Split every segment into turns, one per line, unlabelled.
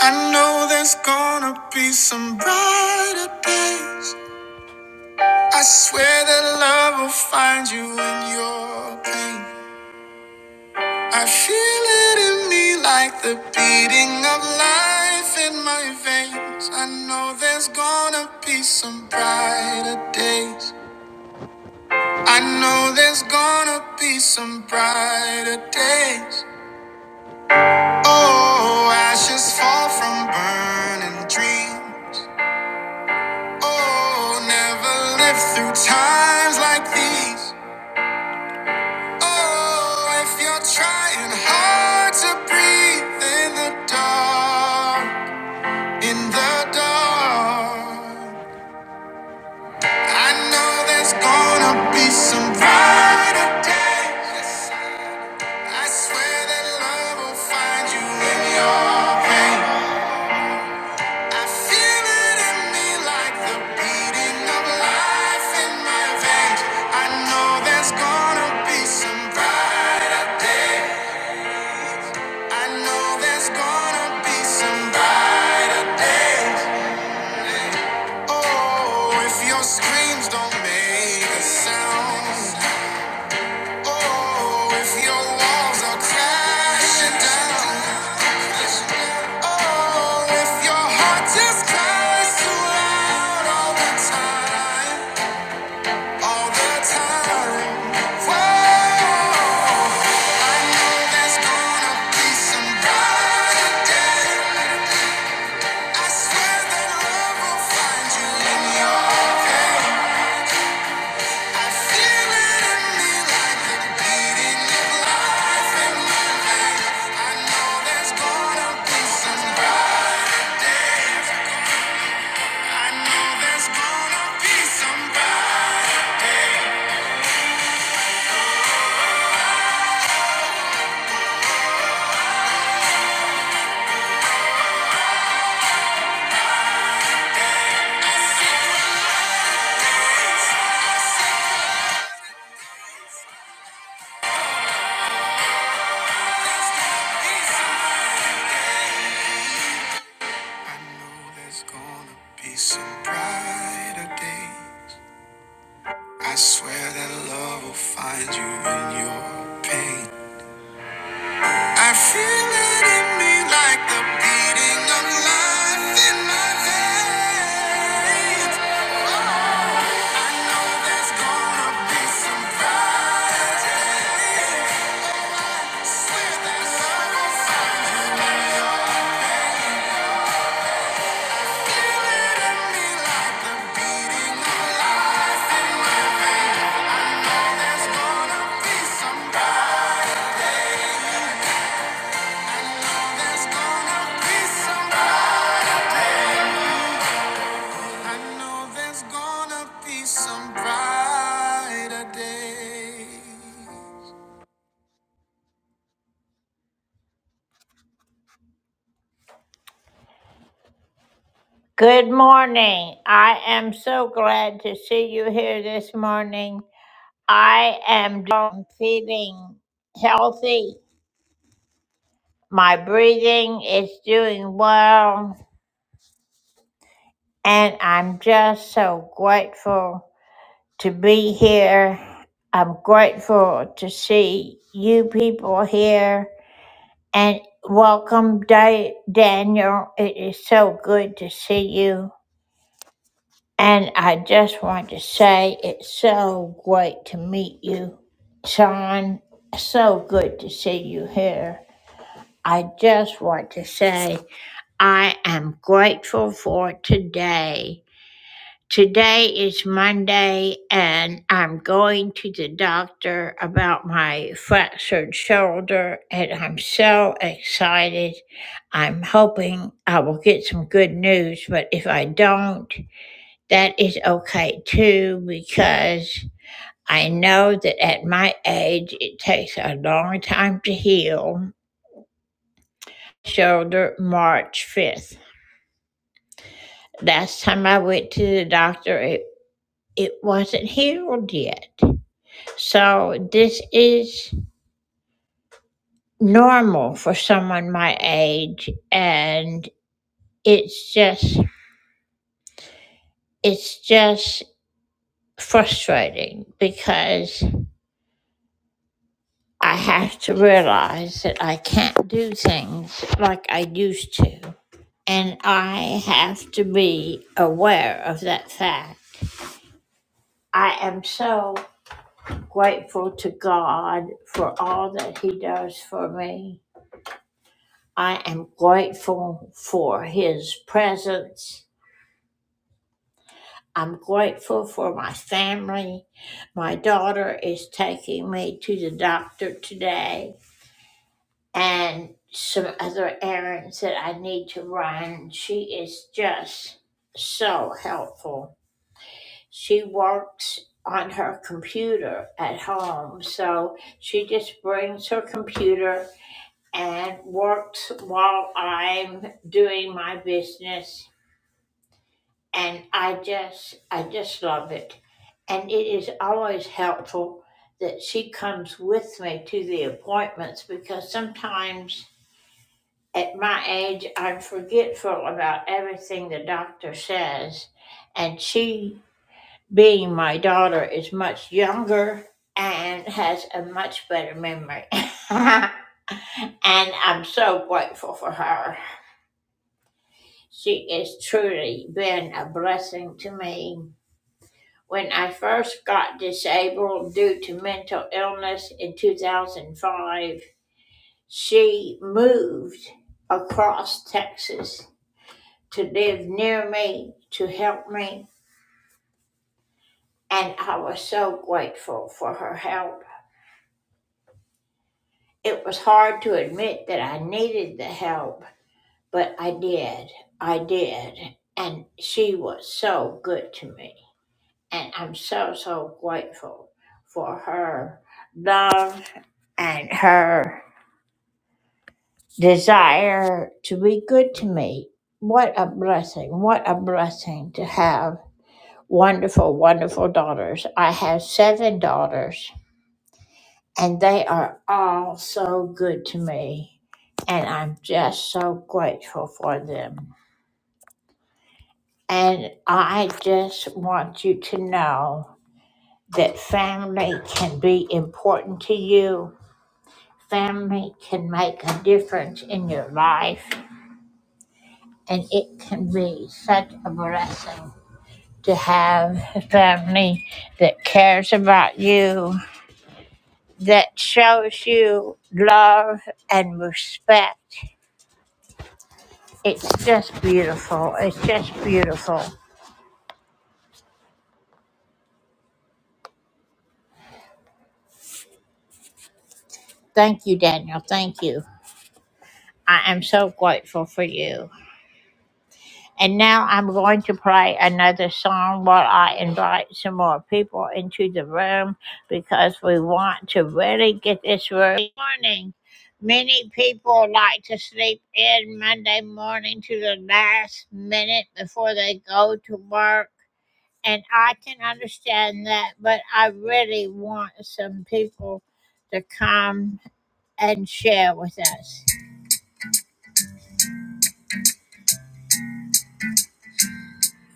I know there's gonna be some brighter days. I swear that love will find you in your pain. I feel it in me like the beating of life in my veins. I know there's gonna be some brighter days. I know there's gonna be some brighter days. Oh, ashes fall from burning dreams. Oh, never lived through times like these. Oh, if you're trying hard to breathe in the dark, in the dark, I know there's gonna be some brighter days. I swear that love will find you in your pain. I feel it in me like the beating of life in my veins. I know there's gonna be some brighter day. I know there's gonna be some brighter days. Oh, if your screams don't make a sound. Oh, if your walls are crashing down. Oh, if your heart just cries too loud all the time, all the time. Whoa, I know there's gonna be some brighter days. I swear that love will find you in your pain. I feel it in me like the beating of life in my veins. I know there's gonna be some brighter day. I know there's gonna be some brighter days. I swear that love will find you in your pain. I feel it in me like the beating of life in my veins. I know there's gonna be some brighter days. Swear that love will find you in your pain. Some brighter day.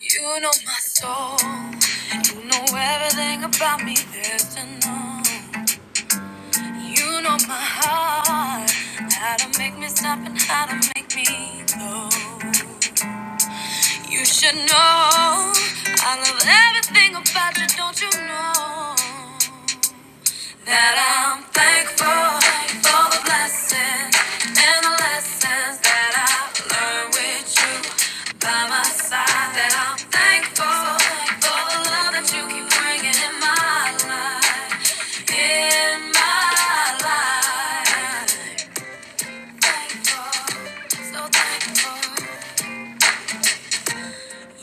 You know my soul. You know everything about me, there's to know. You know my heart. How to make me stop and how to make me go. You should know I love everything about you, don't you know? That I'm thankful for the blessings and the lessons that I learned with you by my side. That I'm thankful for the love that you keep bringing in my life, in my life. Thankful, so thankful.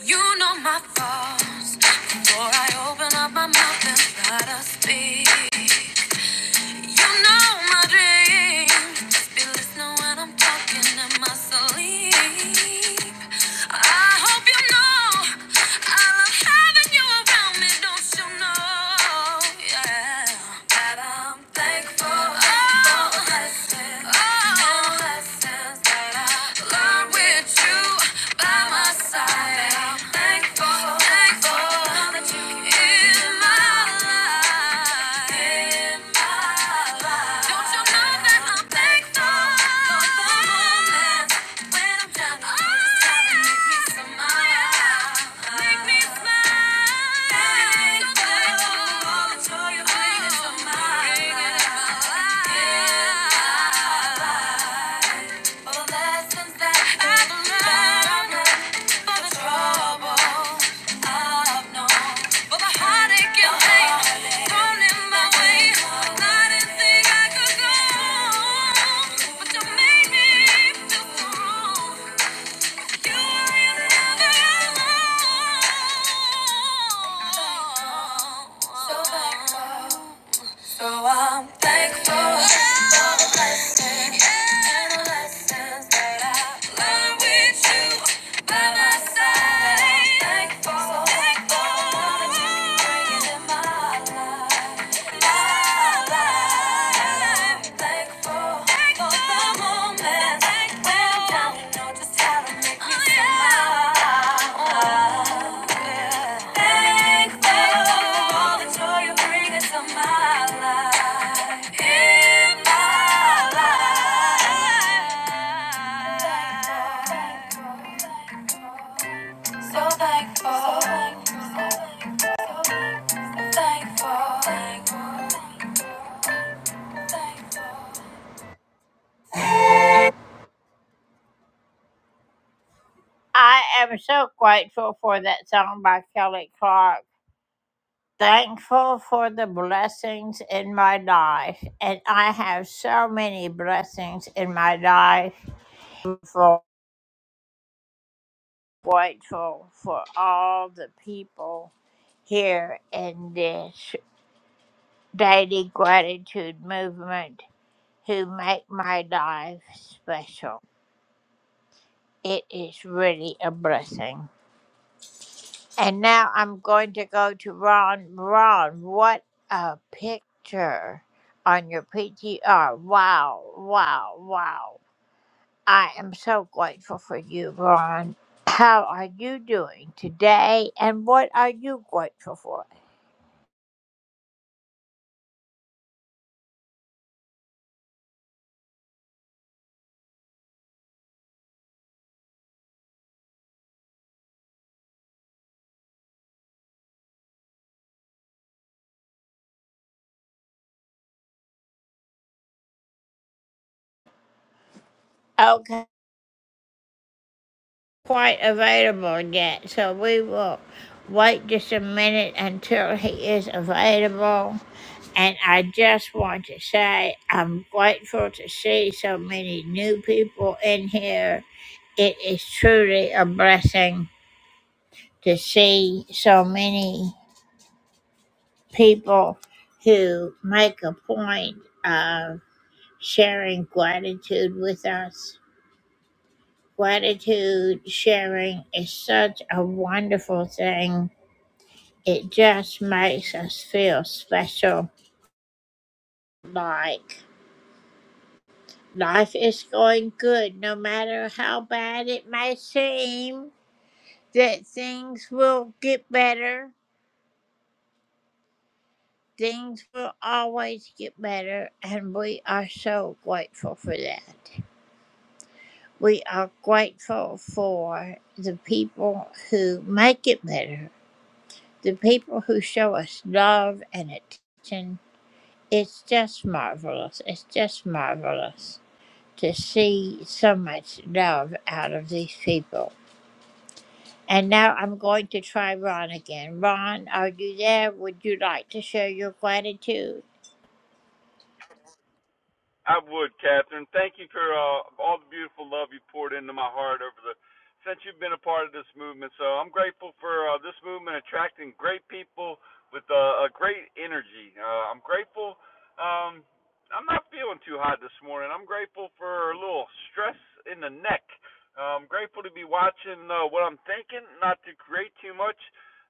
You know my thoughts before I open up my mouth and try to speak. You know my dreams. Be listening when I'm talking in my sleep. I hope you know I love having you around me. Don't you know? Yeah, that I'm thankful. Oh, for blessings, oh, and blessings that I learned with you by my side. I'm thankful. Yeah. All the lessons that I've learned, all the trouble. So back up. So I'm thankful for the blessings and the lessons that I learned with you by my side. Thankful, thankful for the what you bring into my life. So thankful. So thankful. So thankful.
I would, Catherine. Thank you for uh, all the beautiful love you poured into my heart over the since you've been a part of this movement. So I'm grateful for uh, this movement attracting great people with uh, a great energy. Uh, I'm grateful. Um, I'm not feeling too hot this morning. I'm grateful for a little stress in the neck. Uh, I'm grateful to be watching uh, what I'm thinking, not to create too much,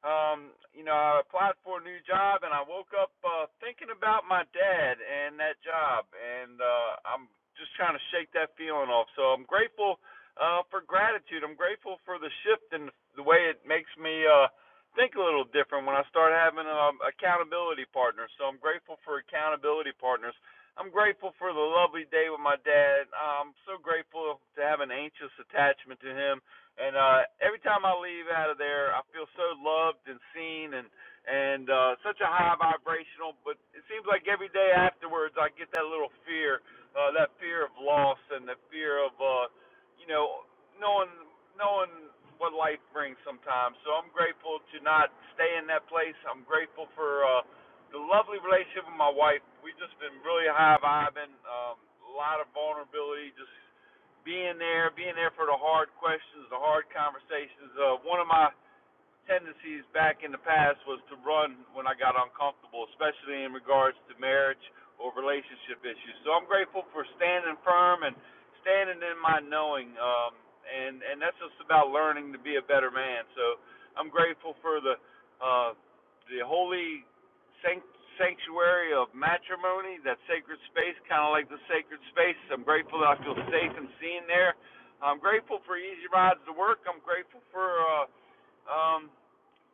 um, you know, I applied for a new job and I woke up uh, thinking about my dad and that job, and uh, I'm just trying to shake that feeling off. So I'm grateful uh, for gratitude. I'm grateful for the shift and the way it makes me uh, think a little different when I start having um, accountability partners. So I'm grateful for accountability partners. I'm grateful for the lovely day with my dad. I'm so grateful to have an anxious attachment to him and uh every time I leave out of there, I feel so loved and seen and and uh such a high vibrational, but it seems like every day afterwards I get that little fear, uh that fear of loss and the fear of uh you know knowing knowing what life brings sometimes. So I'm grateful to not stay in that place. I'm grateful for uh the lovely relationship with my wife. We've just been really high vibing, um a lot of vulnerability just being there, being there for the hard questions, the hard conversations. Uh, one of my tendencies back in the past was to run when I got uncomfortable, especially in regards to marriage or relationship issues. So I'm grateful for standing firm and standing in my knowing. Um, and and that's just about learning to be a better man. So I'm grateful for the uh, the holy sanctuary of matrimony, that sacred space, kind of like the sacred space. I'm grateful that I feel safe and seen there. I'm grateful for easy rides to work. I'm grateful for uh, um,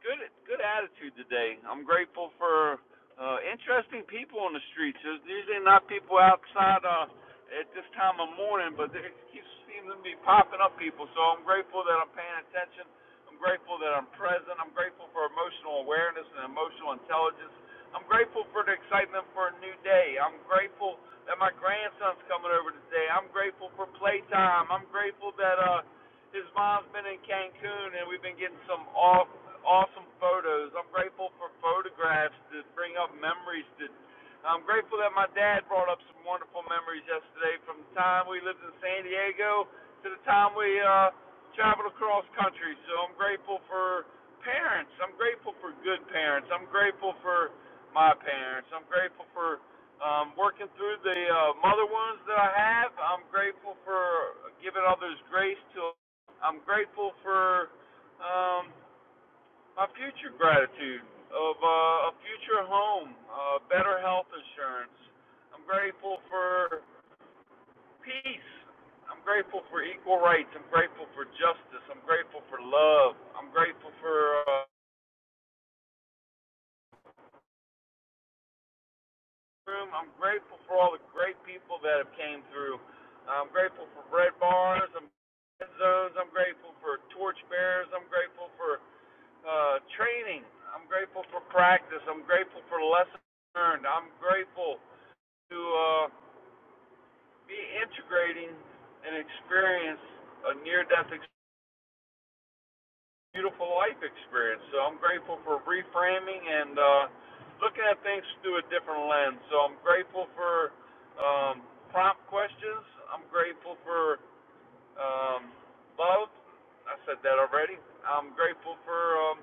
Good, good attitude today. I'm grateful for uh, interesting people on the streets. There's usually not people outside uh, at this time of morning, but there keeps seeming to be popping up people. So I'm grateful that I'm paying attention. I'm grateful that I'm present. I'm grateful for emotional awareness and emotional intelligence. I'm grateful for the excitement for a new day. I'm grateful that my grandson's coming over today. I'm grateful for playtime. I'm grateful that uh, his mom's been in Cancun, and we've been getting some awesome photos. I'm grateful for photographs that bring up memories. That I'm grateful that my dad brought up some wonderful memories yesterday, from the time we lived in San Diego to the time we uh, traveled across country. So I'm grateful for parents. I'm grateful for good parents. I'm grateful for my parents. I'm grateful for um, working through the uh, mother wounds that I have. I'm grateful for giving others grace to I'm grateful for um, my future gratitude of uh, a future home, uh, better health insurance. I'm grateful for peace. I'm grateful for equal rights. I'm grateful for justice. I'm grateful for love. I'm grateful for. Uh, room. I'm grateful for all the great people that have came through. I'm grateful for bread bars, I'm zones. I'm grateful for torch bearers. I'm grateful for uh, training. I'm grateful for practice. I'm grateful for lessons learned. I'm grateful to uh, be integrating and experience a near-death, ex- beautiful life experience. So I'm grateful for reframing and uh, looking at things through a different lens. So I'm grateful for um, prompt questions. I'm grateful for um, love. I said that already. I'm grateful for um,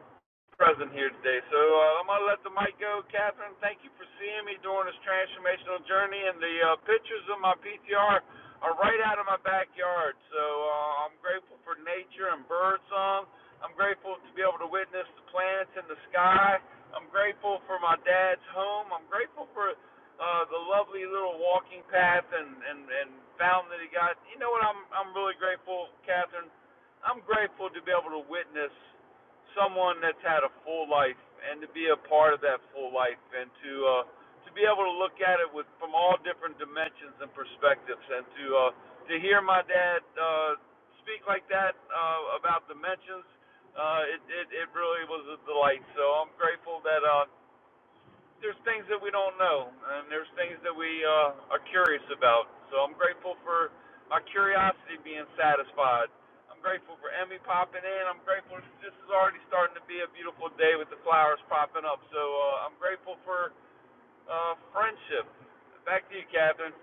present here today. So uh, I'm going to let the mic go. Catherine, thank you for seeing me during this transformational journey. And the uh, pictures of my PTR are right out of my backyard. So uh, I'm grateful for nature and birdsong. I'm grateful to be able to witness the planets in the sky. I'm grateful for my dad's home. I'm grateful for uh, the lovely little walking path and, and, and fountain that he got. You know what? I'm I'm really grateful, Catherine. I'm grateful to be able to witness someone that's had a full life and to be a part of that full life and to uh, to be able to look at it with from all different dimensions and perspectives and to uh, to hear my dad uh, speak like that uh, about dimensions uh, it, it it really was a delight so I'm grateful that uh, there's things that we don't know, and there's things that we uh, are curious about. So I'm grateful for my curiosity being satisfied. I'm grateful for Emmy popping in. I'm grateful this is already starting to be a beautiful day with the flowers popping up. So uh, I'm grateful for uh, friendship. Back to you, Catherine.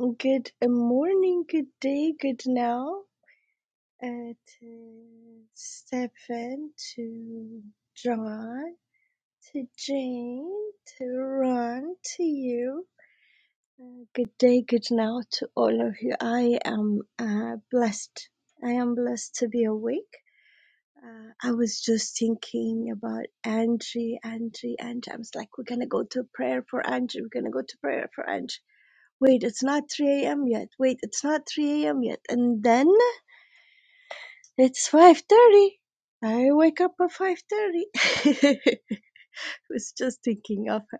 Good morning, good day, good now. It is Stephen to John to Jane to Ron to you. Uh, good day, good now to all of you. I am uh, blessed. I am blessed to be awake. Uh, I was just thinking about Angie, Angie, Angie. I was like, we're gonna go to prayer for Angie. We're gonna go to prayer for Angie wait, it's not 3 a.m. yet. Wait, it's not 3 a.m. yet. And then it's 5.30. I wake up at 5.30. I was just thinking of her.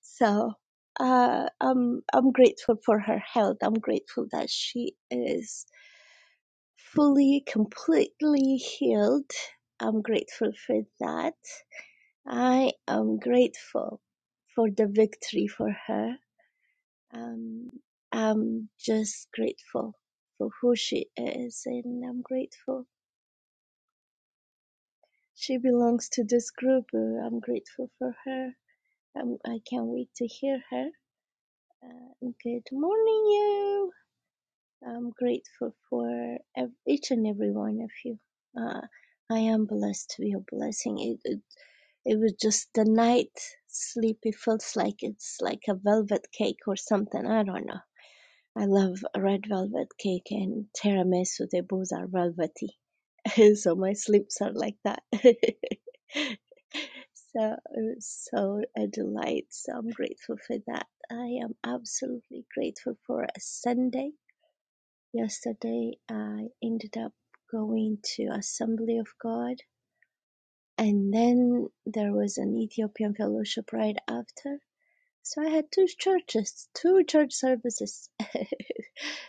So uh, I'm, I'm grateful for her health. I'm grateful that she is fully, completely healed. I'm grateful for that. I am grateful for the victory for her. Um, I'm just grateful for who she is, and I'm grateful she belongs to this group. Uh, I'm grateful for her. Um, I can't wait to hear her. Uh, good morning, you. I'm grateful for ev- each and every one of you. Uh, I am blessed to be a blessing. It, it it was just the night sleep. It feels like it's like a velvet cake or something. I don't know I love red velvet cake and tiramisu. They both are velvety, so my sleeps are like that. so, so a delight. So I'm grateful for that. I am absolutely grateful for a Sunday. Yesterday, I ended up going to Assembly of God, and then there was an Ethiopian fellowship right after. So I had two churches, two church services.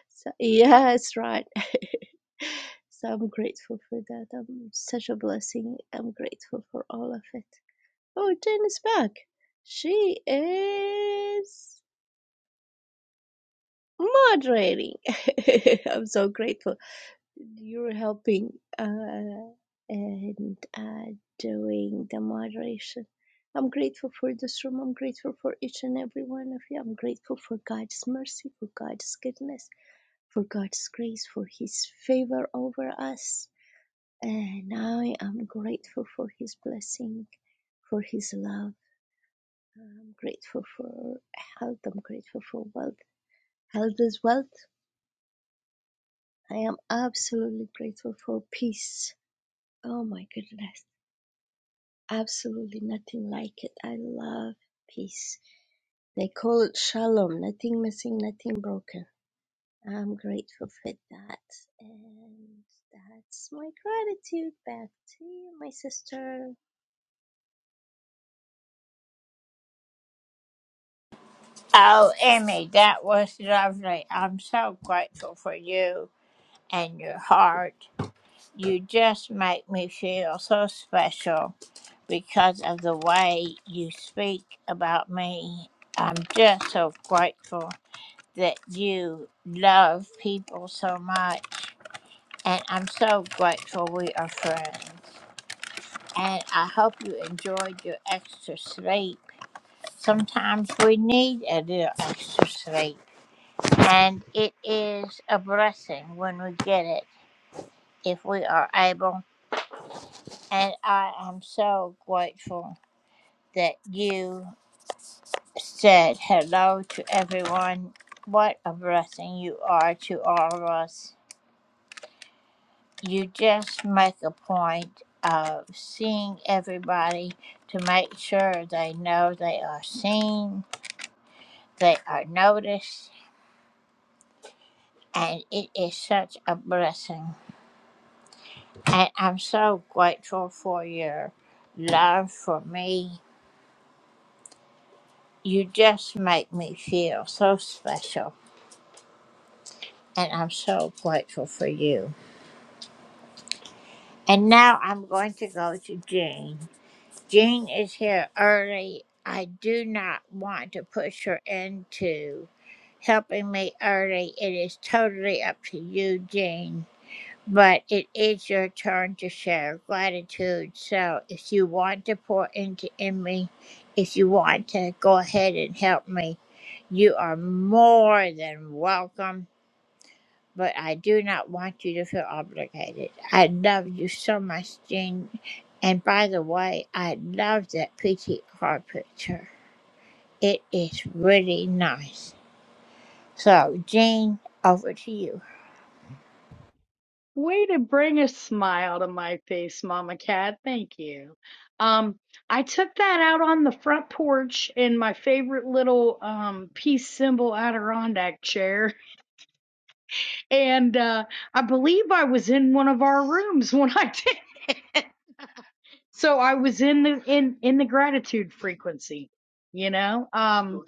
So, yes, right. so I'm grateful for that. I'm such a blessing. I'm grateful for all of it. Oh, Jen is back. She is moderating. I'm so grateful. You're helping uh, and uh, doing the moderation. I'm grateful for this room. I'm grateful for each and every one of you. I'm grateful for God's mercy, for God's goodness. for God's grace, for His favor over us. And I am grateful for His blessing, for His love. I'm grateful for health. I'm grateful for wealth. Health is wealth. I am absolutely grateful for peace. Oh my goodness. Absolutely nothing like it. I love peace. They call it shalom, nothing missing, nothing broken. I'm grateful for that. And that's my gratitude back to you, my sister.
Way to bring a smile to my face, Mama Cat. Thank you. Um, I took that out on the front porch in my favorite little um peace symbol Adirondack chair, and uh, I believe I was in one of our rooms when I did. it. So I was in the in in the gratitude frequency, you know. Um,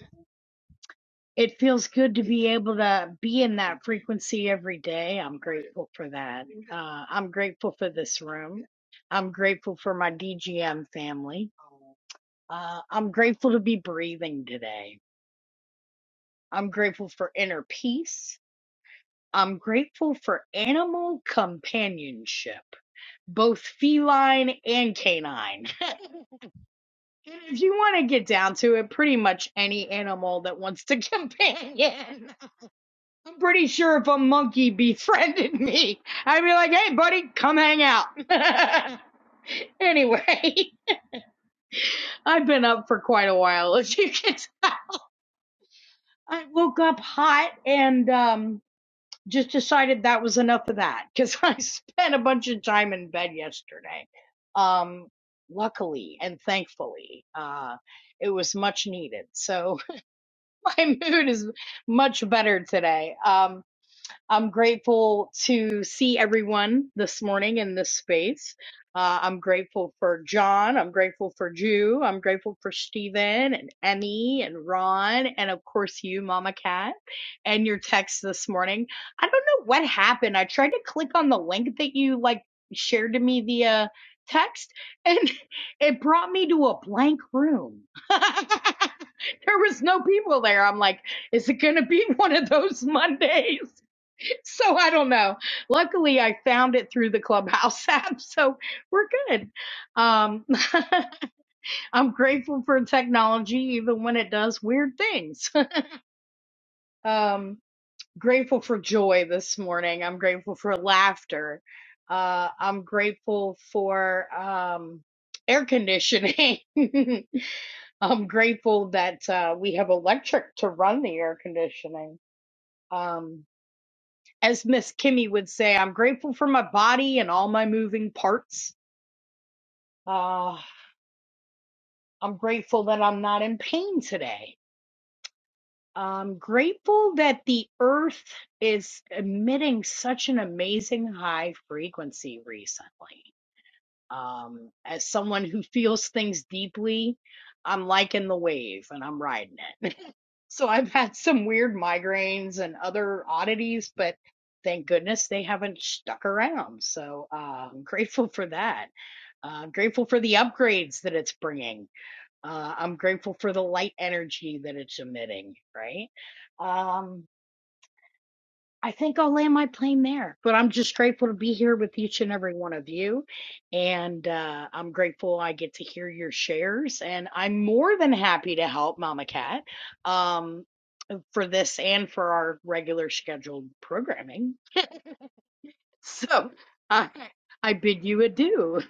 It feels good to be able to be in that frequency every day. I'm grateful for that. Uh, I'm grateful for this room. I'm grateful for my DGM family. Uh, I'm grateful to be breathing today. I'm grateful for inner peace. I'm grateful for animal companionship, both feline and canine. And if you want to get down to it, pretty much any animal that wants to companion. I'm pretty sure if a monkey befriended me, I'd be like, hey, buddy, come hang out. anyway, I've been up for quite a while, as you can tell. I woke up hot and um, just decided that was enough of that because I spent a bunch of time in bed yesterday. Um, luckily and thankfully, uh, it was much needed. So my mood is much better today. Um, I'm grateful to see everyone this morning in this space. Uh, I'm grateful for John. I'm grateful for Jew. I'm grateful for Stephen and Emmy and Ron. And of course, you, Mama Cat, and your text this morning. I don't know what happened. I tried to click on the link that you like shared to me via text and it brought me to a blank room. there was no people there. I'm like, is it going to be one of those Mondays? So I don't know. Luckily, I found it through the Clubhouse app, so we're good. Um, I'm grateful for technology, even when it does weird things. um, grateful for joy this morning. I'm grateful for laughter. Uh, I'm grateful for um, air conditioning. I'm grateful that uh, we have electric to run the air conditioning. Um, as Miss Kimmy would say, I'm grateful for my body and all my moving parts. Uh, I'm grateful that I'm not in pain today. I'm grateful that the earth is emitting such an amazing high frequency recently. Um, as someone who feels things deeply, I'm liking the wave and I'm riding it. So I've had some weird migraines and other oddities, but thank goodness they haven't stuck around. So uh, I'm grateful for that. Uh, I'm grateful for the upgrades that it's bringing. Uh, I'm grateful for the light energy that it's emitting, right? Um, I think I'll land my plane there, but I'm just grateful to be here with each and every one of you. And uh, I'm grateful I get to hear your shares. And I'm more than happy to help Mama Cat. Um, for this and for our regular scheduled programming. So I, I bid you adieu.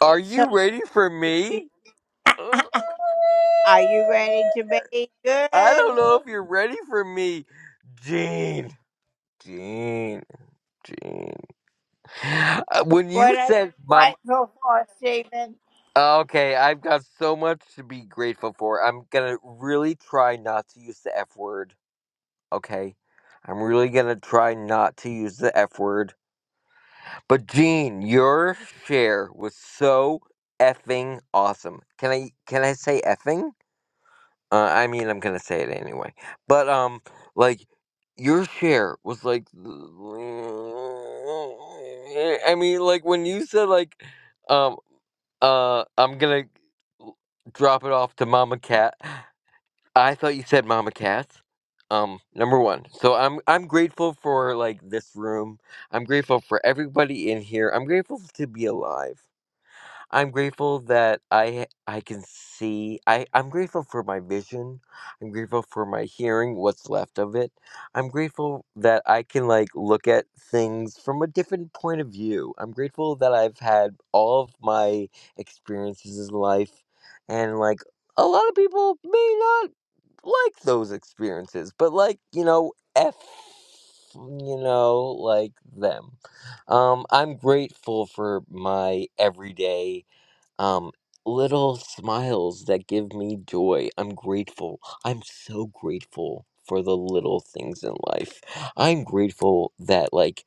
Are you ready for me? I don't know if you're ready for me, Gene. Gene, Gene. Uh, When you said, "Mom," uh, okay, I've got so much to be grateful for. I'm gonna really try not to use the F word. Okay, I'm really gonna try not to use the F word. But Gene, your share was so effing awesome. Can I can I say effing? Uh, I mean, I'm gonna say it anyway. But um, like your share was like, I mean, like when you said like, um, uh, I'm gonna drop it off to Mama Cat. I thought you said Mama Cat. Um, number one. So I'm I'm grateful for like this room. I'm grateful for everybody in here. I'm grateful to be alive. I'm grateful that I I can see. I I'm grateful for my vision. I'm grateful for my hearing, what's left of it. I'm grateful that I can like look at things from a different point of view. I'm grateful that I've had all of my experiences in life and like a lot of people may not like those experiences, but like, you know, F you know, like them. Um, I'm grateful for my everyday um, little smiles that give me joy. I'm grateful. I'm so grateful for the little things in life. I'm grateful that, like,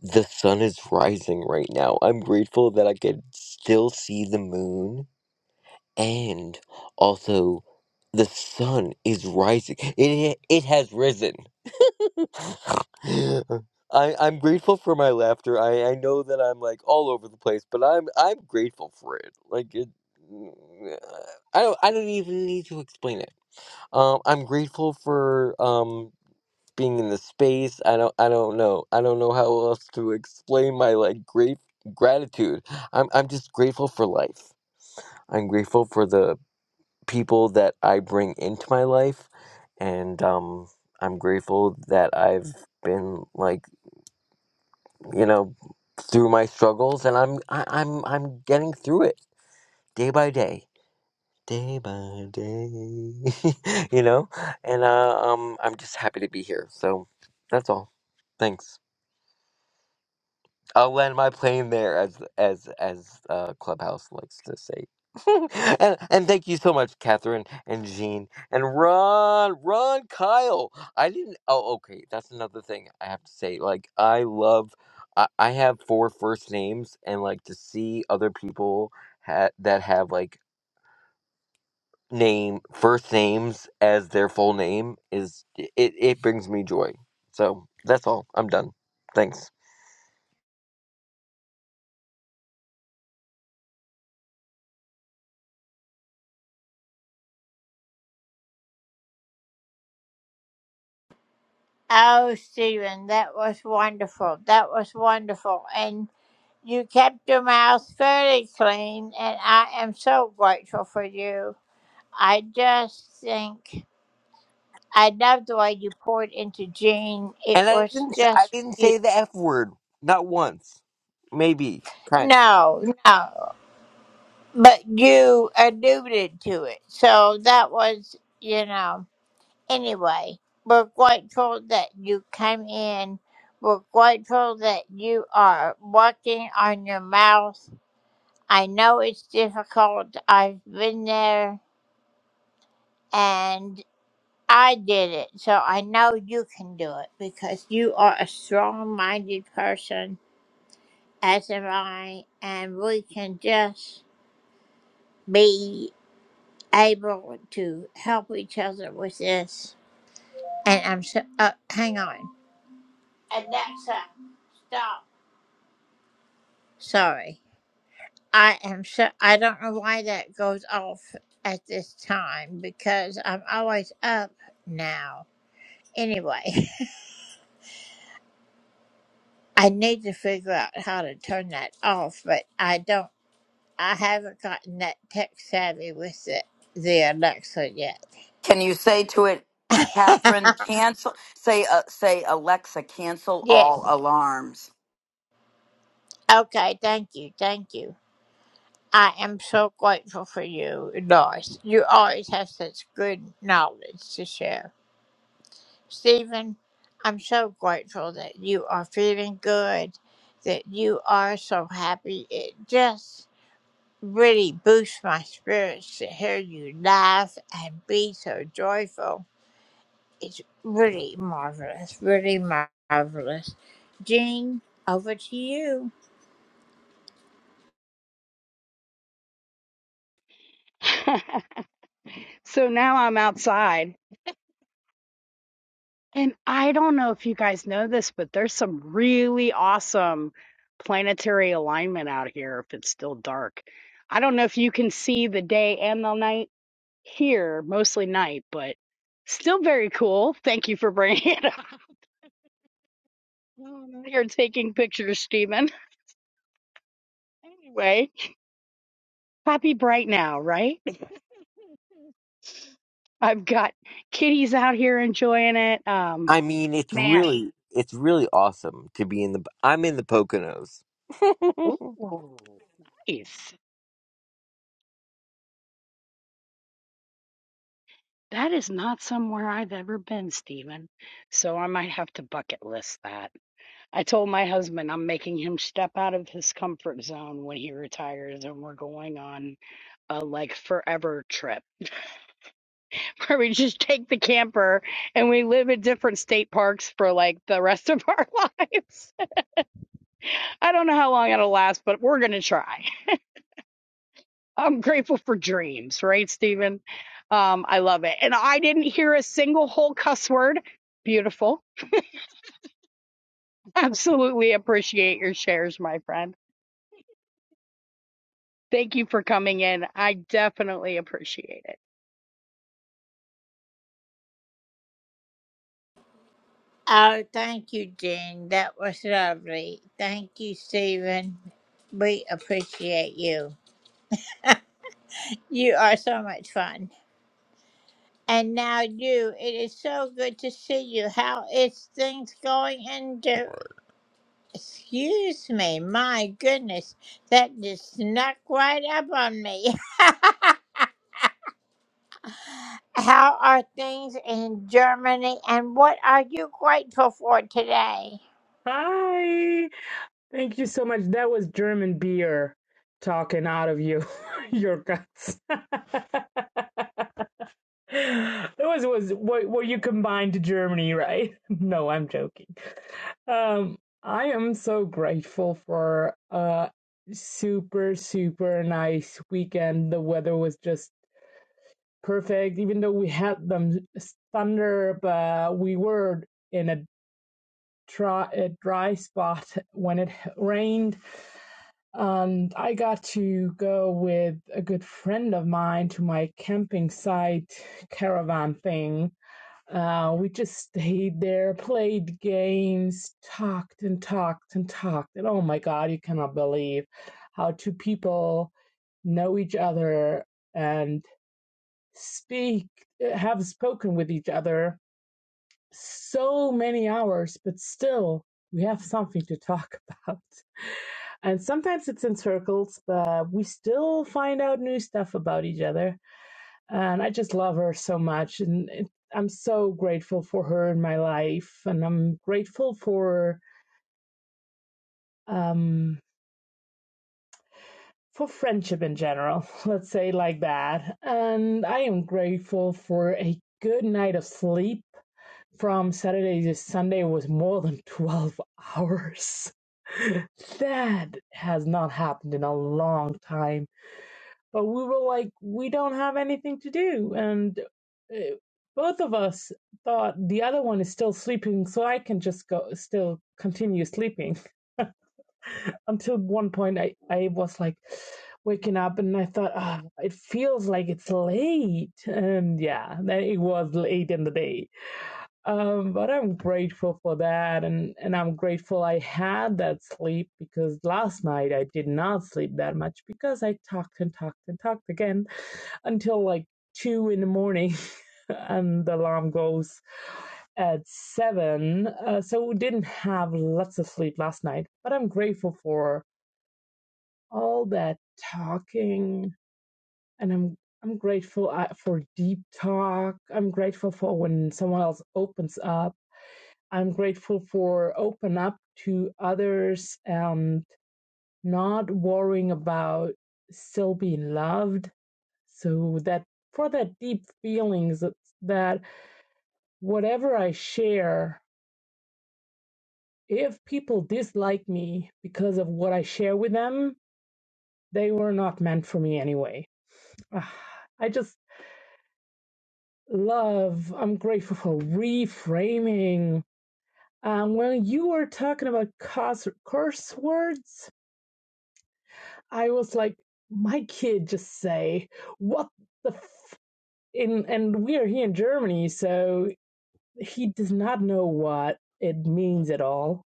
the sun is rising right now. I'm grateful that I could still see the moon and also the sun is rising. It, it has risen. I I'm grateful for my laughter. I I know that I'm like all over the place, but I'm I'm grateful for it. Like it, mm, I don't I don't even need to explain it. Um, I'm grateful for um being in the space. I don't I don't know I don't know how else to explain my like great gratitude. I'm I'm just grateful for life. I'm grateful for the people that I bring into my life, and um I'm grateful that I've been like you know, through my struggles, and I'm I, I'm I'm getting through it day by day, day by day, you know. And uh, um, I'm just happy to be here. So that's all. Thanks. I'll land my plane there, as as as uh, Clubhouse likes to say. and and thank you so much, Catherine and Jean and Ron, Ron, Kyle. I didn't. Oh, okay. That's another thing I have to say. Like I love. I, I have four first names, and like to see other people ha- that have like name first names as their full name is it, it brings me joy. So that's all. I'm done. Thanks. And I didn't I didn't say the F word. Not once. Maybe. Kind of.
Can you say to it, Catherine, cancel? Say, uh, say, Alexa, cancel all alarms.
so now I'm outside, and I don't know if you guys know this, but there's some really awesome planetary alignment out here if it's still dark. I don't know if you can see the day and the night here, mostly night, but still very cool. Thank you for bringing it up. I'm taking pictures, Stephen. Anyway, happy bright now, right? I've got kitties out here enjoying it. Um,
I mean, it's
man,
really it's really awesome to be in the I'm in the Poconos.
ooh, nice. That is not somewhere I've ever been, Stephen. So I might have to bucket list that. I told my husband I'm making him step out of his comfort zone when he retires, and we're going on a like forever trip where we just take the camper and we live in different state parks for like the rest of our lives. I don't know how long it'll last, but we're gonna try. I'm grateful for dreams, right, Stephen? Um, I love it. And I didn't hear a single whole cuss word. Beautiful. Absolutely appreciate your shares, my friend. Thank you for coming in. I definitely appreciate it.
Hi. Thank you so much. That was German beer talking out of you, your guts. that was was what what you combined to Germany, right? No, I'm joking. Um, I am so grateful for a super super nice weekend. The weather was just perfect, even though we had them thunder, but we were in a dry, a dry spot when it rained Um, I got to go with a good friend of mine to my camping site caravan thing. Uh, we just stayed there, played games, talked and talked and talked. And oh my God, you cannot believe how two people know each other and speak, have spoken with each other so many hours, but still we have something to talk about and sometimes it's in circles, but we still find out new stuff about each other. And I just love her so much, and it, I'm so grateful for her in my life, and I'm grateful for um for friendship in general. Let's say like that. And I am grateful for a good night of sleep. From Saturday to Sunday was more than twelve hours. that has not happened in a long time But we were like, we don't have anything to do. And uh, both of us thought the other one is still sleeping, so I can just go, still continue sleeping. Until one point, I, I was like waking up and I thought, ah, it feels like it's late. And yeah, then it was late in the day. Um, but I'm grateful for that. And, and I'm grateful I had that sleep because last night I did not sleep that much because I talked and talked and talked again until like two in the morning, and the alarm goes at seven. Uh, so didn't have lots of sleep last night, but I'm grateful for all that talking, and I'm I'm grateful uh, for deep talk. I'm grateful for when someone else opens up. I'm grateful for open up to others and not worrying about still being loved So that for that deep feelings that, that whatever I share, if people dislike me because of what I share with them, they were not meant for me anyway. Ah, I just love, I'm grateful for reframing. Um, when you were talking about curse, curse words, I was like, my kid just say, what the f-? In, and we are here in Germany, so He does not know what it means at all.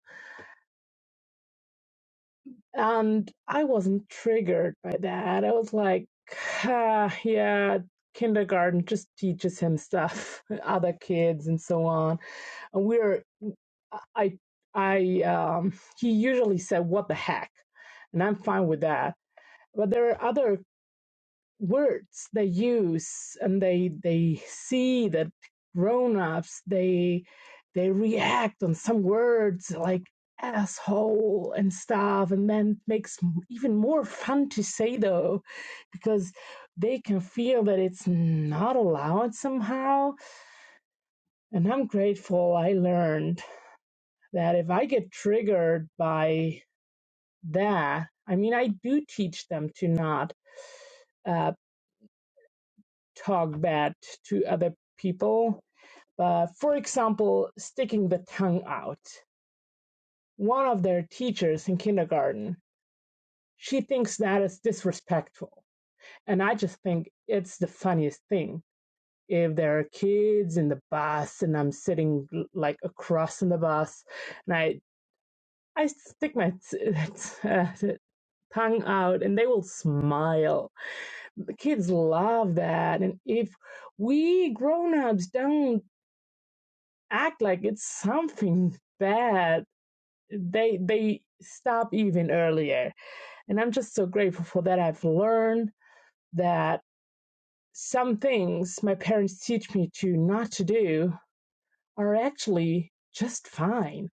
And I wasn't triggered by that. I was like, ah, yeah, kindergarten just teaches him stuff, other kids and so on. And we're, I, I, um, he usually said, what the heck? And I'm fine with that. But there are other words they use and they they see that grown-ups they they react on some words like asshole and stuff and then it makes even more fun to say though because they can feel that it's not allowed somehow and i'm grateful i learned that if i get triggered by that i mean i do teach them to not uh, talk bad to other people Uh, for example, sticking the tongue out. One of their teachers in kindergarten, she thinks that is disrespectful. And I just think it's the funniest thing. If there are kids in the bus and I'm sitting like across in the bus and I, I stick my tongue out and they will smile. The kids love that. And if we grown ups don't act like it's something bad, they they stop even earlier and i'm just so grateful for that i've learned that some things my parents teach me to not to do are actually just fine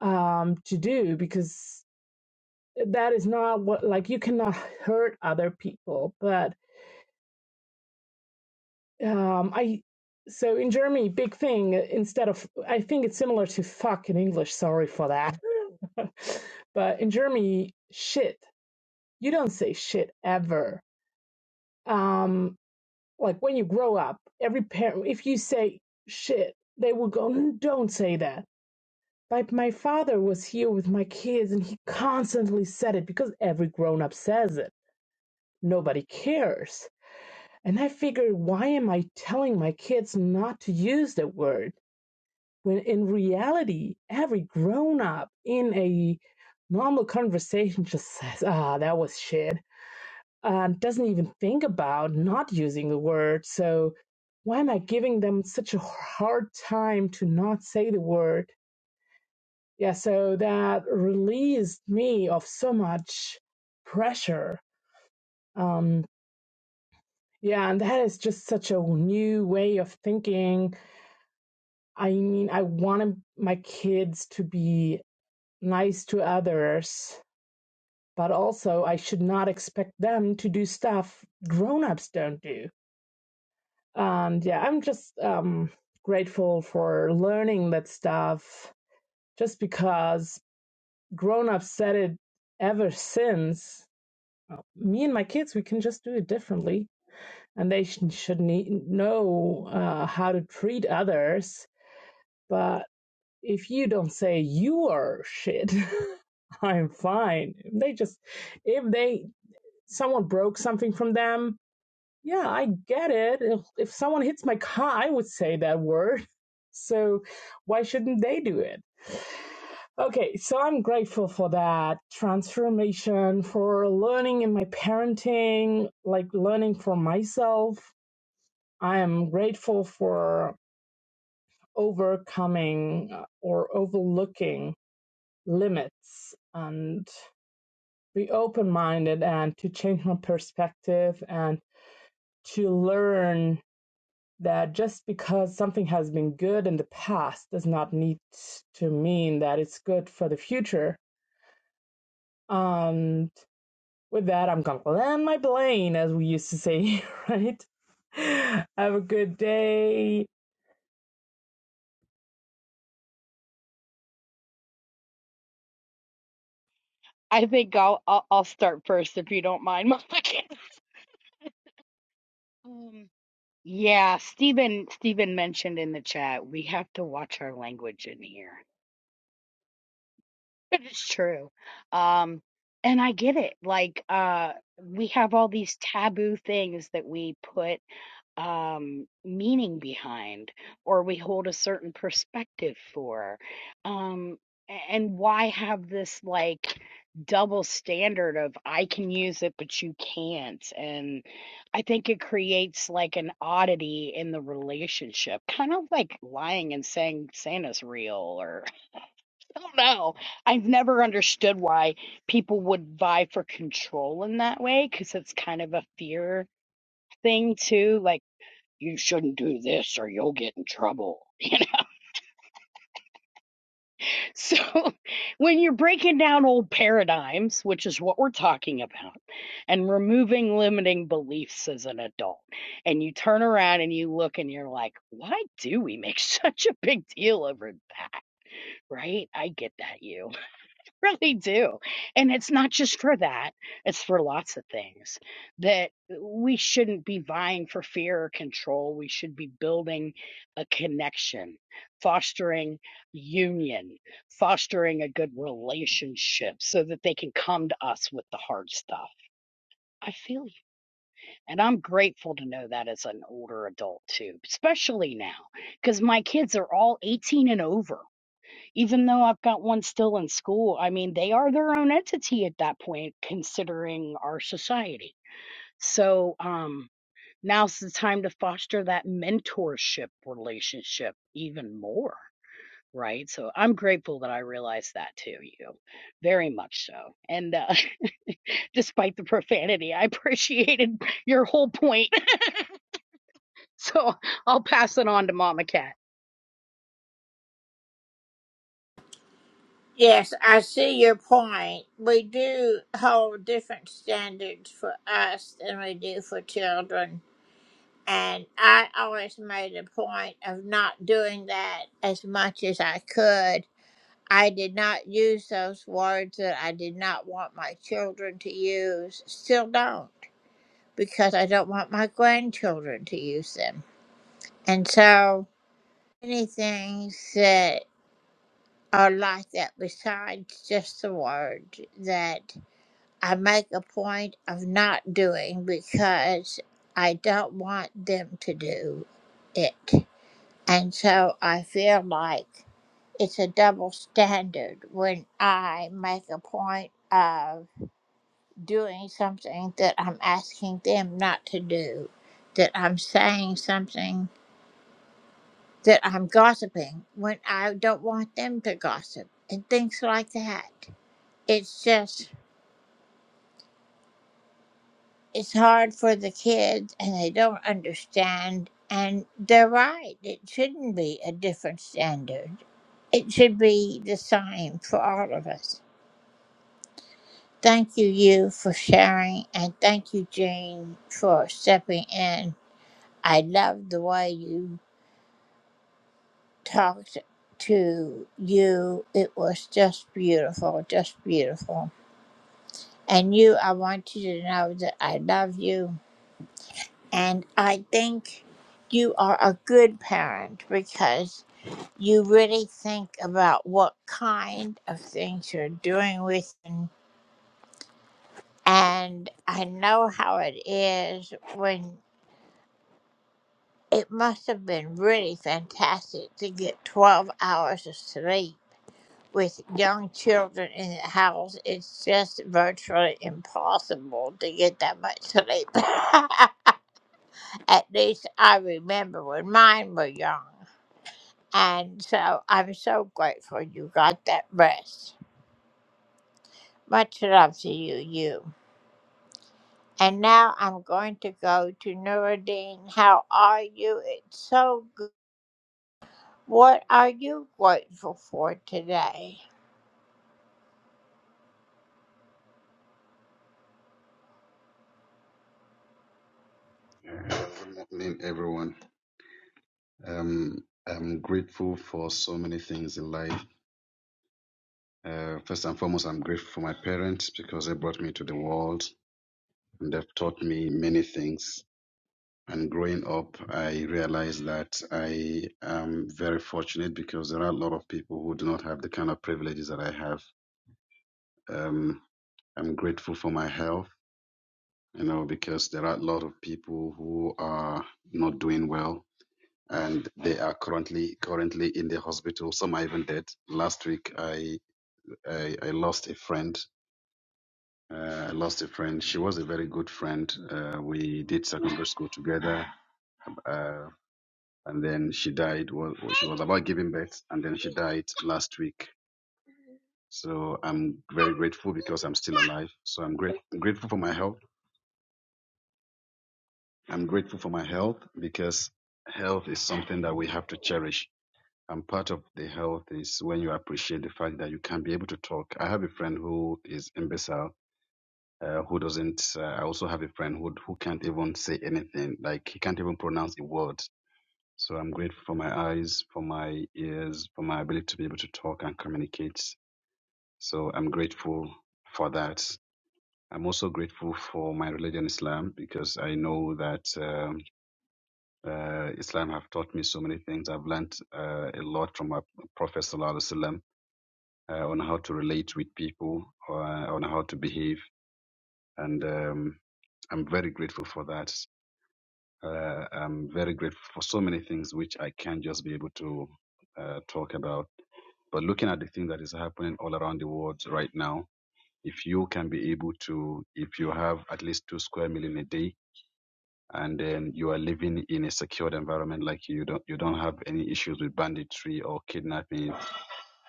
um to do because that is not what like you cannot hurt other people but um i so in germany big thing instead of i think it's similar to fuck in english sorry for that but in germany shit you don't say shit ever um like when you grow up every parent if you say shit they will go "N- don't say that like my father was here with my kids and he constantly said it because every grown up says it nobody cares and i figured why am i telling my kids not to use that word when in reality every grown up in a normal conversation just says ah that was shit um, doesn't even think about not using the word. So why am I giving them such a hard time to not say the word? Yeah, so that released me of so much pressure. Um, yeah, and that is just such a new way of thinking. I mean, I want my kids to be nice to others, but also I should not expect them to do stuff grown ups don't do. And yeah, I'm just um, grateful for learning that stuff just because grown ups said it ever since. uh, Me and my kids, we can just do it differently. And they sh- should need, know uh, how to treat others. But if you don't say you are shit, I'm fine. They just, if they, someone broke something from them, Yeah, I get it. If, if someone hits my car, I would say that word. So why shouldn't they do it? Okay, so I'm grateful for that transformation, for learning in my parenting, like learning for myself. I am grateful for overcoming uh, or overlooking limits and be open minded and to change my perspective and to learn that just because something has been good in the past does not need to mean that it's good for the future. And with that, I'm gonna land my plane, as we used to say, right? Have a good day.
I think I'll I'll, I'll start first if you don't mind, Monica. Um, yeah, Stephen Stephen mentioned in the chat we have to watch our language in here. It's true. Um, and I get it. Like, uh, we have all these taboo things that we put um, meaning behind, or we hold a certain perspective for. Um, a- and why have this like double standard of I can use it, but you can't? And I think it creates like an oddity in the relationship, kind of like lying and saying Santa's real or. I don't know. I've never understood why people would vie for control in that way because it's kind of a fear thing too. Like you shouldn't do this or you'll get in trouble. You know? So when you're breaking down old paradigms, which is what we're talking about, and removing limiting beliefs as an adult, and you turn around and you look and you're like, why do we make such a big deal over that? Right? I get that you. really do. And it's not just for that, it's for lots of things that we shouldn't be vying for fear or control. We should be building a connection, fostering union, fostering a good relationship so that they can come to us with the hard stuff. I feel you. And I'm grateful to know that as an older adult, too, especially now, because my kids are all 18 and over even though I've got one still in school, I mean, they are their own entity at that point, considering our society. So um, now's the time to foster that mentorship relationship even more, right? So I'm grateful that I realized that too, you very much so. And uh, despite the profanity, I appreciated your whole point. So I'll pass it on to Mama Cat.
Uh, Good morning, everyone. Um, I'm grateful for so many things in life. Uh, first and foremost, I'm grateful for my parents because they brought me to the world and they've taught me many things. And growing up, I realized that I am very fortunate because there are a lot of people who do not have the kind of privileges that I have. Um, I'm grateful for my health, you know, because there are a lot of people who are not doing well and they are currently currently in the hospital. Some are even dead. Last week, I I, I lost a friend. Uh, I lost a friend. She was a very good friend. Uh, we did secondary school together, uh, and then she died. Well, she was about giving birth, and then she died last week. So I'm very grateful because I'm still alive. So I'm great, grateful for my health. I'm grateful for my health because health is something that we have to cherish And part of the health is when you appreciate the fact that you can be able to talk. I have a friend who is imbecile, uh, who doesn't. Uh, I also have a friend who who can't even say anything. Like he can't even pronounce a word. So I'm grateful for my eyes, for my ears, for my ability to be able to talk and communicate. So I'm grateful for that. I'm also grateful for my religion, Islam, because I know that um, uh, Islam have taught me so many things. I've learned uh, a lot from our Prophet Sallallahu Alaihi Wasallam uh, on how to relate with people, or, uh, on how to behave. And um, I'm very grateful for that. Uh, I'm very grateful for so many things which I can't just be able to uh, talk about. But looking at the thing that is happening all around the world right now, if you can be able to, if you have at least two square million a day, and then you are living in a secured environment, like you don't you don't have any issues with banditry or kidnapping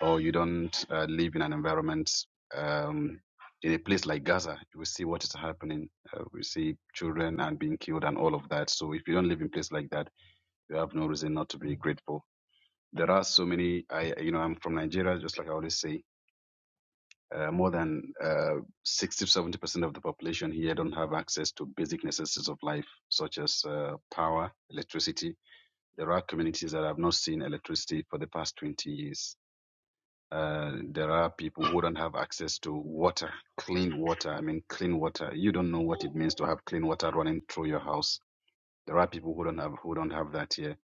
or you don't uh, live in an environment um, in a place like Gaza, we see what is happening. Uh, we see children and being killed and all of that. So if you don't live in a place like that, you have no reason not to be grateful. There are so many. I you know I'm from Nigeria, just like I always say. Uh, more than uh, 60 to 70 percent of the population here don't have access to basic necessities of life, such as uh, power, electricity. There are communities that have not seen electricity for the past 20 years uh, there are people who don't have access to water, clean water. I mean, clean water. You don't know what it means to have clean water running through your house. There are people who don't have who don't have that here.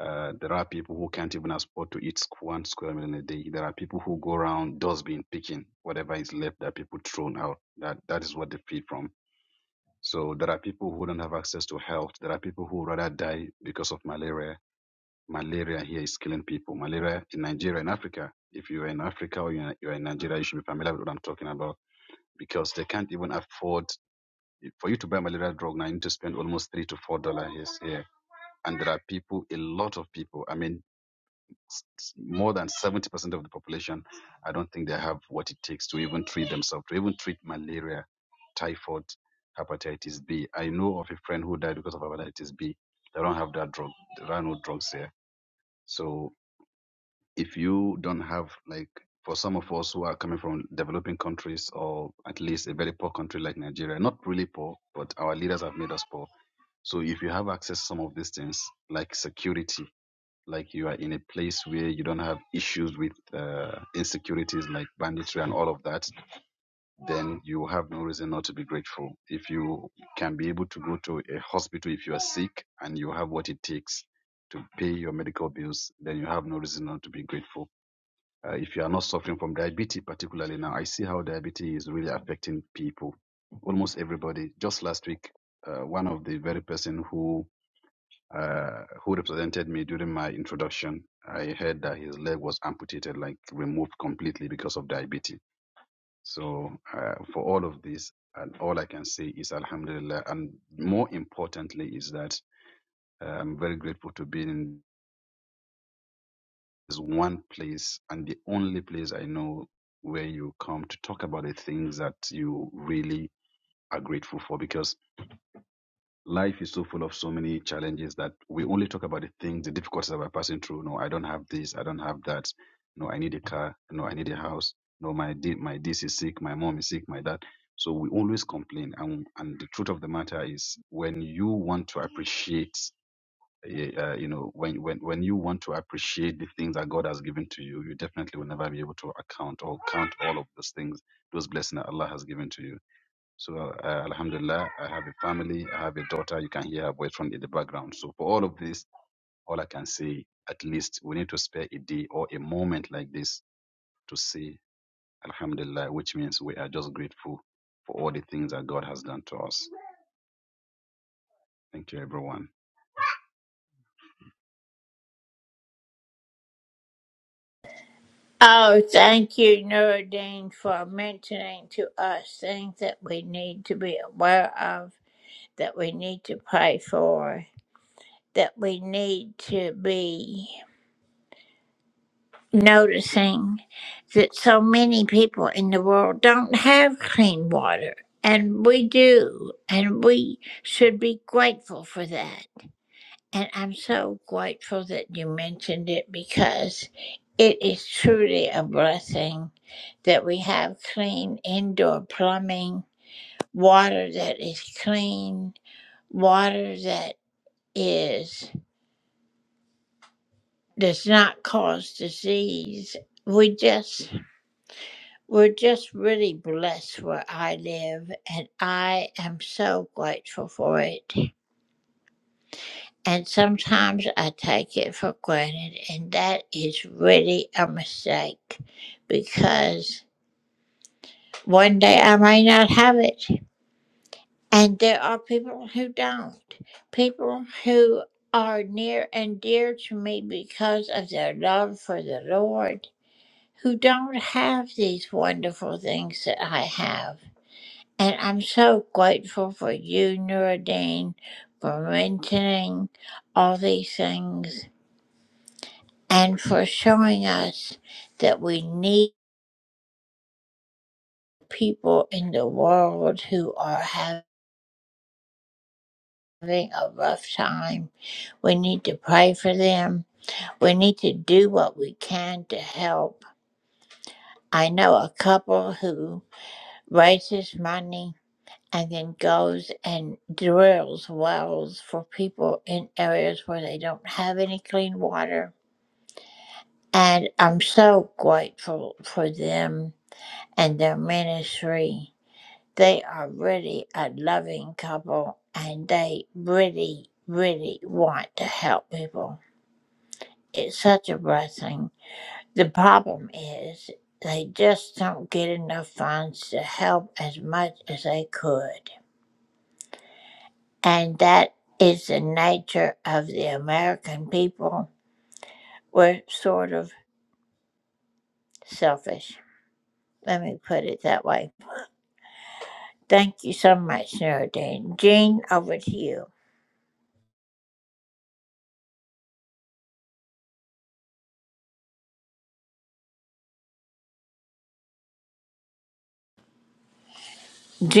Uh, there are people who can't even afford to eat squ- one square meal in a day. There are people who go around dustbin picking whatever is left that people thrown out. That that is what they feed from. So there are people who don't have access to health. There are people who rather die because of malaria Malaria here is killing people. Malaria in Nigeria, in Africa, if you're in Africa or you're you're in Nigeria, you should be familiar with what I'm talking about because they can't even afford for you to buy malaria drug now. You need to spend almost three to four dollars here, and there are people, a lot of people. I mean, more than seventy percent of the population. I don't think they have what it takes to even treat themselves, to even treat malaria, typhoid, hepatitis B. I know of a friend who died because of hepatitis B. They don't have that drug. There are no drugs here. So if you don't have like for some of us who are coming from developing countries or at least a very poor country like Nigeria, not really poor, but our leaders have made us poor. So if you have access to some of these things like security, like you are in a place where you don't have issues with uh, insecurities like banditry and all of that, then you have no reason not to be grateful. If you can be able to go to a hospital if you are sick and you have what it takes to pay your medical bills, then you have no reason not to be grateful uh, if you are not suffering from diabetes, particularly now, I see how diabetes is really affecting people, almost everybody. Just last week, uh, one of the very person who uh, who represented me during my introduction, I heard that his leg was amputated, like removed completely because of diabetes. So uh, for all of this, and all I can say is Alhamdulillah. And more importantly, is that uh, I'm very grateful to be in is one place and the only place I know where you come to talk about the things that you really are grateful for because life is so full of so many challenges that we only talk about the things, the difficulties that we're passing through. No, I don't have this, I don't have that. No, I need a car. No, I need a house. No, my di- my this is sick, my mom is sick, my dad. So we always complain, and and the truth of the matter is, when you want to appreciate y- uh, you know, when, when, when you want to appreciate the things that God has given to you, you definitely will never be able to account or count all of those things, those blessings that Allah has given to you. So, uh, Alhamdulillah, I have a family, I have a daughter. You can hear her voice from in the background. So, for all of this, all I can say, at least we need to spare a day or a moment like this to say Alhamdulillah, which means we are just grateful for all the things that God has done to us. Thank you, everyone.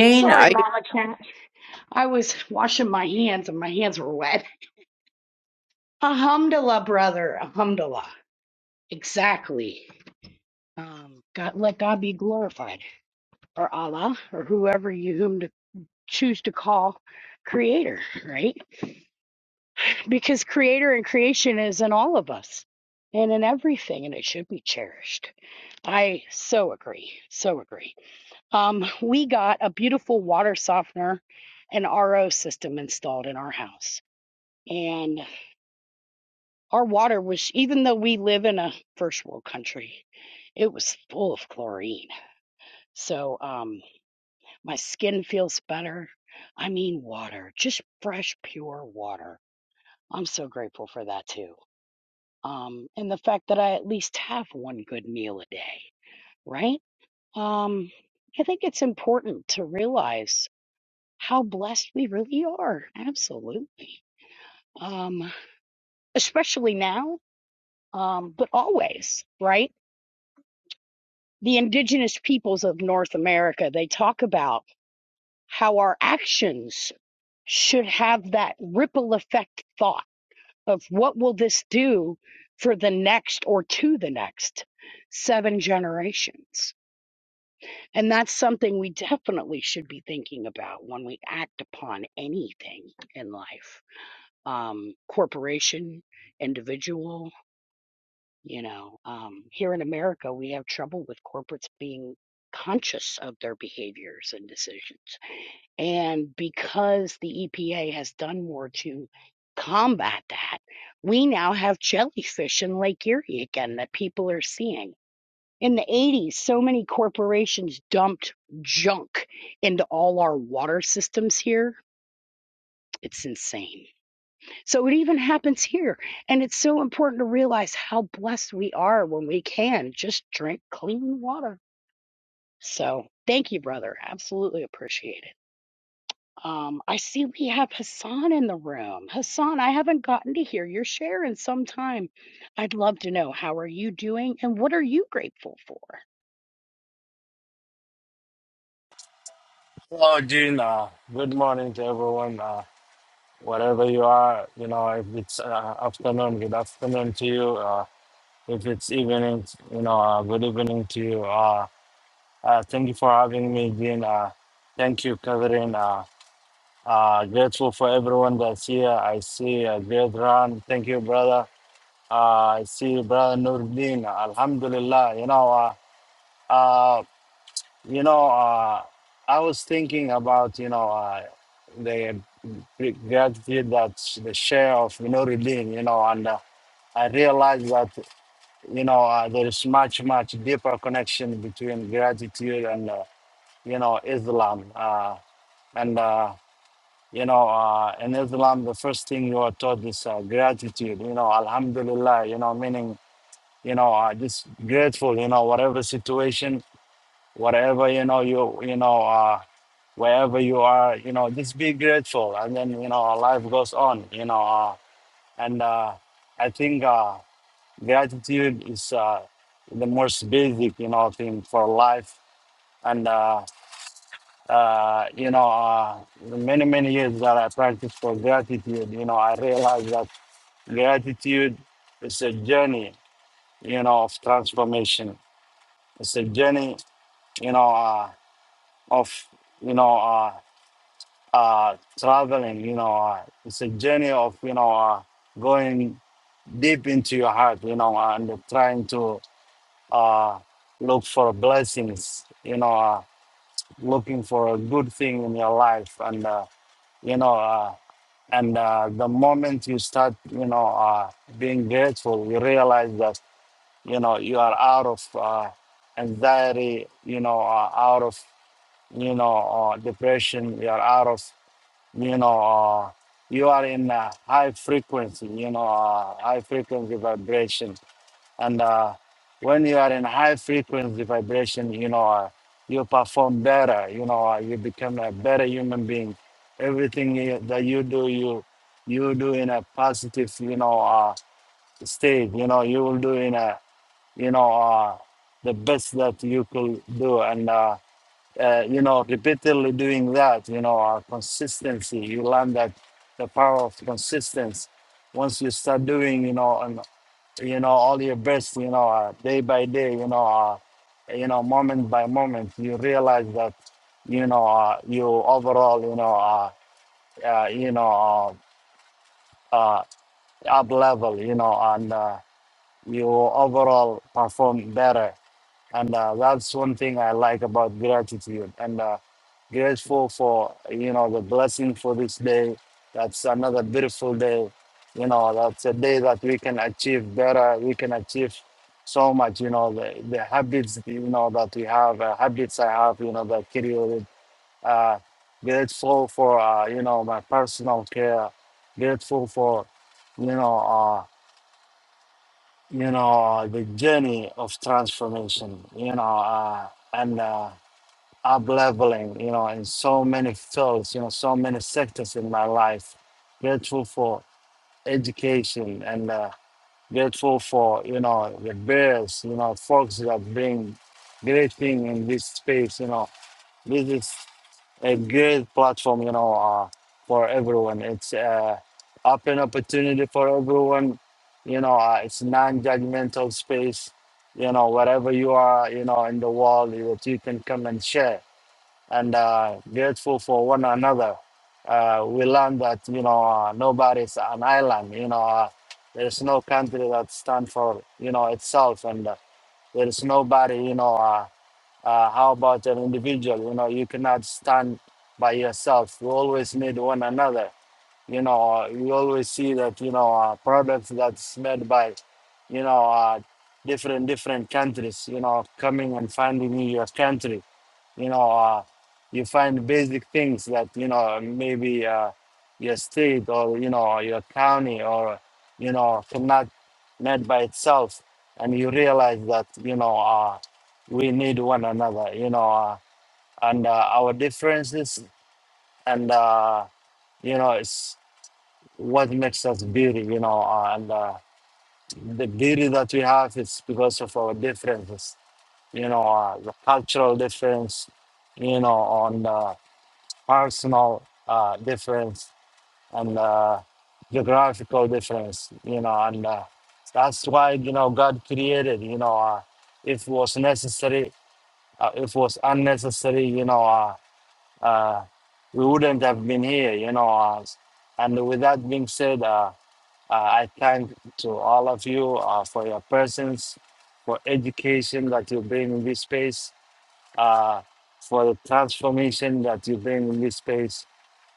Sorry, Mama Cat. I was washing my hands and my hands were wet. Alhamdulillah, brother. Alhamdulillah. Exactly. Um, God, let God be glorified, or Allah, or whoever you whom to choose to call creator, right? Because creator and creation is in all of us and in everything, and it should be cherished. I so agree. So agree. Um, we got a beautiful water softener and RO system installed in our house. and. Our water was, even though we live in a first world country, it was full of chlorine. So um, my skin feels better. I mean, water, just fresh, pure water. I'm so grateful for that too. Um, and the fact that I at least have one good meal a day, right? Um, I think it's important to realize how blessed we really are. Absolutely. Um, especially now, um, but always, right? the indigenous peoples of North America, they talk about how our actions should have that ripple effect thought of what will this do for the next or to the next seven generations. And that's something we definitely should be thinking about when we act upon anything in life um, corporation, individual, You know, um, here in America, we have trouble with corporates being conscious of their behaviors and decisions. And because the EPA has done more to combat that, we now have jellyfish in Lake Erie again that people are seeing. In the 80s, so many corporations dumped junk into all our water systems here. It's insane. So it even happens here. And it's so important to realize how blessed we are when we can just drink clean water. So thank you, brother. Absolutely appreciate it. Um, I see we have Hassan in the room. Hassan, I haven't gotten to hear your share in some time. I'd love to know how are you doing and what are you grateful for?
Hello, June. Uh, good morning to everyone. Uh, wherever you are, you know, if it's uh, afternoon, good afternoon to you. Uh, if it's evening, you know, uh, good evening to you. Uh, uh, thank you for having me, June. Uh, thank you, Catherine. Uh, uh, grateful for everyone that's here. I see uh, great run. Thank you, brother. Uh, I see brother Nurdin. Alhamdulillah. You know, uh, uh, You know, uh, I was thinking about, you know, uh, the gratitude that's the share of Minuruddin, you know, and uh, I realized that, you know, uh, there is much, much deeper connection between gratitude and, uh, you know, Islam. Uh, and, uh, you know, uh, in Islam, the first thing you are taught is uh, gratitude, you know, Alhamdulillah, you know, meaning, you know, uh, just grateful, you know, whatever situation whatever you know you you know uh wherever you are you know just be grateful and then you know life goes on you know uh, and uh i think uh gratitude is uh the most basic you know thing for life and uh uh you know uh the many many years that i practiced for gratitude you know i realized that gratitude is a journey you know of transformation it's a journey you know uh of you know uh, uh, traveling, you know, uh, it's a journey of, you know, uh, going deep into your heart, you know, uh, and trying to uh, look for blessings, you know, uh, looking for a good thing in your life. And, uh, you know, uh, and uh, the moment you start, you know, uh, being grateful, you realize that, you know, you are out of uh, anxiety, you know, uh, out of, you know, uh, depression, you are out of you know, uh, you are in uh, high frequency, you know, uh, high frequency vibration. And uh, when you are in high frequency vibration, you know, uh, you perform better, you know, uh, you become a better human being. Everything you, that you do, you you do in a positive, you know, uh, state, you know, you will do in a, you know, uh, the best that you could do. And, uh, uh, you know, repeatedly doing that, you know, our consistency, you learn that the power of consistency. Once you start doing, you know, and you know, all your best, you know, uh, day by day, you know, uh, you know, moment by moment, you realize that, you know, uh, you overall, you know, uh, uh, you know, uh, uh, up level, you know, and. uh, you overall perform better. And uh, that's one thing I like about gratitude. And uh, grateful for you know the blessing for this day. That's another beautiful day. You know, that's a day that we can achieve better. We can achieve so much. You know, the, the habits you know that we have, uh, habits I have. You know, that carry with. Uh, grateful for uh, you know my personal care. Grateful for you know. uh, you know, the journey of transformation, you know, uh, and uh, up leveling, you know, in so many fields, you know, so many sectors in my life. Grateful for education and uh, grateful for, you know, the various, you know, folks that bring great thing in this space, you know, this is a good platform, you know, uh, for everyone. It's uh, open opportunity for everyone. You know, uh, it's non-judgmental space. You know, wherever you are, you know, in the world, that you can come and share and uh, grateful for one another. Uh, we learn that you know uh, nobody's an island. You know, uh, there's no country that stands for you know itself, and uh, there's nobody you know. Uh, uh, how about an individual? You know, you cannot stand by yourself. You always need one another. You know, uh, you always see that you know uh, products that's made by, you know, uh, different different countries. You know, coming and finding in your country you know uh, you find basic things that you know maybe uh, your state or you know your county or you know cannot met by itself and you realize that you know uh, we need one another you know uh, and uh, our differences and uh, you know it's what makes us beauty you know uh, and uh, the beauty that we have is because of our differences you know uh, the cultural difference you know on uh, personal uh, difference and uh, geographical difference, you know, and uh, that's why you know God created, you know, uh, if was necessary, uh, if was unnecessary, you know, uh, uh, we wouldn't have been here, you know. Uh, and with that being said, uh, uh, I thank to all of you uh, for your presence, for education that you bring in this space uh, for the transformation that you bring in this space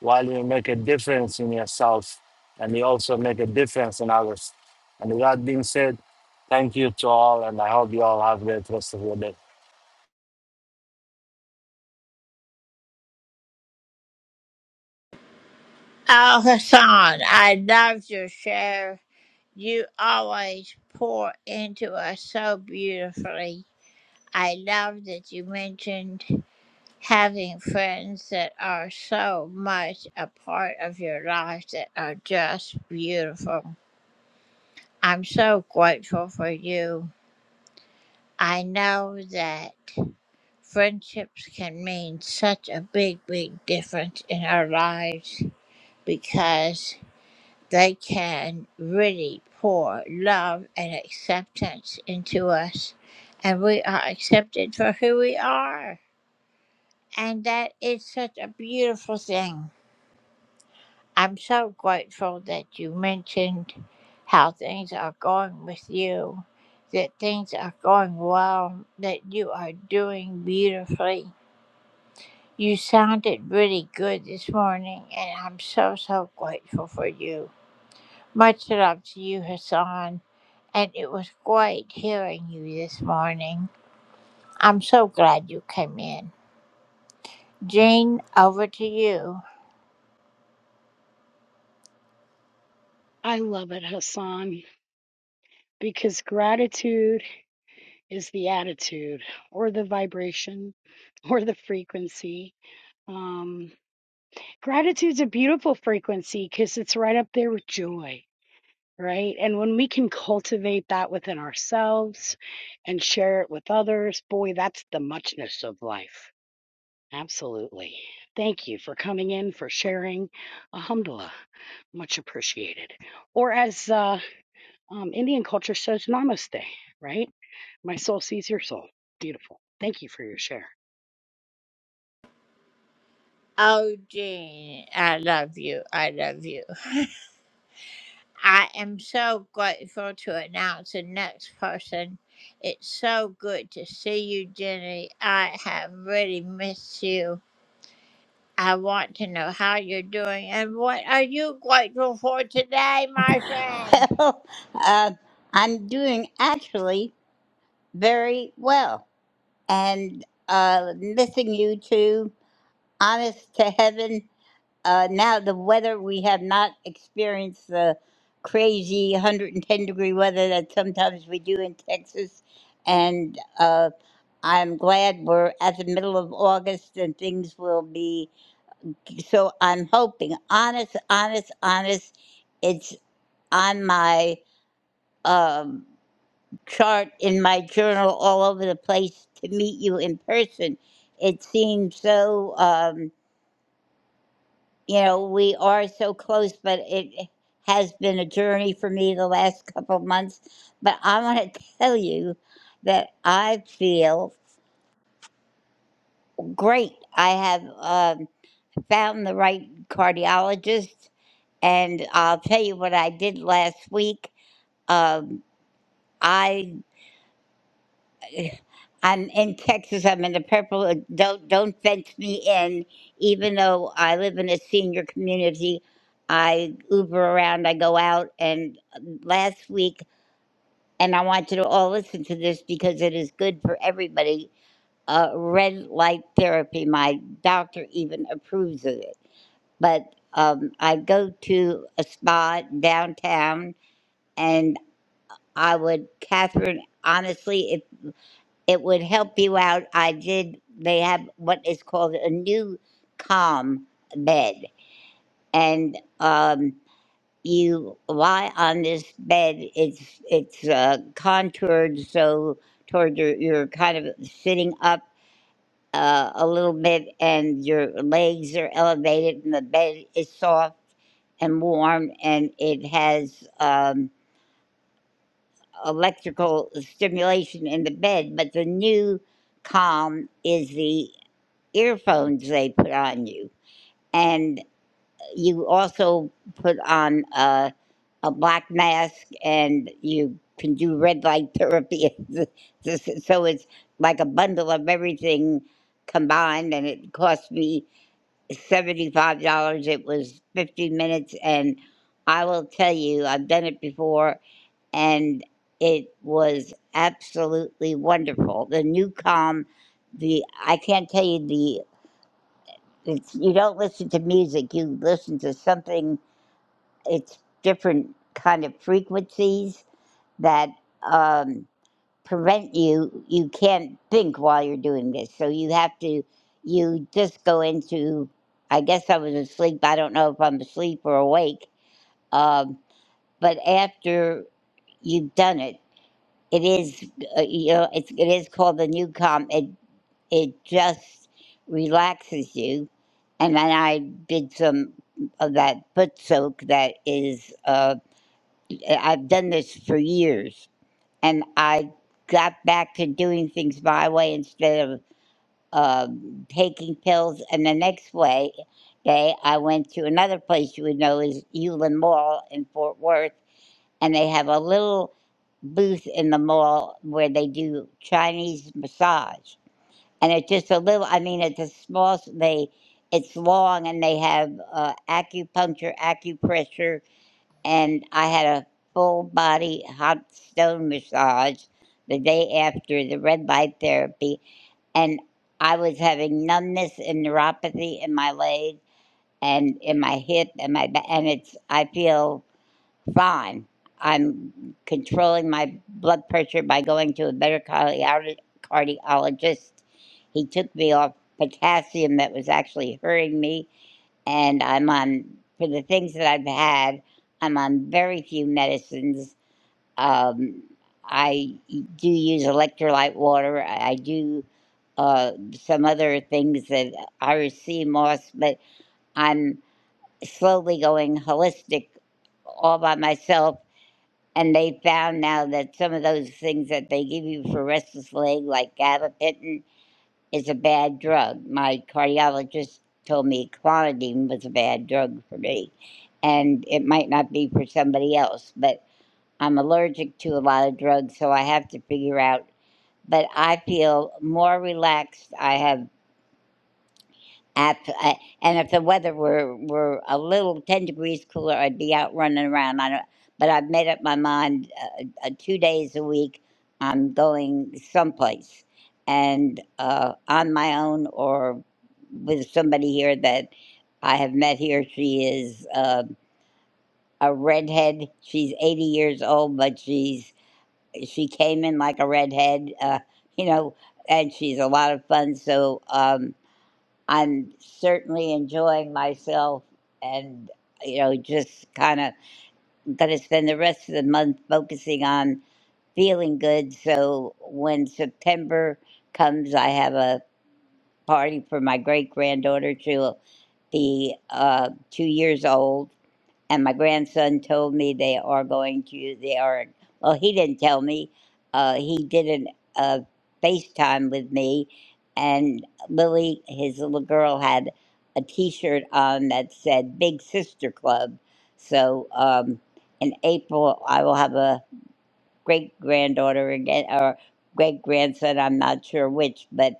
while you make a difference in yourself and you also make a difference in others. And with that being said, thank you to all, and I hope you all have a great rest of your day.
I love it, Hassan, because gratitude is the attitude or the vibration or the frequency. Um, Gratitude's a beautiful frequency because it's right up there with joy, right? And when we can cultivate that within ourselves and share it with others, boy, that's the muchness of life. Absolutely. Thank you for coming in, for sharing. Alhamdulillah. Much appreciated. Or as uh, um, Indian culture says, namaste, right? My soul sees your soul. Beautiful. Thank you for your share.
Well, uh, I'm doing actually very well and uh, missing you two. Honest to heaven, uh, now the weather, we have not experienced the crazy 110 degree weather that sometimes we do in Texas. And uh, I'm glad we're at the middle of August and things will be. So I'm hoping, honest, honest, honest, it's on my. Um, chart in my journal all over the place to meet you in person. It seems so, um, you know, we are so close, but it has been a journey for me the last couple of months. But I want to tell you that I feel great. I have um, found the right cardiologist, and I'll tell you what I did last week. Um, I I'm in Texas. I'm in the purple. uh, Don't don't fence me in. Even though I live in a senior community, I Uber around. I go out. And uh, last week, and I want you to all listen to this because it is good for everybody. Uh, red light therapy. My doctor even approves of it. But um, I go to a spa downtown, and I would Catherine. Honestly, if it would help you out. I did, they have what is called a new calm bed. And um, you lie on this bed, it's, it's uh, contoured so toward your, you're kind of sitting up uh, a little bit and your legs are elevated and the bed is soft and warm and it has um, electrical stimulation in the bed. But the new calm is the earphones they put on you. And you also put on a, a black mask and you can do red light therapy. so it's like a bundle of everything combined, and it cost me $75. It was 50 minutes. And I will tell you, I've done it before, and it was absolutely wonderful. The new calm, the I can't tell you the. It's, you don't listen to music, you listen to something, it's different kind of frequencies that um, prevent you, you can't think while you're doing this. So you have to, you just go into, I guess I was asleep, I don't know if I'm asleep or awake, um, but after you've done it, it is, uh, you know, it's, it is called the new calm. It it just relaxes you. And then I did some of that foot soak that is, uh, I've done this for years. And I got back to doing things my way instead of um, taking pills. And the next way, day, I went to another place you would know is Euland Mall in Fort Worth. And they have a little booth in the mall where they do Chinese massage and it's just a little i mean it's a small they it's long and they have uh, acupuncture acupressure and i had a full body hot stone massage the day after the red light therapy and i was having numbness and neuropathy in my leg and in my hip and my back and it's i feel fine. I'm controlling my blood pressure by going to a better cardio- cardiologist. He took me off potassium that was actually hurting me, and I'm on, for the things that I've had, I'm on very few medicines. Um, I do use electrolyte water. I I do uh, some other things that are sea moss, but I'm slowly going holistic all by myself and they found now that some of those things that they give you for restless leg, like gabapentin, is a bad drug. My cardiologist told me clonidine was a bad drug for me, and it might not be for somebody else. But I'm allergic to a lot of drugs, so I have to figure out. But I feel more relaxed. I have I, I, and if the weather were, were a little 10 degrees cooler, I'd be out running around. I don't, but I've made up my mind uh, uh, two days a week, I'm going someplace and uh, on my own or with somebody here that I have met here. She is uh, a redhead. She's 80 years old, but she's she came in like a redhead, uh, you know, and she's a lot of fun. So, um, I'm certainly enjoying myself and, you know, just kind of going to spend the rest of the month focusing on feeling good. So when September comes, I have a party for my great granddaughter. She'll be uh, two years old and my grandson told me they are going to they are well he didn't tell me uh, he did an, a facetime with me and lily his little girl had a t-shirt on that said big sister club so um, in april i will have a great granddaughter again or great grandson i'm not sure which but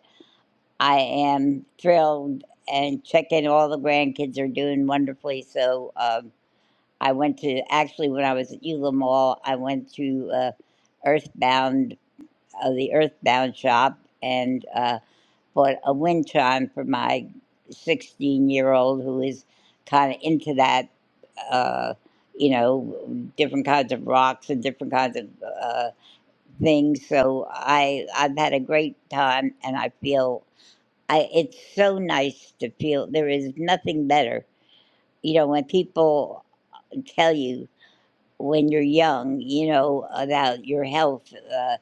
i am thrilled and checking all the grandkids are doing wonderfully so um, I went to actually when I was at Eula Mall, I went to uh, Earthbound, uh, the Earthbound shop, and uh, bought a wind chime for my 16 year old who is kind of into that, uh, you know, different kinds of rocks and different kinds of uh, things. So I I've had a great time, and I feel I it's so nice to feel there is nothing better. You know, when people tell you when you're young, you know, about your health. Uh,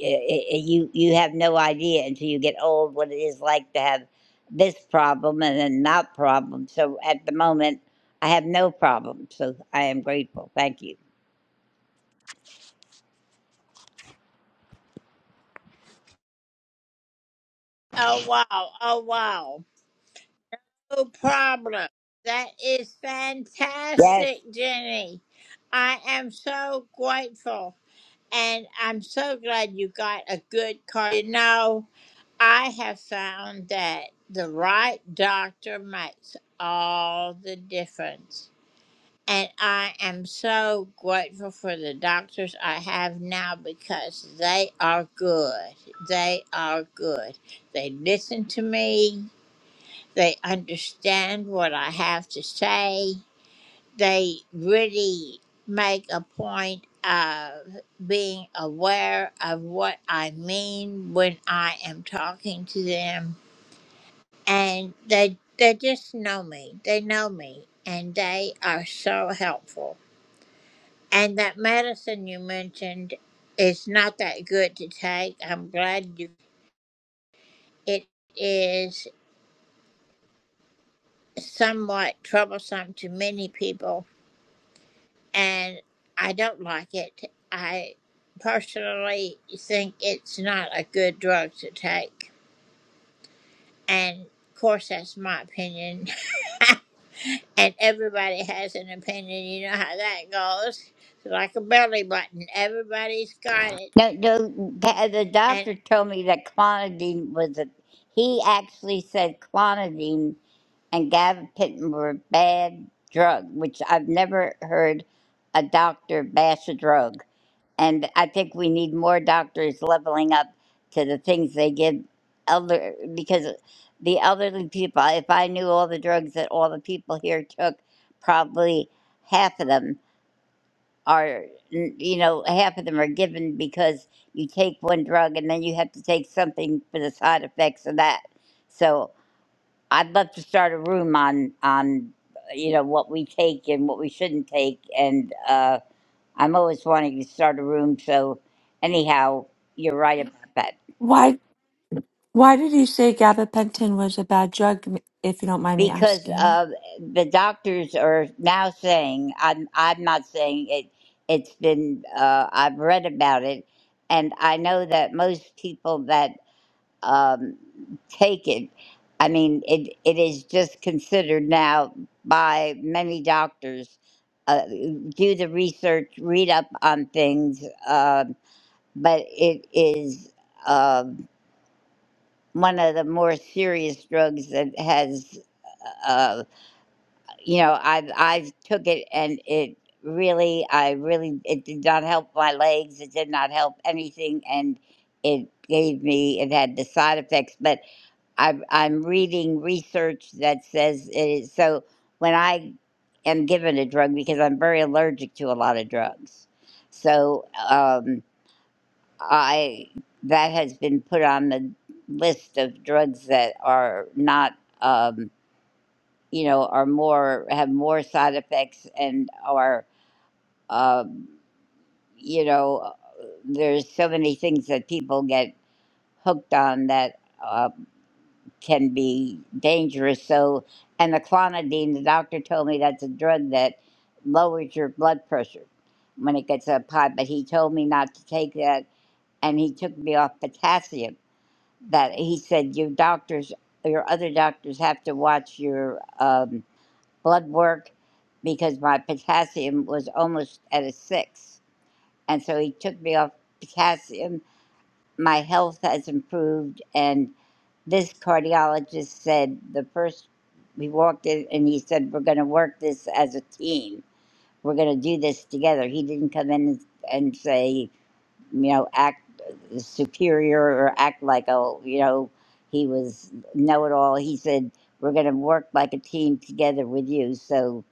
i i you you have no idea until you get old what it is like to have this problem and then not problem. So at the moment, I have no problem. So I am grateful. Thank you. Yes. No, no. The the doctor told me that clonidine was a. He actually said clonidine and gabapentin were bad drug, which I've never heard a doctor bash a drug. And I think we need more doctors leveling up to the things they give elder because the elderly people. If I knew all the drugs that all the people here took, probably half of them are, you know, half of them are given because you take one drug and then you have to take something for the side effects of that. So I'd love to start a room on on you know what we take and what we shouldn't take and. uh, I'm always wanting to start a room. So, anyhow, you're right about that
Why why did you say gabapentin was a bad drug, m- if you don't mind me
because
asking?
uh, the doctors are now saying I'm I'm not saying it. It's been uh, I've read about it, and I know that most people that um, take it, I mean, it it is just considered now by many doctors. Uh, do the research, read up on things, uh, but it is. um, one of the more serious drugs that has uh, you know i've i've took it and it really i really it did not help my legs it did not help anything and it gave me it had the side effects but i'm i'm reading research that says it is so when i am given a drug because i'm very allergic to a lot of drugs so Um, I that has been put on the list of drugs that are not, um, you know, are more have more side effects and are, um, you know, there's so many things that people get hooked on that uh, can be dangerous. So, and the clonidine, the doctor told me that's a drug that lowers your blood pressure when it gets up high, but he told me not to take that, and he took me off potassium that he said your doctors your other doctors have to watch your um, blood work because my potassium was almost at a six and so he took me off potassium my health has improved and this cardiologist said the first we walked in and he said we're going to work this as a team we're going to do this together he didn't come in and, and say you know, act superior or act like, oh, you know, he was know it all. He said, we're going to work like a team together with you. So,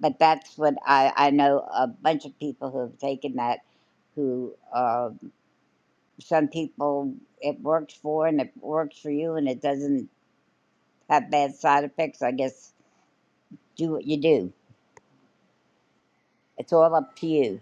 but that's what I, I know a bunch of people who have taken that, who uh, some people it works for and it works for you and it doesn't have bad side effects. I guess do what you do. It's all up to you.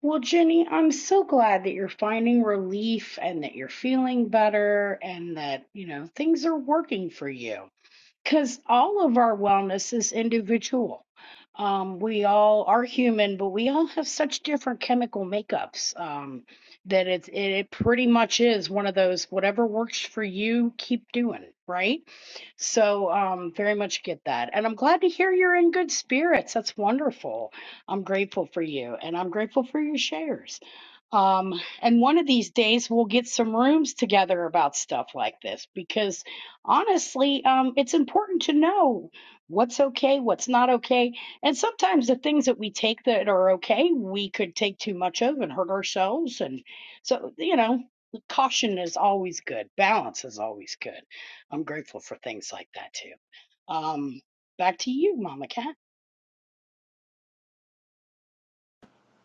Well, Jenny, I'm so glad that you're finding relief and that you're feeling better and that, you know, things are working for you because all of our wellness is individual. Um, we all are human, but we all have such different chemical makeups um, that it's it, it pretty much is one of those whatever works for you, keep doing, right? So um, very much get that, and I'm glad to hear you're in good spirits. That's wonderful. I'm grateful for you, and I'm grateful for your shares. Um, and one of these days we'll get some rooms together about stuff like this because honestly, um, it's important to know what's okay, what's not okay. And sometimes the things that we take that are okay, we could take too much of and hurt ourselves. And so, you know, caution is always good, balance is always good. I'm grateful for things like that too. Um, back to you, Mama Cat.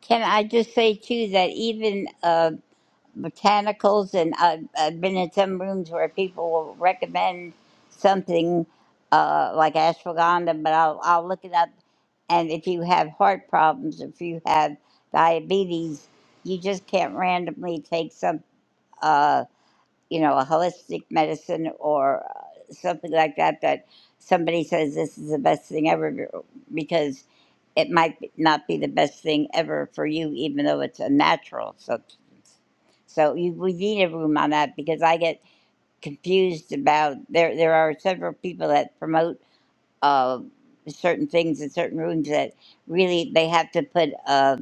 Can I just say too that even uh, mechanicals, and I've, I've been in some rooms where people will recommend something uh, like ashwagandha, but I'll, I'll look it up. And if you have heart problems, if you have diabetes, you just can't randomly take some. Uh, you know, a holistic medicine or uh, something like that, that somebody says this is the best thing ever because it might be- not be the best thing ever for you, even though it's a natural substance. So you, we need a room on that because I get confused about there. There are several people that promote uh, certain things in certain rooms that really they have to put a,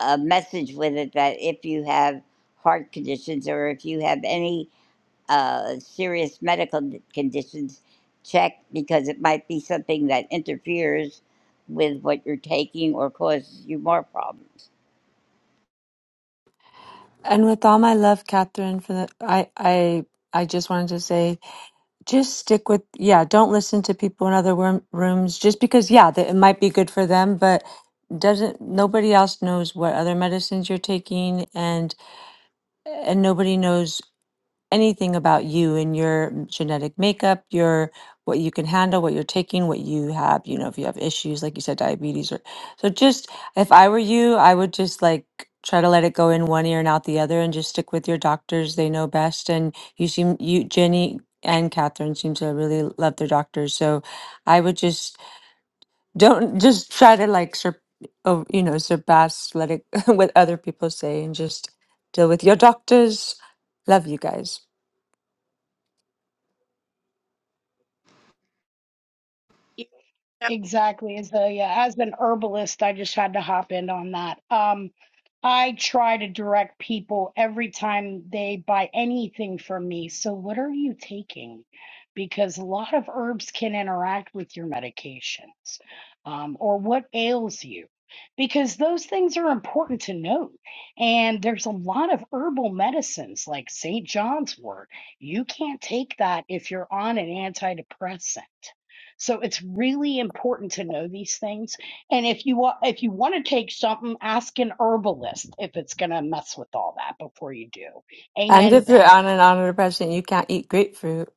a message with it that if you have heart conditions or if you have any uh, serious medical conditions check because it might be something that interferes with what you're taking or causes you more problems.
And with all my love, Catherine, for the I I I just wanted to say, just stick with yeah. Don't listen to people in other room, rooms just because yeah, that it might be good for them, but doesn't nobody else knows what other medicines you're taking, and and nobody knows anything about you and your genetic makeup, your what you can handle, what you're taking, what you have, you know, if you have issues, like you said, diabetes or so just if I were you, I would just like try to let it go in one ear and out the other and just stick with your doctors. They know best. And you seem you Jenny and Catherine seem to really love their doctors. So I would just don't just try to like sur- oh, you know, surpass let it what other people say and just deal with your doctors. Love you guys.
Exactly. As a yeah, as an herbalist, I just had to hop in on that. Um, I try to direct people every time they buy anything from me. So what are you taking? Because a lot of herbs can interact with your medications, um, or what ails you. Because those things are important to know. And there's a lot of herbal medicines like St. John's wort. You can't take that if you're on an antidepressant so it's really important to know these things. And if you want, if you want to take something, ask an herbalist if it's going to mess with all that before you do.
And
Amen to
if you're
that.
on an antidepressant, you can't eat grapefruit.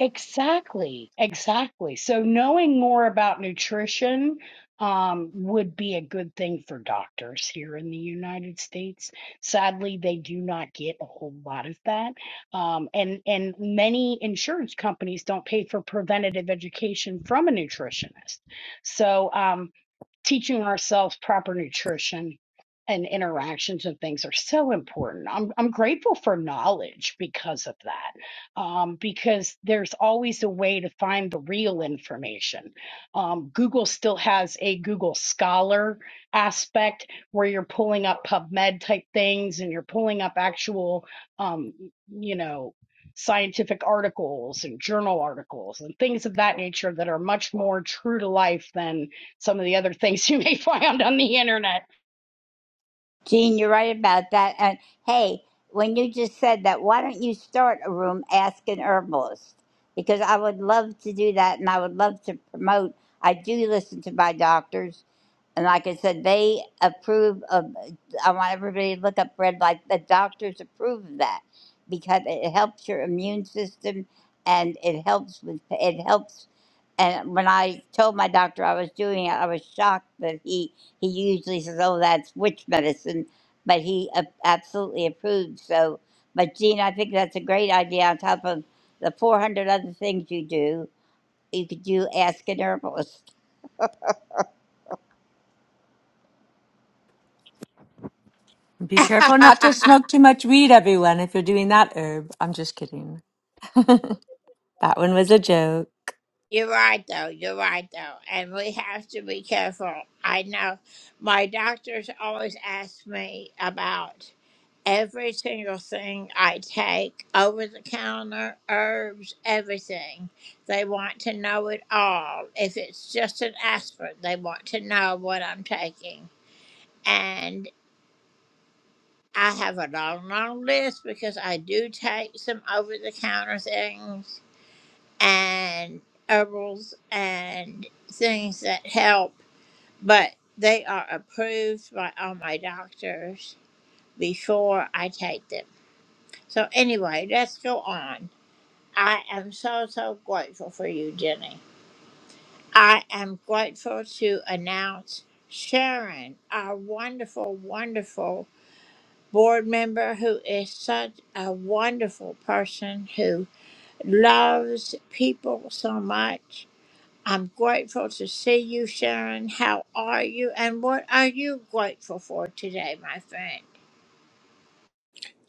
Exactly, exactly. So knowing more about nutrition um, would be a good thing for doctors here in the United States. Sadly, they do not get a whole lot of that, um, and and many insurance companies don't pay for preventative education from a nutritionist. So um, teaching ourselves proper nutrition and interactions and things are so important. I'm I'm grateful for knowledge because of that, um, because there's always a way to find the real information. Um, Google still has a Google Scholar aspect where you're pulling up PubMed type things and you're pulling up actual, um, you know, scientific articles and journal articles and things of that nature that are much more true to life than some of the other things you may find on the internet.
Gene, you're right about that. And hey, when you just said that, why don't you start a room Ask an Herbalist? Because I would love to do that and I would love to promote. I do listen to my doctors And like I said, they approve of, I want everybody to look up red light. The doctors approve of that because it helps your immune system and it helps with, it helps. And when I told my doctor I was doing it, I was shocked that he, he usually says, oh, that's witch medicine, but he a- absolutely approved. So, but Gene, I think that's a great idea on top of the 400 other things you do. You could do Ask an Herbalist.
Be careful not to smoke too much weed, everyone, if you're doing that herb. I'm just kidding. That one was a joke.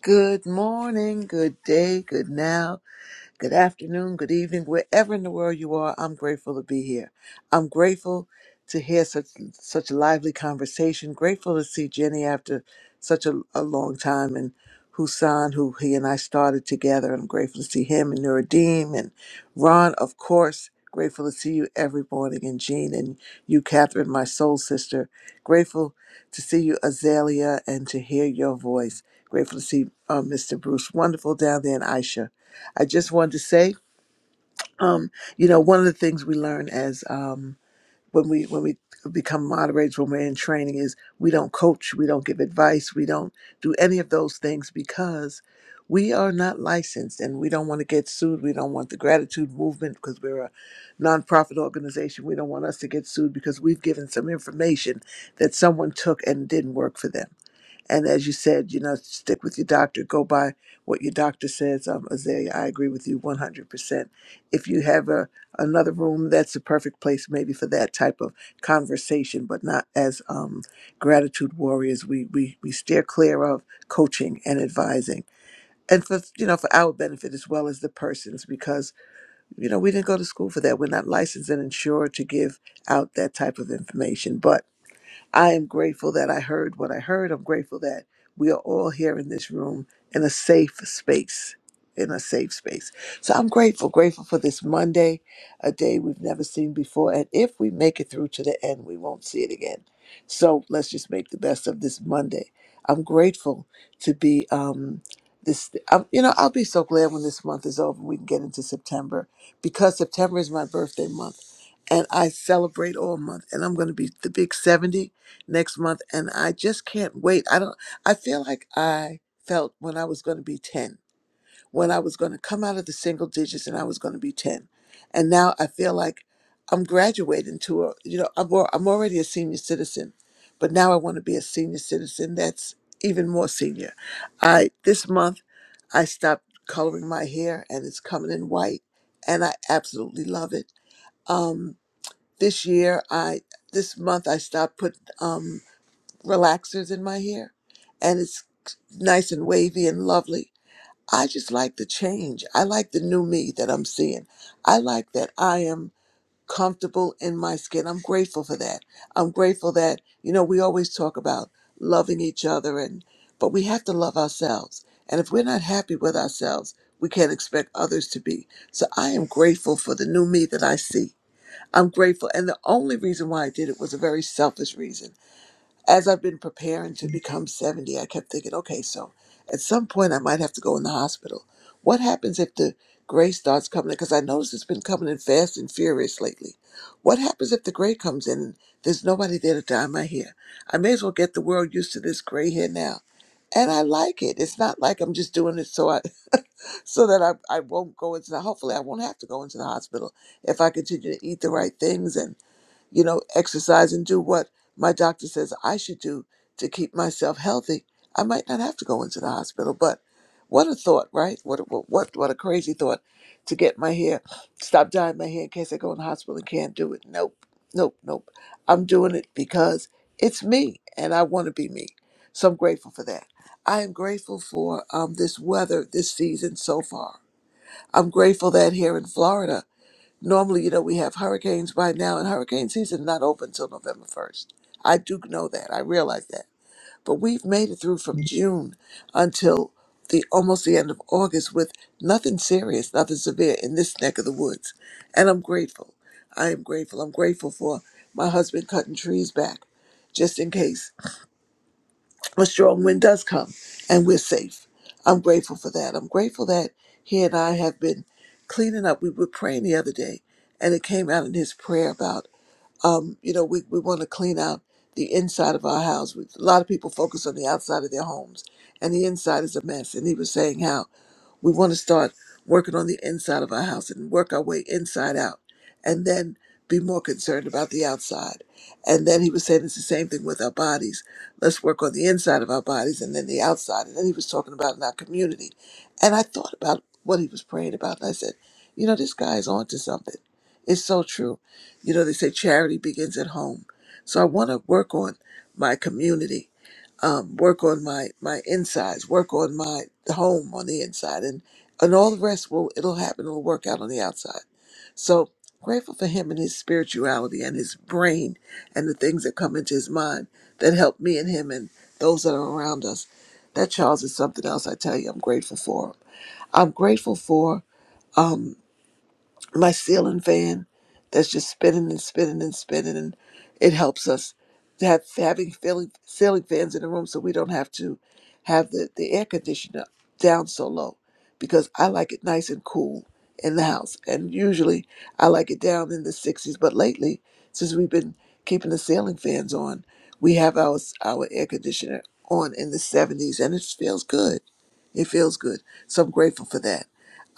Good morning, good day, good now. Good afternoon, good evening, wherever in the world you are. I'm grateful to be here. I'm grateful to hear such such lively conversation. Grateful to see Jenny after such a, a long time, and Husan, who he and I started together. I'm grateful to see him and Nuruddin and Ron, of course. Grateful to see you every morning, and Jean and you, Catherine, my soul sister. Grateful to see you, Azalea, and to hear your voice. Grateful to see uh, Mr. Bruce, wonderful down there, and Aisha. I just wanted to say, um, you know, one of the things we learn as um, when we when we become moderators, when we're in training, is we don't coach, we don't give advice, we don't do any of those things because we are not licensed and we don't want to get sued. We don't want the gratitude movement because we're a nonprofit organization. We don't want us to get sued because we've given some information that someone took and didn't work for them. And as you said, you know, stick with your doctor, go by what your doctor says. Um, Azalea, I agree with you 100%. If you have a, another room, that's the perfect place maybe for that type of conversation, but not as um, gratitude warriors. We, we, we steer clear of coaching and advising. And for you know, for our benefit as well as the person's, because you know we didn't go to school for that. We're not licensed and insured to give out that type of information. But I am grateful that I heard what I heard. I'm grateful that we are all here in this room in a safe space. In a safe space. So I'm grateful, grateful for this Monday, a day we've never seen before. And if we make it through to the end, we won't see it again. So let's just make the best of this Monday. I'm grateful to be um this um, you know, I'll be so glad when this month is over we can get into September because September is my birthday month and I celebrate all month and I'm going to be the big 70 next month and I just can't wait. I don't I feel like I felt when I was going to be 10, when I was going to come out of the single digits and I was going to be 10. And now I feel like I'm graduating to a you know I'm al- I'm already a senior citizen, but now I want to be a senior citizen that's even more senior. I this month I stopped coloring my hair and it's coming in white and I absolutely love it. Um this year I this month I stopped putting um relaxers in my hair and it's nice and wavy and lovely. I just like the change. I like the new me that I'm seeing. I like that I am comfortable in my skin. I'm grateful for that. I'm grateful that, you know, we always talk about loving each other and but we have to love ourselves. And if we're not happy with ourselves, we can't expect others to be. So I am grateful for the new me that I see. I'm grateful. And the only reason why I did it was a very selfish reason as I've been preparing to become 70, I kept thinking, okay, so at some point I might have to go in the hospital. What happens if the gray starts coming in? Because I noticed it's been coming in fast and furious lately. What happens if the gray comes in and there's nobody there to dye my hair? I may as well get the world used to this gray hair now. And I like it. It's not like I'm just doing it so I so that I, I won't go into the hopefully I won't have to go into the hospital if I continue to eat the right things and you know, exercise and do what my doctor says I should do to keep myself healthy, I might not have to go into the hospital. But what a thought, right? What a- what what, what a crazy thought to get my hair, stop dyeing my hair in case I go in the hospital and can't do it. Nope, nope, nope. I'm doing it because it's me and I want to be me. So I'm grateful for that. I am grateful for um, this weather this season so far. I'm grateful that here in Florida Normally, you know, we have hurricanes by now, and hurricane season not open till November 1st. I do know that. I realize that. But we've made it through from June until the almost the end of August with nothing serious, nothing severe in this neck of the woods. And I'm grateful. I am grateful. I'm grateful for my husband cutting trees back just in case a strong wind does come and we're safe. I'm grateful for that. I'm grateful that he and I have been cleaning up. We were praying the other day and it came out in his prayer about, um, you know, we, we want to clean out the inside of our house. We, a lot of people focus on the outside of their homes and the inside is a mess. And he was saying how we want to start working on the inside of our house and work our way inside out and then be more concerned about the outside. And then he was saying it's the same thing with our bodies. Let's work on the inside of our bodies and then the outside. And then he was talking about in our community. And I thought about what he was praying about. And I said, you know, this guy is onto something. It's so true. You know, they say charity begins at home. So I want to work on my community um, work on my my insides, work on my home on the inside, and and all the rest will it'll happen. It'll work out on the outside. So grateful for him and his spirituality and his brain and the things that come into his mind that help me and him and those that are around us. That Charles is something else. I tell you, I'm grateful for. him. I'm grateful for. um, my ceiling fan that's just spinning and spinning and spinning and it helps us to have having ceiling, ceiling fans in the room so we don't have to have the, the air conditioner down so low because I like it nice and cool in the house and usually I like it down in the 60s but lately since we've been keeping the ceiling fans on we have our our air conditioner on in the 70s and it feels good it feels good. So I'm grateful for that.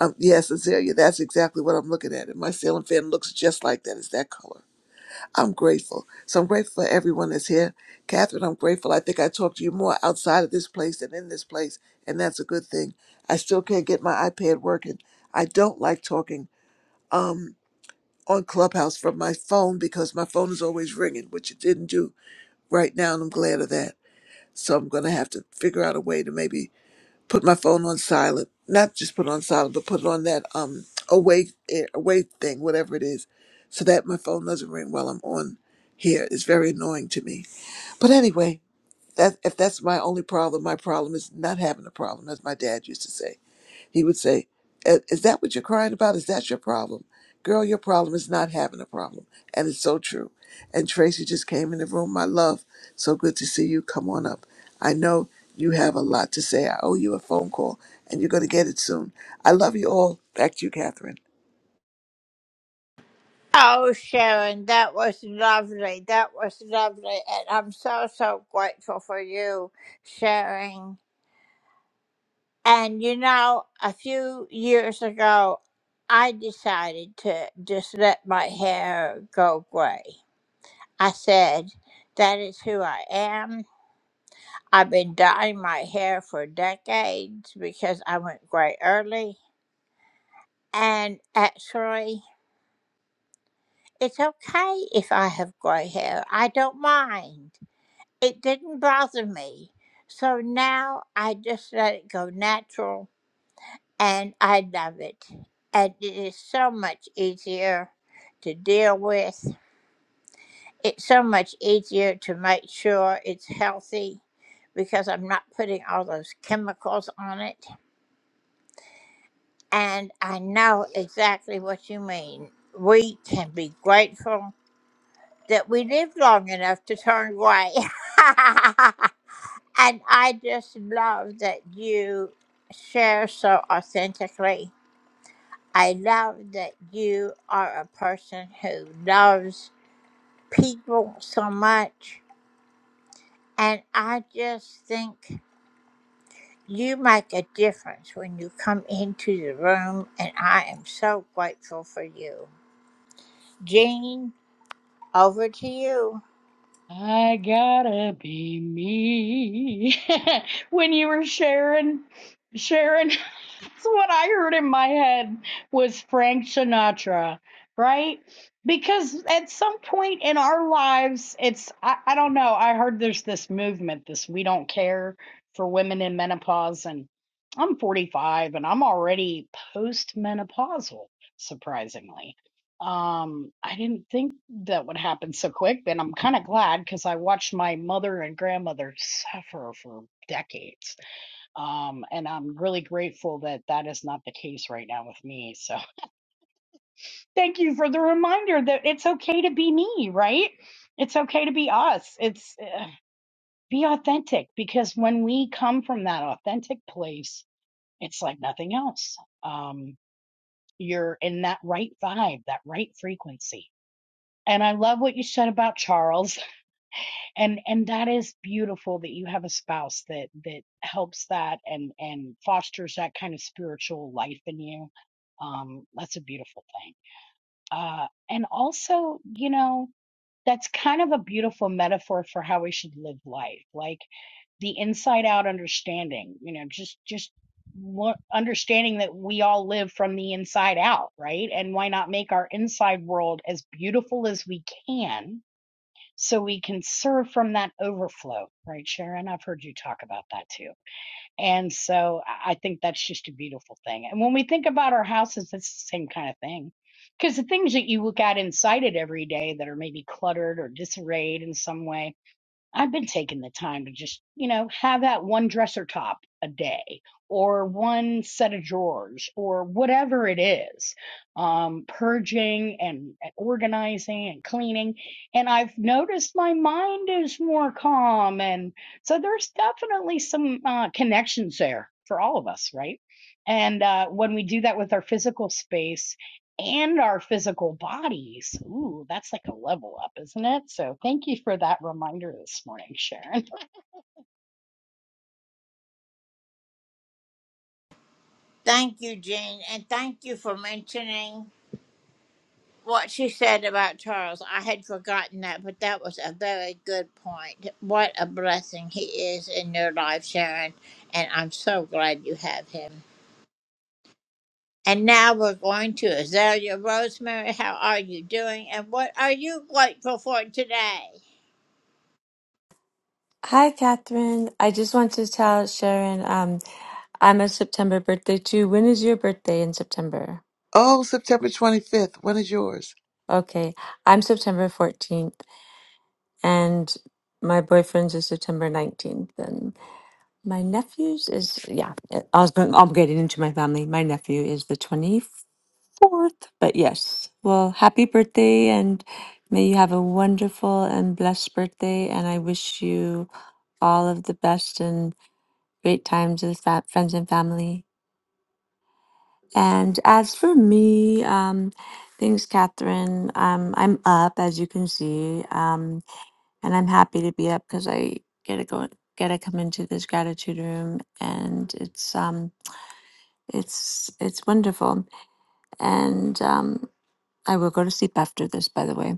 Um, yes, Azalea, that's exactly what I'm looking at. And my ceiling fan looks just like that. It's that color. I'm grateful. So I'm grateful for everyone that's here. Catherine, I'm grateful. I think I talked to you more outside of this place than in this place, and that's a good thing. I still can't get my iPad working. I don't like talking um, on Clubhouse from my phone because my phone is always ringing, which it didn't do right now, and I'm glad of that. So I'm going to have to figure out a way to maybe put my phone on silent. Not just put it on silent, but put it on that um awake eh, awake thing, whatever it is, so that my phone doesn't ring while I'm on here. It's very annoying to me. But anyway, that if that's my only problem, my problem is not having a problem, as my dad used to say. He would say, "I- "Is that what you're crying about? Is that your problem, girl? Your problem is not having a problem." And it's so true. And Tracy just came in the room. My love, so good to see you. Come on up. I know you have a lot to say. I owe you a phone call, and you're going to get it soon. I love you all. Back to you, Catherine.
I gotta be me. when you were sharing, sharing That's what I heard in my head was Frank Sinatra, right? Because at some point in our lives, it's, I, I don't know, I heard there's this movement, this we don't care for women in menopause. And I'm 45 and I'm already postmenopausal, surprisingly. Um, I didn't think that would happen so quick, but I'm kind of glad because I watched my mother and grandmother suffer for decades um, and I'm really grateful that that is not the case right now with me. So thank you for the reminder that it's okay to be me, right? It's okay to be us. It's uh, be authentic because when we come from that authentic place, it's like nothing else. Um, you're in that right vibe, that right frequency. And I love what you said about Charles. and and that is beautiful that you have a spouse that that helps that and and fosters that kind of spiritual life in you um that's a beautiful thing uh and also you know that's kind of a beautiful metaphor for how we should live life like the inside out understanding you know just just what, understanding that we all live from the inside out right and why not make our inside world as beautiful as we can so we can serve from that overflow, right, Sharon? I've heard you talk about that too. And so I think that's just a beautiful thing. And when we think about our houses, it's the same kind of thing. Because the things that you look at inside it every day that are maybe cluttered or disarrayed in some way I've been taking the time to just, you know, have that one dresser top a day or one set of drawers or whatever it is. Um, purging and, organizing and cleaning. And I've noticed my mind is more calm. And so there's definitely some uh, connections there for all of us, right? And uh, when we do that with our physical space, and our physical bodies. Ooh, that's like a level up, isn't it? So thank you for that reminder this morning, Sharon.
Hi, Catherine. I just want to tell Sharon, um, I'm a September birthday too. When is your birthday in September?
Oh, September 25th. When is yours?
Okay, I'm September 14th, and my boyfriend's is September 19th, and my nephew's is, yeah, I was, I'm getting into my family. My nephew is the 20th. fourth. But yes, well, happy birthday and may you have a wonderful and blessed birthday. And I wish you all of the best and great times with fa- friends and family. And as for me, um, thanks, Catherine. Um, I'm up, as you can see, um, and I'm happy to be up because I get to go, get to come into this gratitude room, and it's um, it's it's wonderful. And um, I will go to sleep after this, by the way.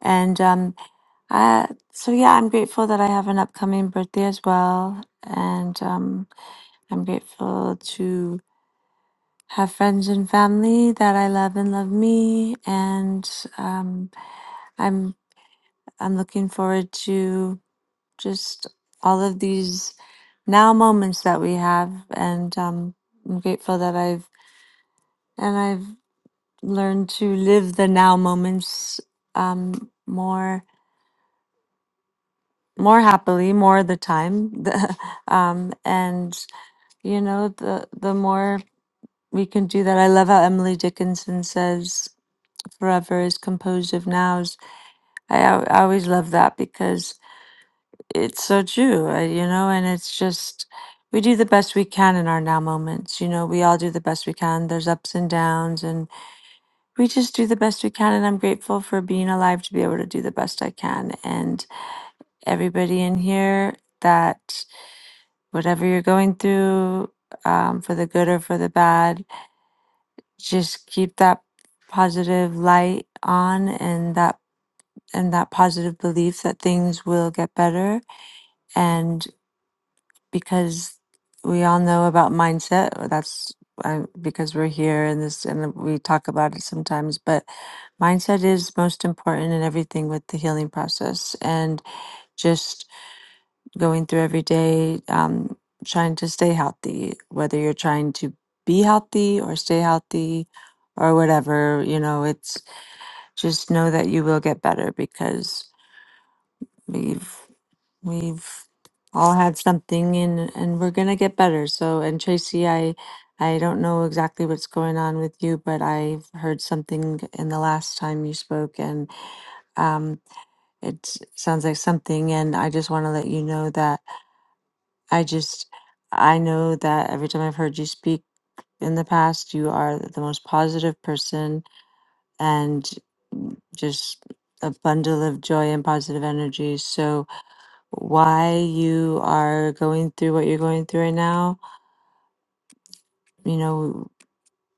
And um, uh, so, yeah, I'm grateful that I have an upcoming birthday as well. And um, I'm grateful to have friends and family that I love and love me. And um, I'm I'm looking forward to just all of these now moments that we have. And um, I'm grateful that I've and I've learned to live the now moments um, more more happily more of the time the, um, and you know the the more we can do that i love how emily dickinson says forever is composed of nows i, al- I always love that because it's so true uh, you know and it's just we do the best we can in our now moments you know we all do the best we can there's ups and downs and we just do the best we can and i'm grateful for being alive to be able to do the best i can and everybody in here that whatever you're going through, um, for the good or for the bad, just keep that positive light on and that and that positive belief that things will get better. And because we all know about mindset, that's uh, because we're here and this and we talk about it sometimes, but mindset is most important in everything with the healing process and just going through every day, um, trying to stay healthy, whether you're trying to be healthy or stay healthy or whatever, you know, it's just know that you will get better because we've, we've all had something and, and we're going to get better. So, and Tracy, I, I don't know exactly what's going on with you, but I've heard something in the last time you spoke and, um, it sounds like something. And I just want to let you know that I just, I know that every time I've heard you speak in the past, you are the most positive person and just a bundle of joy and positive energy. So, why you are going through what you're going through right now, you know,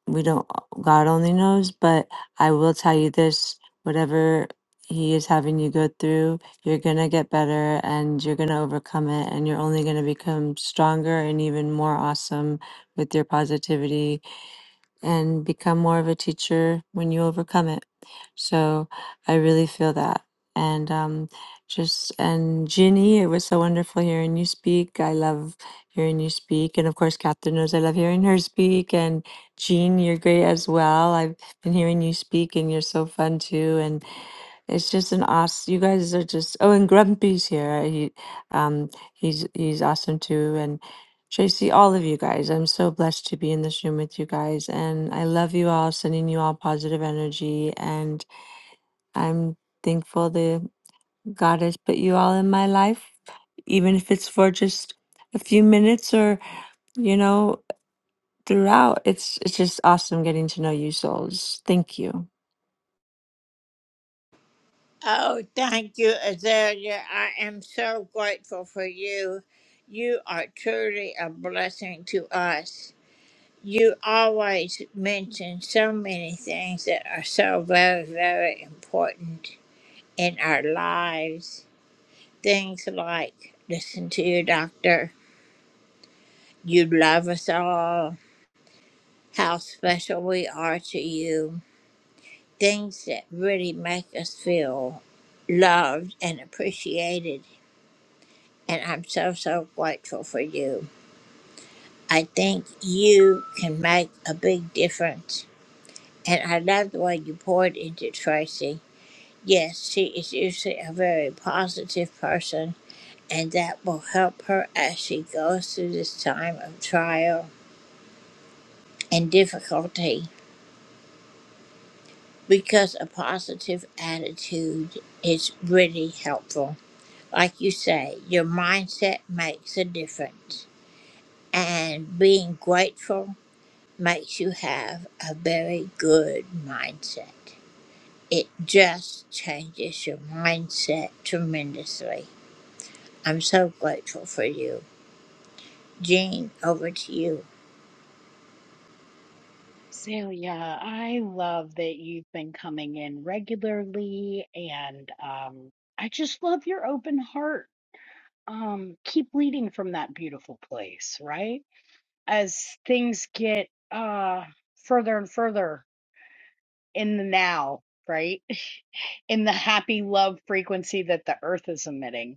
we don't god only knows but i will tell you this whatever he is having you go through you're going to get better and you're going to overcome it and you're only going to become stronger and even more awesome with your positivity and become more of a teacher when you overcome it. So I really feel that. And um, just, and Ginny, it was so wonderful hearing you speak. I love hearing you speak. And of course, Catherine knows I love hearing her speak. And Jean, you're great as well. I've been hearing you speak and you're so fun too. And it's just an awesome, you guys are just, oh, and Grumpy's here. He, um, he's, he's awesome too. And Tracy, all of you guys. I'm so blessed to be in this room with you guys. And I love you all, sending you all positive energy. And I'm thankful that God has put you all in my life, even if it's for just a few minutes or, you know, throughout. It's it's just awesome getting to know you souls. Thank you.
Celia, I love that you've been coming in regularly and um, I just love your open heart. Um, keep leading from that beautiful place, right? As things get uh, further and further in the now, right? In the happy love frequency that the earth is emitting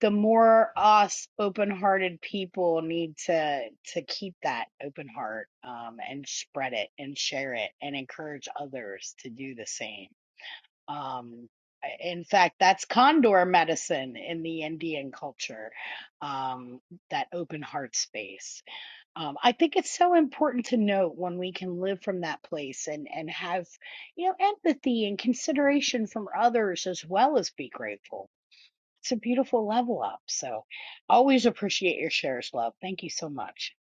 the more us open-hearted people need to to keep that open heart um, and spread it and share it and encourage others to do the same um, in fact that's condor medicine in the indian culture um, that open heart space um, i think it's so important to note when we can live from that place and and have you know empathy and consideration from others as well as be grateful it's a beautiful level up. So always appreciate your shares, love. Thank you so much.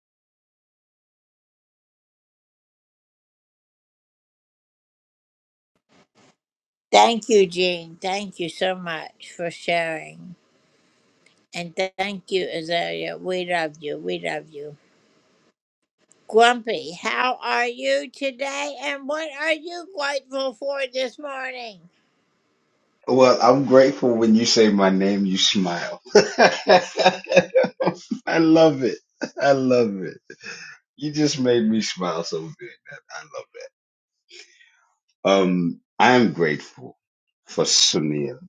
Well, I'm grateful when you say my name, you smile. I love it. I love it. You just made me smile so good. I love that. Um, I am grateful for Sunil.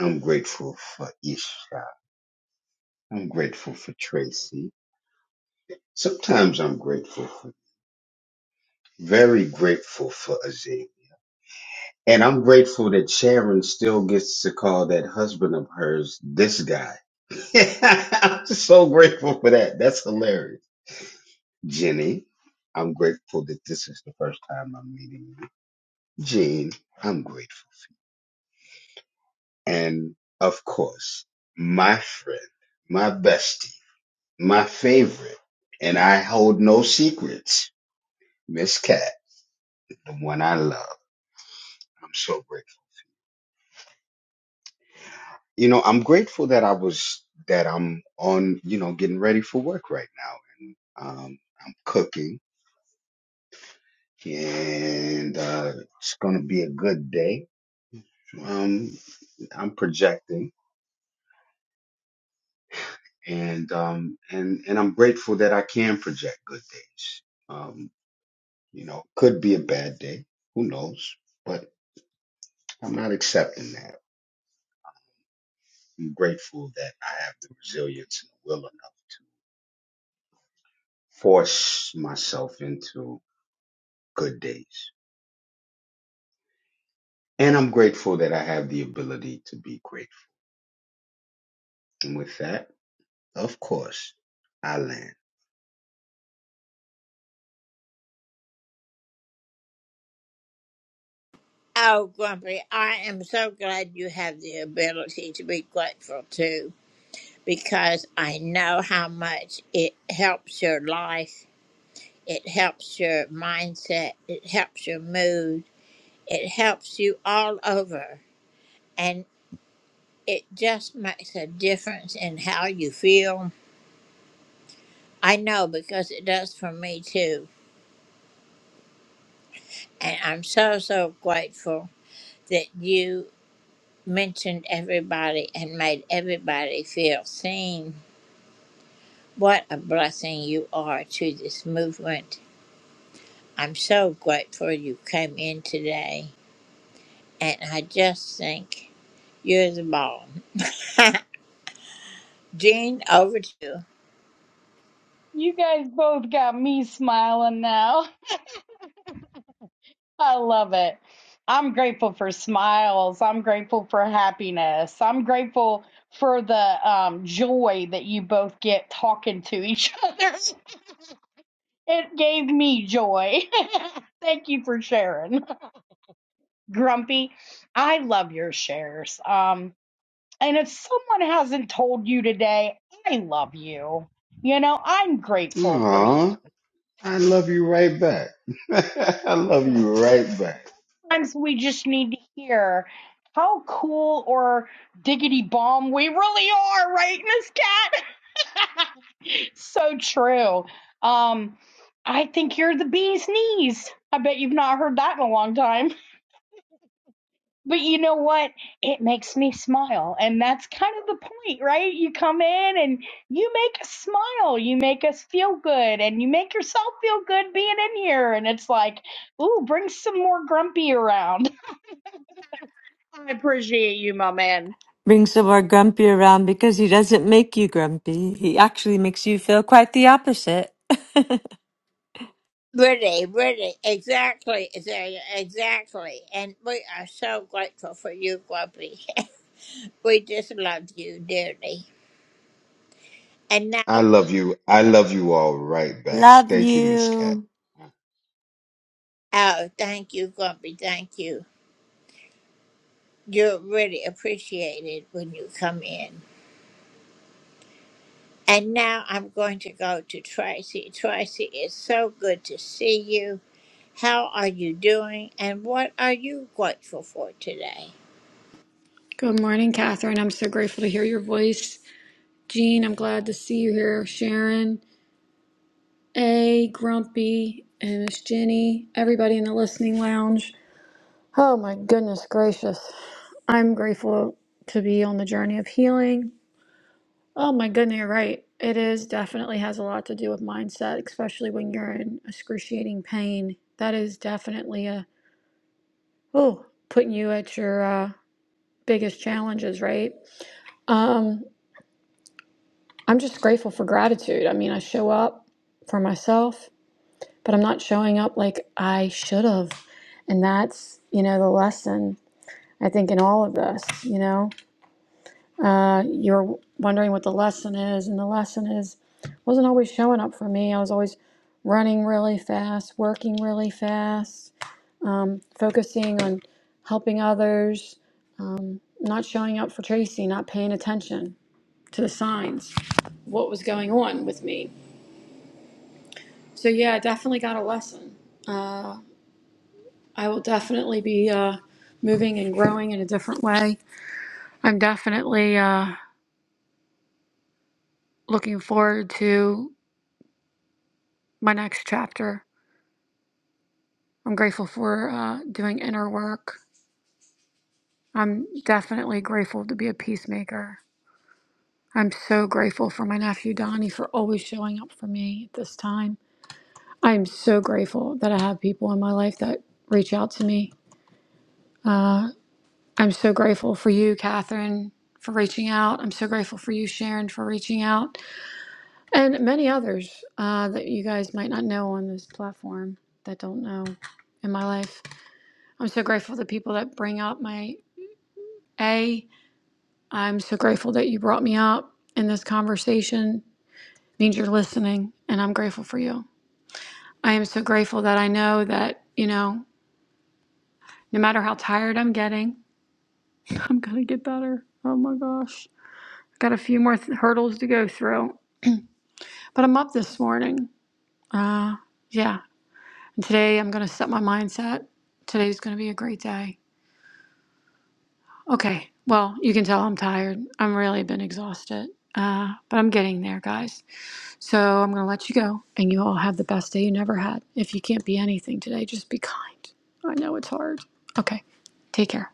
I'm grateful for Isha. I'm grateful for Tracy. Sometimes I'm grateful for, very grateful for Azim. And I'm grateful that Sharon still gets to call that husband of hers this guy. I'm just so grateful for that. That's hilarious. Jenny, I'm grateful that this is the first time I'm meeting you. Jean, I'm grateful. And of course, my friend, my bestie, my favorite, and I hold no secrets, Miss Cat, the one I love. I'm so grateful. You know, I'm grateful that I was, that I'm on, you know, getting ready for work right now. And um, I'm cooking and uh, it's going to be a good day. Um, I'm projecting, and um, and and I'm grateful that I can project good days. Um, you know, could be a bad day. Who knows? But I'm not accepting that. I'm grateful that I have the resilience and will enough to force myself into good days. And I'm grateful that I have the ability to be grateful. And with that, of course, I land.
You guys both got me smiling now. I love it. I'm grateful for smiles. I'm grateful for happiness. I'm grateful for the um, joy that you both get talking to each other. It gave me joy. Thank you for sharing. Grumpy, I love your shares. Um, And if someone hasn't told you today, I love you, you know, I'm grateful for you.
Aww. I love you right back. I love you right back.
Sometimes we just need to hear how cool or diggity bomb we really are, right, Miss Cat? so true. Um, I think you're the bee's knees. I bet you've not heard that in a long time. But you know what? It makes me smile. And that's kind of the point, right? You come in and you make us smile. You make us feel good and you make yourself feel good being in here. And it's like, ooh, bring some more grumpy around. I appreciate you, my man.
Bring some more grumpy around because he doesn't make you grumpy. He actually makes you feel quite the opposite.
I love you. I love you all right back.
love
Thank you, Miss Cat.
you.
Good morning, Catherine. I'm so grateful to hear your voice. Jean, I'm glad to see you here. Sharon, A, Grumpy, and Miss Jenny, everybody in the listening lounge. Oh my goodness gracious. I'm grateful to be on the journey of healing. Oh my goodness, you're right. It is definitely has a lot to do with mindset, especially when you're in excruciating pain. That is definitely a, oh, putting you at your uh, biggest challenges, right? Um, I'm just grateful for gratitude. I mean, I show up for myself, but I'm not showing up like I should have. And that's, you know, the lesson, I think, in all of this, you know. Uh, you're wondering what the lesson is, and the lesson is wasn't always showing up for me. I was always running really fast, working really fast, um, focusing on helping others, um, not showing up for Tracy, not paying attention to the signs, what was going on with me So yeah, I definitely got a lesson. Uh, I will definitely be uh, moving and growing in a different way. I'm definitely uh, looking forward to my next chapter. I'm grateful for uh, doing inner work. I'm definitely grateful to be a peacemaker. I'm so grateful for my nephew Donnie for always showing up for me at this time. I'm so grateful that I have people in my life that reach out to me. Uh, I'm so grateful for you, Catherine, for reaching out. I'm so grateful for you, Sharon, for reaching out, and many others uh, that you guys might not know on this platform that don't know in my life. I'm so grateful to people that bring up my A. I'm so grateful that you brought me up in this conversation. It means you're listening, and I'm grateful for you. I am so grateful that I know that, you know, no matter how tired I'm getting, I'm going to get better. Oh my gosh. Got a few more th- hurdles to go through But I'm up this morning. Uh, yeah. And today I'm going to set my mindset. Today's going to be a great day. Okay. Well, you can tell I'm tired. I'm really been exhausted. Uh, but I'm getting there, guys. So I'm going to let you go. And you all have the best day you never had. If you can't be anything today, just be kind. I know it's hard. Okay. Take care.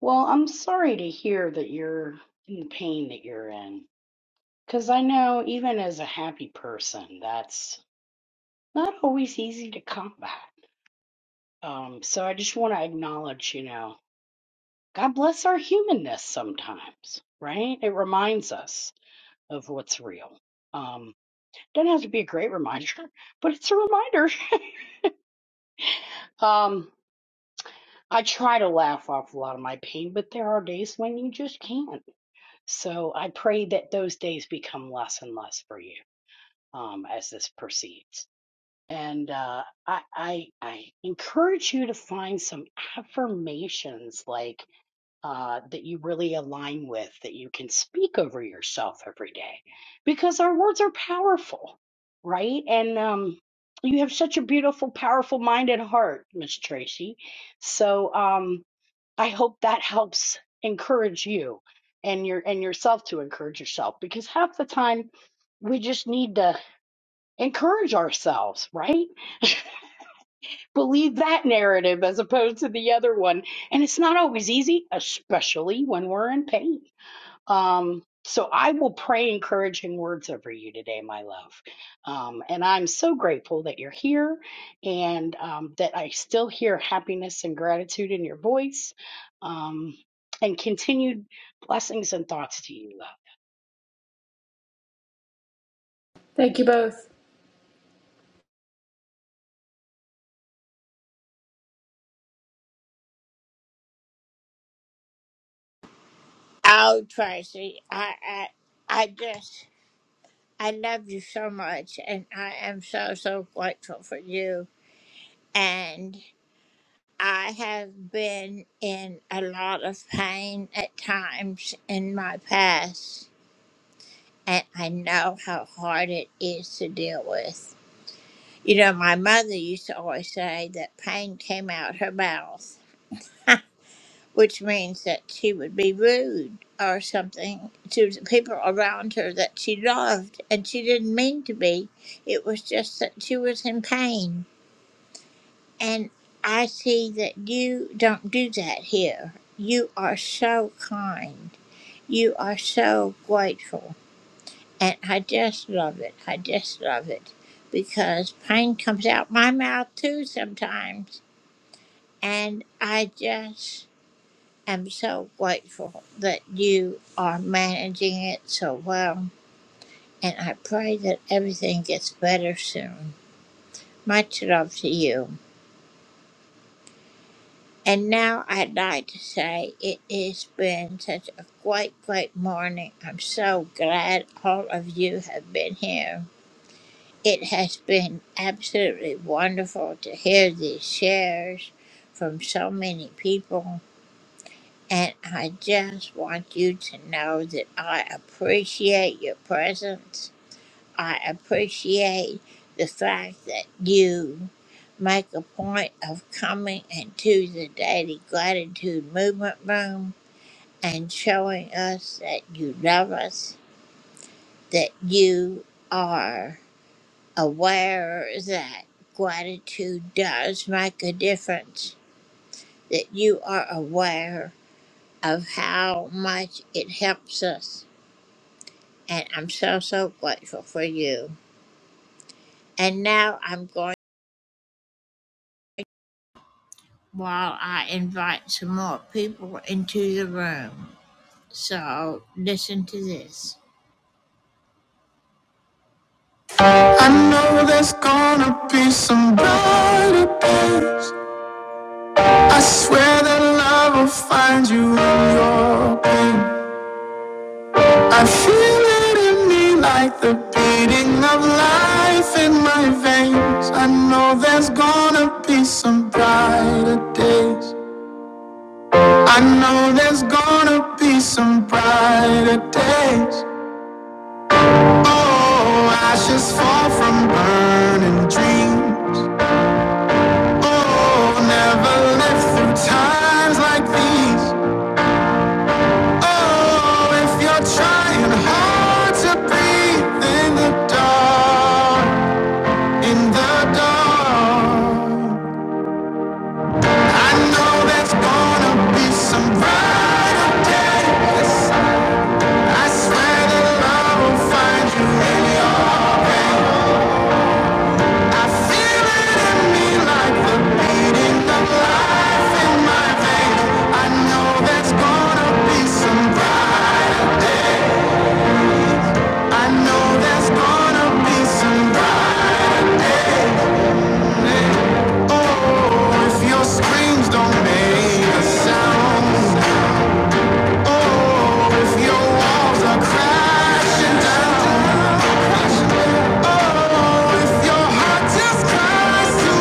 Well, I'm sorry to hear that you're in the pain that you're in. Because I know even as a happy person, that's not always easy to combat. Um, so I just want to acknowledge, you know. God bless our humanness sometimes, right? It reminds us of what's real. Um, doesn't have to be a great reminder, but it's a reminder. um, I try to laugh off a lot of my pain, but there are days when you just can't. So I pray that those days become less and less for you um, as this proceeds. And uh, I, I, I encourage you to find some affirmations like uh, that you really align with, that you can speak over yourself every day, because our words are powerful, right? And um, you have such a beautiful, powerful mind and heart, Miss Tracy. So um, I hope that helps encourage you and your and yourself to encourage yourself, because half the time we just need to encourage ourselves, right? Believe that narrative as opposed to the other one. And it's not always easy, especially when we're in pain um, so I will pray encouraging words over you today, my love. Um, and I'm so grateful that you're here and um, that I still hear happiness and gratitude in your voice um, and continued blessings and thoughts to you, love.
Thank you both.
I know there's gonna be some brighter days. I swear that love will find you in your pain. I feel it in me like the beating of life in my veins. I know there's gonna be some brighter days. I know there's gonna be some brighter days. Oh, ashes fall from burning dreams. Oh, never live through times like these. Oh, if you're trying hard to breathe in the dark, in the dark. I know there's gonna be some brighter days. I swear that love will find you in your pain. I feel it in me like the beating of life in my veins. I know there's gonna be some brighter day. I know there's gonna be some brighter day. Oh, if your screams don't make a sound. Oh, if your walls are crashing down. Oh, if your heart just cries to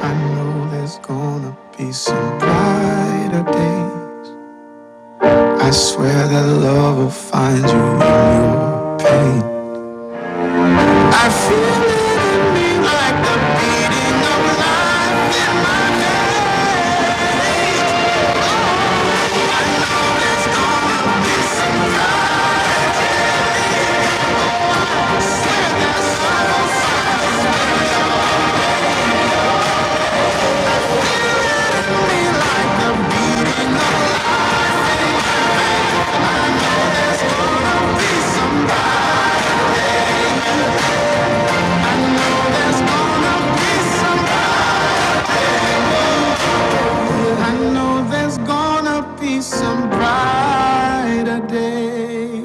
I know there's gonna be some brighter day. I swear that love will find you in your pain. I feel it like the beating of life, feel it like the beating of life. Oh, There's gonna be somebody. I know there's gonna be somebody. I know there's gonna be some brighter day.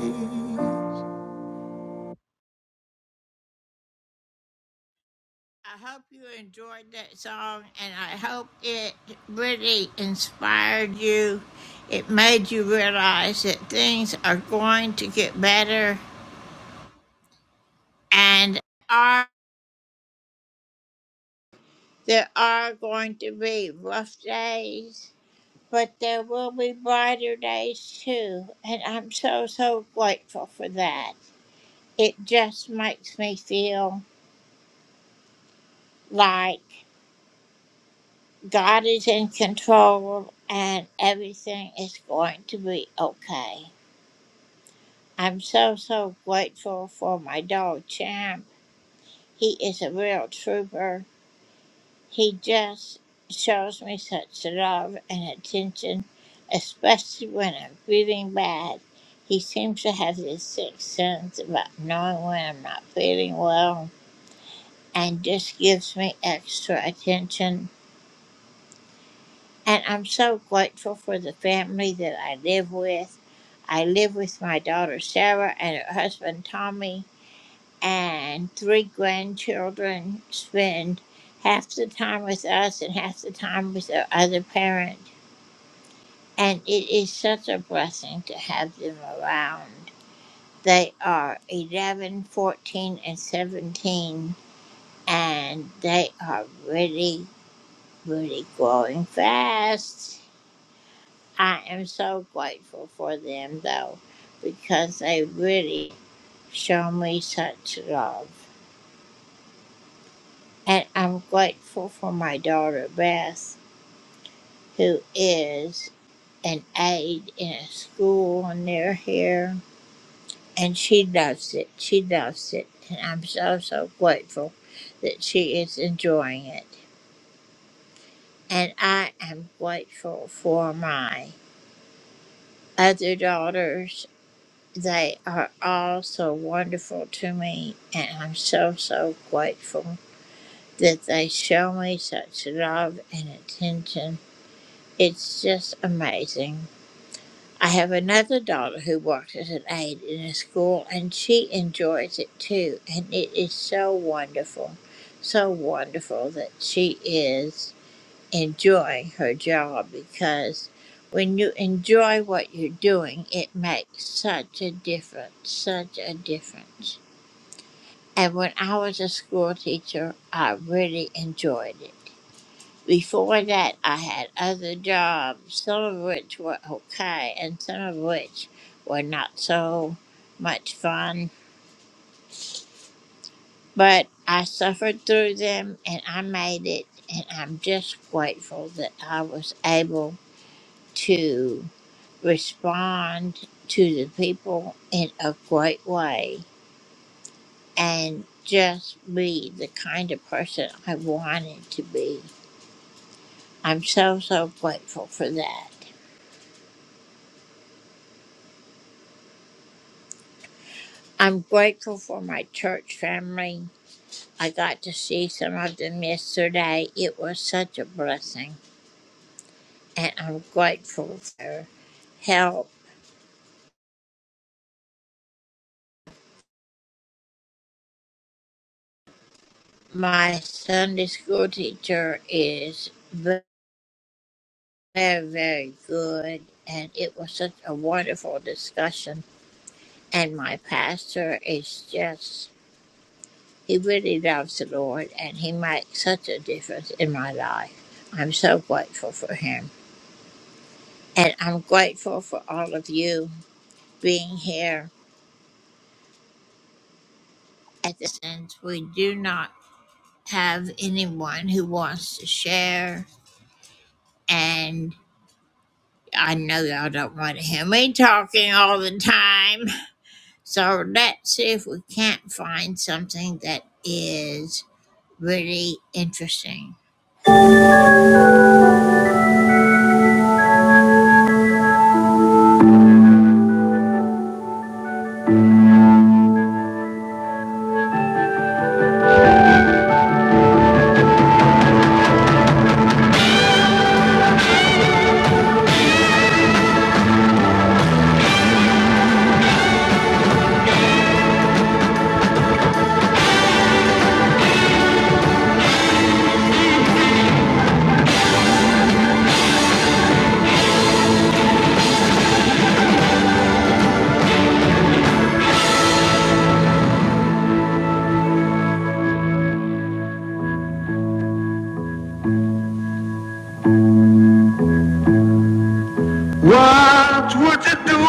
What would you do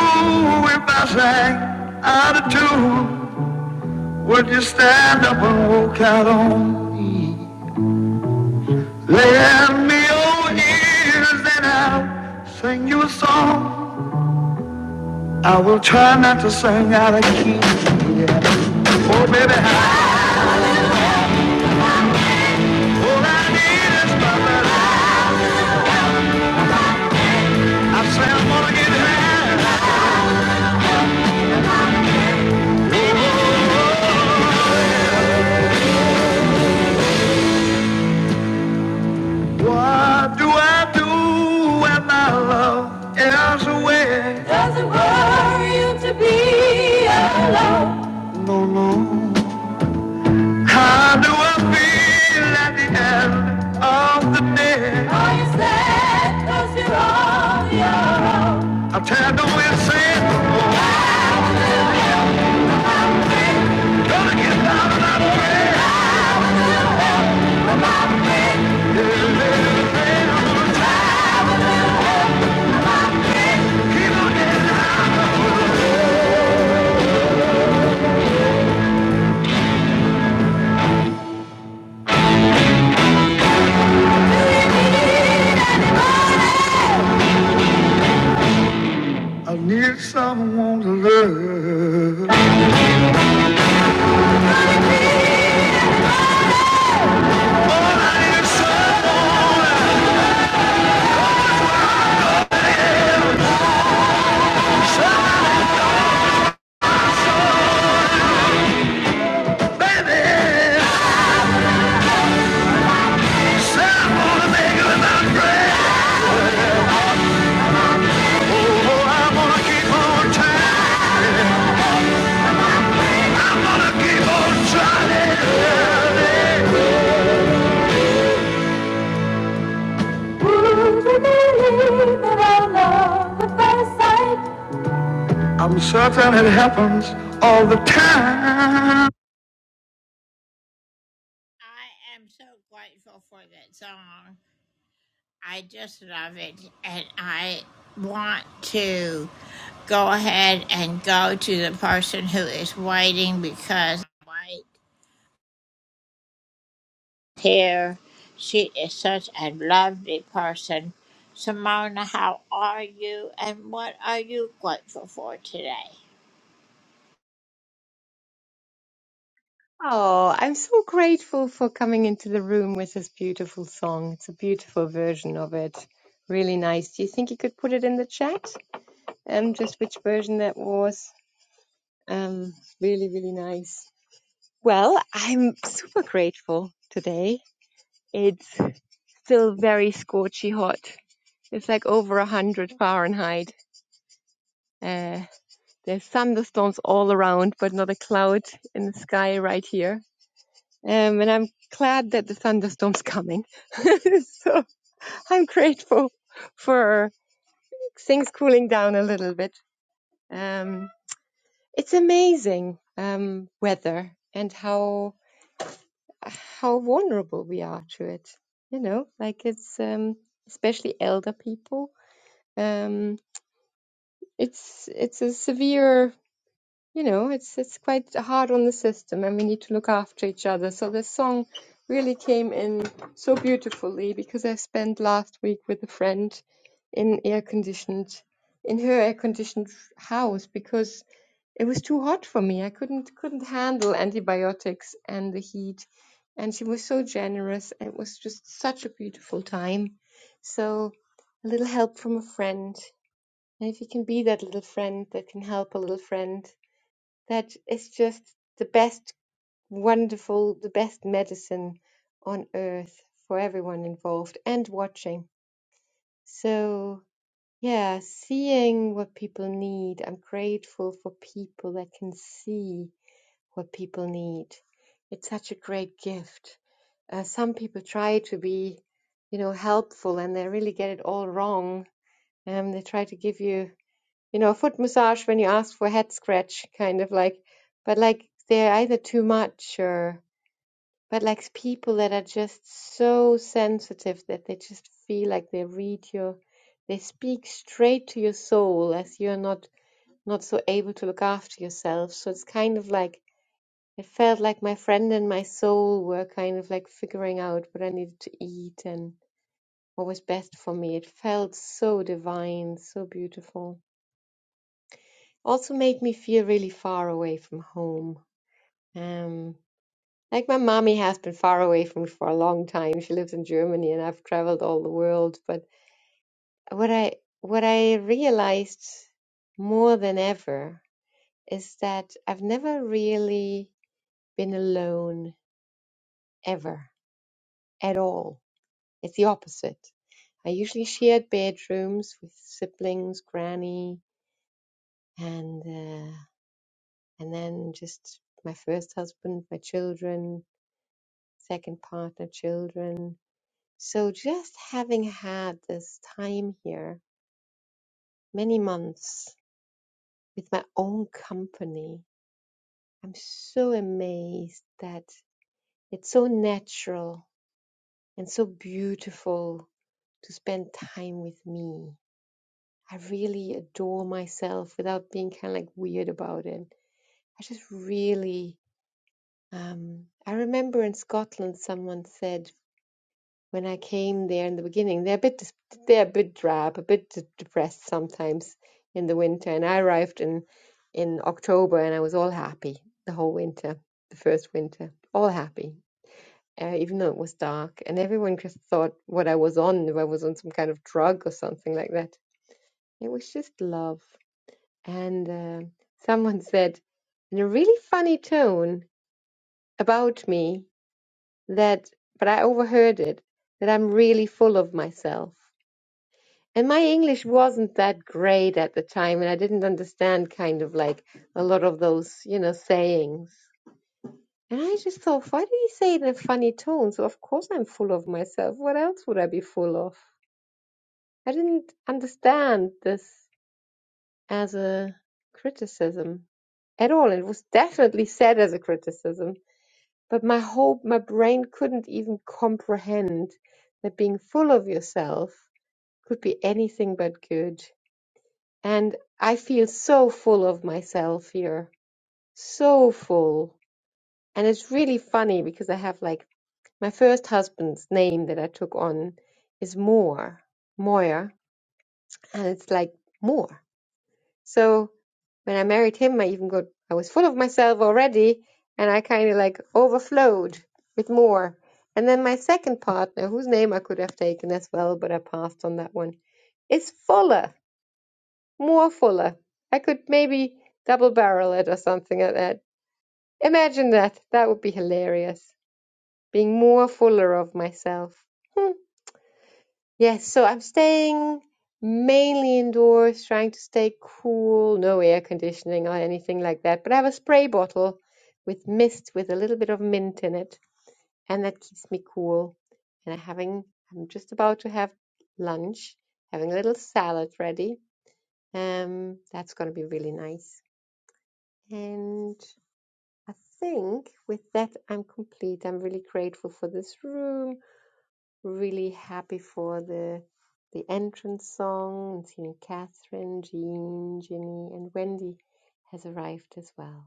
if I sang out of tune? Would you stand up and walk out on? Lay down me old ears and I'll sing you a song. I will try not to sing out of key. Oh, baby, I, all I need is my love. I say I'm gonna get high. Oh, What do I do when my love is away? Doesn't want to be. No, no. How do I feel at the end of the day? Are you sad cause you're on your own? I'm tired of waiting, saying, oh, I'm free. gonna get out of that way. Come on, babe, Yeah, keep on getting out. you need anybody? I need someone to love. Oh, I need someone, baby. Someone to make it. Oh, I'm gonna keep on trying. Would you believe that I love at first sight? I'm certain it happens all the time.
Oh, I'm so grateful for coming into the room with this beautiful song. It's a beautiful version of it. Really nice. Do you think you could put it in the chat? Um, just which version that was. Um, really, really nice. Well, I'm super grateful today. It's still very scorchy hot. It's like over a hundred Fahrenheit. Uh, there's thunderstorms all around, but not a cloud in the sky right here Um, and I'm glad that the thunderstorm's coming. so I'm grateful for things cooling down a little bit. Um, it's amazing um, weather and how how vulnerable we are to it. You know, like it's um, especially elder people. Um, it's it's a severe you know, it's it's quite hard on the system, and we need to look after each other. So this song really came in so beautifully because I spent last week with a friend in air conditioned in her air conditioned house because it was too hot for me. I couldn't couldn't handle antibiotics and the heat, and she was so generous. and It was just such a beautiful time. So a little help from a friend. And if you can be that little friend that can help a little friend, that is just the best, wonderful, the best medicine on earth for everyone involved and watching. So, yeah, seeing what people need. I'm grateful for people that can see what people need. It's such a great gift. Uh, some people try to be, you know, helpful and they really get it all wrong. Um, they try to give you you know, foot massage when you ask for head scratch, kind of like, but like they're either too much or, but like people that are just so sensitive that they just feel like they read your, they speak straight to your soul as you're not not so able to look after yourself. So it's kind of like it felt like my friend and my soul were kind of like figuring out what I needed to eat and what was best for me. It felt so divine, so beautiful. Also made me feel really far away from home. Um, like my mommy has been far away from me for a long time. She lives in Germany and I've traveled all the world. But what I what I realized more than ever is that I've never really been alone ever at all. It's the opposite. I usually shared bedrooms with siblings, granny, and uh, and then just my first husband, my children. second partner, children. So just having had this time here, many months with my own company, I'm so amazed that it's so natural and so beautiful to spend time with me. I really adore myself without being kind of like weird about it. I just really, um, I remember in Scotland someone said, when I came there in the beginning. They're a bit dis- they're a bit drab, a bit de- depressed sometimes in the winter. And I arrived in in October, and I was all happy the whole winter, the first winter, all happy, uh, even though it was dark. And everyone just thought what I was on, if I was on some kind of drug or something like that. It was just love. And uh, someone said in a really funny tone about me that, but I overheard it that I'm really full of myself And my English wasn't that great at the time, and I didn't understand kind of like a lot of those, you know, sayings. And I just thought, why do you say it in a funny tone? So of course I'm full of myself. What else would I be full of? I didn't understand this as a criticism at all. It was definitely said as a criticism, but my whole my brain couldn't even comprehend that being full of yourself could be anything but good. and I feel so full of myself here, so full. And it's really funny because I have like my first husband's name that I took on is Moore, Moyer, and it's like Moore. So when I married him, I even got I was full of myself already, and I kind of like overflowed with more. And then my second partner, whose name I could have taken as well, but I passed on that one, is Fuller. more fuller. I could maybe double barrel it or something like that. Imagine that. That would be hilarious. Being more fuller of myself. Hmm. Yes, so I'm staying mainly indoors, trying to stay cool, no air conditioning or anything like that. But I have a spray bottle with mist with a little bit of mint in it, and that keeps me cool. And I'm having, I'm just about to have lunch, having a little salad ready. Um, that's going to be really nice. And I think with that, I'm complete. I'm really grateful for this room, really happy for the the entrance song, and seeing Catherine, Jean, Ginny, and Wendy has arrived as well.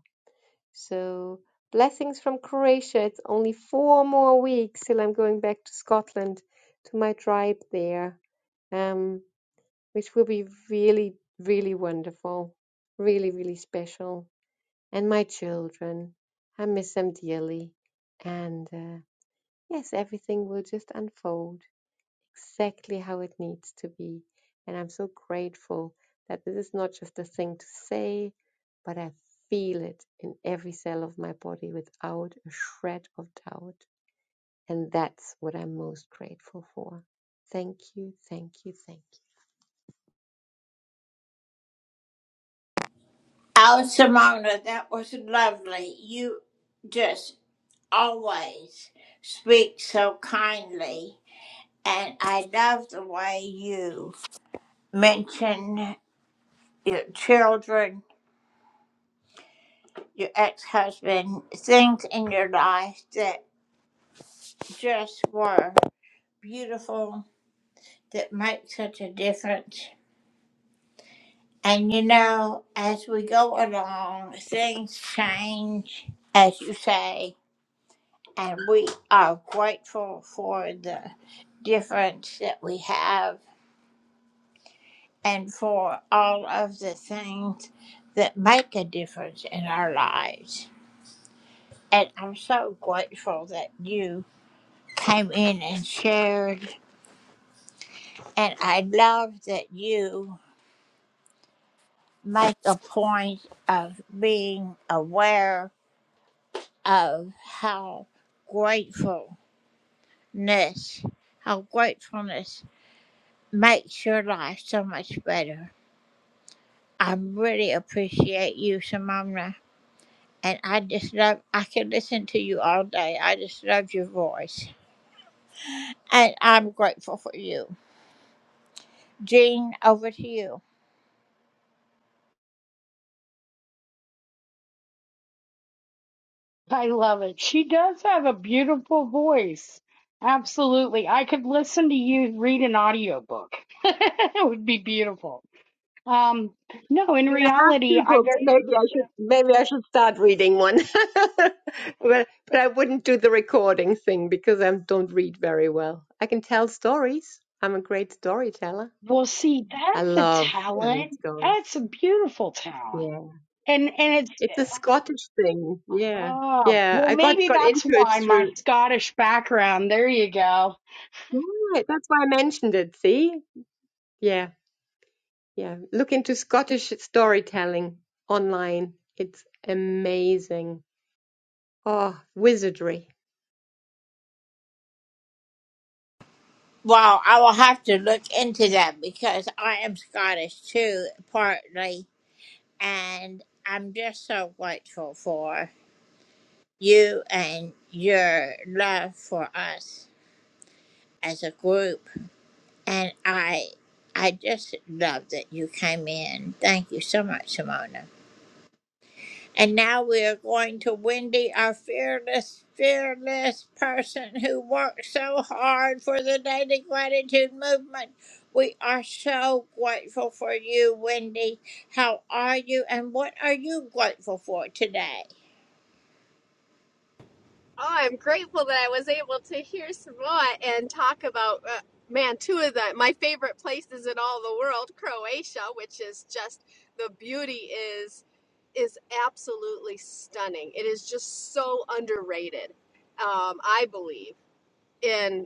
So blessings from Croatia. It's only four more weeks till I'm going back to Scotland to my tribe there, um, which will be really, really wonderful, really, really special and my children. I miss them dearly. And uh, yes, everything will just unfold exactly how it needs to be. And I'm so grateful that this is not just a thing to say, but I feel it in every cell of my body without a shred of doubt. And that's what I'm most grateful for. Thank you, thank you, thank you.
I love it. She does have a beautiful voice. Absolutely. I could listen to you read an audiobook. it would be beautiful. Um, no, in
Well, I have
reality,
two
I
books.
very.
Maybe I should maybe I should start reading one. but, but I wouldn't do the recording thing because I don't read very well. I can tell stories. I'm a great storyteller.
Well, see,
I
that's a
love telling
talent.
stories.
That's a beautiful talent.
Yeah.
And and it's
It's a Scottish thing. Yeah.
ah
Yeah.
well
I got
maybe
got
that's
into it
why my
through
Scottish background. There you go.
Right. That's why I mentioned it, see? Yeah. Yeah. Look into Scottish storytelling online. It's amazing. Oh, wizardry.
Oh, I'm grateful that I was able to hear Samoa and talk about, uh, man, two of the my favorite places in all the world, Croatia, which is just the beauty is is absolutely stunning. It is just so underrated, um, I believe. in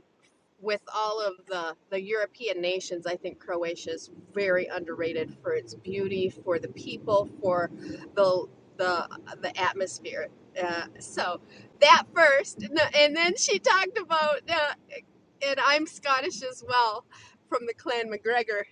with all of the the European nations, I think Croatia is very underrated for its beauty, for the people, for the the the atmosphere. Uh, so that first, and and then she talked about, uh, and I'm Scottish as well, from the Clan MacGregor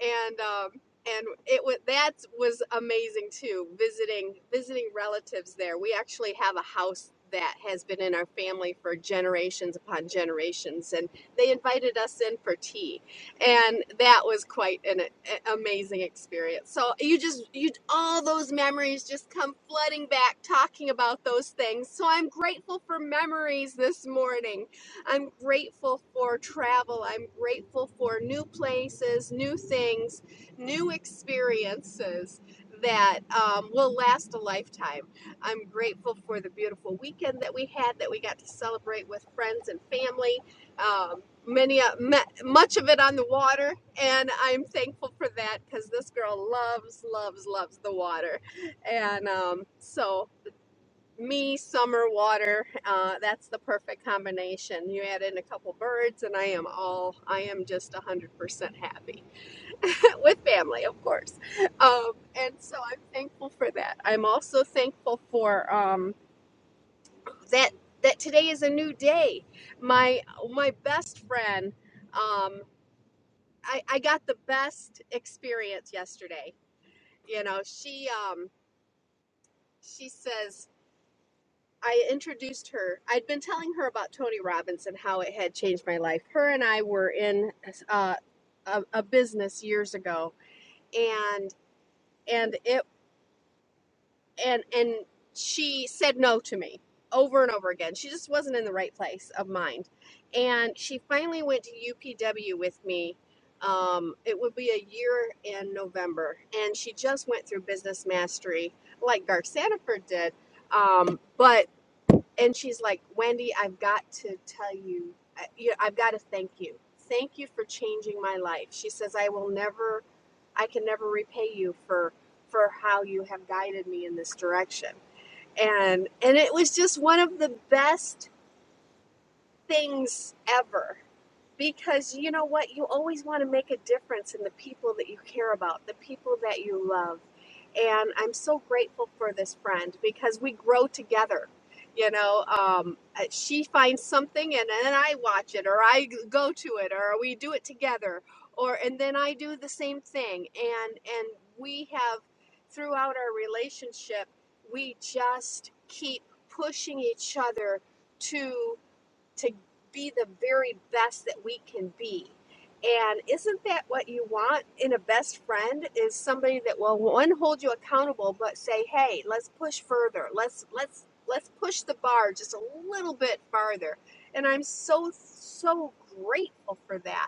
and um, and it was that was amazing too. Visiting visiting relatives there. We actually have a house that has been in our family for generations upon generations, and they invited us in for tea, and that was quite an a- amazing experience. So you just you all those memories just come flooding back talking about those things. So I'm grateful for memories this morning I'm grateful for travel. I'm grateful for new places, new things, new experiences that um, will last a lifetime. I'm grateful for the beautiful weekend that we had, that we got to celebrate with friends and family. Um, many, uh, ma- much of it on the water, and I'm thankful for that because this girl loves, loves, loves the water, and um, so me, summer, water. Uh, that's the perfect combination. You add in a couple birds, and I am all, I am just 100% happy with family, of course. Um, and so I'm thankful for that. I'm also thankful for um, that that today is a new day. My my best friend, um, I, I got the best experience yesterday. You know, she um, she says I introduced her. I'd been telling her about Tony Robbins and how it had changed my life. Her and I were in uh, a, a business years ago, and and it and and she said no to me over and over again. She just wasn't in the right place of mind, and she finally went to UPW with me. Um, it would be a year in November, and she just went through business mastery like Garth Sanford did. Um, but and she's like, Wendy, I've got to tell you, I, you- I've got to thank you. Thank you for changing my life. She says, I will never, I can never repay you for for how you have guided me in this direction. And and it was just one of the best things ever because you know what you always want to make a difference in the people that you care about the people that you love and i'm so grateful for this friend because we grow together you know um, uh, she finds something and then i watch it or i go to it or we do it together or and then i do the same thing and and we have throughout our relationship we just keep pushing each other to be the very best that we can be. And isn't that what you want in a best friend is somebody that will one hold you accountable but say, "Hey, let's push further. Let's let's let's push the bar just a little bit farther." And I'm so so grateful for that.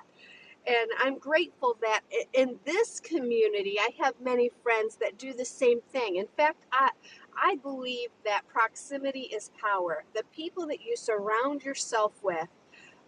And I'm grateful that in this community, I have many friends that do the same thing. In fact, I, I believe that proximity is power. The people that you surround yourself with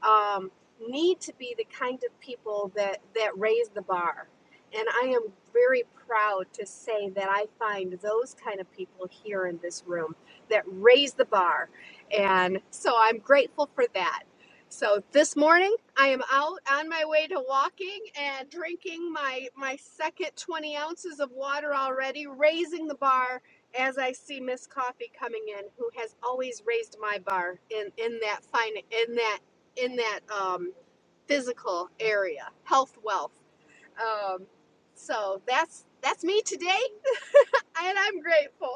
um, need to be the kind of people that that raise the bar and i am very proud to say that i find those kind of people here in this room that raise the bar and so i'm grateful for that so this morning i am out on my way to walking and drinking my my second 20 ounces of water already raising the bar as I see Miss Coffee coming in, who has always raised my bar in in that fine in that in that um, physical area, health, wealth. Um, so that's that's me today, and I'm grateful.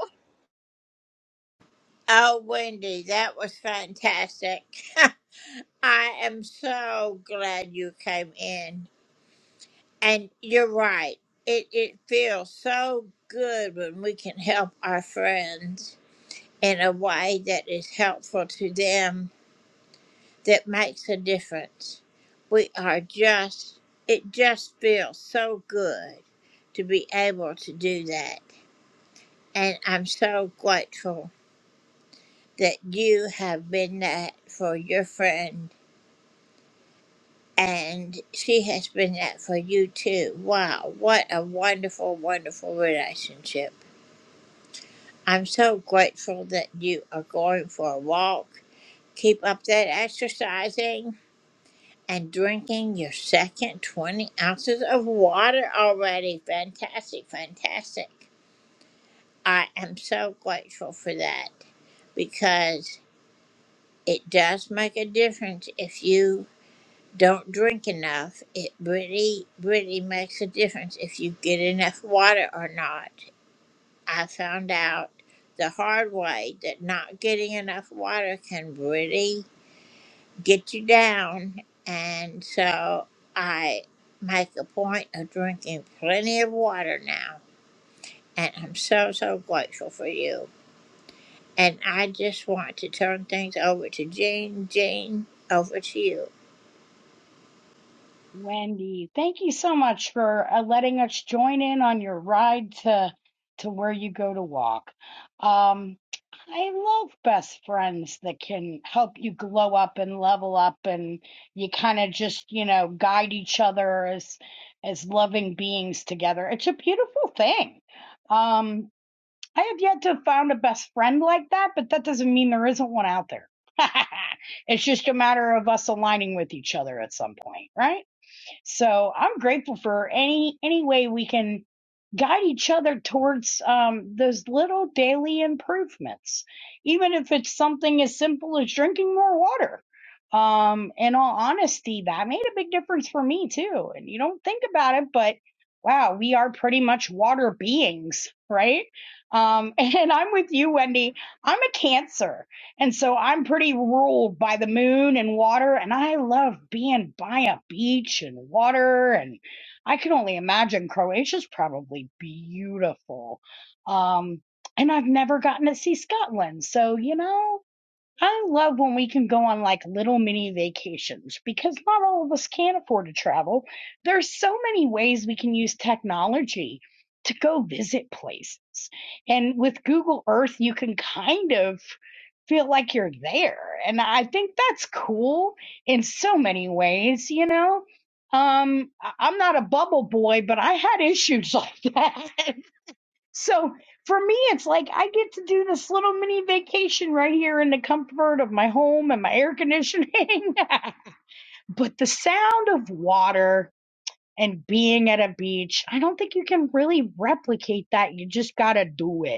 Wendy, thank you so much for uh, letting us join in on your ride to to where you go to walk. Um, I love best friends that can help you glow up and level up, and you kind of just, you know, guide each other as as loving beings together. It's a beautiful thing. Um, I have yet to found a best friend like that, but that doesn't mean there isn't one out there. It's just a matter of us aligning with each other at some point, right? So I'm grateful for any any way we can guide each other towards um, those little daily improvements, even if it's something as simple as drinking more water. Um, in all honesty, that made a big difference for me too. And you don't think about it, but wow, we are pretty much water beings, right? Um, and I'm with you, Wendy. I'm a Cancer. And so I'm pretty ruled by the moon and water, and I love being by a beach and water. And I can only imagine Croatia's probably beautiful. Um, and I've never gotten to see Scotland. So, you know, I love when we can go on like little mini vacations because not all of us can afford to travel. There's so many ways we can use technology to go visit places. And with Google Earth, you can kind of feel like you're there. And I think that's cool in so many ways, you know? Um, I- I'm not a bubble boy, but I had issues like that. So for me, it's like I get to do this little mini vacation right here in the comfort of my home and my air conditioning. but the sound of water and being at a beach, I don't think you can really replicate that. You just got to do it.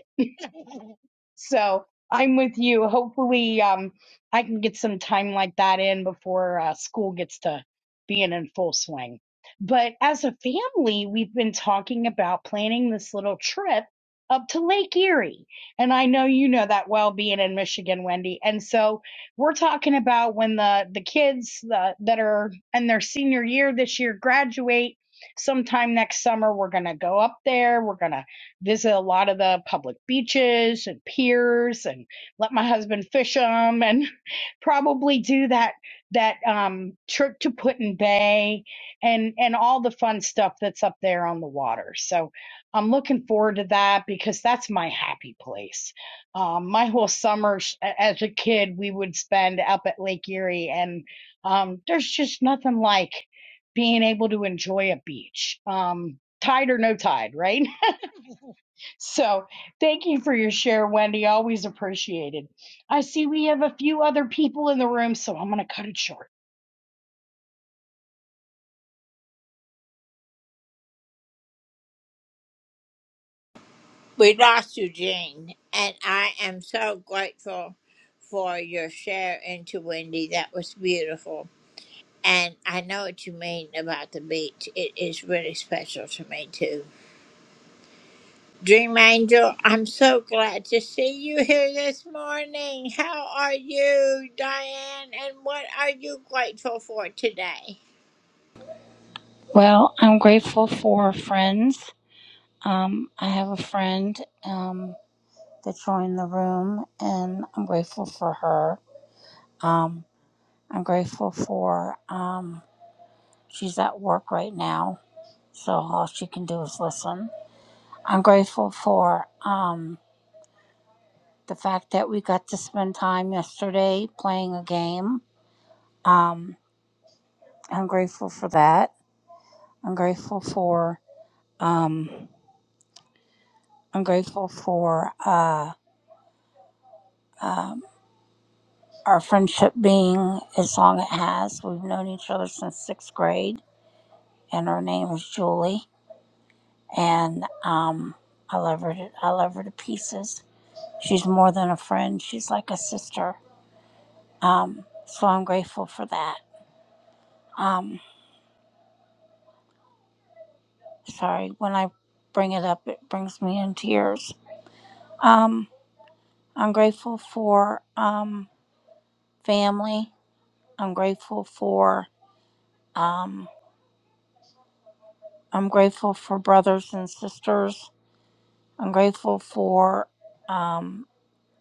So I'm with you. Hopefully, um, I can get some time like that in before uh, school gets to being in full swing. But as a family, we've been talking about planning this little trip up to Lake Erie. And I know you know that well being in Michigan, Wendy. And so we're talking about when the, the kids uh, that are in their senior year this year graduate sometime next summer, we're going to go up there. We're going to visit a lot of the public beaches and piers and let my husband fish them and probably do that that um trip to Putin Bay and and all the fun stuff that's up there on the water. So I'm looking forward to that because that's my happy place. Um my whole summer s- a- as a kid we would spend up at Lake Erie and um there's just nothing like being able to enjoy a beach. Um tide or no tide, right? So thank you for your share, Wendy. Always appreciated. I see we have a few other people in the room, so I'm going to cut it short.
Well, I'm grateful for friends. Um, I have a friend um, that joined the room, and I'm grateful for her. Um, I'm grateful for um, she's at work right now, so all she can do is listen. I'm grateful for um, the fact that we got to spend time yesterday playing a game. Um, I'm grateful for that. I'm grateful for. Um, I'm grateful for. Uh, um, Our friendship being as long it has. We've known each other since sixth grade, and her name is Julie. And um, I love her. To, I love her to pieces. She's more than a friend. She's like a sister. Um, so I'm grateful for that. Um, sorry, when I bring it up, it brings me in tears. Um, I'm grateful for um, family. I'm grateful for um, I'm grateful for brothers and sisters I'm grateful for um,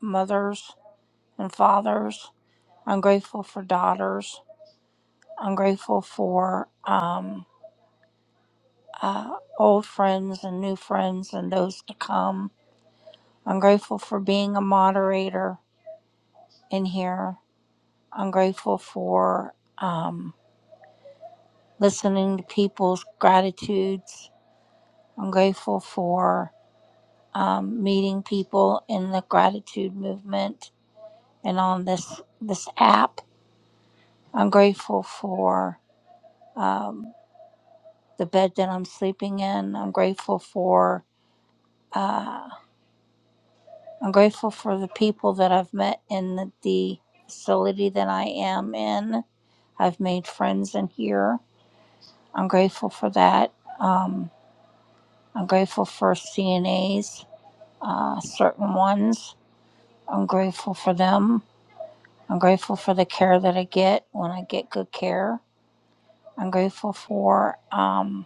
mothers and fathers. I'm grateful for daughters. I'm grateful for um, uh, old friends and new friends and those to come. I'm grateful for being a moderator in here. I'm grateful for um, listening to people's gratitudes. I'm grateful for um, meeting people in the gratitude movement and on this this app. I'm grateful for um, the bed that I'm sleeping in. I'm grateful for uh, I'm grateful for the people that I've met in the, the facility that I am in. I've made friends in here. I'm grateful for that. Um, I'm grateful for CNAs, uh, certain ones. I'm grateful for them. I'm grateful for the care that I get when I get good care. I'm grateful for. Um,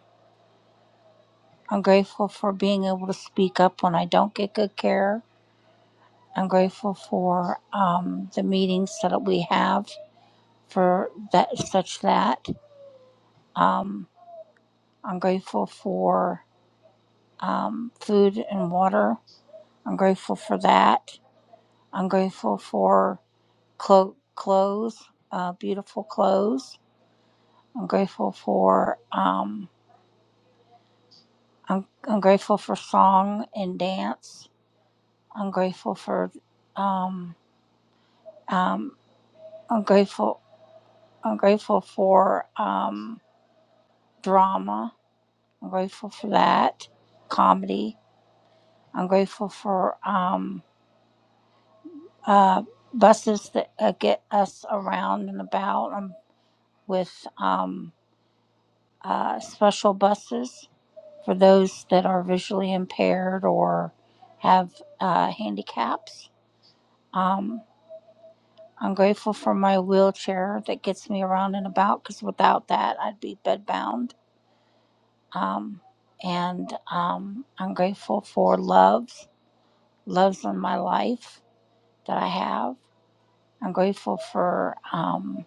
I'm grateful for being able to speak up when I don't get good care. I'm grateful for um, the meetings that we have for that such that. Um, I'm grateful for um, food and water. I'm grateful for that. I'm grateful for clo- clothes, uh, beautiful clothes. I'm grateful for um, I'm, I'm grateful for song and dance. I'm grateful for um, um, I'm grateful. I'm grateful for um, drama. I'm grateful for that comedy. I'm grateful for um, uh, buses that uh, get us around and about um, with um, uh, special buses for those that are visually impaired or have uh, handicaps. Um, I'm grateful for my wheelchair that gets me around and about because without that, I'd be bedbound. Um, and um, I'm grateful for loves, loves in my life that I have. I'm grateful for um,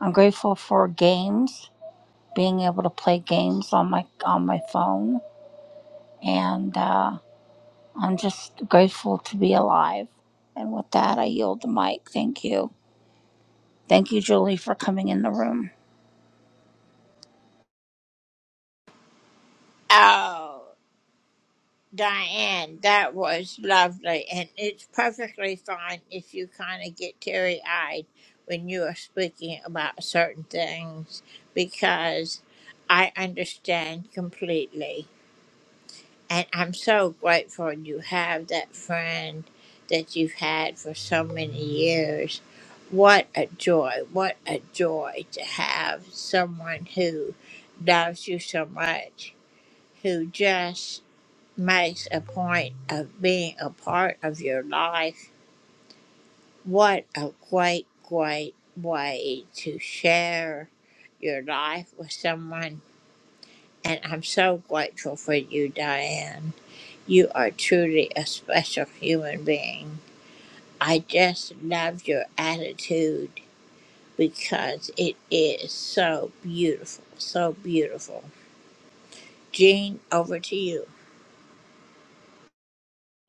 I'm grateful for games, being able to play games on my on my phone, and uh, I'm just grateful to be alive. And with that, I yield the mic. Thank you, thank you, Julie, for coming in the room.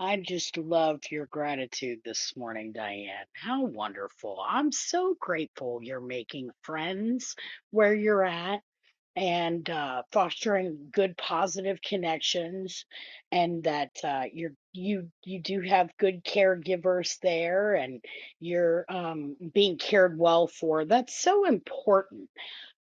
I just loved your gratitude this morning, Diane. How wonderful. I'm so grateful you're making friends where you're at and uh, fostering good positive connections and that uh, you're you you do have good caregivers there and you're um, being cared well for. That's so important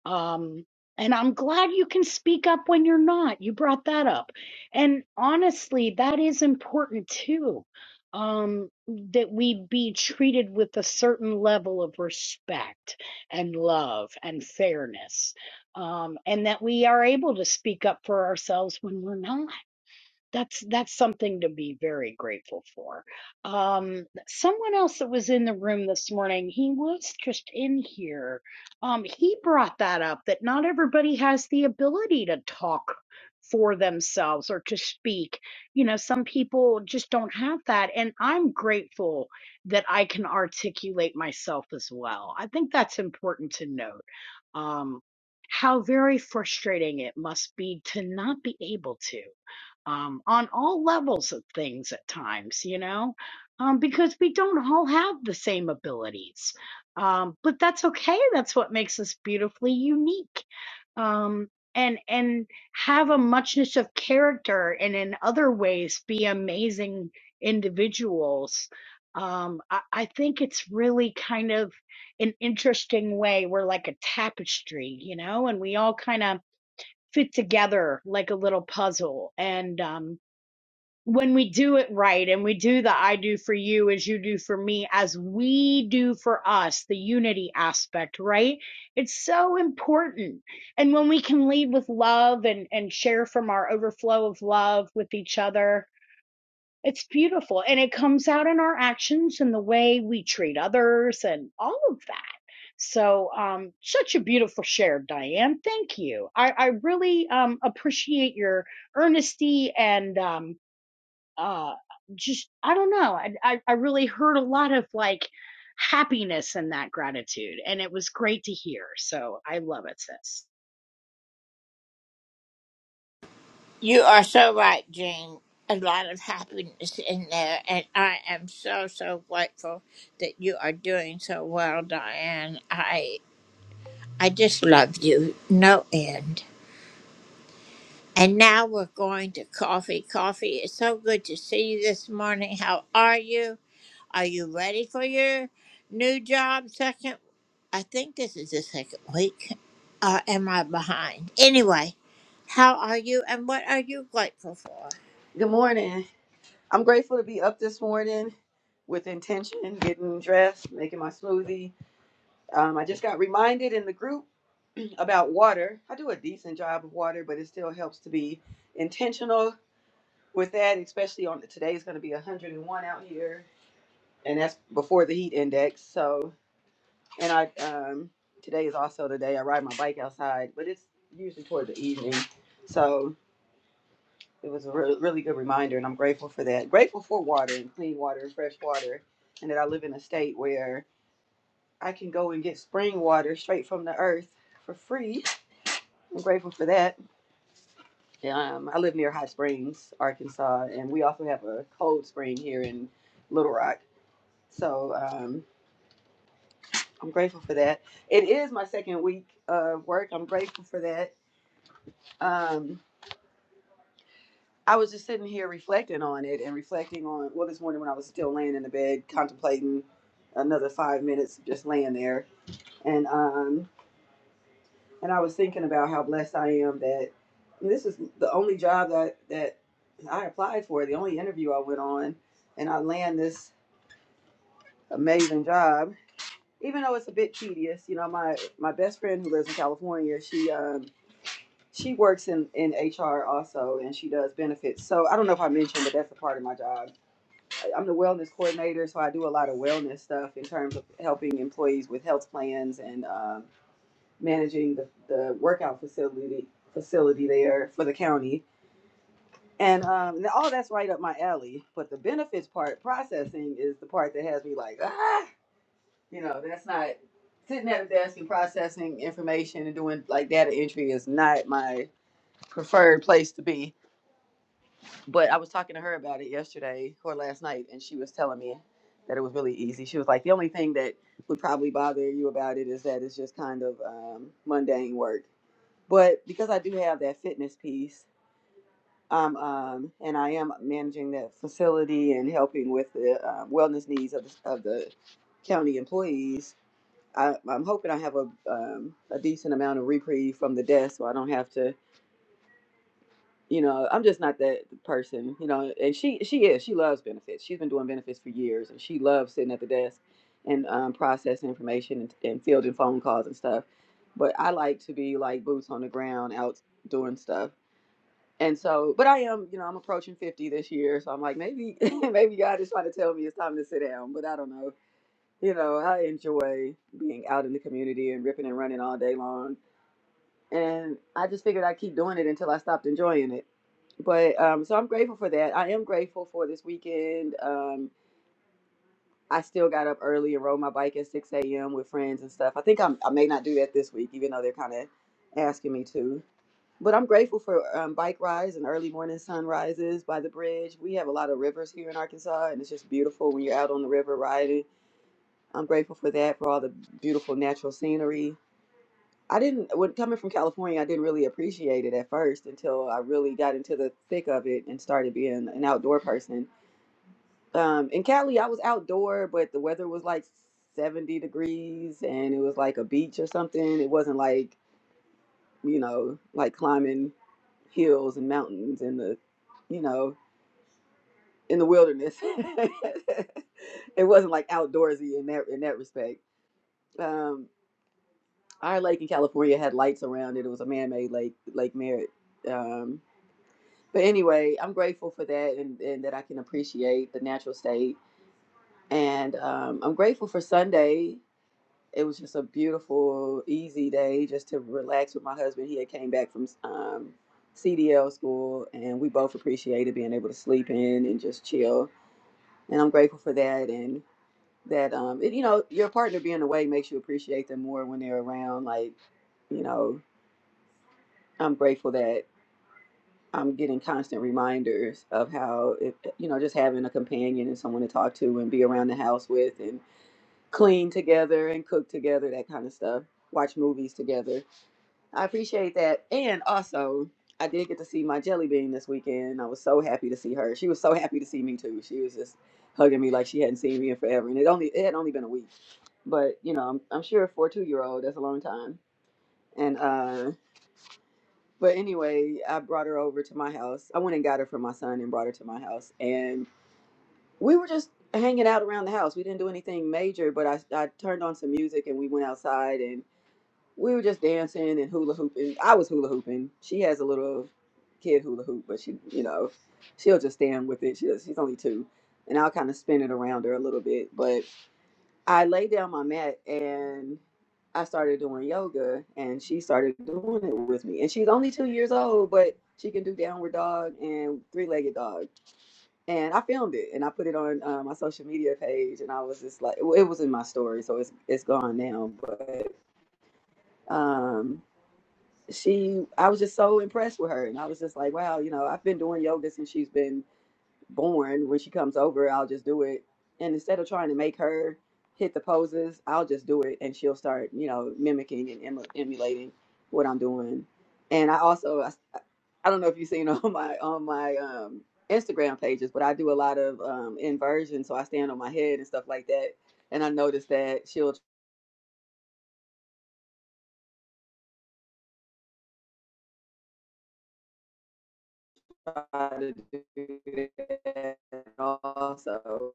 Um, and I'm glad you can speak up when you're not. You brought that up. And honestly, that is important too. Um, that we be treated with a certain level of respect and love and fairness. Um, and that we are able to speak up for ourselves when we're not that's that's something to be very grateful for. Um, someone else that was in the room this morning, he was just in here. Um, he brought that up that not everybody has the ability to talk for themselves or to speak. You know, some people just don't have that, and I'm grateful that I can articulate myself as well. I think that's important to note um, how very frustrating it must be to not be able to um, on all levels of things at times, you know, um, because we don't all have the same abilities. Um, but that's okay. That's what makes us beautifully unique um, and and have a muchness of character and in other ways be amazing individuals. Um, I, I think it's really kind of an interesting way. We're like a tapestry, you know, and we all kind of fit together like a little puzzle. And um, when we do it right and we do the I do for you as you do for me, as we do for us, the unity aspect, right? It's so important. And when we can lead with love and, and share from our overflow of love with each other, it's beautiful. And it comes out in our actions and the way we treat others and all of that. So, um, such a beautiful share, Diane. Thank you. I, I really um, appreciate your earnesty and um, uh just i don't know I, I i really heard a lot of like happiness in that gratitude and it was great to hear so i love it sis
Good morning. I'm grateful to be up this morning with intention, getting dressed, making my smoothie. Um, I just got reminded in the group about water. I do a decent job of water, but it still helps to be intentional with that, especially on today is going to be 101 out here, and that's before the heat index. So, and I um, today is also the day I ride my bike outside, but it's usually toward the evening. So it was a re- really good reminder, and I'm grateful for that. Grateful for water and clean water and fresh water, and that I live in a state where I can go and get spring water straight from the earth for free. I'm grateful for that. Um, I live near Hot Springs, Arkansas, and we also have a cold spring here in Little Rock. So um, I'm grateful for that. It is my second week of work. I'm grateful for that. Um, I was just sitting here reflecting on it and reflecting on well this morning when I was still laying in the bed contemplating another five minutes just laying there and um and I was thinking about how blessed I am that this is the only job that that I applied for the only interview I went on and I land this amazing job even though it's a bit tedious you know my my best friend who lives in California she um she works in in HR also and she does benefits so I don't know if I mentioned but that's a part of my job I'm the wellness coordinator, so I do a lot of wellness stuff in terms of helping employees with health plans and um, managing the, the workout facility facility there for the county. And um, and all that's right up my alley. But the benefits part, processing, is the part that has me like, ah, you know, that's not sitting at a desk and processing information and doing like data entry is not my preferred place to be. But I was talking to her about it yesterday or last night, and she was telling me that it was really easy. She was like, the only thing that would probably bother you about it is that it's just kind of um, mundane work. But because I do have that fitness piece, um, um, and I am managing that facility and helping with the uh, wellness needs of the, of the county employees. I, I'm hoping I have a um, a decent amount of reprieve from the desk, so I don't have to you know i'm just not that person you know and she she is she loves benefits she's been doing benefits for years and she loves sitting at the desk and um, processing information and, and fielding phone calls and stuff but i like to be like boots on the ground out doing stuff and so but i am you know i'm approaching 50 this year so i'm like maybe maybe god is trying to tell me it's time to sit down but i don't know you know i enjoy being out in the community and ripping and running all day long and I just figured I'd keep doing it until I stopped enjoying it. But um, so I'm grateful for that. I am grateful for this weekend. Um, I still got up early and rode my bike at 6 a.m. with friends and stuff. I think I'm, I may not do that this week, even though they're kind of asking me to. But I'm grateful for um, bike rides and early morning sunrises by the bridge. We have a lot of rivers here in Arkansas, and it's just beautiful when you're out on the river riding. I'm grateful for that, for all the beautiful natural scenery. I didn't, when coming from California, I didn't really appreciate it at first until I really got into the thick of it and started being an outdoor person. Um, in Cali, I was outdoor, but the weather was like 70 degrees and it was like a beach or something. It wasn't like, you know, like climbing hills and mountains in the, you know, in the wilderness. it wasn't like outdoorsy in that in that respect. Um, our lake in California had lights around it. It was a man-made lake, Lake Merritt. Um, but anyway, I'm grateful for that and, and that I can appreciate the natural state. And um, I'm grateful for Sunday. It was just a beautiful, easy day just to relax with my husband. He had came back from um, CDL school, and we both appreciated being able to sleep in and just chill. And I'm grateful for that. And that, um, it, you know, your partner being away makes you appreciate them more when they're around. Like, you know, I'm grateful that. I'm getting constant reminders of how, it, you know, just having a companion and someone to talk to and be around the house with and clean together and cook together, that kind of stuff, watch movies together. I appreciate that. And also, I did get to see my jelly bean this weekend. I was so happy to see her. She was so happy to see me too. She was just hugging me like she hadn't seen me in forever. And it only it had only been a week. But, you know, I'm, I'm sure for a two year old, that's a long time. And uh but anyway, I brought her over to my house. I went and got her from my son and brought her to my house. And we were just hanging out around the house. We didn't do anything major, but I, I turned on some music and we went outside and we were just dancing and hula hooping. I was hula hooping. She has a little kid hula hoop, but she, you know, she'll just stand with it. She, she's only two. And I'll kind of spin it around her a little bit. But I lay down my mat and I started doing yoga and she started doing it with me. And she's only two years old, but she can do downward dog and three legged dog. And I filmed it and I put it on uh, my social media page. And I was just like, well, it was in my story, so it's it's gone now. But um, she, I was just so impressed with her, and I was just like, wow, you know, I've been doing yoga since she's been born when she comes over i'll just do it and instead of trying to make her hit the poses i'll just do it and she'll start you know mimicking and emu- emulating what i'm doing and i also i, I don't know if you've seen on my on my um instagram pages but i do a lot of um inversion so i stand on my head and stuff like that and i noticed that she'll try to do that also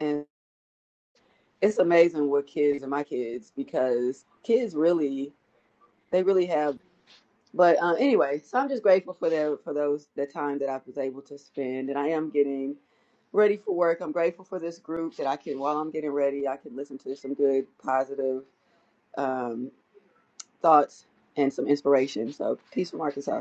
and it's amazing with kids and my kids because kids really They really have. But uh, anyway, so I'm just grateful for the for those the time that I was able to spend, and I am getting ready for work. I'm grateful for this group that I can while I'm getting ready, I can listen to some good positive um, thoughts and some inspiration. So peace from Arkansas.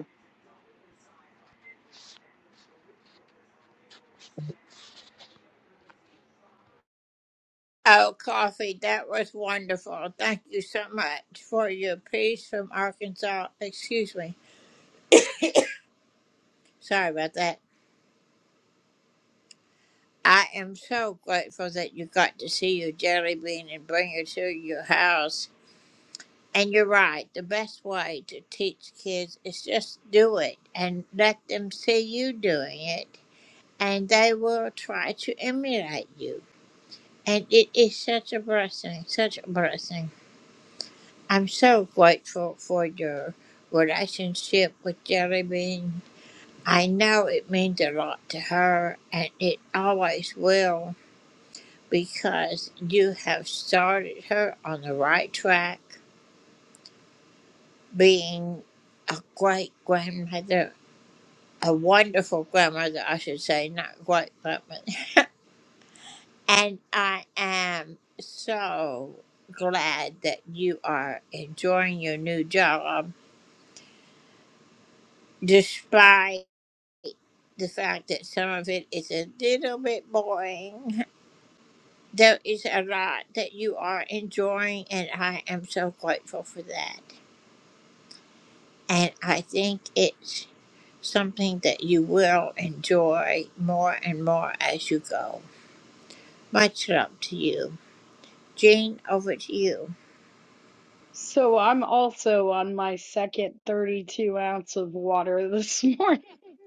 So I'm also on my second 32 ounce of water this morning.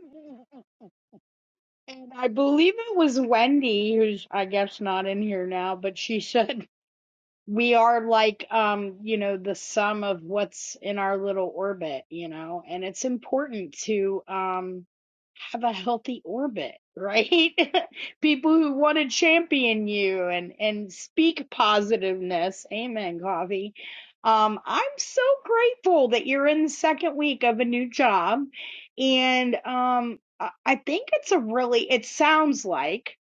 And I believe it was Wendy, who's I guess not in here now, but she said we are like um you know the sum of what's in our little orbit you know and it's important to um have a healthy orbit right people who want to champion you and and speak positiveness amen coffee um i'm so grateful that you're in the second week of a new job and um i I think it's a really it sounds like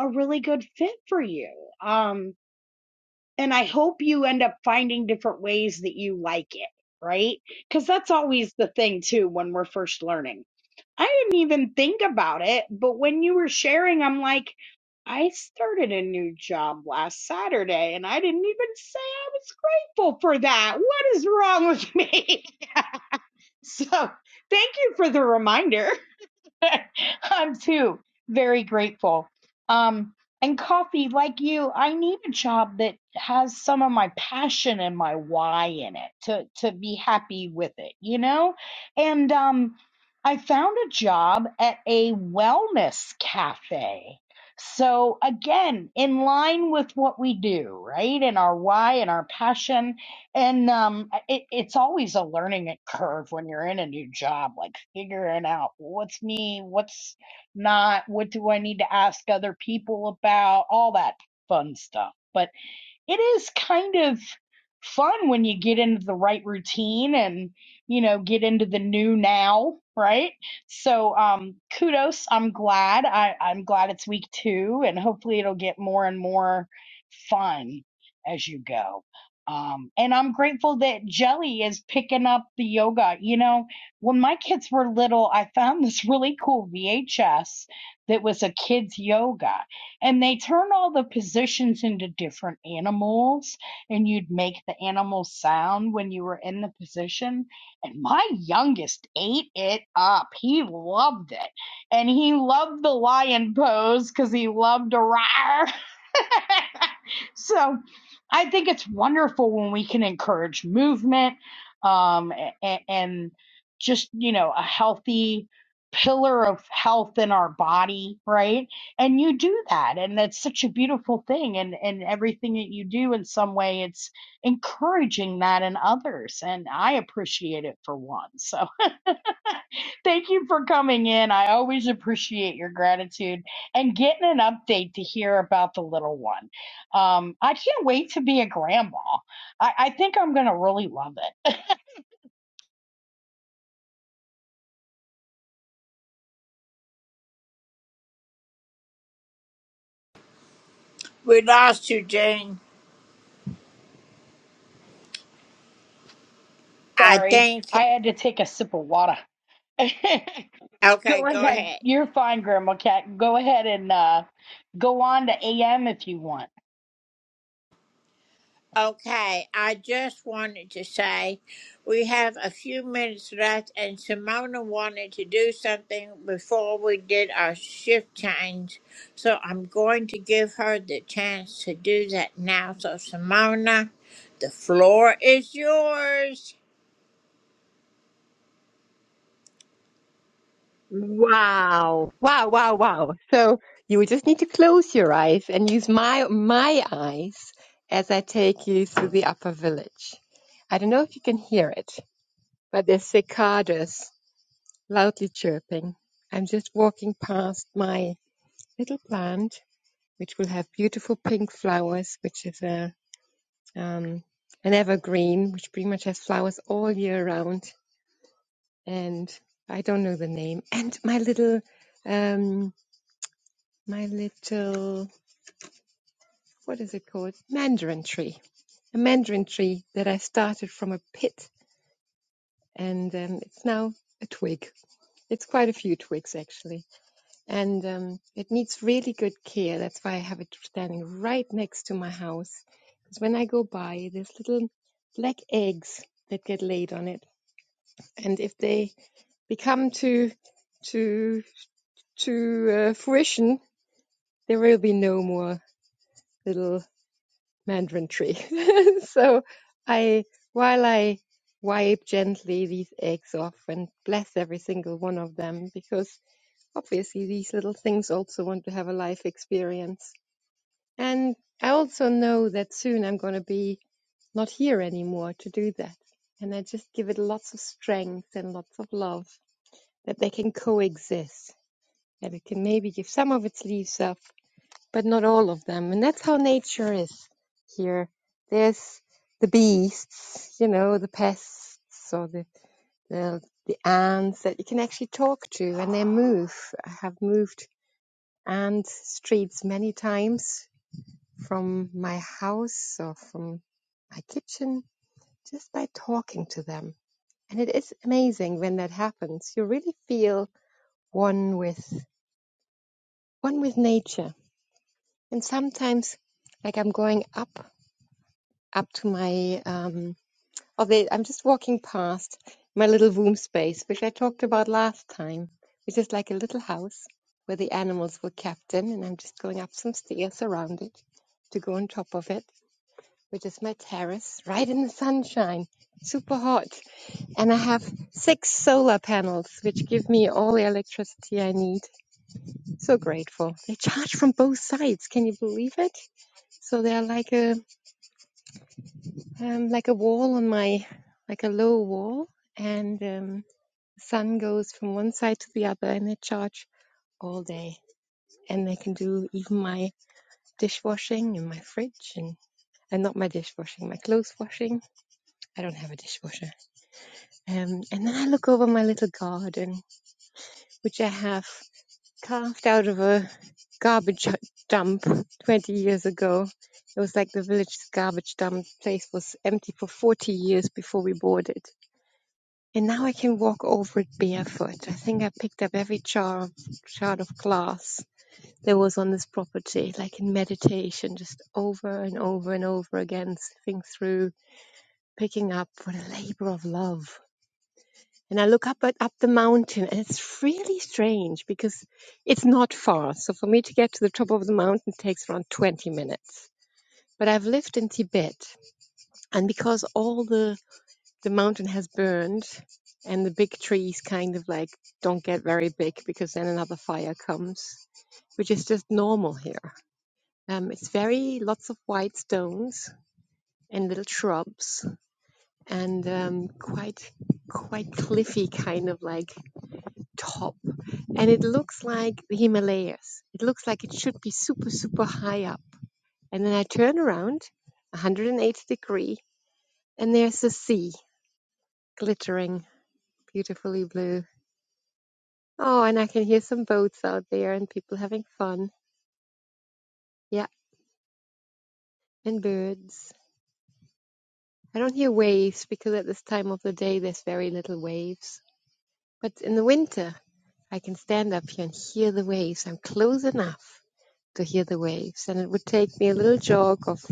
a really good fit for you um and I hope you end up finding different ways that you like it, right? Because that's always the thing, too, when we're first learning. I didn't even think about it, but when you were sharing, I'm like, I started a new job last Saturday and I didn't even say I was grateful for that. What is wrong with me? so, thank you for the reminder. I'm too very grateful. Um, and coffee, like you, I need a job that has some of my passion and my why in it to to be happy with it, you know. And um, I found a job at a wellness cafe. So again, in line with what we do, right? And our why and our passion and um, it, it's always a learning curve when you're in a new job, like figuring out what's me, what's not, what do I need to ask other people about, all that fun stuff. But it is kind of fun when you get into the right routine and you know get into the new now right so um kudos i'm glad I, i'm glad it's week two and hopefully it'll get more and more fun as you go um and i'm grateful that jelly is picking up the yoga you know when my kids were little i found this really cool vhs that was a kids yoga and they turn all the positions into different animals and you'd make the animal sound when you were in the position and my youngest ate it up he loved it and he loved the lion pose because he loved a roar so I think it's wonderful when we can encourage movement um, and, and just, you know, a healthy pillar of health in our body, right? And you do that. And that's such a beautiful thing. And, and everything that you do in some way, it's encouraging that in others. And I appreciate it for one. So Thank you for coming in. I always appreciate your gratitude and getting an update to hear about the little one. Um, I can't wait to be a grandma. I, I think I'm going to really love it. Sorry, I had to take a sip of water. go ahead. You're fine, Grandma Cat. Go ahead and uh, go on to AM if you want.
Wow. Wow, wow, wow. So you would just need to close your eyes and use my my eyes as I take you through the upper village. I don't know if you can hear it, but there's cicadas loudly chirping. I'm just walking past my little plant, which will have beautiful pink flowers, which is a um, an evergreen, which pretty much has flowers all year round. And I don't know the name. And my little um, my little, what is it called? Mandarin tree. A mandarin tree that I started from a pit and um, it's now a twig. It's quite a few twigs actually. And um, it needs really good care. That's why I have it standing right next to my house. Because when I go by, there's little black eggs that get laid on it. And if they become to, to, to uh, fruition, there will be no more little mandarin tree. so I, while I wipe gently these eggs off and bless every single one of them, because obviously these little things also want to have a life experience. And I also know that soon I'm going to be not here anymore to do that. And I just give it lots of strength and lots of love that they can coexist. That it can maybe give some of its leaves up but not all of them. And that's how nature is here. There's the beasts, you know, the pests or the, the, the ants that you can actually talk to and they move. I have moved ant streets many times from my house or from my kitchen just by talking to them. And it is amazing when that happens. You really feel one with one with nature. And sometimes like I'm going up up to my um oh wait, I'm just walking past my little womb space which I talked about last time, which is like a little house where the animals were kept in and I'm just going up some stairs around it to go on top of it, which is my terrace, right in the sunshine. Super hot. And I have six solar panels which give me all the electricity I need. So grateful. They charge from both sides. Can you believe it? So they're like a um, like a wall on my, like a low wall, and um, the sun goes from one side to the other, and they charge all day. And they can do even my dishwashing and my fridge, and, and not my dishwashing, my clothes washing. I don't have a dishwasher. Um, and then I look over my little garden, which I have carved out of a garbage dump 20 years ago. It was like the village's garbage dump The place was empty for 40 years before we bought it And now I can walk over it barefoot. I think I picked up every jar shard of glass that was on this property, like in meditation, just over and over and over again, sifting through, picking up for the labor of love. And I look up at up the mountain, and it's really strange because it's not far. So for me to get to the top of the mountain takes around 20 minutes. But I've lived in Tibet, and because all the the mountain has burned and the big trees kind of like don't get very big because then another fire comes which is just normal here um, it's very lots of white stones and little shrubs and um, quite quite cliffy kind of like top and it looks like the himalayas it looks like it should be super super high up and then i turn around 180 degree and there's the sea glittering beautifully blue Oh, and I can hear some boats out there and people having fun. Yeah, and birds. I don't hear waves because at this time of the day there's very little waves. But in the winter, I can stand up here and hear the waves. I'm close enough to hear the waves. And it would take me a little jog of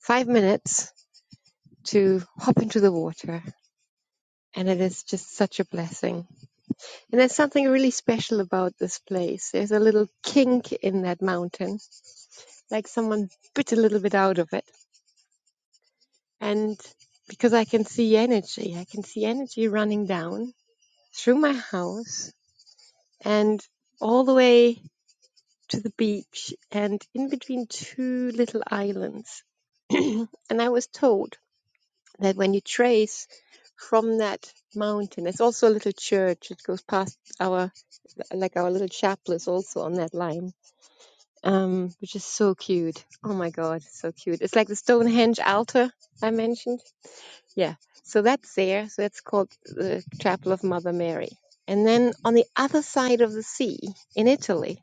five minutes to hop into the water. And it is just such a blessing. And there's something really special about this place. There's a little kink in that mountain, like someone bit a little bit out of it And because I can see energy, I can see energy running down through my house and all the way to the beach and in between two little islands. And I was told that when you trace from that mountain, it's also a little church. It goes past our, like our little chapel is also on that line, um, which is so cute. Oh my God, it's so cute. It's like the Stonehenge altar I mentioned Yeah, so that's there. So it's called the Chapel of Mother Mary. And then on the other side of the sea in Italy,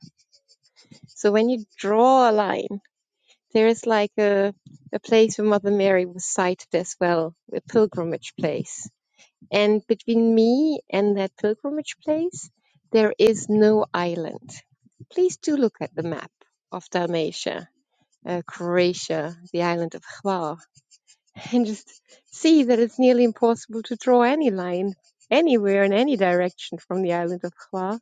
so when you draw a line, there is like a, a place where Mother Mary was sighted as well, a pilgrimage place. And between me and that pilgrimage place, there is no island. Please do look at the map of Dalmatia, uh, Croatia, the island of Hvar and just see that it's nearly impossible to draw any line anywhere in any direction from the island of Hua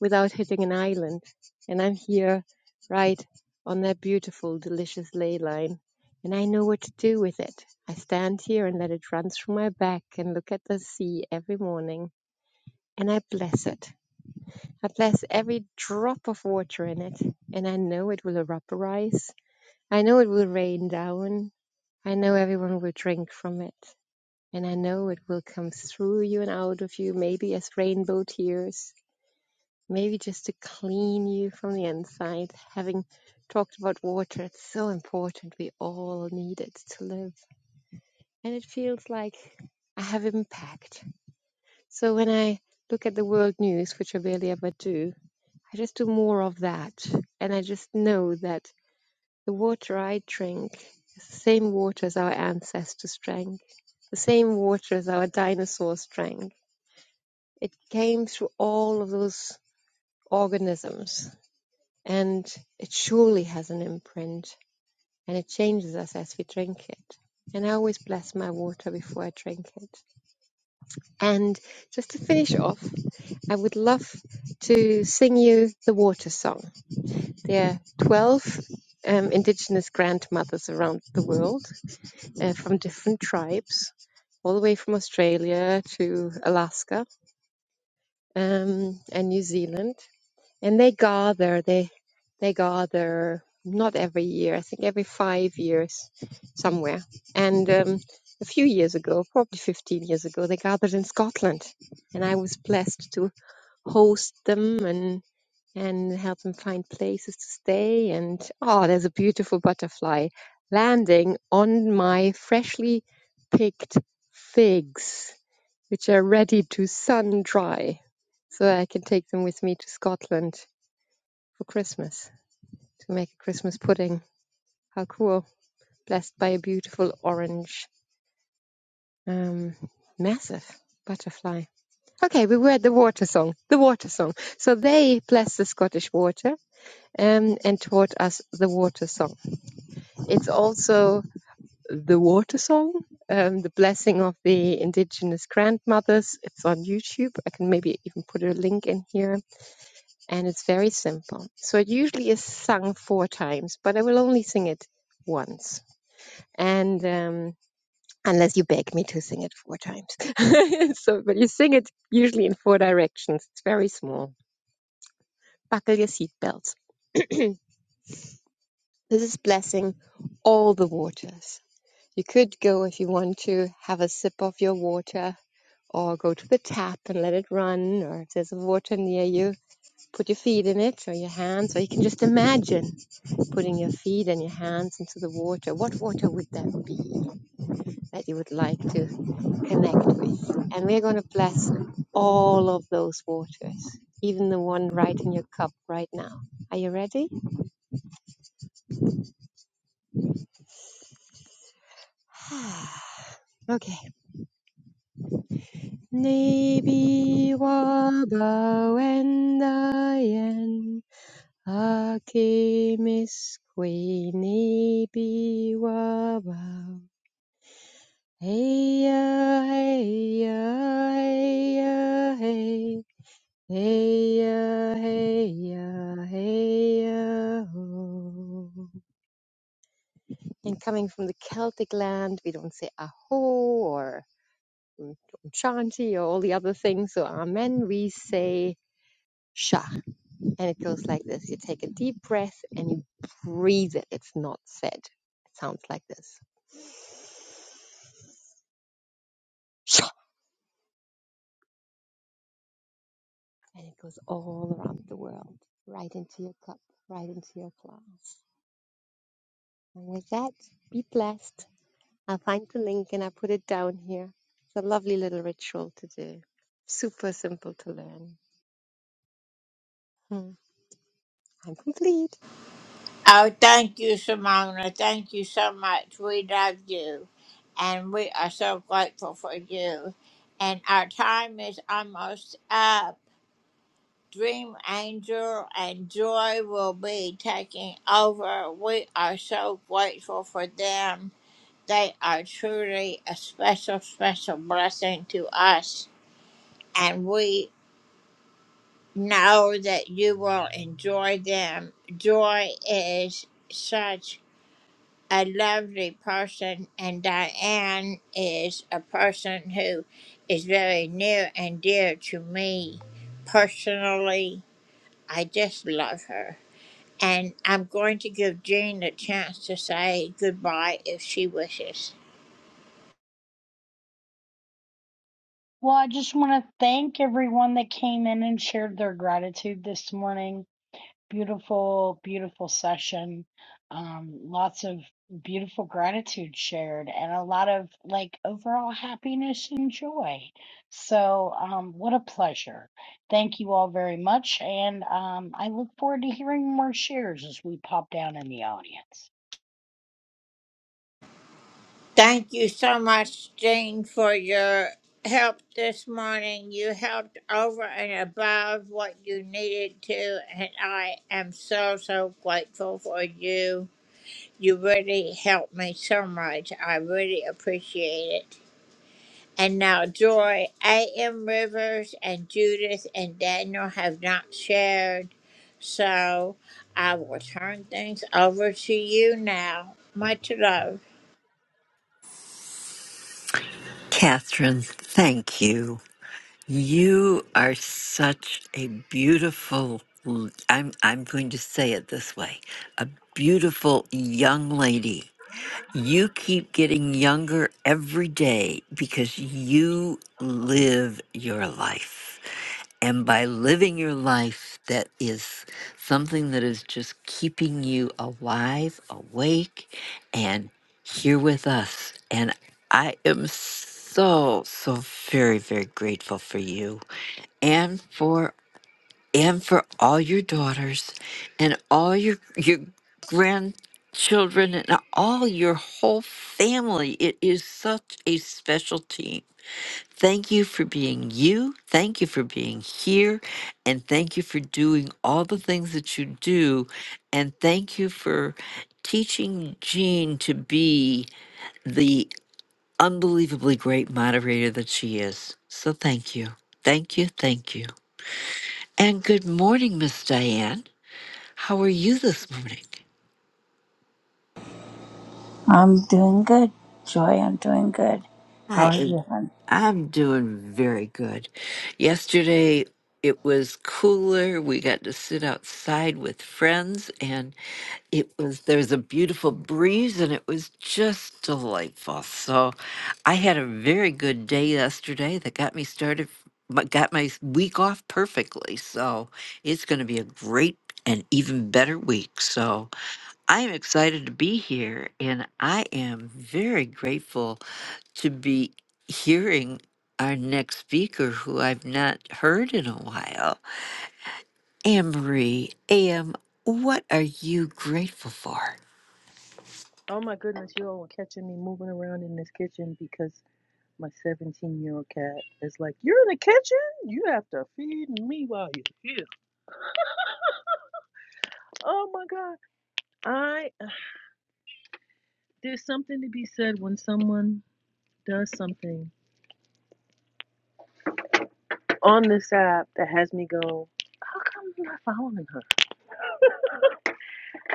without hitting an island. And I'm here right on that beautiful, delicious ley line. And I know what to do with it. I stand here and let it run through my back and look at the sea every morning. And I bless it. I bless every drop of water in it. And I know it will evaporize. I know it will rain down. I know everyone will drink from it. And I know it will come through you and out of you, maybe as rainbow tears, maybe just to clean you from the inside. Having talked about water, it's so important. We all need it to live. And it feels like I have impact. So when I look at the world news, which I barely ever do, I just do more of that. And I just know that the water I drink is the same water as our ancestors drank, the same water as our dinosaurs drank It came through all of those organisms and it surely has an imprint and it changes us as we drink it. And I always bless my water before I drink it. And just to finish off, I would love to sing you the water song. There are 12 um, indigenous grandmothers around the world uh, from different tribes, all the way from Australia to Alaska um, and New Zealand. and they gather they they gather not every year i think every five years somewhere and um, a few years ago probably 15 years ago they gathered in scotland and i was blessed to host them and and help them find places to stay and oh there's a beautiful butterfly landing on my freshly picked figs which are ready to sun dry so i can take them with me to scotland for Christmas to make a Christmas pudding. How cool! Blessed by a beautiful orange, um, massive butterfly. Okay, we were at the water song. The water song. So they blessed the Scottish water um, and taught us the water song. It's also the water song, um, the blessing of the indigenous grandmothers. It's on YouTube. I can maybe even put a link in here. And it's very simple. So it usually is sung four times, but I will only sing it once and um, unless you beg me to sing it four times. so, but you sing it usually in four directions. It's very small. Buckle your seatbelts. This is blessing all the waters. You could go if you want to have a sip of your water, or go to the tap and let it run, or if there's water near you, put your feet in it or your hands, or you can just imagine putting your feet and your hands into the water. What water would that be? that you would like to connect with. And we're going to bless all of those waters, even the one right in your cup right now. Are you ready? okay. Nebi waba wendayen akimiskwe nebi waba. Hey, hey, yeah, hey, yeah, hey, yeah, hey. Hey ya, hey ya, hey ya, ho. And coming from the Celtic land, we don't say aho or um, shanti or all the other things. So amen, we say shah, And it goes like this. You take a deep breath and you breathe it. It's not said. It sounds like this. Sha. And it goes all around the world, right into your cup, right into your glass. And with that, be blessed. I'll find the link and i put it down here. It's a lovely little ritual to do. Super simple to learn. Hmm. I'm complete.
Well, I just want to thank everyone that came in and shared their gratitude this morning. Beautiful, beautiful session. Um, lots of beautiful gratitude shared and a lot of like overall happiness and joy. So, um, what a pleasure. Thank you all very much. And um, I look forward to hearing more shares as we pop down in the audience.
Catherine, thank you. You are such a beautiful I'm I'm going to say it this way. A beautiful young lady. You keep getting younger every day because you live your life. And by living your life that is something that is just keeping you alive, awake, and here with us. And I am so, so very, very grateful for you and for and for all your daughters and all your your grandchildren and all your whole family. It is such a special team Thank you for being you. Thank you for being here. And thank you for doing all the things that you do. And thank you for teaching Jean to be the unbelievably great moderator that she is. So thank you. Thank you. Thank you. And good morning, Miss Diane. How are you this morning?
I'm doing good, Joy. I'm doing good. How
I
are
am,
you? hon?
I'm doing very good. Yesterday, it was cooler. We got to sit outside with friends, and It was there was a beautiful breeze and it was just delightful. So I had a very good day yesterday that got me started but got my s- week off perfectly. So it's going to be a great and even better week. So I am excited to be here and I am very grateful to be hearing our next speaker who I've not heard in a while. Anne Marie, AM, what are you grateful for?
Oh my goodness, you all were catching me moving around in this kitchen because my 17 year old cat is like, You're in the kitchen? You have to feed me while you're here. Oh my God. I, uh, there's something to be said when someone does something on this app that has me go, How come you're not following her?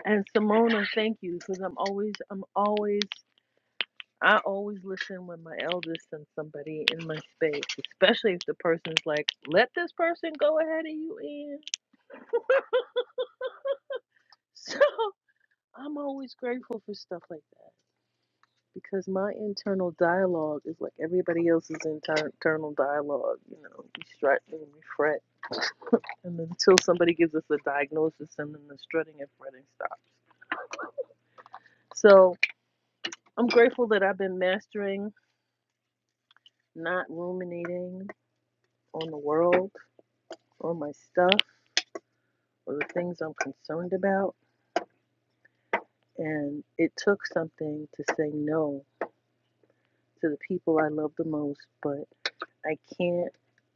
And Simona, thank you because I'm always, I'm always, I always listen when my eldest sends somebody in my space, especially if the person's like, Let this person go ahead of you in. So I'm always grateful for stuff like that because my internal dialogue is like everybody else's inter- internal dialogue. You know, we strut and we fret, and then until somebody gives us a diagnosis, and then the strutting and fretting stops. So I'm grateful that I've been mastering not ruminating on the world or my stuff or the things I'm concerned about. And it took something to say no to the people I love the most, but I can't.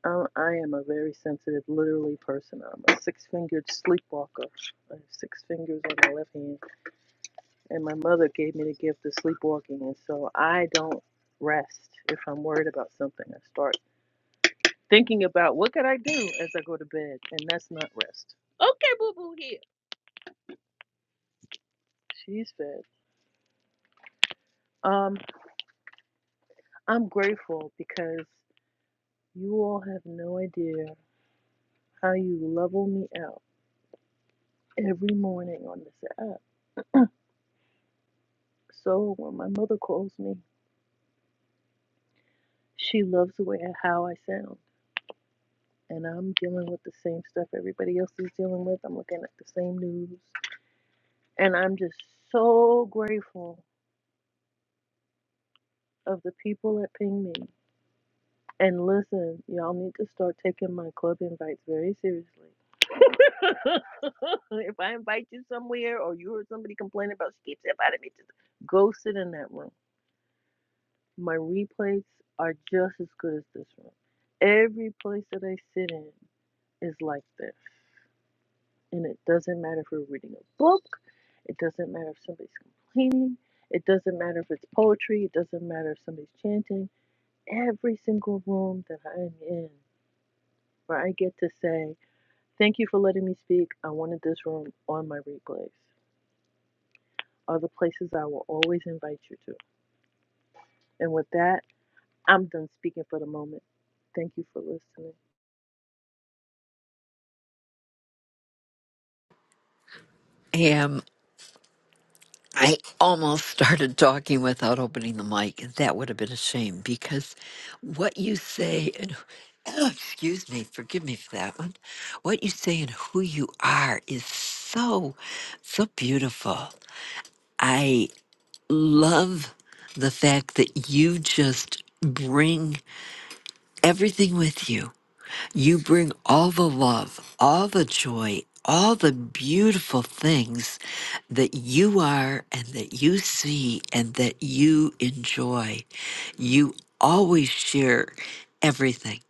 Um, I am a very sensitive, literally person. I'm a six-fingered sleepwalker. I have six fingers on my left hand, and my mother gave me the gift of sleepwalking, and so I don't rest if I'm worried about something. I start thinking about what could I do as I go to bed, and that's not rest. Okay, boo boo here. She's fed. Um, I'm grateful because you all have no idea how you level me out every morning on this app So when my mother calls me, she loves the way how I sound. And I'm dealing with the same stuff everybody else is dealing with. I'm looking at the same news. And I'm just so grateful of the people that ping me. And listen, y'all need to start taking my club invites very seriously. if I invite you somewhere or you heard somebody complain about she keeps inviting me to go sit in that room. My replays are just as good as this room. Every place that I sit in, is like this. And it doesn't matter if we're reading a book, it doesn't matter if somebody's complaining, it doesn't matter if it's poetry, it doesn't matter if somebody's chanting. Every single room that I'm in where I get to say, Thank you for letting me speak. I wanted this room on my replays are the places I will always invite you to. And with that, I'm done speaking for the moment. Thank you for listening.
am. I almost started talking without opening the mic. That would have been a shame because what you say and excuse me, forgive me for that one. What you say and who you are is so so beautiful. I love the fact that you just bring everything with you You bring all the love, all the joy, all the beautiful things that you are and that you see and that you enjoy. You always share everything.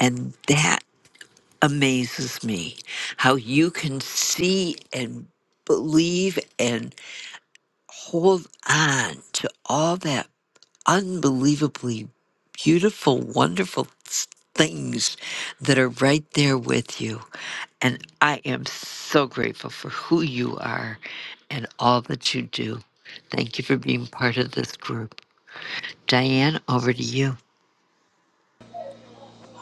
And that amazes me how you can see and believe and hold on to all that unbelievably beautiful, wonderful s- things that are right there with you. And I am so grateful for who you are and all that you do. Thank you for being part of this group. Diane, over to you.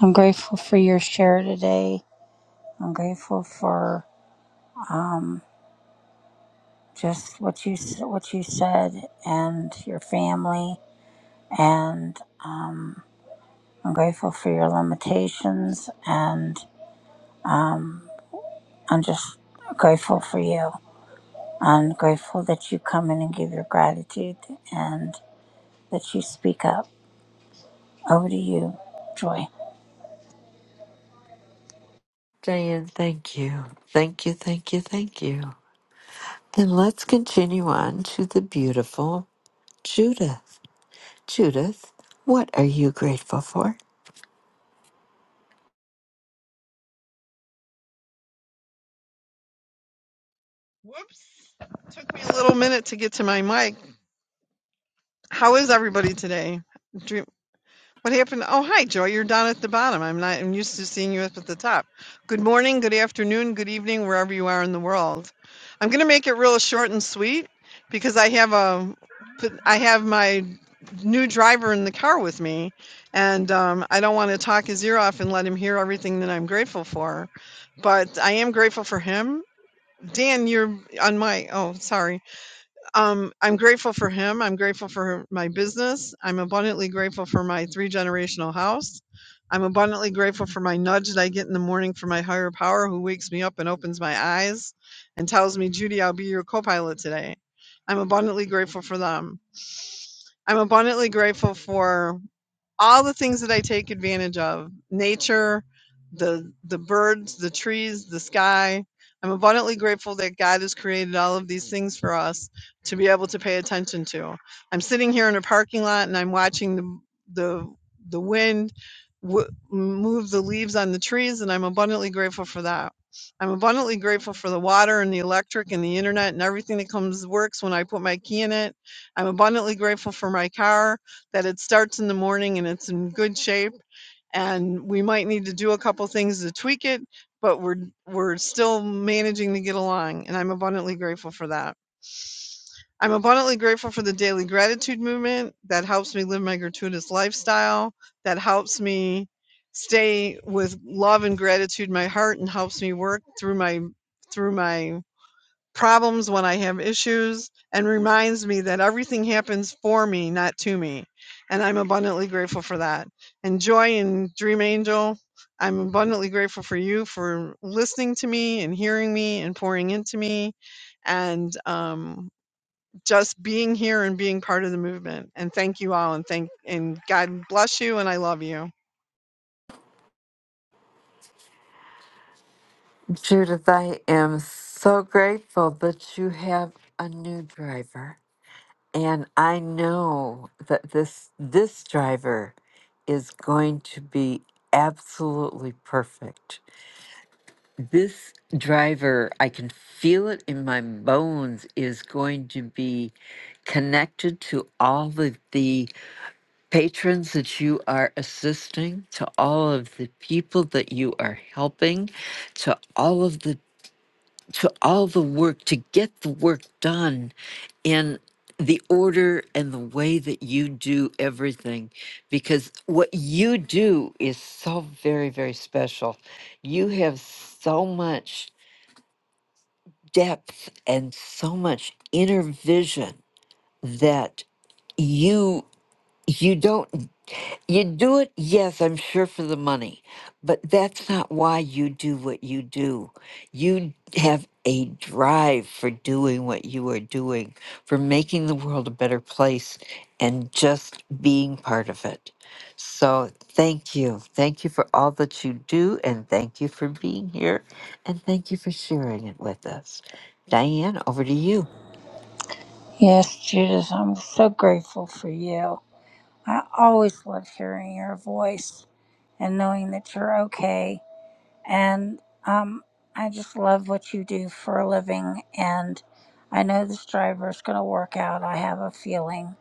I'm grateful for your share today I'm grateful for um, just what you s- what you said and your family, and um, I'm grateful for your limitations, and I'm just grateful for you. I'm grateful that you come in and give your gratitude, and that you speak up. Over to you, Joy.
Diane, thank you. Thank you, thank you, thank you. Then let's continue on to the beautiful Judith. Judith, what are you grateful for?
Whoops. Took me a little minute to get to my mic. How is everybody today? What happened? Oh, hi, Joy. You're down at the bottom. I'm not I'm used to seeing you up at the top. Good morning, good afternoon, good evening, wherever you are in the world. I'm going to make it real short and sweet because I have a. I have my new driver in the car with me and um, I don't want to talk his ear off and let him hear everything that I'm grateful for, but I am grateful for him. Dan, you're on my oh, sorry um, I'm grateful for him. I'm grateful for my business. I'm abundantly grateful for my three generational house. I'm abundantly grateful for my nudge that I get in the morning from my higher power who wakes me up and opens my eyes and tells me, Judy, I'll be your co pilot today. I'm abundantly grateful for them. I'm abundantly grateful for all the things that I take advantage of nature, the the birds, the trees, the sky. I'm abundantly grateful that God has created all of these things for us to be able to pay attention to. I'm sitting here in a parking lot and I'm watching the the the wind w- move the leaves on the trees and I'm abundantly grateful for that. I'm abundantly grateful for the water and the electric and the internet and everything that comes works when I put my key in it. I'm abundantly grateful for my car that it starts in the morning and it's in good shape and we might need to do a couple things to tweak it but we're we're still managing to get along and i'm abundantly grateful for that i'm abundantly grateful for the daily gratitude movement that helps me live my gratuitous lifestyle that helps me stay with love and gratitude in my heart and helps me work through my through my problems, when I have issues, and reminds me that everything happens for me, not to me. And I'm abundantly grateful for that. And Joy and Dream Angel, I'm abundantly grateful for you for listening to me and hearing me and pouring into me and um, just being here and being part of the movement. And thank you all and thank and God bless you and I love you.
Judith, I am so grateful that you have a new driver. And I know that this this driver is going to be absolutely perfect. This driver, I can feel it in my bones, is going to be connected to all of the patrons that you are assisting, to all of the people that you are helping, to all of the to all the work to get the work done in the order and the way that you do everything because what you do is so very very special you have so much depth and so much inner vision that you you don't you do it, yes, I'm sure for the money, but that's not why you do what you do. You have a drive for doing what you are doing, for making the world a better place and just being part of it. So, thank you. Thank you for all that you do, and thank you for being here, and thank you for sharing it with us. Diane, over to you.
Yes, Judith, I'm so grateful for you. I always love hearing your voice and knowing that you're okay And um, I just love what you do for a living. And I know this driver is going to work out. I have a feeling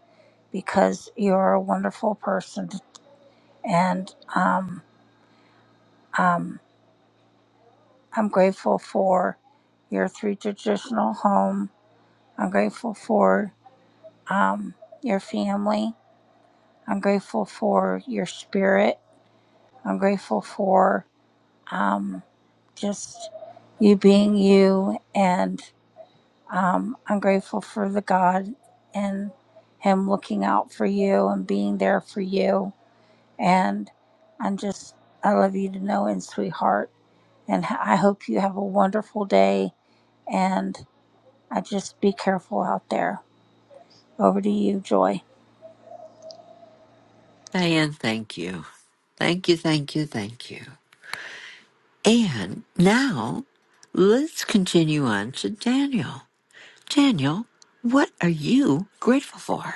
because you're a wonderful person. And um, um, I'm grateful for your three traditional home. I'm grateful for um, your family. I'm grateful for your spirit. I'm grateful for um, just you being you and. Um, I'm grateful for the God and Him looking out for you and being there for you. And I'm just, I love you to know in sweetheart. And h- I hope you have a wonderful day. And I just be careful out there. Over to you, Joy.
Diane, thank you. Thank you, thank you, thank you. And now let's continue on to Daniel. Daniel, what are you grateful for?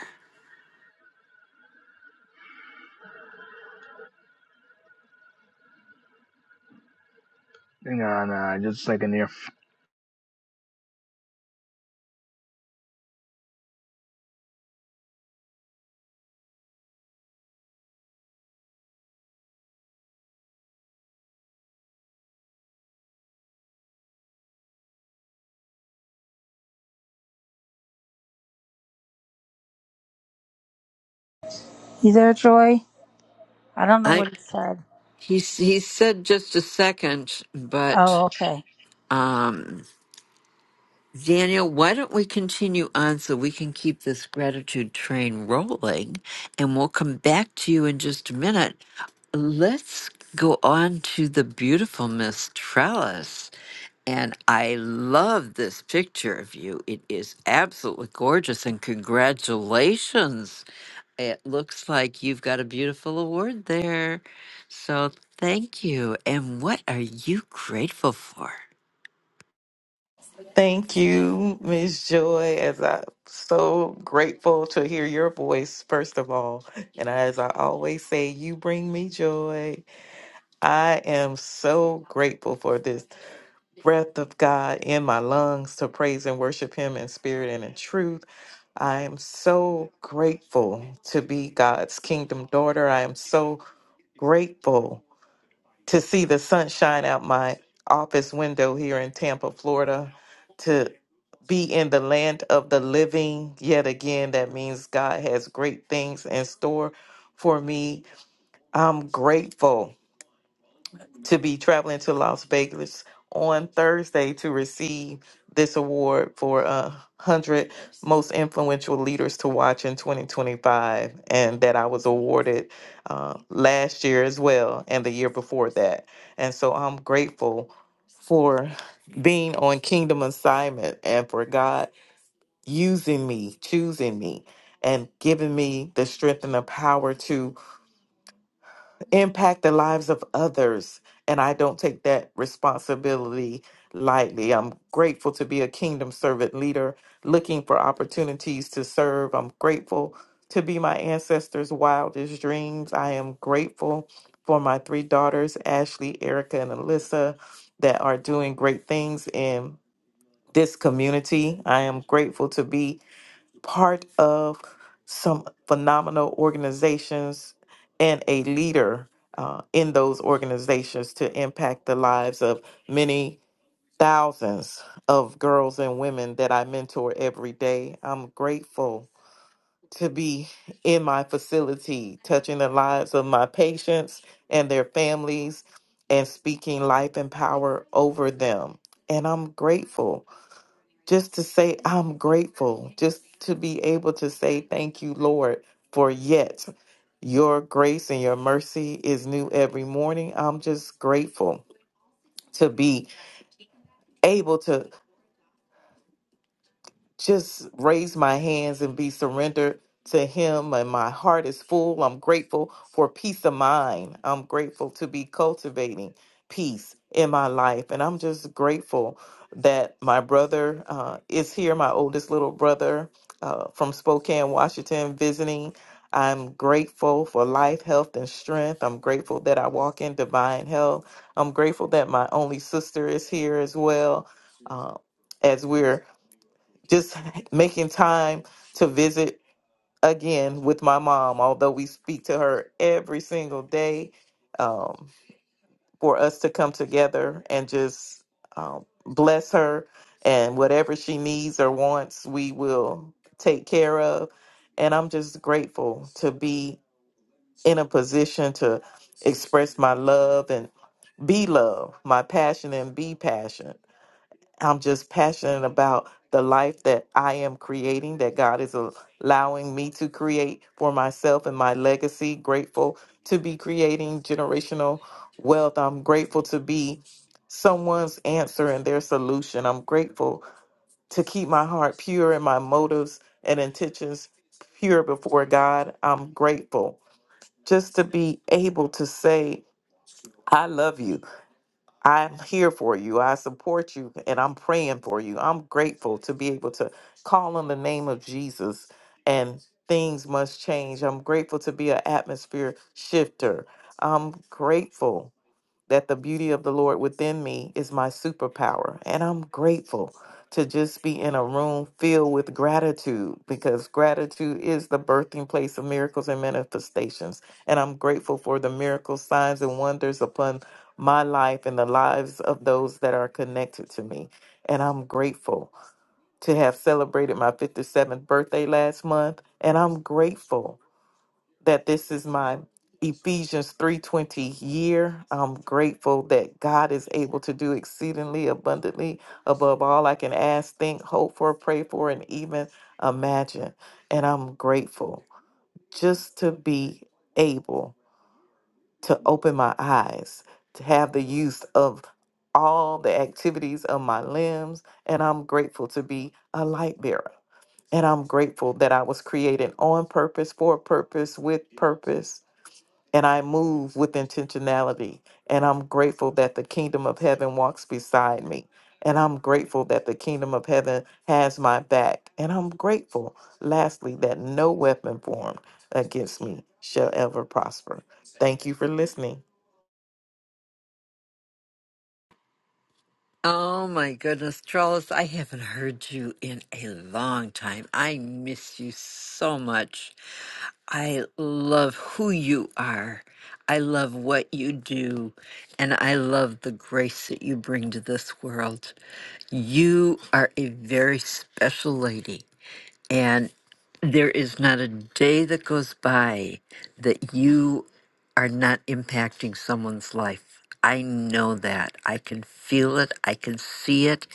Nah, nah, just a second here.
You there, Joy? I don't know
I
what he said.
he he said just a second, but
Oh, okay.
um Daniel, why don't we continue on so we can keep this gratitude train rolling? And we'll come back to you in just a minute. Let's go on to the beautiful Miss Trellis. And I love this picture of you. It is absolutely gorgeous. And congratulations. It looks like you've got a beautiful award there. So thank you. And what are you grateful for?
Thank you, Miss Joy. As I'm so grateful to hear your voice, first of all. And as I always say, you bring me joy. I am so grateful for this breath of God in my lungs to praise and worship Him in spirit and in truth. I am so grateful to be God's kingdom daughter. I am so grateful to see the sunshine out my office window here in Tampa, Florida be in the land of the living yet again. That means God has great things in store for me. I'm grateful to be traveling to Las Vegas on Thursday to receive this award for uh, 100 most influential leaders to watch in 2025 and that I was awarded uh, last year as well and the year before that. And so I'm grateful for being on kingdom assignment and for God using me, choosing me, and giving me the strength and the power to impact the lives of others. And I don't take that responsibility lightly. I'm grateful to be a kingdom servant leader looking for opportunities to serve. I'm grateful to be my ancestors' wildest dreams. I am grateful for my three daughters, Ashley, Erica, and Alyssa, that are doing great things in this community. I am grateful to be part of some phenomenal organizations and a leader uh, in those organizations to impact the lives of many thousands of girls and women that I mentor every day. I'm grateful to be in my facility, touching the lives of my patients and their families and speaking life and power over them. And I'm grateful just to say I'm grateful, just to be able to say thank you, Lord, for yet your grace and your mercy is new every morning. I'm just grateful to be able to just raise my hands and be surrendered to Him. And my heart is full. I'm grateful for peace of mind. I'm grateful to be cultivating peace in my life. And I'm just grateful that my brother uh, is here, my oldest little brother uh, from Spokane, Washington, visiting. I'm grateful for life, health, and strength. I'm grateful that I walk in divine health. I'm grateful that my only sister is here as well. Uh, as we're just making time to visit again with my mom, although we speak to her every single day, um, for us to come together and just um, bless her and whatever she needs or wants, we will take care of. And I'm just grateful to be in a position to express my love and be love, my passion and be passion. I'm just passionate about the life that I am creating, that God is al- allowing me to create for myself and my legacy. Grateful to be creating generational wealth. I'm grateful to be someone's answer and their solution. I'm grateful to keep my heart pure and my motives and intentions pure before God. I'm grateful just to be able to say, I love you. I'm here for you. I support you and I'm praying for you. I'm grateful to be able to call on the name of Jesus and things must change. I'm grateful to be an atmosphere shifter. I'm grateful that the beauty of the Lord within me is my superpower. And I'm grateful to just be in a room filled with gratitude because gratitude is the birthing place of miracles and manifestations. And I'm grateful for the miracles, signs, and wonders upon my life and the lives of those that are connected to me. And I'm grateful to have celebrated my 57th birthday last month. And I'm grateful that this is my Ephesians 3:20 year. I'm grateful that God is able to do exceedingly abundantly above all I can ask, think, hope for, pray for and even imagine. And I'm grateful just to be able to open my eyes, to have the use of all the activities of my limbs, and I'm grateful to be a light bearer. And I'm grateful that I was created on purpose, for a purpose, with purpose and I move with intentionality. And I'm grateful that the kingdom of heaven walks beside me. And I'm grateful that the kingdom of heaven has my back. And I'm grateful, lastly, that no weapon formed against me shall ever prosper. Thank you for listening.
Oh my goodness, Trellis, I haven't heard you in a long time. I miss you so much. I love who you are. I love what you do. And I love the grace that you bring to this world. You are a very special lady. There is not a day that goes by that you are not impacting someone's life. I know that. I can feel it. I can see it.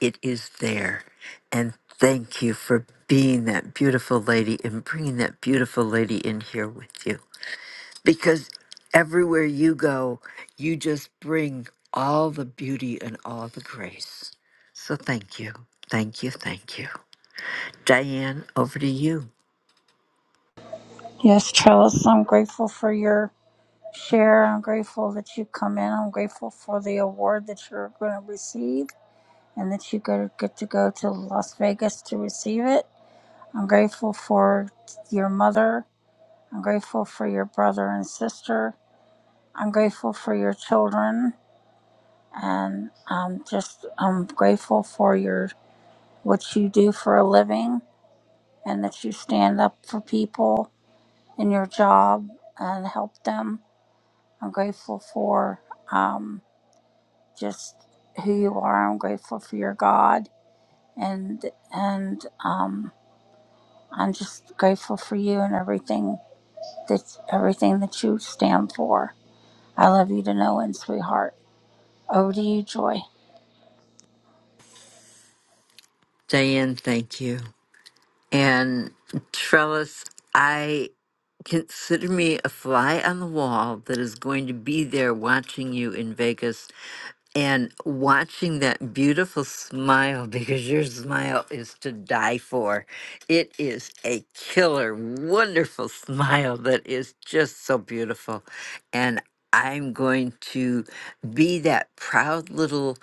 It is there. And thank you for being that beautiful lady and bringing that beautiful lady in here with you. Because everywhere you go, you just bring all the beauty and all the grace. So thank you. Thank you. Thank you. Diane, over to you.
Yes, Trellis, I'm grateful for your share. I'm grateful that you come in. I'm grateful for the award that you're going to receive. and that you go, get to go to Las Vegas to receive it. I'm grateful for your mother. I'm grateful for your brother and sister. I'm grateful for your children, and um, just I'm grateful for your what you do for a living, and that you stand up for people in your job and help them. I'm grateful for um, just who you are. I'm grateful for your God and and um, I'm just grateful for you and everything that everything that you stand for. I love you to know, end, sweetheart. Over to you, Joy.
Diane, thank you. And Trellis, I consider me a fly on the wall that is going to be there watching you in Vegas and watching that beautiful smile because your smile is to die for. It is a killer, wonderful smile that is just so beautiful. And I'm going to be that proud little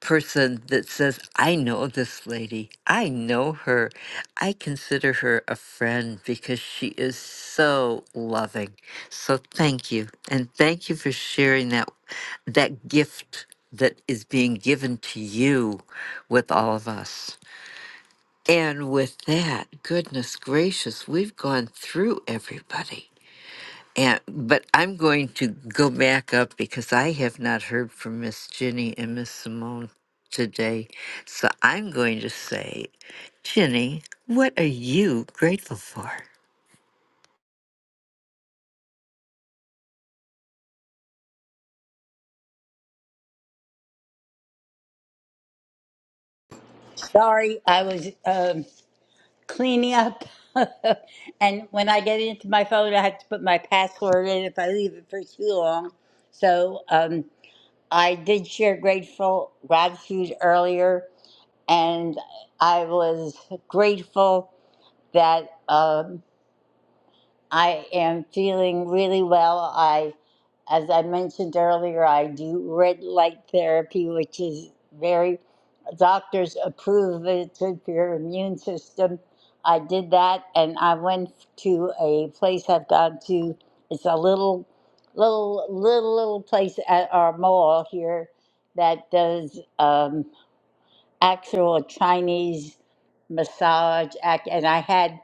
person that says, I know this lady. I know her. I consider her a friend because she is so loving. So thank you. And thank you for sharing that that gift that is being given to you with all of us. And with that, goodness gracious, we've gone through everybody. And but I'm going to go back up because I have not heard from Miss Ginny and Miss Simone today. So I'm going to say, Ginny, what are you grateful for?
Sorry, I was. um. cleaning up. and when I get into my phone, I have to put my password in if I leave it for too long. So um, I did share grateful gratitude earlier, and I was grateful that. Um, I am feeling really well. I, as I mentioned earlier, I do red light therapy, which is very, doctors approve of it. good for your immune system. I did that and I went to a place I've gone to. It's a little, little, little, little place at our mall here that does. um, actual Chinese massage act, and I had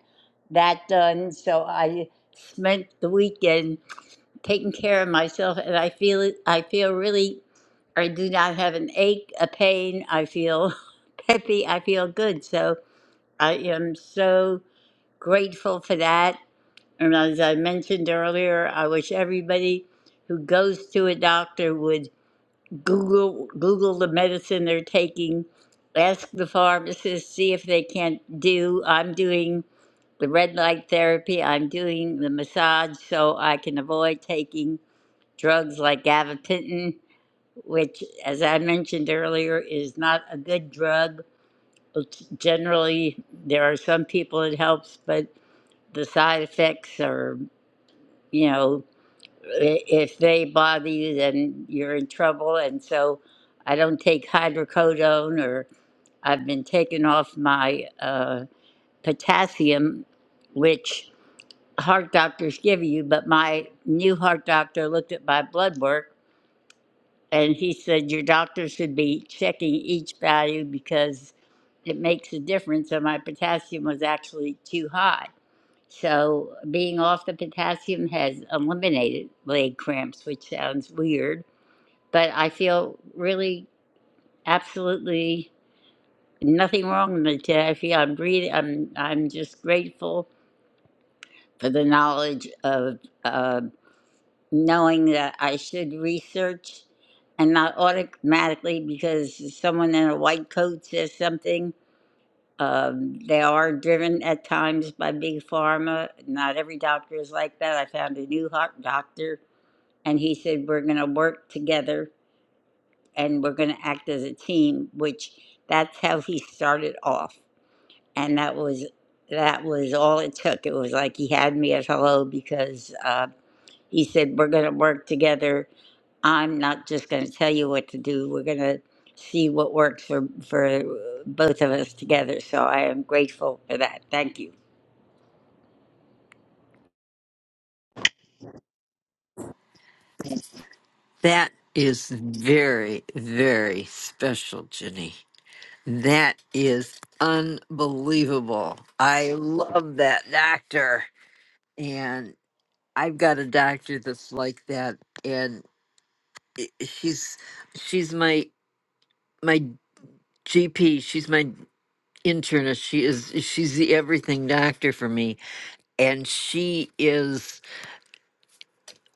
that done. So I spent the weekend taking care of myself, and I feel it. I feel really. I do not have an ache, a pain. I feel peppy. I feel good. So I am so grateful for that. And as I mentioned earlier, I wish everybody who goes to a doctor would Google Google the medicine they're taking. Ask the pharmacist, see if they can not do. I'm doing the red light therapy. I'm doing the massage so I can avoid taking drugs like gabapentin, which, as I mentioned earlier, is not a good drug. It's- Generally, there are some people it helps, but the side effects are, you know, i- if they bother you, then you're in trouble. And so I don't take hydrocodone or I've been taking off my uh, potassium, which heart doctors give you. But my new heart doctor looked at my blood work and he said, Your doctor should be checking each value because it makes a difference. And my potassium was actually too high. So being off the potassium has eliminated leg cramps, which sounds weird but I feel really absolutely nothing wrong with Taffy. I'm breathing. I'm I'm just grateful for the knowledge of uh, knowing that I should research and not automatically because someone in a white coat says something. Um, they are driven at times by big pharma. Not every doctor is like that. I found a new hot doctor, and he said we're going to work together and we're going to act as a team which that's how he started off and that was that was all it took it was like he had me at hello because uh, he said we're going to work together i'm not just going to tell you what to do we're going to see what works for for both of us together so i am grateful for that thank you
That is very, very special, Ginny. That is unbelievable. I love that doctor. And I've got a doctor that's like that and i- she's she's my my GP, she's my internist. She is she's the everything doctor for me and she is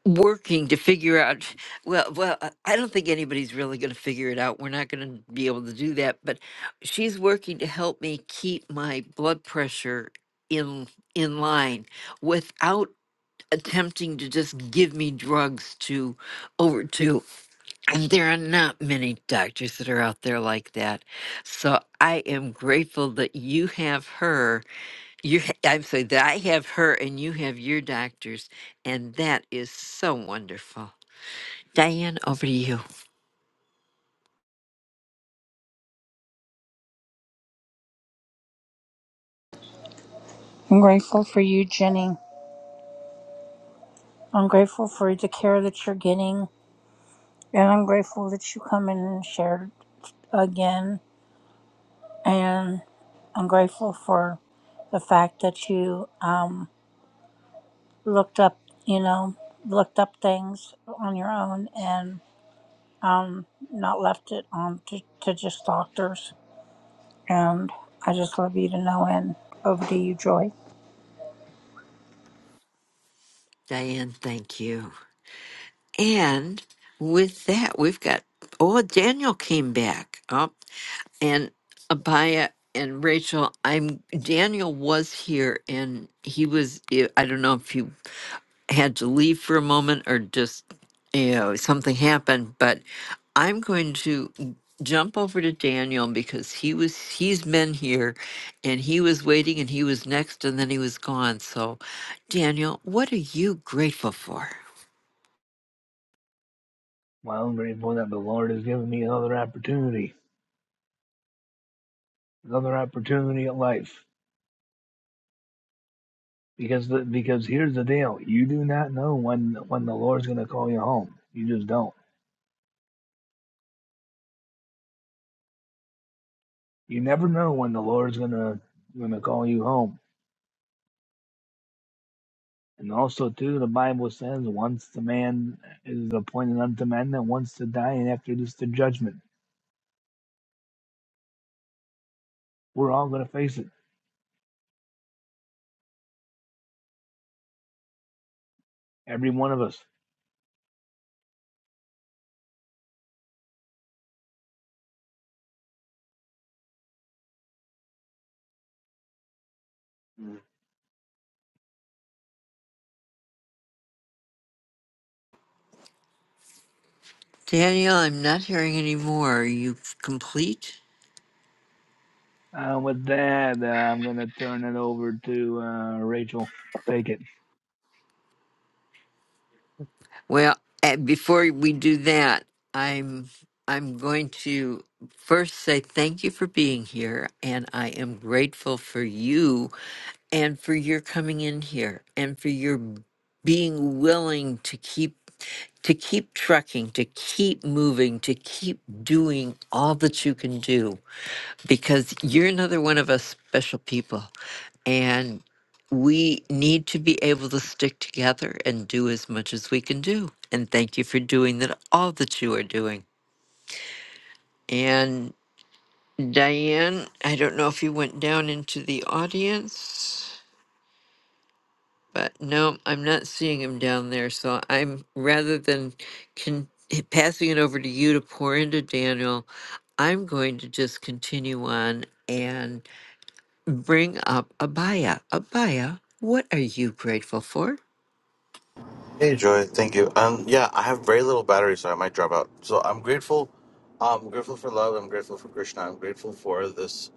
working to figure out well well I I don't think anybody's really going to figure it out. We're not going to be able to do that, but she's working to help me keep my blood pressure in in line without attempting to just give me drugs to over to and there are not many doctors that are out there like that. So I am grateful that you have her. You ha- I'm sorry, that I have her and you have your doctors. And that is so wonderful. Diane, over to you.
I'm grateful for you, Jenny. I'm grateful for the care that you're getting, and I'm grateful that you come in and shared again. And I'm grateful for the fact that you um, looked up, you know, looked up things on your own and not left it on to, to just doctors. And I just love you to no end. Over to you, Joy.
Diane, thank you. And with that, we've got, oh, Daniel came back. Oh, and Abaya and Rachel, I'm, Daniel was here and he was, I don't know if he had to leave for a moment or just, you know, something happened, but I'm going to jump over to Daniel because he was, he's been here and he was waiting and he was next and then he was gone. So, Daniel, what are you grateful for?
Well, I'm grateful that the Lord has given me another opportunity, another opportunity at life. Because the, because here's the deal: you do not know when when the Lord's gonna call you home. You just don't. You never know when the Lord's gonna gonna call you home. And also too, the Bible says, once the man is appointed unto men that wants to die, and after this the judgment. We're all gonna face it, every one of us.
Daniel, I'm not hearing any more. Are you complete?
Uh, with that, uh, I'm going to turn it over to uh, Rachel. Take it.
Well, eh, before we do that, I'm I'm going to first say thank you for being here, and I am grateful for you and for your coming in here and for your being willing to keep to keep trucking, to keep moving, to keep doing all that you can do because you're another one of us special people And we need to be able to stick together and do as much as we can do. And thank you for doing that, all that you are doing. And Diane, I don't know if you went down into the audience, but no, I'm not seeing him down there. So I'm rather than con- passing it over to you to pour into Daniel, I'm going to just continue on and bring up Abaya. Abaya, what are you grateful for?
Hey Joy, thank you. Um, yeah, I have very little battery, so I might drop out. So I'm grateful. Um, I'm grateful for love. I'm grateful for Krishna. I'm grateful for this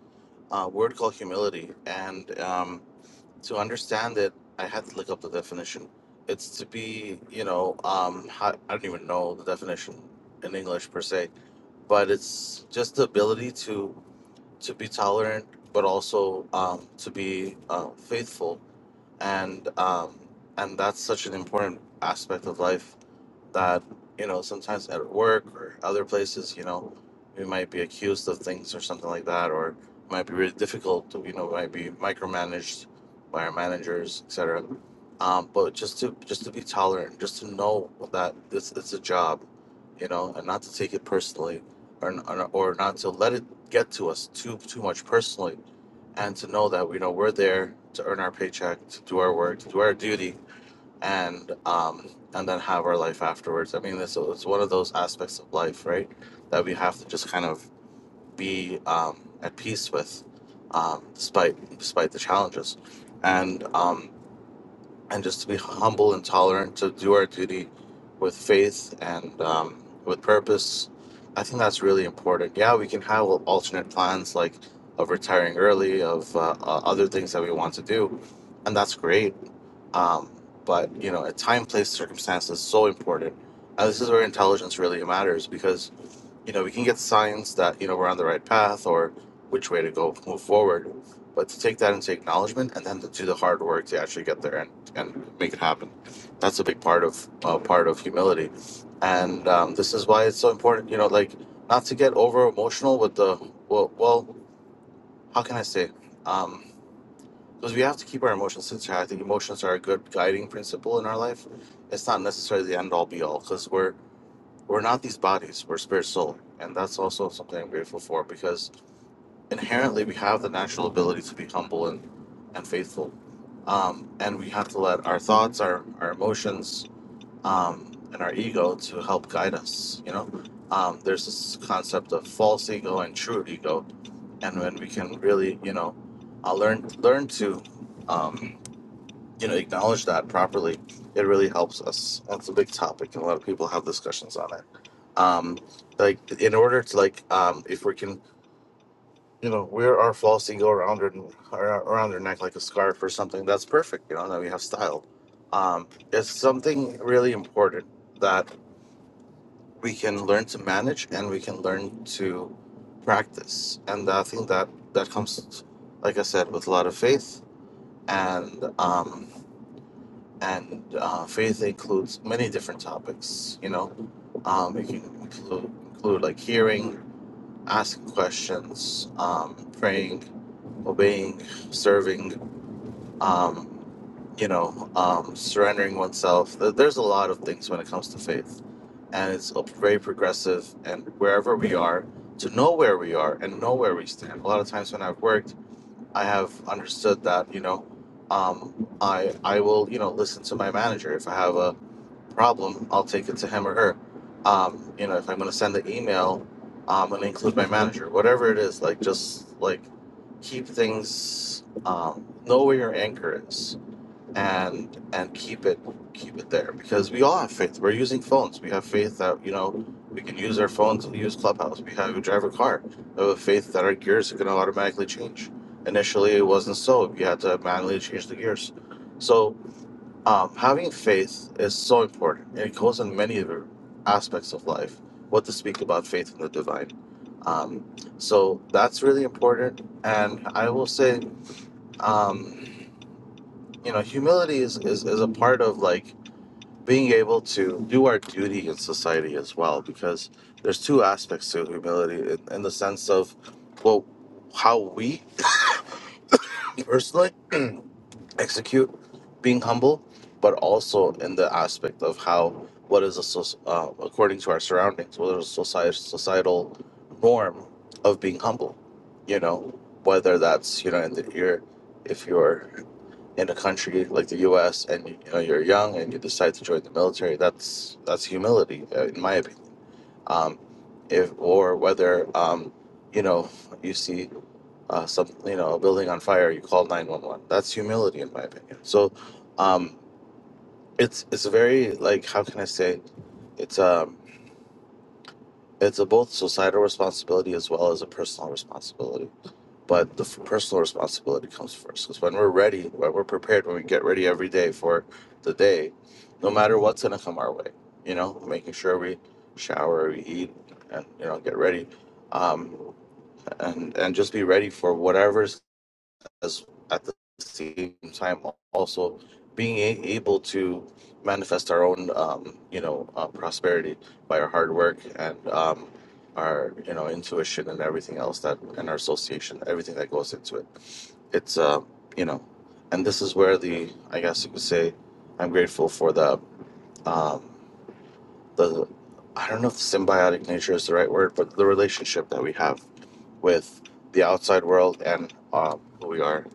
uh, word called humility. And um, to understand it, I had to look up the definition. It's to be, you know, um, how, I don't even know the definition in English per se, but it's just the ability to to be tolerant, but also um, to be uh, faithful. And um, and that's such an important aspect of life that you know sometimes at work or other places you know we might be accused of things or something like that or it might be really difficult to, you know might be micromanaged by our managers etc um, but just to just to be tolerant just to know that this it's a job you know and not to take it personally or, n- or not to let it get to us too too much personally and to know that you know we're there to earn our paycheck to do our work to do our duty and um and then have our life afterwards i mean this it's one of those aspects of life right that we have to just kind of be um at peace with um despite despite the challenges and um and just to be humble and tolerant to do our duty with faith and um with purpose i think that's really important yeah we can have alternate plans like of retiring early of uh, uh, other things that we want to do and that's great um, but you know, a time, place, circumstance is so important. And this is where intelligence really matters because you know we can get signs that you know we're on the right path or which way to go, move forward. But to take that into acknowledgement and then to do the hard work to actually get there and, and make it happen, that's a big part of uh, part of humility, and um, this is why it's so important. You know, like not to get over emotional with the well. well how can I say? Um, because we have to keep our emotions sincere. I think emotions are a good guiding principle in our life. It's not necessarily the end all be all because we're we're not these bodies. We're spirit soul, and that's also something I'm grateful for because inherently we have the natural ability to be humble and and faithful, um, and we have to let our thoughts, our our emotions, um, and our ego to help guide us. You know, um, there's this concept of false ego and true ego, and when we can really, you know, uh, learn learn to um, you know acknowledge that properly it really helps us that's a big topic and a lot of people have discussions on it um like in order to like um if we can you know wear our floss and go around her ar- around her neck like a scarf or something that's perfect you know that we have style um it's something really important that we can learn to manage and we can learn to practice and i think that that comes like i said with a lot of faith and um and uh, faith includes many different topics. You know, um, it can include, include like hearing, asking questions, um, praying, obeying, serving. Um, you know, um, surrendering oneself. There- There's a lot of things when it comes to faith, and it's a- very progressive. And wherever we are, to know where we are and know where we stand. A lot of times when I've worked I have understood that, you know, um, I I will, you know, listen to my manager. If I have a problem, I'll take it to him or her. Um, you know, if I'm going to send an email, um, and include my manager, whatever it is, like just like keep things, um, know where your anchor is and and keep it keep it there because we all have faith. We're using phones. We have faith that you know we can use our phones. We use Clubhouse. We have we drive a car. We have a faith that our gears are going to automatically change. Initially, it wasn't so. You had to manually change the gears. So um, having faith is so important, and it goes in many other aspects of life. What to speak about faith in the divine. Um, so that's really important, and I will say. Um, you know humility is, is is a part of like being able to do our duty in society as well because there's two aspects to humility in, in the sense of well how we personally execute being humble but also in the aspect of how what is a soc- uh, according to our surroundings what is a society, societal norm of being humble you know whether that's you know in the, your if you're in a country like the U.S. and you know you're young and you decide to join the military, that's that's humility, uh, in my opinion. Um, if or whether um, you know you see uh, some you know a building on fire, you call nine one one. That's humility, in my opinion. So um, it's it's a very like how can I say it's um it's a both societal responsibility as well as a personal responsibility but the f- personal responsibility comes first because when we're ready when we're prepared when we get ready every day for the day no matter what's going to come our way you know making sure we shower we eat and you know get ready um, and and just be ready for whatever's as at the same time also being a- able to manifest our own um, you know uh, prosperity by our hard work and um, our you know intuition and everything else that and our association everything that goes into it it's uh you know and this is where the i guess you could say i'm grateful for the um the i don't know if symbiotic nature is the right word but the relationship that we have with the outside world and um who we are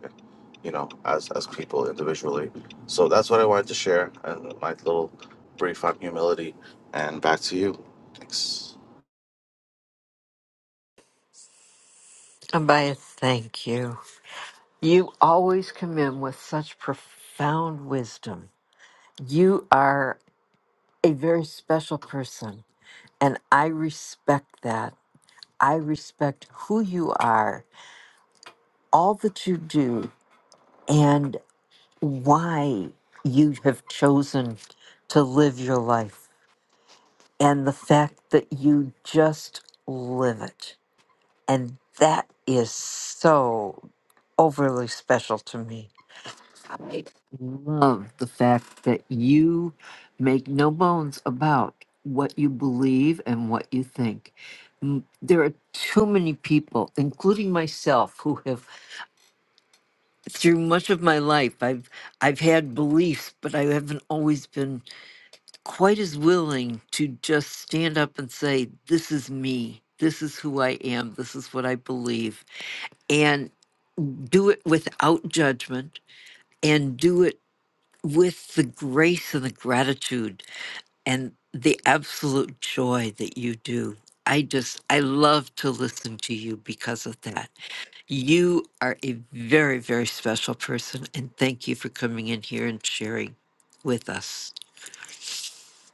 you know as as people individually so that's what i wanted to share and my little brief on humility and back to you thanks
Abaya, thank you. You always come in with such profound wisdom. You are a very special person, and I respect that. I respect who you are, all that you do, and why you have chosen to live your life, and the fact that you just live it. And that is so overly special to me. I love the fact that you make no bones about what you believe and what you think. M- There are too many people, including myself, who have through much of my life I've I've had beliefs, but I haven't always been quite as willing to just stand up and say, This is me. This is who I am. This is what I believe. And do it without judgment and do it with the grace and the gratitude and the absolute joy that you do. I just, I love to listen to you because of that. You are a very, very special person. And thank you for coming in here and sharing with us.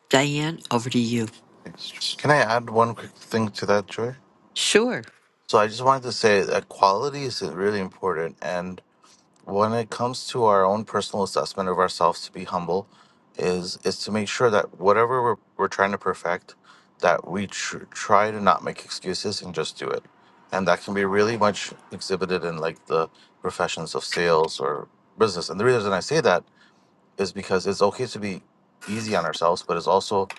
Diane, over to you.
Thanks, Joy. Can I add one quick thing to that, Joy?
Sure.
So I just wanted to say that quality is really important, and when it comes to our own personal assessment of ourselves to be humble is is to make sure that whatever we're, we're trying to perfect that we tr- try to not make excuses and just do it and that can be really much exhibited in like the professions of sales or business and the reason i say that is because it's okay to be easy on ourselves, but it's also,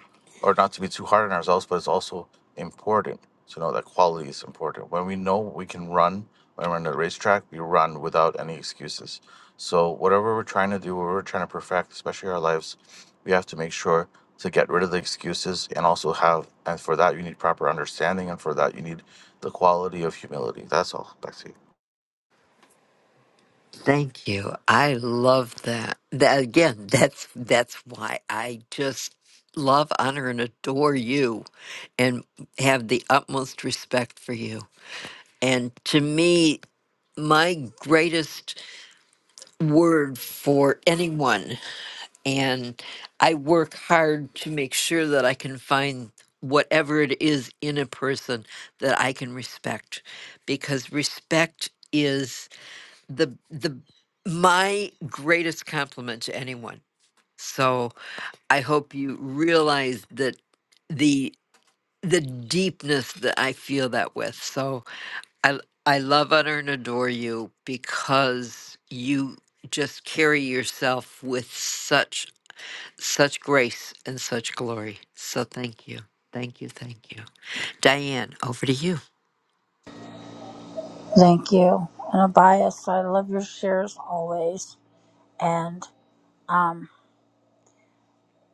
or not to be too hard on ourselves, but it's also important to know that quality is important. When we know we can run, when we're on the racetrack, we run without any excuses. So, whatever we're trying to do, whatever we're trying to perfect, especially our lives, we have to make sure to get rid of the excuses and also have, and for that, you need proper understanding, and for that, you need the quality of humility. That's all. Back to you.
Thank you. I love that. That again, that's that's why I just love, honor, and adore you and have the utmost respect for you. And to me, my greatest word for anyone, and I work hard to make sure that I can find whatever it is in a person that I can respect because respect is the the my greatest compliment to anyone. So I hope you realize that the the deepness that I feel that with. So I I love, utter, and adore you because you just carry yourself with such such grace and such glory. So thank you. Thank you, thank you. Diane, over to you.
Thank you. And Abias, I love your shares always. And um,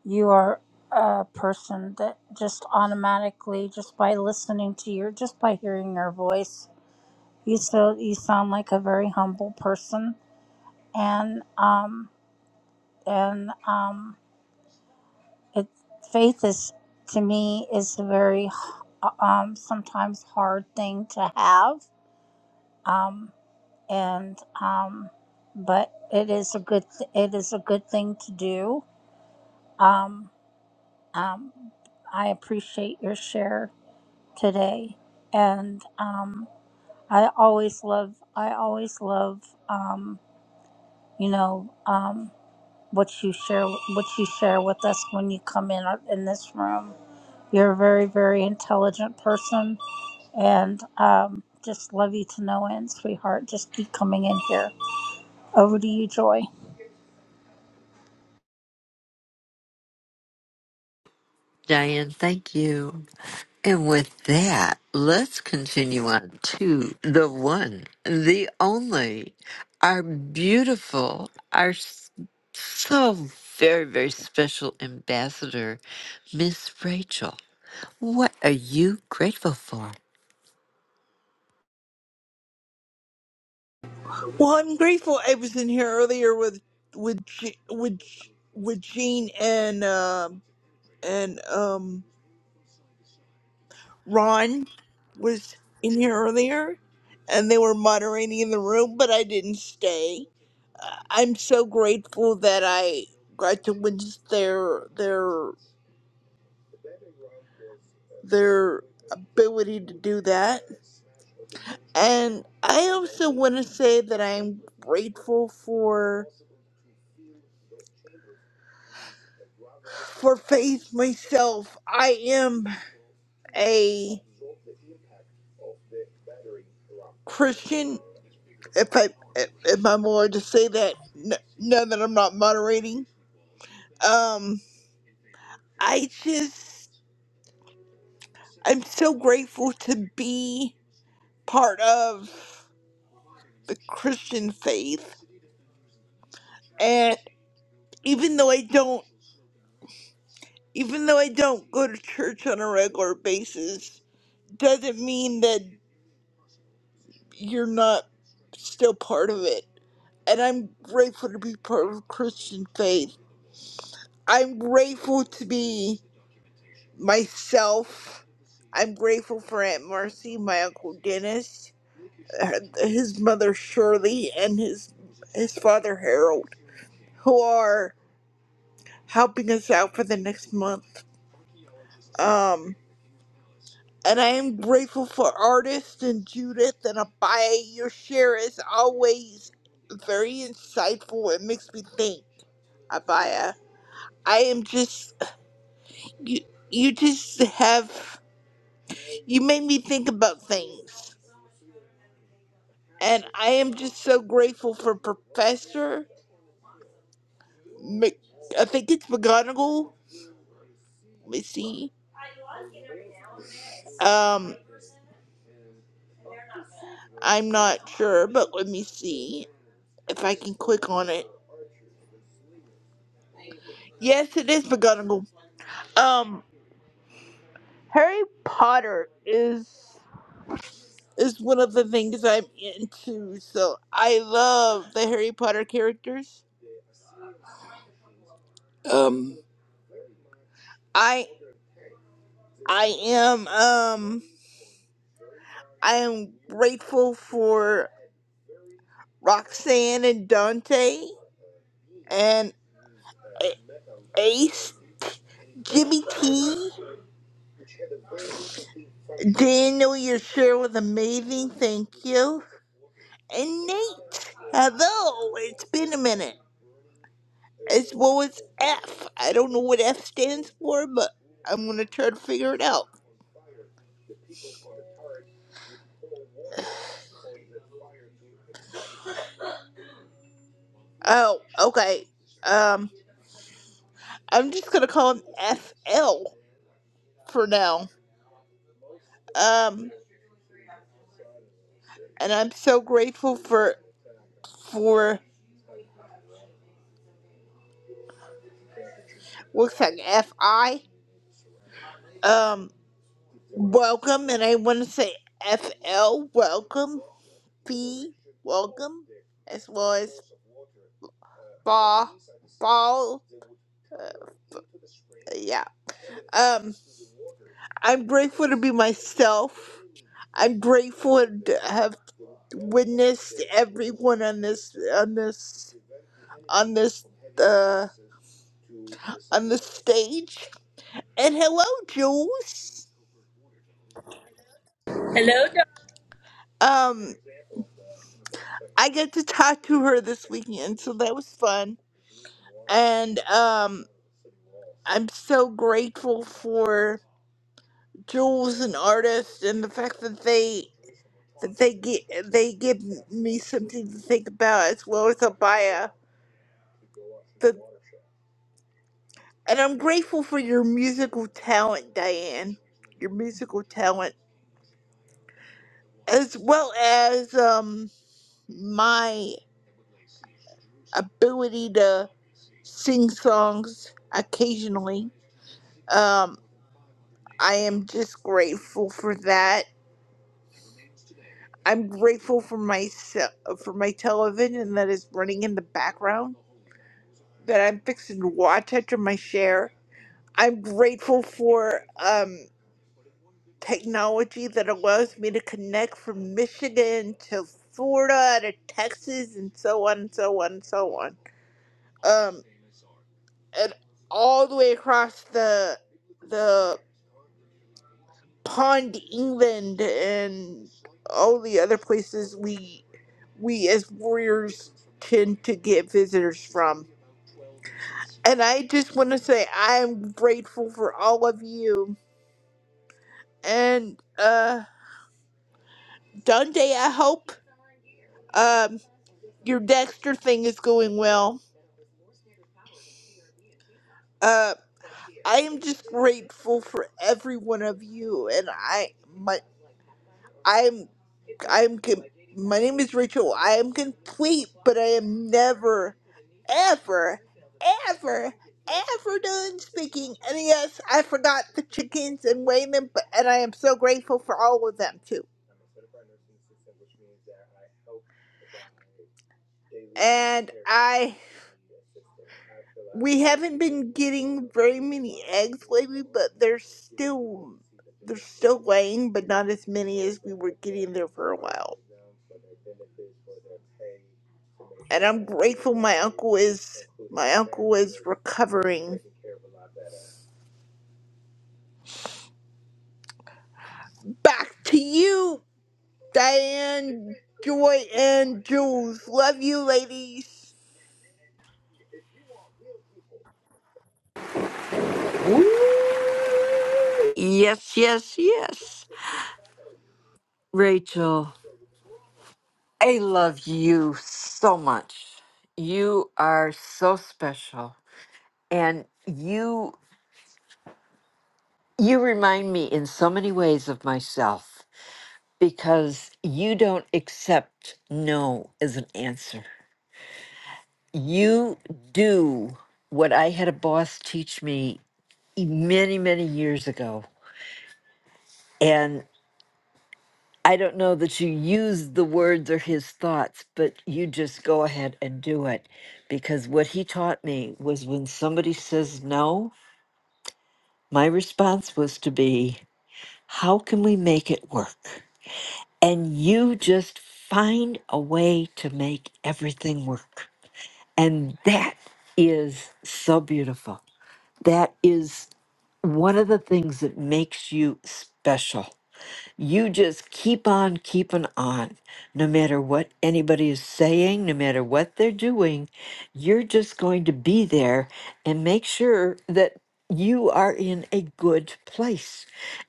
you are a person that just automatically, just by listening to your, just by hearing your voice, you so you sound like a very humble person. And um, and um, it faith is to me is a very um sometimes hard thing to have. Um, and um, but it is a good th- it is a good thing to do. Um, um, I appreciate your share today, and um, I always love I always love um, you know um, what you share what you share with us when you come in in this room. You're a very very intelligent person, and um, just love you to no end, sweetheart. Just keep coming in here. Over to you, Joy.
Diane, thank you. And with that, let's continue on to the one, the only, our beautiful, our s- so very, very special ambassador, Miss Rachel. What are you grateful for?
Well, I'm grateful I was in here earlier with with Je- with Je- with Jean and um and um Ron was in here earlier, and they were moderating in the room, but I didn't stay. Uh, I'm so grateful that I got to witness their their their ability to do that, and I also want to say that I'm grateful for for faith myself. I am. a Christian, if I if I'm allowed to say that, n- now that I'm not moderating. Um, I just I'm so grateful to be part of the Christian faith, and even though I don't, even though I don't go to church on a regular basis, doesn't mean that you're not still part of it. And I'm grateful to be part of Christian faith. I'm grateful to be myself. I'm grateful for Aunt Marcy, my uncle Dennis, uh, his mother Shirley, and his his father Harold, who are helping us out for the next month. Um, and I am grateful for artists and Judith and Abaya. Your share is always very insightful. It makes me think, Abaya. I am just you. You just have you made me think about things And I am just so grateful for Professor Mc. I think it's McGonagall. Let me see. Um, I'm not sure, but let me see if I can click on it. Yes, it is McGonagall. Um, Harry Potter is is one of the things I'm into. So I love the Harry Potter characters. Um, I I am um I am grateful for Roxanne and Dante. and A- Ace, Jimmy T, Daniel, your share was amazing, thank you. And Nate, hello, it's been a minute. As well as F. I don't know what F stands for, but I'm gonna try to figure it out. Oh, okay. Um, I'm just gonna call him FL for now. Um, and I'm so grateful for for looks like FI. Um, Welcome, and I want to say FL, welcome, P, welcome, as well as Ball, Ball, uh, yeah. Um, I'm grateful to be myself. I'm grateful to have witnessed everyone on this, on this, on this, uh, on this stage. And hello, Jules.
Hello, Dr.
Um, I got to talk to her this weekend, so that was fun. And, um. I'm so grateful for Jules and artists and the fact that they that they get they give me something to think about as well as a bio. The, and I'm grateful for your musical talent, Diane. Your musical talent, as well as um my ability to sing songs occasionally. Um, I am just grateful for that I'm grateful for my for my television that is running in the background that I'm fixing to watch after my share. I'm grateful for um, technology that allows me to connect from Michigan to Florida to Texas and so on and so on and so on. Um, and all the way across the the Pond, England, and all the other places we we as warriors tend to get visitors from. And I just want to say I am grateful for all of you. And uh, Dundee, I hope um your Dexter thing is going well. Uh, I am just grateful for every one of you, and I my. I'm. I'm com- my name is Rachel. I am complete, but I am never, ever, ever, ever done speaking. And yes, I forgot the chickens and weighing them, but and I am so grateful for all of them too. And I, we haven't been getting very many eggs lately, but there's still there's still laying, but not as many as we were getting there for a while. and I'm grateful my uncle is my uncle is recovering. Back to you, Diane, Joy, and Jules. Love you, ladies.
Yes, yes, yes. Rachel, I love you so much. You are so special and you you remind me in so many ways of myself because you don't accept no as an answer. You do what I had a boss teach me many, many years ago. I don't know that you use the words or his thoughts, but you just go ahead and do it. Because what he taught me was when somebody says no, my response was to be, How can we make it work? And you just find a way to make everything work. And that is so beautiful. That is one of the things that makes you special You just keep on keeping on. No matter what anybody is saying, no matter what they're doing, you're just going to be there and make sure that you are in a good place.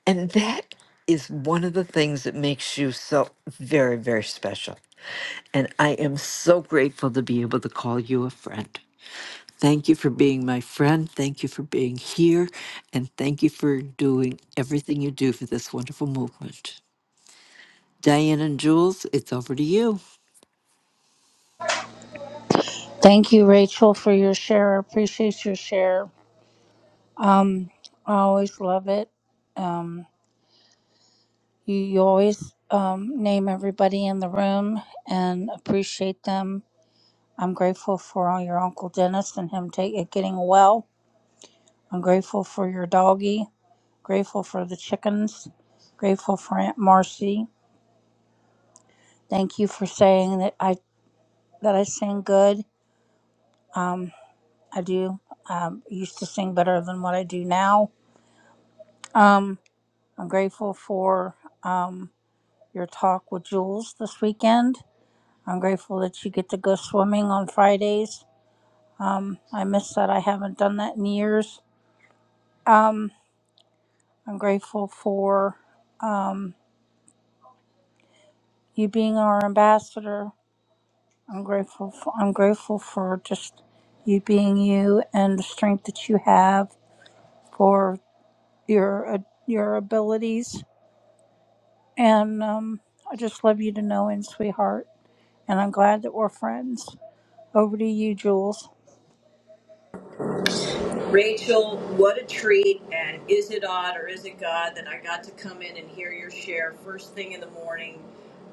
And that is one of the things that makes you so very, very special. And I am so grateful to be able to call you a friend. Thank you for being my friend. Thank you for being here. And thank you for doing everything you do for this wonderful movement. Diane and Jules, it's over to you.
Thank you, Rachel, for your share. I appreciate your share. I always love it. Um, you, you always um, name everybody in the room and appreciate them. I'm grateful for all your Uncle Dennis and him take, it getting well. I'm grateful for your doggy. Grateful for the chickens. Grateful for Aunt Marcy. Thank you for saying that I that I sing good. Um, I do. Um, used to sing better than what I do now. Um, I'm grateful for. Um, your talk with Jules this weekend. I'm grateful that you get to go swimming on Fridays. Um, I miss that. I haven't done that in years. Um, I'm grateful for um, you being our ambassador. I'm grateful. For, I'm grateful for just you being you and the strength that you have for your uh, your abilities. And um, I just love you to know, in sweetheart. And I'm glad that we're friends. Over to you, Jules.
Rachel. What a treat. And is it odd or is it God that I got to come in and hear your share first thing in the morning?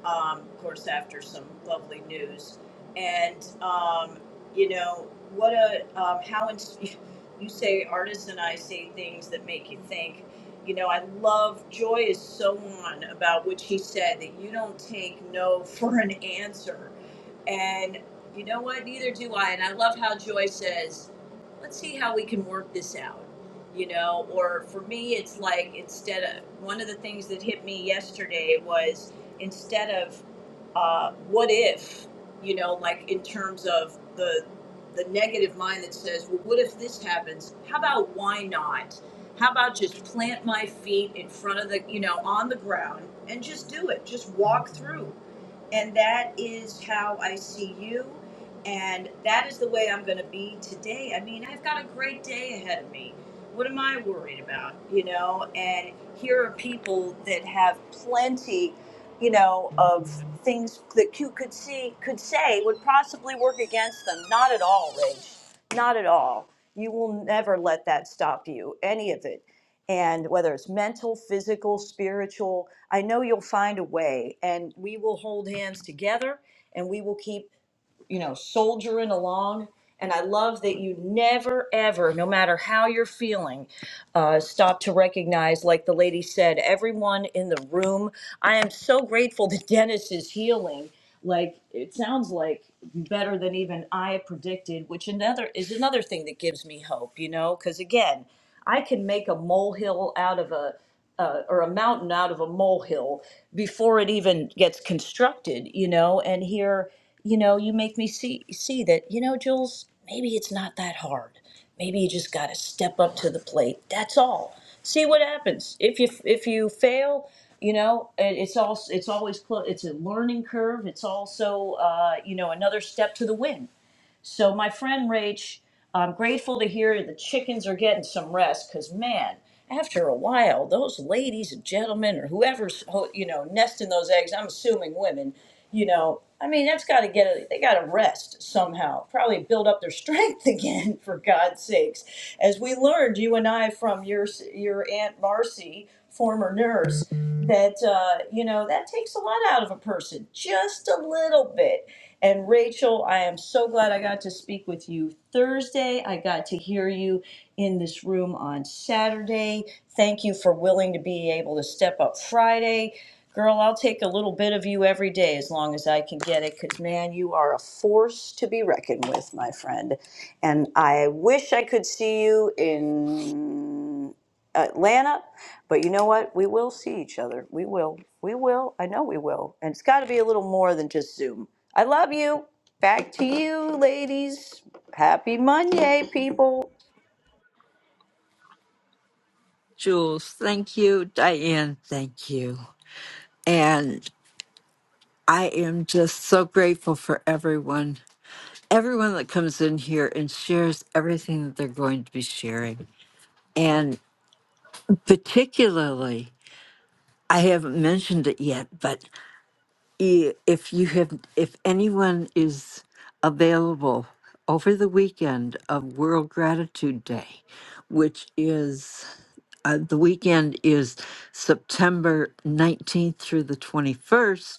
Um, of course, after some lovely news. And, um, you know, what a, um, how ins- you say artists and I say things that make you think. You know, I love, Joy is so on about which he said that you don't take no for an answer And you know what? Neither do I. And I love how Joy says, let's see how we can work this out. You know, or for me, it's like instead of one of the things that hit me yesterday was instead of uh, what if you know like in terms of the the negative mind that says well what if this happens how about why not how about just plant my feet in front of the you know on the ground and just do it just walk through and that is how i see you and that is the way i'm going to be today i mean i've got a great day ahead of me what am i worried about you know and here are people that have plenty you know, of things that you could see could say would possibly work against them. Not at all, Rach. Not at all. You will never let that stop you, any of it. And whether it's mental, physical, spiritual, I know you'll find a way. And we will hold hands together and we will keep you know, soldiering along. And I love that you never, ever, no matter how you're feeling, uh, stop to recognize, like the lady said, everyone in the room. I am so grateful that Dennis is healing. Like it sounds like better than even I predicted, which another is another thing that gives me hope, you know, because again, I can make a molehill out of a uh, or a mountain out of a molehill before it even gets constructed, you know. And here, you know, you make me see see that, you know, Jules, maybe it's not that hard. Maybe you just got to step up to the plate. That's all. See what happens. If you if you fail, you know, it- it's all it's always clo- it's a learning curve. It's also uh, you know another step to the win. So my friend Rach, I'm grateful to hear the chickens are getting some rest because man, after a while, those ladies and gentlemen or whoever's ho- you know nesting those eggs, I'm assuming women, you know, I mean that's got to get a, they got to rest somehow, probably build up their strength again for God's sakes. As we learned, you and I from your s- your aunt Marcy former nurse that uh, you know that takes a lot out of a person just a little bit and rachel i am so glad i got to speak with you thursday i got to hear you in this room on saturday thank you for willing to be able to step up friday girl i'll take a little bit of you every day as long as i can get it because man you are a force to be reckoned with my friend and i wish i could see you in Atlanta, but you know what? We will see each other. We will. We will. I know we will. And it's got to be a little more than just Zoom. I love you. Back to you, ladies. Happy Monday, people.
Jules, thank you. Diane, thank you. And I am just so grateful for everyone, everyone that comes in here and shares everything that they're going to be sharing. And particularly, I haven't mentioned it yet, but i- if you have, if anyone is available over the weekend of World Gratitude Day, which is uh, the weekend is September 19th through the 21st.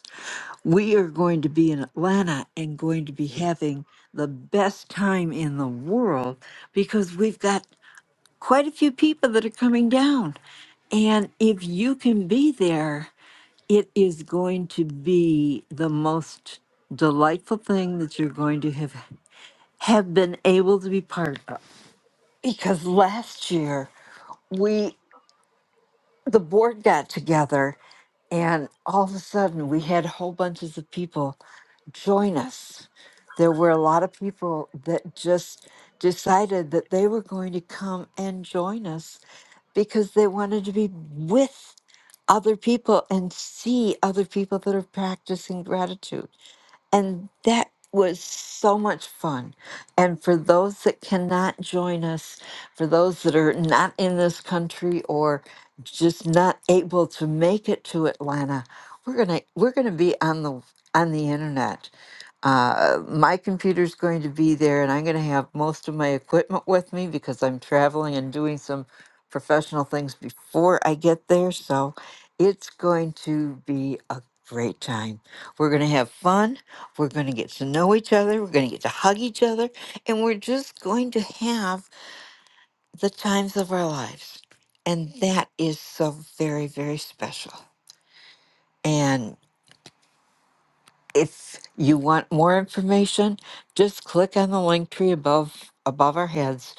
We are going to be in Atlanta and going to be having the best time in the world because we've got quite a few people that are coming down. And if you can be there, it is going to be the most delightful thing that you're going to have have been able to be part of because last year we the board got together and all of a sudden we had whole bunches of people join us there were a lot of people that just decided that they were going to come and join us because they wanted to be with other people and see other people that are practicing gratitude and that was so much fun. And for those that cannot join us, for those that are not in this country or just not able to make it to Atlanta, we're gonna we're gonna be on the on the internet. Uh, my computer's going to be there, and I'm going to have most of my equipment with me because I'm traveling and doing some professional things before I get there. So it's going to be a great time. We're going to have fun. We're going to get to know each other. We're going to get to hug each other. And we're just going to have the times of our lives. And that is so very, very special. if you want more information, just click on the link tree above above our heads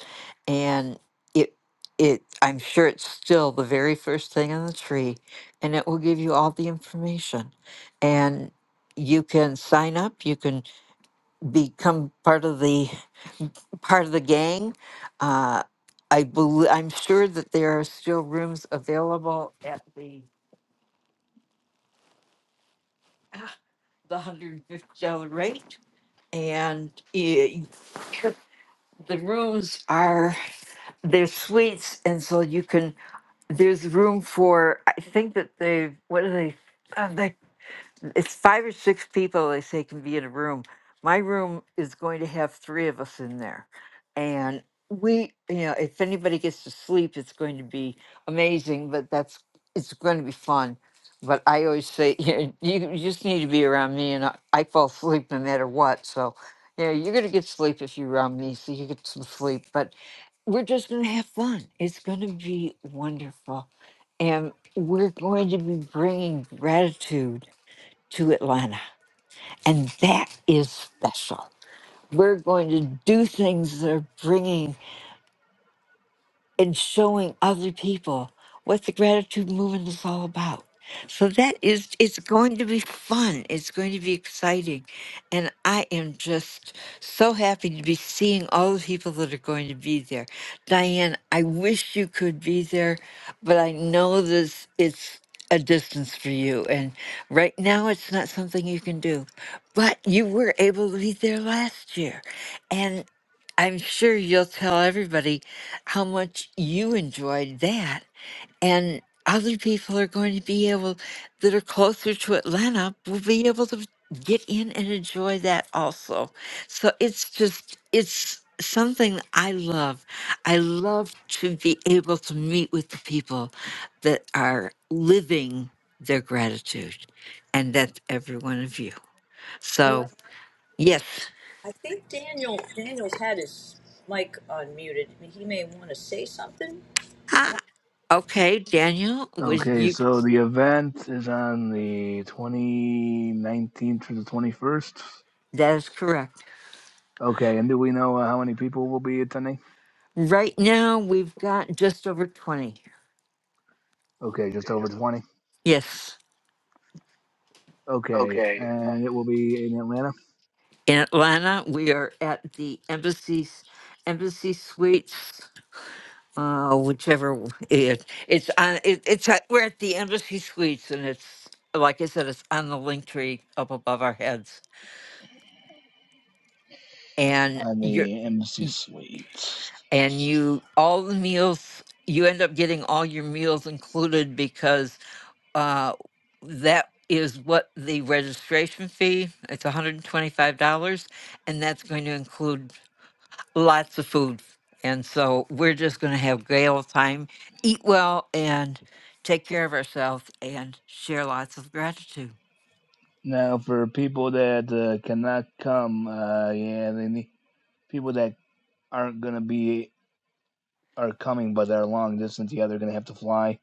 and it it I'm sure it's still the very first thing on the tree and it will give you all the information. And you can sign up, you can become part of the part of the gang. Uh I believe I'm sure that there are still rooms available at the the hundred and fifty dollar rate. And it. the rooms are they're suites and so you can there's room for i think that they what are they uh, they it's five or six people they say can be in a room my room is going to have three of us in there and we you know if anybody gets to sleep it's going to be amazing but that's it's going to be fun but i always say you, you you just need to be around me and I, I fall asleep no matter what so yeah, you're gonna get sleep if you're around me, so you get some sleep. But we're just going to have fun. It's going to be wonderful. And we're going to be bringing gratitude to Atlanta. And that is special. We're going to do things that are bringing and showing other people what the gratitude movement is all about. So that is, it's going to be fun. It's going to be exciting. And I am just so happy to be seeing all the people that are going to be there. Diane, I wish you could be there, but I know this, it's a distance for you. And right now, it's not something you can do. But you were able to be there last year. And I'm sure you'll tell everybody how much you enjoyed that. And other people are going to be able, that are closer to Atlanta, will be able to get in and enjoy that also. So it's just, it's something I love. I love to be able to meet with the people that are living their gratitude. And that's every one of you.
You know what?
So, yes.
I think Daniel Daniel's had his mic unmuted. He may want to say something.
Ah, okay, Daniel, was
Okay,
you,
so the event is on the 2019th through the 21st.
that is correct.
Okay, and do we know uh, how many people will be attending?
Right now, we've got just over 20.
Okay, just over 20.
Yes.
Okay, and it will be in Atlanta
In Atlanta, we are at the embassies, embassy suites, uh, whichever w- it, it's on, it, it's, at, we're at the embassy suites and it's, like I said, it's on the link tree up above our heads. And
on
you're,
the Embassy
y-
Suite.
and you, all the meals, you end up getting all your meals included because Uh, that is what the registration fee, it's $125, and twenty-five dollars, and that's going to include lots of food. And so we're just going to have great old time, eat well, and take care of ourselves and share lots of gratitude.
Now, for people that uh, cannot come, uh, yeah, they need people that aren't going to be are coming but they're long distance. Yeah, they're going to have to fly.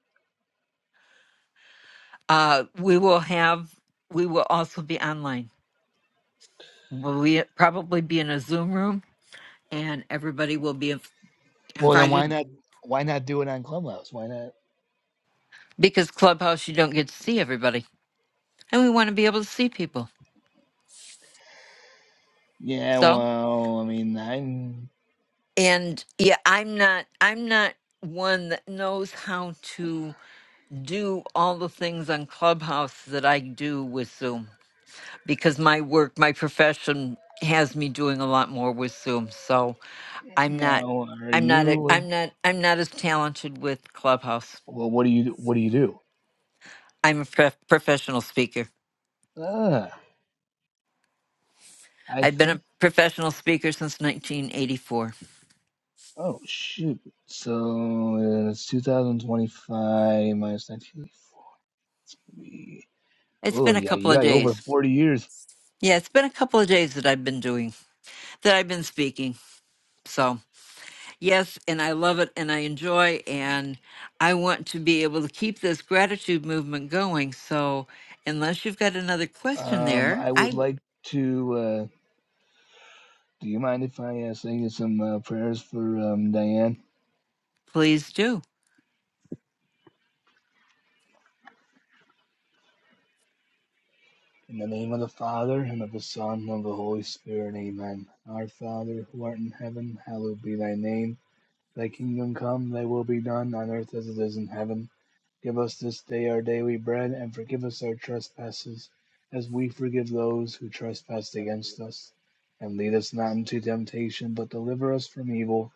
Uh, we will have, we will also be online. We'll we probably be in a Zoom room, and everybody will be inv-
Well, then why
invited
not? Why not do it on Clubhouse? Why not?
because Clubhouse, you don't get to see everybody, and we want to be able to see people.
Yeah,
So.
well, I mean, I'm
and yeah i'm not i'm not one that knows how to do all the things on clubhouse that i do with zoom because my work my profession has me doing a lot more with zoom so i'm not
now. Are
i'm not a,
you?
i'm
like-
not i'm not as talented with clubhouse
Well, what do you? do- What do you do?
i'm a prof- professional speaker
Ah, I
i've been
think.
a professional speaker since 1984
Oh shoot! So uh, it's 2025 minus 1984. It's gonna be.
it's
Oh
been a
yeah,
couple
yeah,
of
over
days
40 years.
yeah it's been a couple of days that i've been doing that i've been speaking so Yes, and I love it and I enjoy and I want to be able to keep this gratitude movement going. So, unless you've got another question
Um,
there,
I
I
would
w-
like to. Uh, do you mind if I uh, sing you some uh, prayers for um, Diane?
please do.
In the name of the Father, and of the Son, and of the Holy Spirit, amen. Our Father, who art in heaven, hallowed be thy name. Thy kingdom come, thy will be done, on earth as it is in heaven. Give us this day our daily bread, and forgive us our trespasses, as we forgive those who trespass against us. And lead us not into temptation, but deliver us from evil.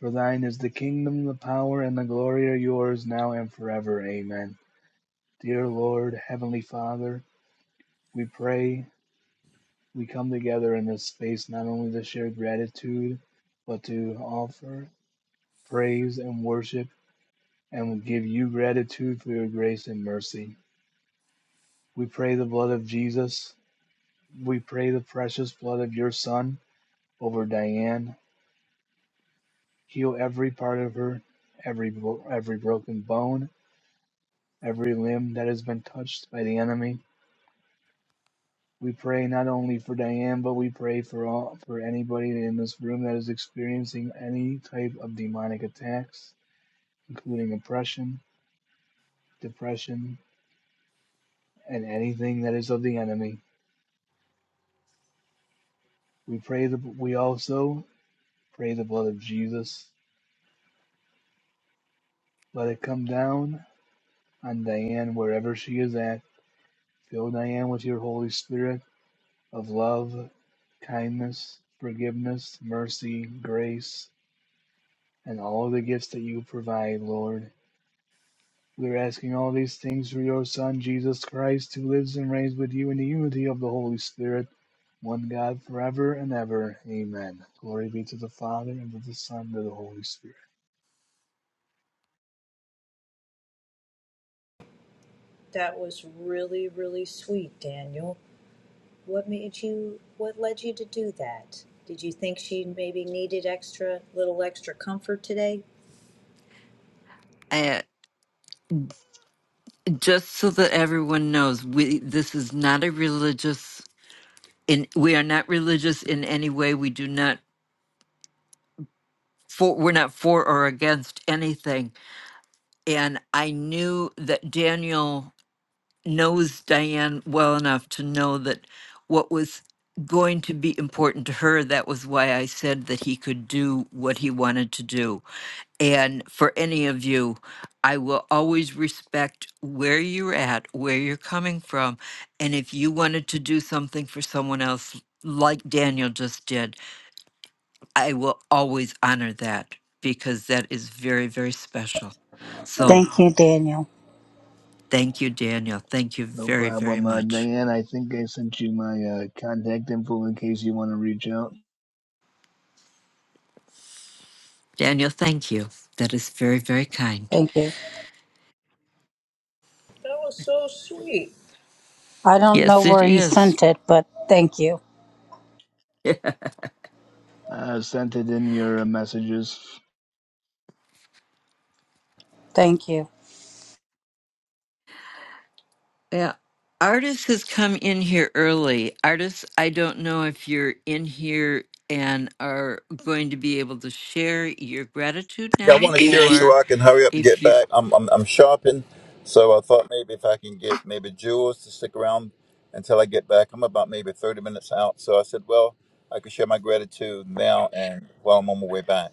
For thine is the kingdom, the power, and the glory are yours, now and forever. Amen. Dear Lord, Heavenly Father, we pray we come together in this space not only to share gratitude, but to offer praise and worship, and we give you gratitude for your grace and mercy. We pray the blood of Jesus. We pray the precious blood of your Son over Diane. Heal every part of her, every every broken bone, every limb that has been touched by the enemy. We pray not only for Diane, but we pray for all for anybody in this room that is experiencing any type of demonic attacks. including oppression, depression, and anything that is of the enemy. We pray the we also pray the blood of Jesus. Let it come down on Diane wherever she is at. Fill Diane with your Holy Spirit of love, kindness, forgiveness, mercy, grace, and all of the gifts that you provide, Lord. We're asking all these things through your Son, Jesus Christ, who lives and reigns with you in the unity of the Holy Spirit, one God, forever and ever. Amen. Glory be to the Father, and to the Son, and to the Holy Spirit.
That was really, really sweet, Daniel. What made you? What led you to do that? Did you think she maybe needed extra, little extra comfort today?
Uh, just so that everyone knows, we this is not a religious in we are not religious in any way. We do not for we're not for or against anything. And I knew that Daniel knows Diane well enough to know that what was going to be important to her, that was why I said that he could do what he wanted to do. And for any of you, I will always respect where you're at, where you're coming from. And if you wanted to do something for someone else, like Daniel just did, I will always honor that because that is very, very special. So
Thank you, Daniel.
thank you, Daniel. Thank you
No
very, very
problem. Uh,
much.
Diane, I think I sent you my uh, contact info in case you want to reach out.
Daniel, thank you. That is very, very kind.
Thank you.
That was so sweet.
I don't know
Yes, it
where he
is.
sent it, but thank you.
I sent it in your uh, messages.
Thank you.
Yeah. Artis has come in here early. Artis, I don't know if you're in here and are going to be able to share your gratitude
Yeah, I want
now
to share it
or
so I can hurry up and get
if you.
back. I'm, I'm I'm shopping, so I thought maybe if I can get maybe Jules to stick around until I get back. I'm about maybe 30 minutes out, so I said, well, I could share my gratitude now and while I'm on my way back.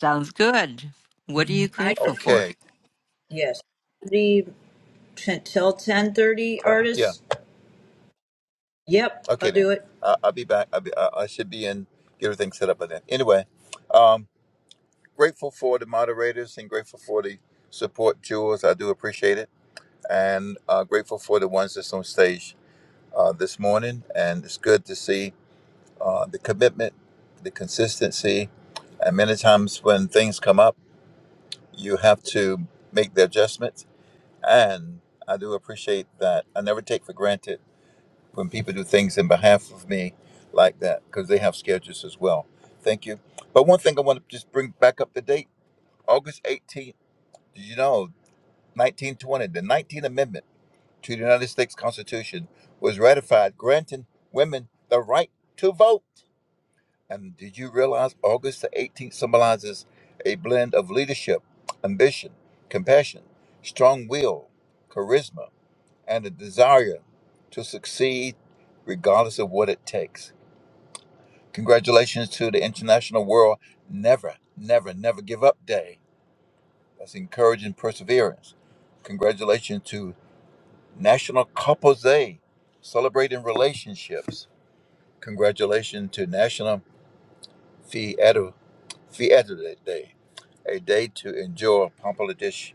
Sounds good. What are you
I
grateful
can,
for?
Okay.
yes. The ten, till ten thirty
Yeah. Yeah.
artists. Yep,
Okay
I'll
then.
do it.
I I'll be back. I'll be, I, I should be in. Get everything set up by then. Anyway, um, grateful for the moderators and grateful for the support, Jules. I do appreciate it, and uh, grateful for the ones that's on stage uh, this morning, and it's good to see uh, the commitment, the consistency, and many times when things come up, you have to make the adjustments. And I do appreciate that. I never take for granted when people do things in behalf of me like that because they have schedules as well. Thank you. But one thing I want to just bring back up the date August 18th, did you know, 1920, the 19th Amendment to the United States Constitution was ratified, granting women the right to vote. And did you realize August the 18th symbolizes a blend of leadership, ambition, compassion, strong will, charisma, and a desire to succeed regardless of what it takes? Congratulations to the International World Never, Never, Never Give Up Day. That's encouraging perseverance. Congratulations to National Couples Day, celebrating relationships. Congratulations to National Fiesta Fiesta Day. a day to enjoy Pampa Dish.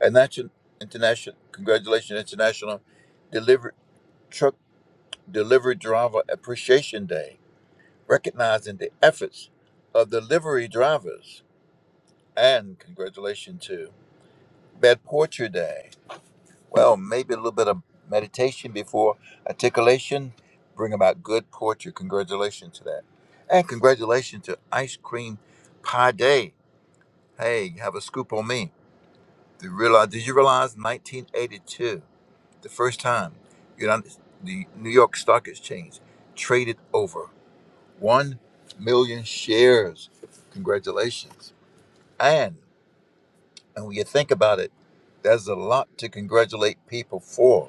And that's an international, congratulations, International Delivery Truck Delivery Driver Appreciation Day, recognizing the efforts of delivery drivers. And congratulations to Bad Poetry Day. Well, maybe a little bit of meditation before articulation, bring about good poetry. Congratulations to that. And congratulations to Ice Cream Pie Day. Hey, have a scoop on me. The realize, did you realize 1982, the first time United, the New York Stock Exchange traded over 1 million shares? Congratulations. And, and when you think about it, there's a lot to congratulate people for.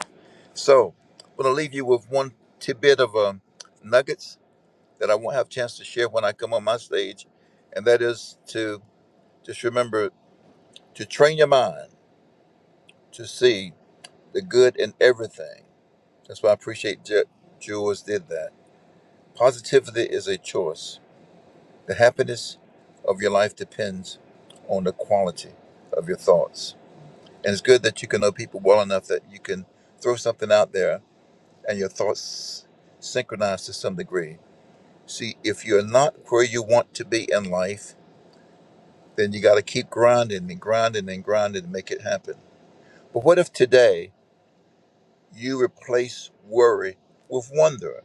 So, I'm going to leave you with one tidbit of um, nuggets that I won't have a chance to share when I come on my stage, and that is to just remember to train your mind to see the good in everything That's why I appreciate Je- Jules did that. Positivity is a choice. The happiness of your life depends on the quality of your thoughts. And it's good that you can know people well enough that you can throw something out there and your thoughts synchronize to some degree. See, if you're not where you want to be in life, then you got to keep grinding and grinding and grinding to make it happen. But what if today you replace worry with wonder?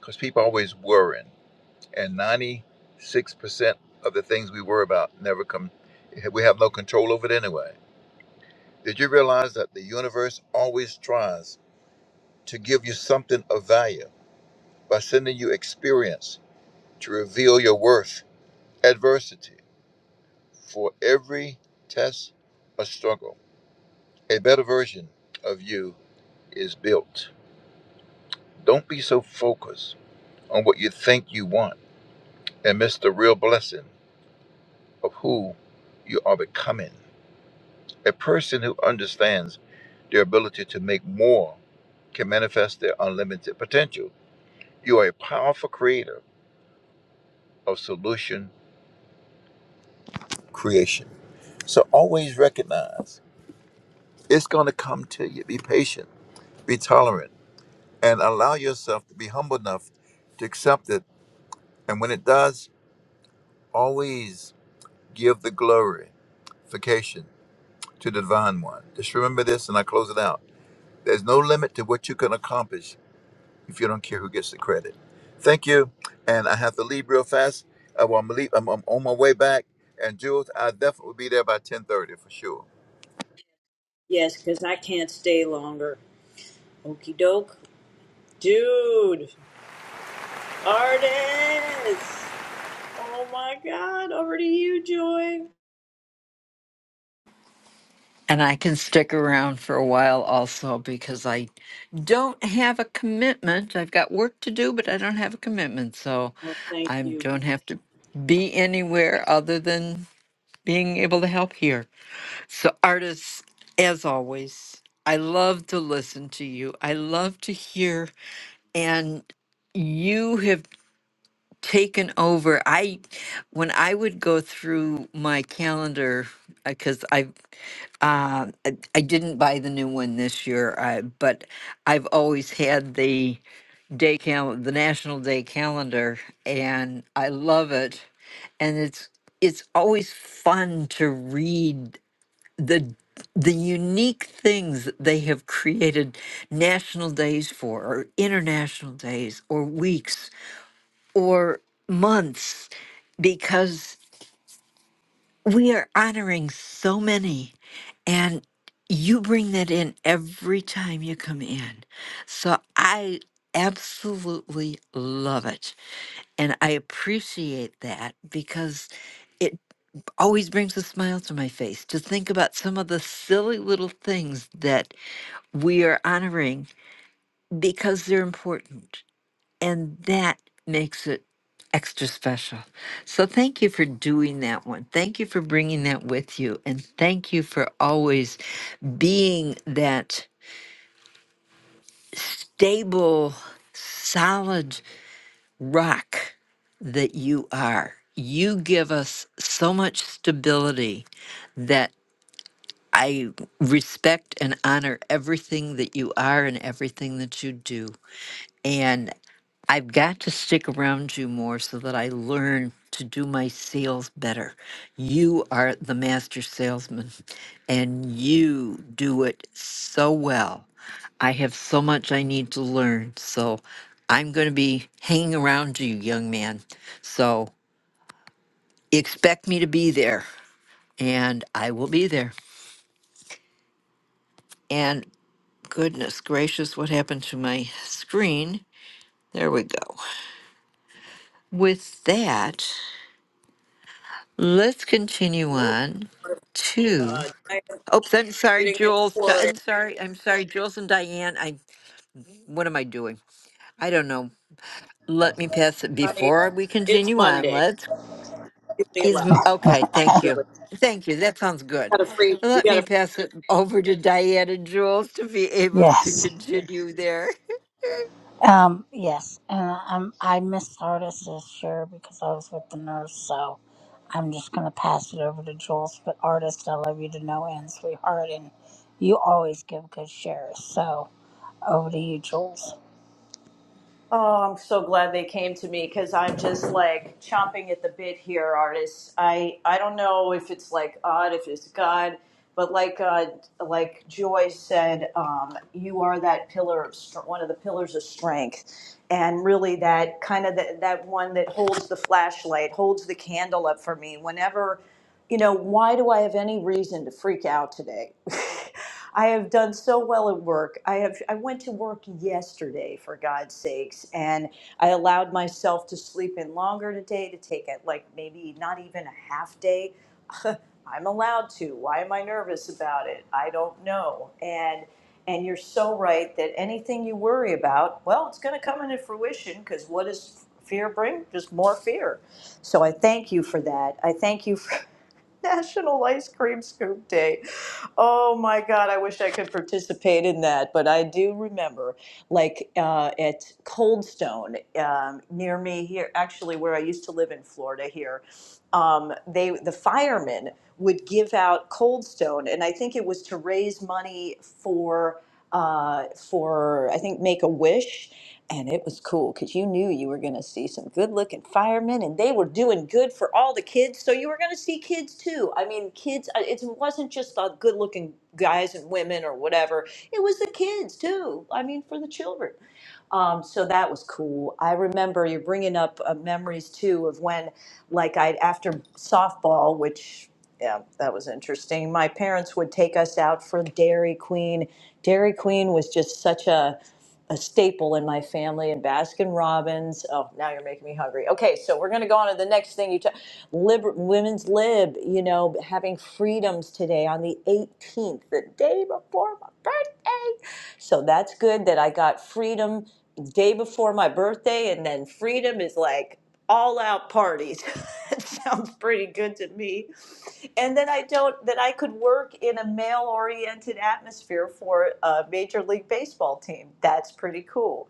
Because people always worrying and 96% of the things we worry about never come we have no control over it anyway did you realize that the universe always tries to give you something of value by sending you experience to reveal your worth adversity for every test a struggle a better version of you is built don't be so focused on what you think you want and miss the real blessing of who you are becoming A person who understands their ability to make more can manifest their unlimited potential. You are a powerful creator of solution creation. So always recognize it's going to come to you. Be patient, be tolerant, and allow yourself to be humble enough to accept it. And when it does, always give the glorification to the divine one. Just remember this, and I close it out. There's no limit to what you can accomplish if you don't care who gets the credit. Thank you. And I have to leave real fast. Uh, well, I'm, leave, I'm, I'm on my way back. And Jules, I definitely will be there by 10.30 for sure.
Yes, because I can't stay longer. Okie doke, dude. Artists. Oh my God! Over to you, Joy.
And I can stick around for a while also because I don't have a commitment. I've got work to do, but I don't have a commitment. So
Oh, thank
I
you.
don't have to be anywhere other than being able to help here. So, artists, as always, I love to listen to you. I love to hear. And you have taken over. I, when I would go through my calendar, because I uh, I I didn't buy the new one this year, I, but I've always had the day cal- the national day calendar, and I love it. And it's it's always fun to read the the unique things that they have created national days for, or international days, or weeks, or months, because we are honoring so many, and you bring that in every time you come in. So I absolutely love it. And I appreciate that because it always brings a smile to my face to think about some of the silly little things that we are honoring because they're important and that makes it extra special. So thank you for doing that one. Thank you for bringing that with you and thank you for always being that stable, solid rock that you are. You give us so much stability that I respect and honor everything that you are and everything that you do. I've got to stick around you more so that I learn to do my sales better. You are the master salesman and you do it so well. I have so much I need to learn. So I'm going to be hanging around you, young man. So expect me to be there and I will be there. And goodness gracious, what happened to my screen? There we go. With that, Let's continue
Whoa.
on
Uh,
to.
I
Oh, I'm sorry,
didn't get to
Jules. Di-
pour in,
I'm sorry. I'm sorry, Jules and Diane. I. What am I doing? I don't know. Let me pass it
honey.
before we
It's
continue on.
Monday.
Let's
It's
is m-
allowed.
okay. Thank you. Thank you. That sounds good.
Got a free. We
Let
got
me
a
pass it over to Diana Jules to be able to
Yes.
continue there.
Um, yes. And I'm, I missed Artis share because I was with the nurse, so I'm just going to pass it over to Jules. But artist, I love you to no end, sweetheart, and you always give good shares. So over to you, Jules.
Oh, I'm so glad they came to me because I'm just like chomping at the bit here, artists. I I don't know if it's like odd, if it's God, but like uh, like Joy said, um, you are that pillar of str- one of the pillars of strength, and really that kind of the, that one that holds the flashlight, holds the candle up for me whenever you know, why do I have any reason to freak out today? I have done so well at work. I have I went to work yesterday for God's sakes and I allowed myself to sleep in longer today to take it like maybe not even a half day. I'm allowed to. Why am I nervous about it? I don't know. And and you're so right that anything you worry about, well, it's going to come into fruition because what does fear bring? Just more fear. So I thank you for that. I thank you for National Ice Cream Scoop Day. Oh my God, I wish I could participate in that, but I do remember, like uh, at Coldstone um, near me here, actually where I used to live in Florida here, um, they the firemen would give out Coldstone, and I think it was to raise money for uh, for I think Make a Wish. And it was cool because you knew you were going to see some good looking firemen and they were doing good for all the kids. So you were going to see kids too. I mean, kids, uh, it wasn't just the good looking guys and women or whatever, it was the kids too. I mean, for the children. Um, so that was cool. I remember you're bringing up uh, memories too of when, like, I after softball, which yeah, that was interesting. My parents would take us out for Dairy Queen. Dairy Queen was just such a a staple in my family and Baskin Robbins. Oh, now you're making me hungry. Okay, so we're going to go on to the next thing you talk liber- women's lib, you know, having freedoms today on the 18th, the day before my birthday. So that's good that I got freedom day before my birthday and then freedom is like all out parties. That sounds pretty good to me. And then I don't, that I could work in a male oriented atmosphere for a Major League Baseball team. That's pretty cool.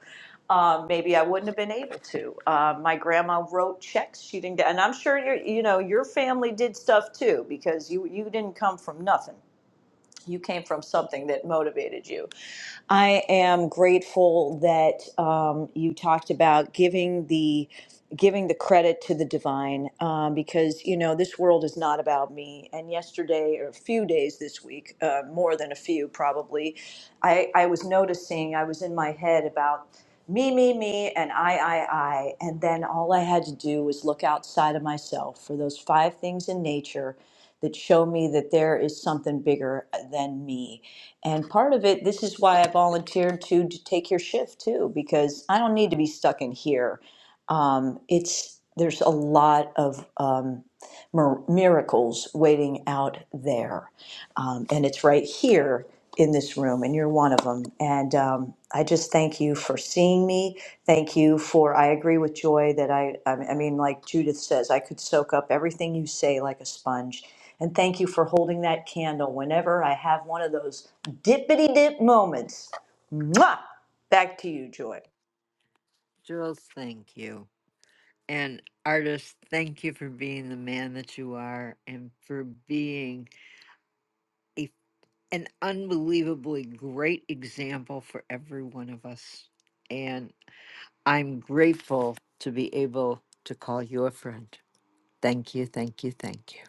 Um, maybe I wouldn't have been able to. Uh, my grandma wrote checks. She didn't, and I'm sure your, you know, your family did stuff too because you you didn't come from nothing you came from something that motivated you. I am grateful that um, you talked about giving the giving the credit to the divine um, because you know this world is not about me and yesterday or a few days this week uh, more than a few probably I, I was noticing i was in my head about me me me and i i i and then all i had to do was look outside of myself for those five things in nature that show me that there is something bigger uh, than me. And part of it, this is why I volunteered to, to take your shift too, because I don't need to be stuck in here. Um, it's there's a lot of um, mir- miracles waiting out there, um, and it's right here in this room, and you're one of them. And um, I just thank you for seeing me. Thank you for. I agree with Joy that I. I I mean, like Judith says, I could soak up everything you say like a sponge and thank you for holding that candle whenever I have one of those dippity dip moments. Mwah! Back to you, Joy.
Jules, thank you. And artist, thank you for being the man that you are and for being a. an unbelievably great example for every one of us. And I'm grateful to be able to call you a friend. Thank you, thank you, thank you.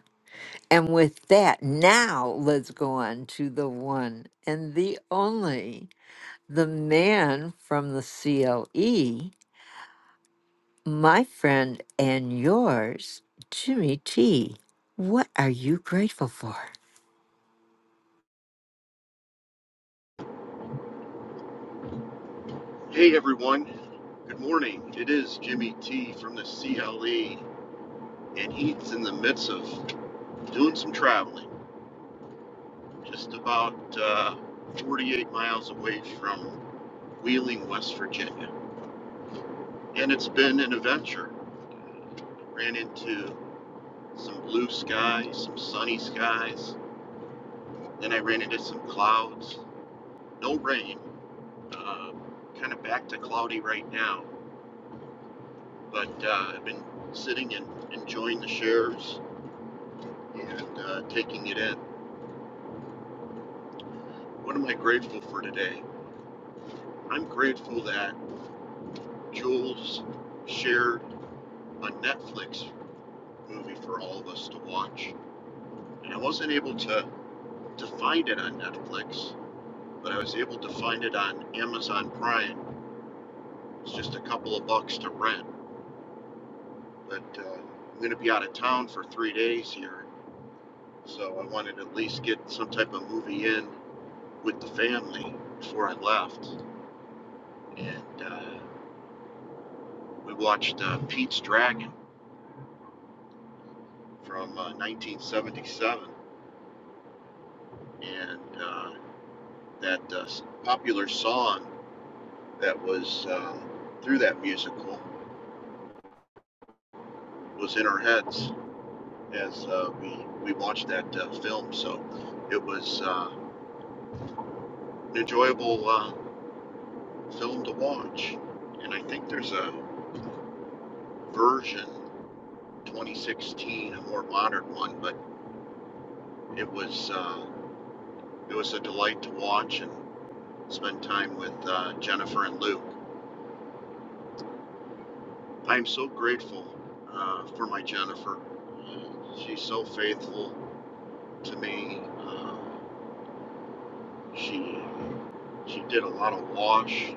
And with that, now let's go on to the one and the only, the man from the CLE, my friend and yours, Jimmy T. What are you grateful for?
Hey everyone, good morning. It is Jimmy T from the CLE, and he's in the midst of doing some traveling, just about uh, 48 miles away from Wheeling, West Virginia. And it's been an adventure. Ran into some blue skies, some sunny skies, then I ran into some clouds, no rain, uh, kind of back to cloudy right now. But uh, I've been sitting and enjoying the shares and uh, taking it in. What am I grateful for today? I'm grateful that Jules shared a Netflix movie for all of us to watch. And I wasn't able to, to find it on Netflix, but I was able to find it on Amazon Prime. It's just a couple of bucks to rent. But uh, I'm going to be out of town for three days here, so I wanted to at least get some type of movie in with the family before I left. And uh, We watched uh, Pete's Dragon from uh, 1977, and uh, that uh, popular song that was um, through that musical was in our heads as uh, we we watched that uh, film. So it was uh, an enjoyable uh, film to watch, and I think there's a version 2016, a more modern one, but it was uh, it was a delight to watch and spend time with uh, Jennifer and Lou. I'm so grateful uh, for my Jennifer. Uh, she's so faithful to me. Uh, she she did a lot of wash.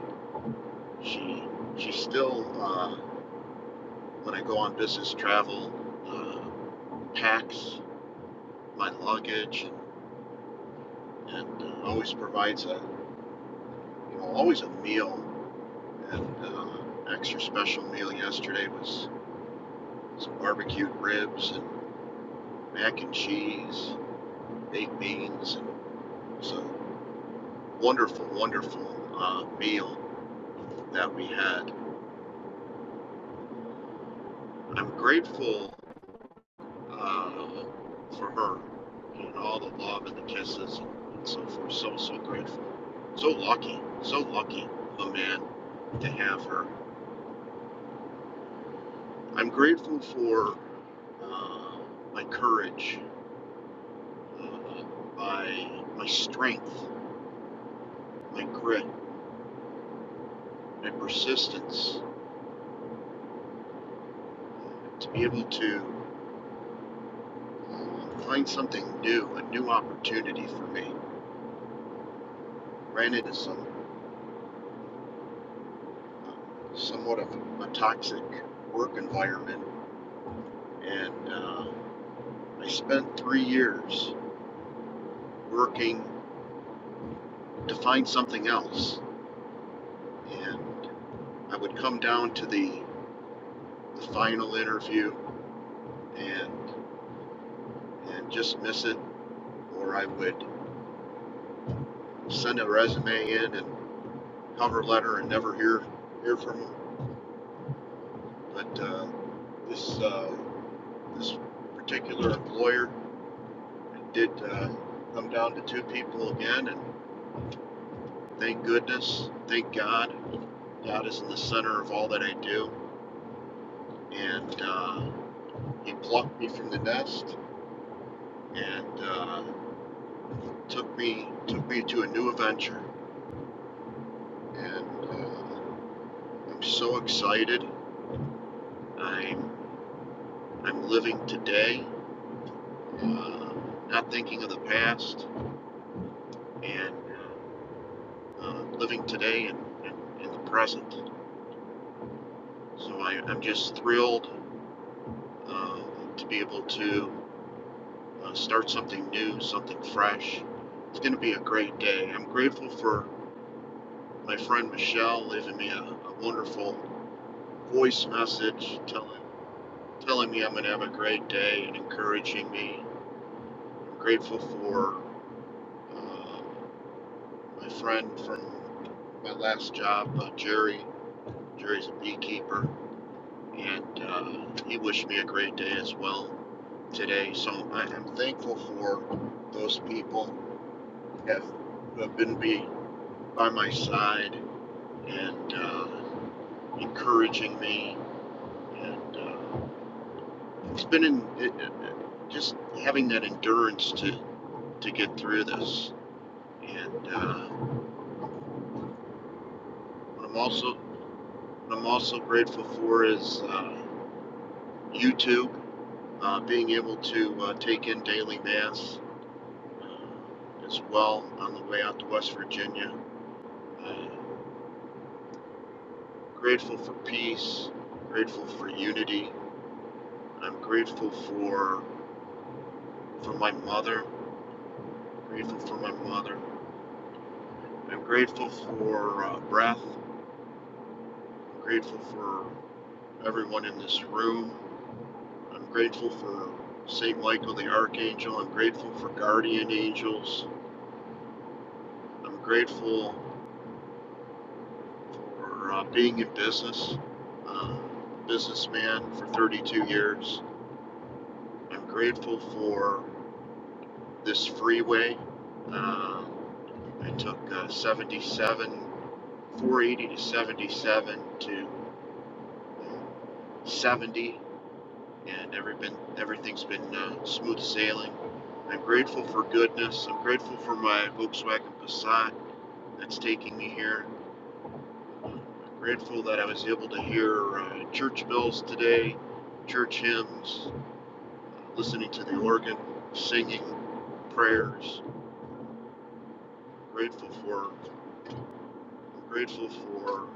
She she still uh, when I go on business travel uh, packs my luggage and, and uh, always provides a you know always a meal and uh, extra special meal yesterday was some barbecued ribs and mac and cheese, baked beans, and so wonderful, wonderful uh, meal that we had. I'm grateful uh, for her and all the love and the kisses and so forth. So, so grateful. So lucky, so lucky, a man, to have her. I'm grateful for uh, my courage, uh, my, my strength, my grit, my persistence to be able to uh, find something new, a new opportunity for me. ran into some uh, somewhat of a toxic work environment, and uh, I spent three years working to find something else. And I would come down to the, the final interview and and just miss it, or I would send a resume in and cover letter and never hear hear from them. But uh, this uh, this particular employer did uh, come down to two people again, and Thank goodness. Thank God. God is in the center of all that I do. And uh, He plucked me from the nest and uh, took me took me to a new adventure. And uh, I'm so excited. I'm I'm living today, uh, not thinking of the past, and uh, living today and in, the present. So I, I'm just thrilled uh, to be able to uh, start something new, something fresh. It's going to be a great day. I'm grateful for my friend Michelle leaving me a, a wonderful voice message telling, telling me I'm going to have a great day and encouraging me. I'm grateful for uh, my friend from my last job, uh, Jerry. Jerry's a beekeeper, and uh, he wished me a great day as well today. So I am thankful for those people who have, who have been be by my side and uh, encouraging me. And uh, it's been in, it, it, just having that endurance to, to get through this. And uh, what I'm also what I'm also grateful for is uh, YouTube, uh, being able to uh, take in daily mass uh, as well on the way out to West Virginia. Uh, grateful for peace. Grateful for unity. I'm grateful for for my mother I'm grateful for my father. I'm grateful for uh, breath. I'm grateful for everyone in this room. I'm grateful for St. Michael the Archangel. I'm grateful for guardian angels. I'm grateful for uh, being in business, uh, businessman for 32 years. I'm grateful for this freeway. Uh, I took uh, 77, 480 to 77 to 70 and every been, everything's been uh, smooth sailing. I'm grateful for goodness. I'm grateful for my Volkswagen Passat that's taking me here. I'm grateful that I was able to hear uh, church bells today, church hymns, listening to the organ, singing prayers. Grateful for, grateful for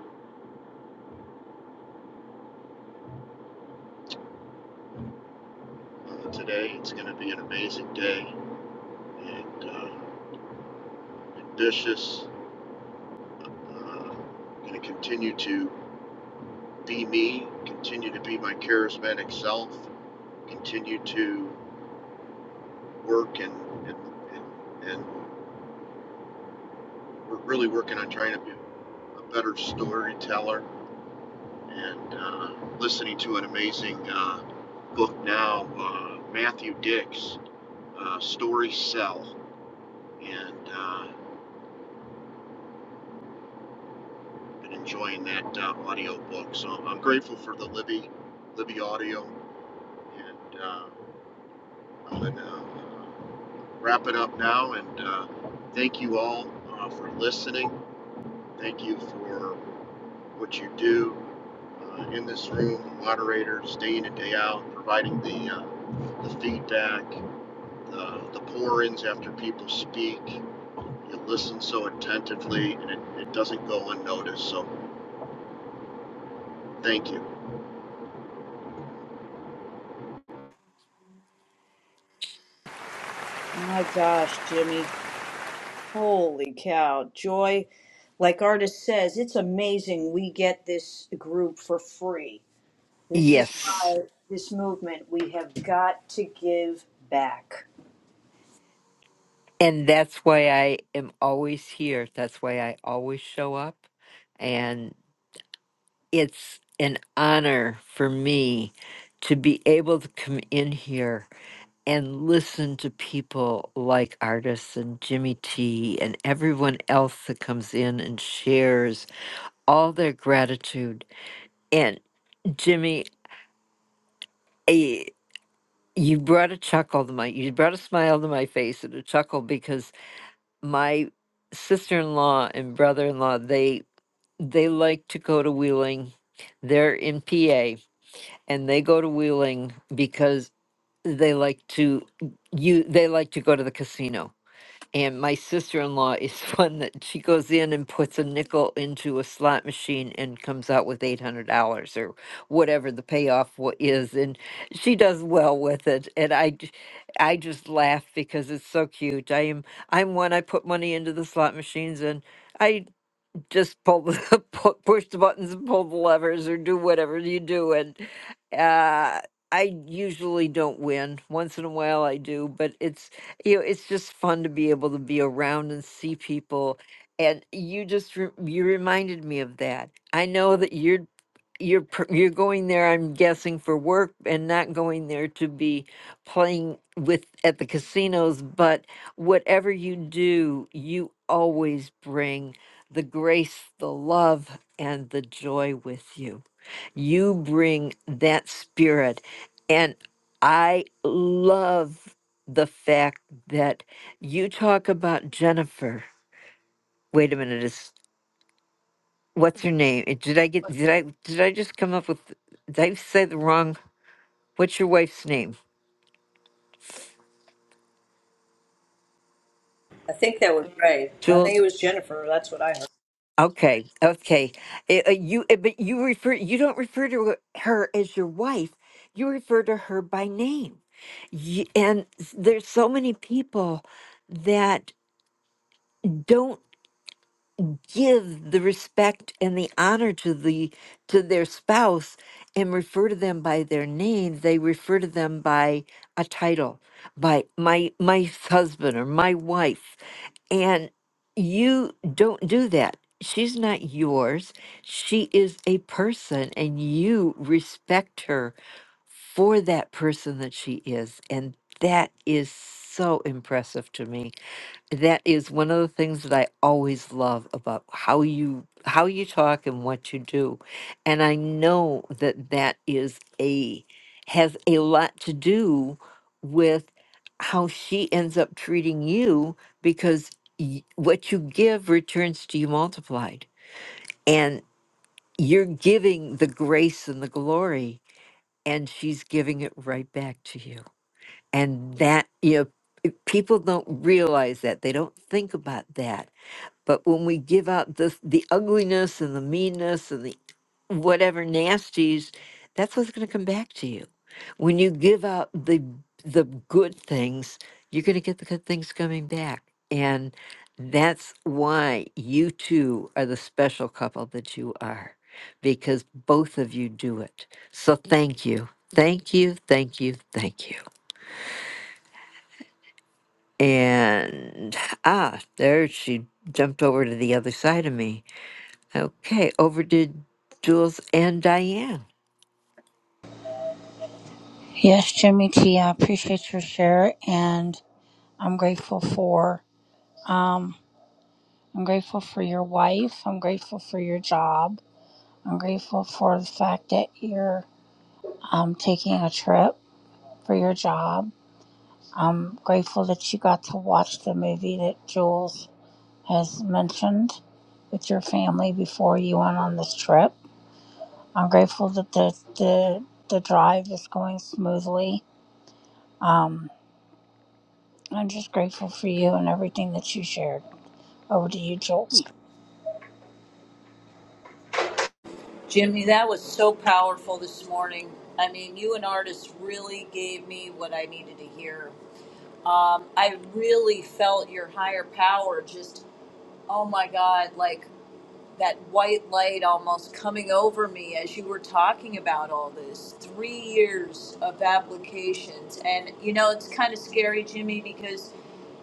uh, today. It's going to be an amazing day and uh, ambitious. Uh, I'm going to continue to be me, continue to be my charismatic self, continue to work and and and, and we're really working on trying to be a better storyteller and uh, listening to an amazing uh, book now, uh, Matthew Dix, uh, Story Cell, and uh, been enjoying that uh, audio book. So I'm grateful for the Libby Libby audio and uh, and, uh, wrap it up now and uh, thank you all uh, for listening. Thank you for what you do uh, in this room, the moderators, day in and day out, providing the, uh, the feedback, the, the pour ins after people speak. You listen so attentively and it, it doesn't go unnoticed. So thank you.
My gosh, Jimmy. Holy cow. Joy, like Artis says, it's amazing we get this group for free. This is
Yes.
why this movement, we have got to give back.
And that's why I am always here. That's why I always show up. And it's an honor for me to be able to come in here and listen to people like artists and Jimmy T and everyone else that comes in and shares all their gratitude. And Jimmy, eh, you brought a chuckle to my, you brought a smile to my face and a chuckle because my sister-in-law and brother-in-law they they like to go to Wheeling. They're in PA and they go to Wheeling because they like to you they like to go to the casino. And my sister-in-law is one that she goes in and puts a nickel into a slot machine and comes out with eight hundred dollars or whatever the payoff wa- is, and she does well with it. And I, j- I just laugh because it's so cute. I am I'm one I put money into the slot machines and. I just pull the pu- push the buttons and pull the levers or do whatever you do and uh I usually don't win. Once in a while I do, but it's you know, it's just fun to be able to be around and see people and you just re- you reminded me of that. I know that you're you're pr- you're going there i'm guessing for work and not going there to be playing with at the casinos but whatever you do you always bring the grace the love and the joy with you you bring that spirit and i love the fact that you talk about jennifer wait a minute is. What's her name? Eh, Did I get? Did I? Did I just come up with? Did I say the wrong? What's your wife's name?
I think that was Ray. I think
Jewel.
it was Jennifer. That's what I heard.
Okay. Okay. Eh, eh, you. eh, But you refer. You don't refer to her as your wife. You refer to her by name. Y- And s- there's so many people that don't. give the respect and the honor to the to their spouse and refer to them by their name they refer to them by a title by my my husband or my wife and you don't do that she's not yours she is a person and you respect her for that person that she is and that is so impressive to me that is one of the things that I always love about how you how you talk and what you do. And I know that that is a has a lot to do with how she ends up treating you because y- what you give returns to you multiplied. And you're giving the grace and the glory and she's giving it right back to you. And that you know, people don't realize that. They don't think about that but when we give out the the ugliness and the meanness and the whatever nasties, that's what's going to come back to you. When you give out the the good things, you're going to get the good things coming back, and that's why you two are the special couple that you are, because both of you do it. So thank you, thank you, thank you, thank you. And ah, there she jumped over to the other side of me. Okay, over to Jules and Diane.
Yes, Jimmy T, I appreciate your share, and I'm grateful for. Um, I'm grateful for your wife. I'm grateful for your job. I'm grateful for the fact that you're um, taking a trip for your job. I'm grateful that you got to watch the movie that Jules has mentioned with your family before you went on this trip. I'm grateful that the the, the drive is going smoothly. Um, I'm just grateful for you and everything that you shared. Over to you, Jules.
Jimmy, that was so powerful this morning. I mean, you and Artis really gave me what I needed to hear. Um, I really felt your higher power just, oh my God, like that white light almost coming over me as you were talking about all this. Three years of applications. And, you know, it's kind of scary, Jimmy, because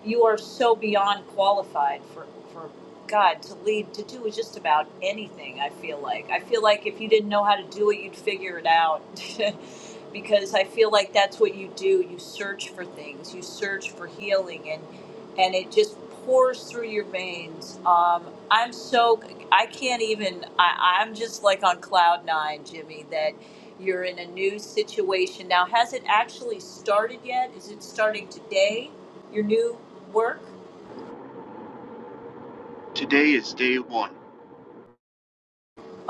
you are so beyond qualified for for God to lead to do just about anything. I feel like I feel like if you didn't know how to do it, you'd figure it out. because I feel like that's what you do. You search for things. You search for healing, and and it just pours through your veins. Um, I'm so I can't even. I, I'm just like on cloud nine, Jimmy. That you're in a new situation now. Has it actually started yet? Is it starting today? your new work?
Today is day one.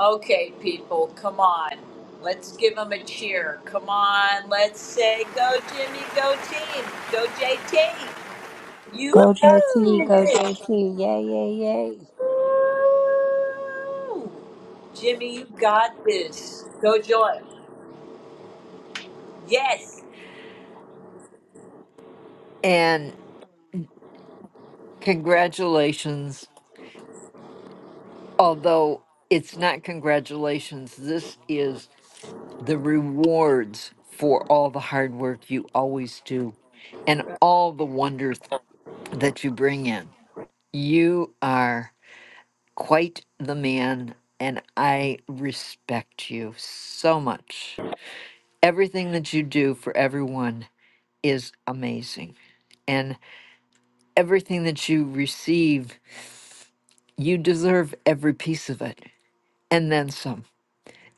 Okay, people, come on. Let's give them a cheer. Come on, let's say, go Jimmy, go team, go JT. You
Go
got
JT,
Woohoo!
go
this.
JT, yay, yay, yay.
Woo! Jimmy, you got this. Go Joy. Yes.
And congratulations, although it's not congratulations, this is the rewards for all the hard work you always do and all the wonders that you bring in. You are quite the man, and I respect you so much. Everything that you do for everyone is amazing. And everything that you receive, you deserve every piece of it and then some.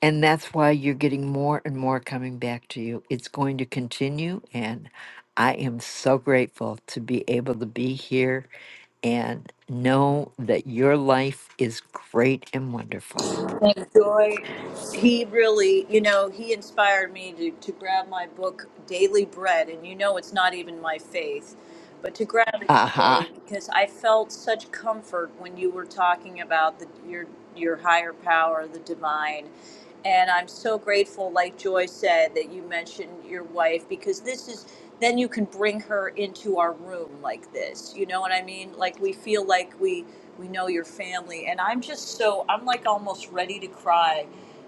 And that's why you're getting more and more coming back to you. It's going to continue. And I am so grateful to be able to be here and know that your life is great and wonderful.
Thank Joy. He really, you know, he inspired me to, to grab my book, Daily Bread. And you know, it's not even my faith, but to grab it
Uh huh.
today because I felt such comfort when you were talking about the, your, your higher power, the divine. And I'm so grateful, like Joy said, that you mentioned your wife because this is then you can bring her into our room like this. You know what I mean? Like we feel like we we know your family. And I'm just so I'm like almost ready to cry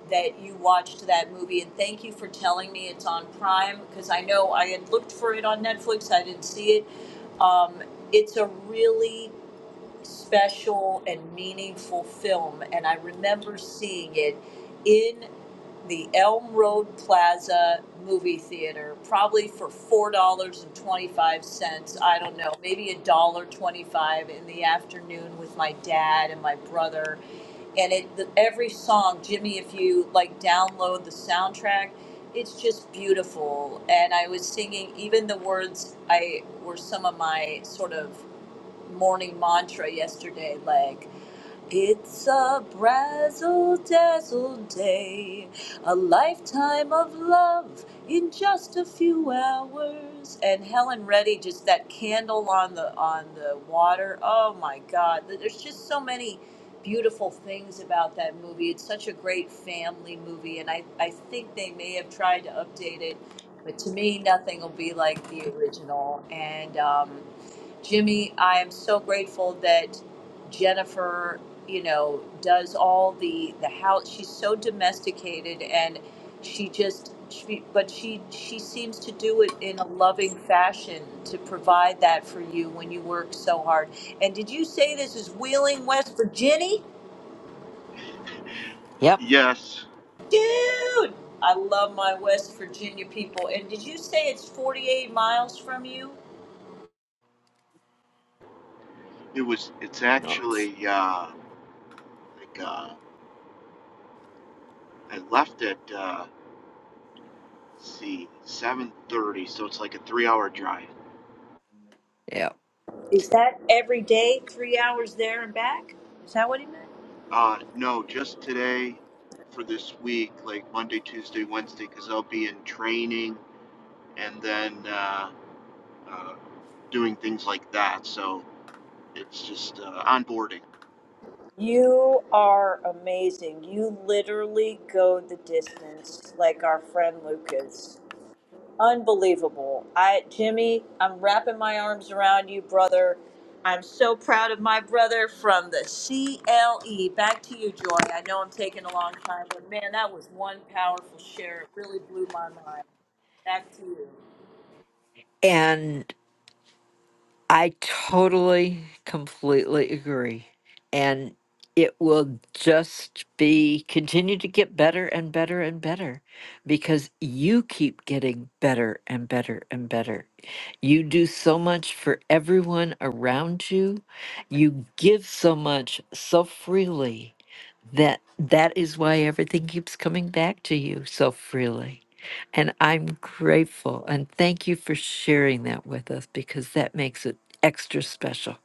that you watched that movie and thank you for telling me it's on Prime because I know I had looked for it on Netflix, I didn't see it. Um, it's a really special and meaningful film and I remember seeing it in the Elm Road Plaza movie theater, probably for four dollars and twenty-five cents. I don't know, maybe a dollar twenty-five in the afternoon with my dad and my brother. And it the, every song, Jimmy, if you like download the soundtrack, it's just beautiful. And I was singing even the words I were some of my sort of morning mantra yesterday, like. It's a brazzle dazzle day, a lifetime of love in just a few hours. And Helen Reddy, just that candle on the on the water. Oh my God! There's just so many beautiful things about that movie. It's such a great family movie, and I I think they may have tried to update it, but to me, nothing will be like the original. And um, Jimmy, I am so grateful that. Jennifer you know does all the the house she's so domesticated and she just she, but she she seems to do it in a loving fashion to provide that for you when you work so hard and did you say this is wheeling west virginia
Yep.
Yes,
dude i love my west virginia people and did you say it's 48 miles from you
it was, it's
Notes.
actually, uh, like, uh, I left at, uh, Let's see, 7:30, so it's like a three-hour drive.
Yep.
is that every day three hours there and back is that what he meant
Uh, no, just today for this week, like Monday, Tuesday, Wednesday, because I'll be in training and then uh, uh, doing things like that. So it's just uh, onboarding.
You are amazing. You literally go the distance like our friend Lucas. Unbelievable. I Jimmy, I'm wrapping my arms around you, brother. I'm so proud of my brother from the CLE. Back to you, Joy. I know I'm taking a long time, but man, that was one powerful share. It really blew my mind. Back to you.
And I totally, completely agree. And it will just be continue to get better and better and better because you keep getting better and better and better. You do so much for everyone around you. You give so much so freely that that is why everything keeps coming back to you so freely. And I'm grateful and thank you for sharing that with us because that makes it extra special.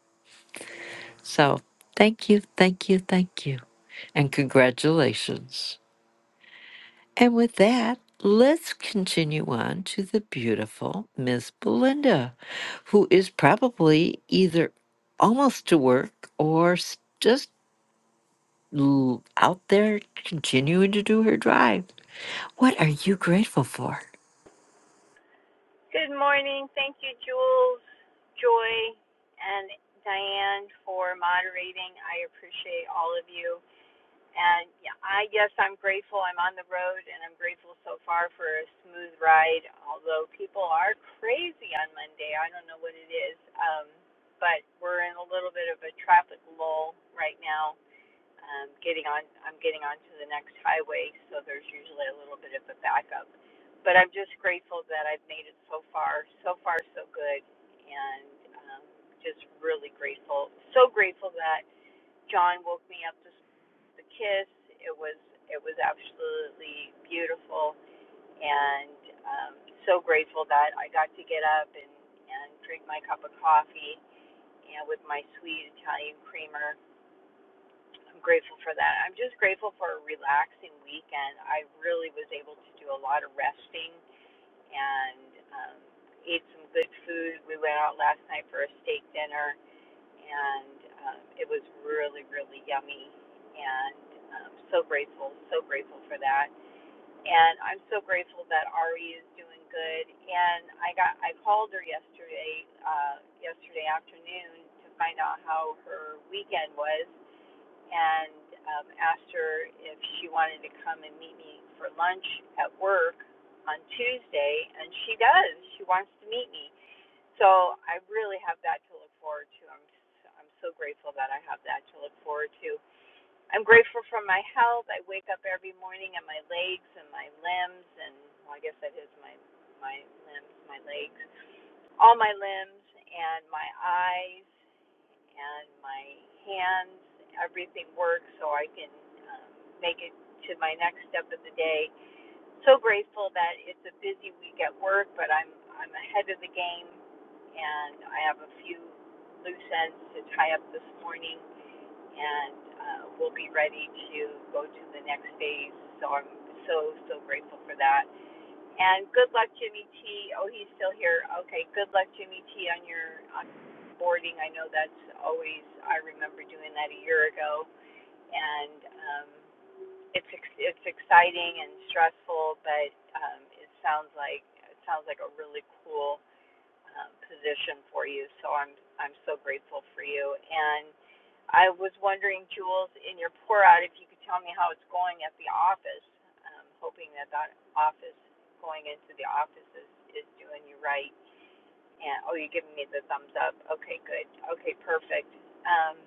So thank you, thank you, thank you. And congratulations. And with that, let's continue on to the beautiful Miss Belinda, who is probably either almost to work or s- just l- out there continuing to do her drive. What are you grateful for?
Good morning. Thank you, Jules, Joy, and Diane for moderating. I appreciate all of you. And yeah, I guess I'm grateful I'm on the road and I'm grateful so far for a smooth ride, although people are crazy on Monday. I don't know what it is. Um, but we're in a little bit of a traffic lull right now um, getting on I'm getting onto the next highway, so there's usually a little bit of a backup. But I'm just grateful that I've made it so far. So far, so good, and um, just really grateful. So grateful that John woke me up to s- the kiss. It was it was absolutely beautiful, and um, so grateful that I got to get up and and drink my cup of coffee and with my sweet Italian creamer I'm grateful for that. I'm just grateful for a relaxing weekend. I really was able to do a lot of resting and um, ate some good food. We went out last night for a steak dinner, and um, it was really, really yummy. And um, so grateful, so grateful for that. And I'm so grateful that Ari is doing good. And I got, I called her yesterday, uh, yesterday afternoon to find out how her weekend was and um, asked her if she wanted to come and meet me for lunch at work on Tuesday, and she does. She wants to meet me. So I really have that to look forward to. I'm I'm so grateful that I have that to look forward to. I'm grateful for my health. I wake up every morning and my legs and my limbs and well, I guess that is my my limbs, my legs, all my limbs and my eyes and my hands, everything works so I can um, make it to my next step of the day. So grateful that it's a busy week at work, but I'm I'm ahead of the game, and I have a few loose ends to tie up this morning, and uh, we'll be ready to go to the next phase. So I'm so so grateful for that. And good luck, Jimmy T. Oh, he's still here. Okay, good luck, Jimmy T. On your on boarding. I know that's always. I remember doing that a year ago, and um, it's it's exciting and stressful, but um, it sounds like it sounds like a really cool um, position for you. So I'm I'm so grateful for you. And I was wondering, Jules, in your pour out, if you could tell me how it's going at the office. I'm hoping that that office going into the office is, is doing you right. And oh, you're giving me the thumbs up. Okay, good. Okay, perfect. Um,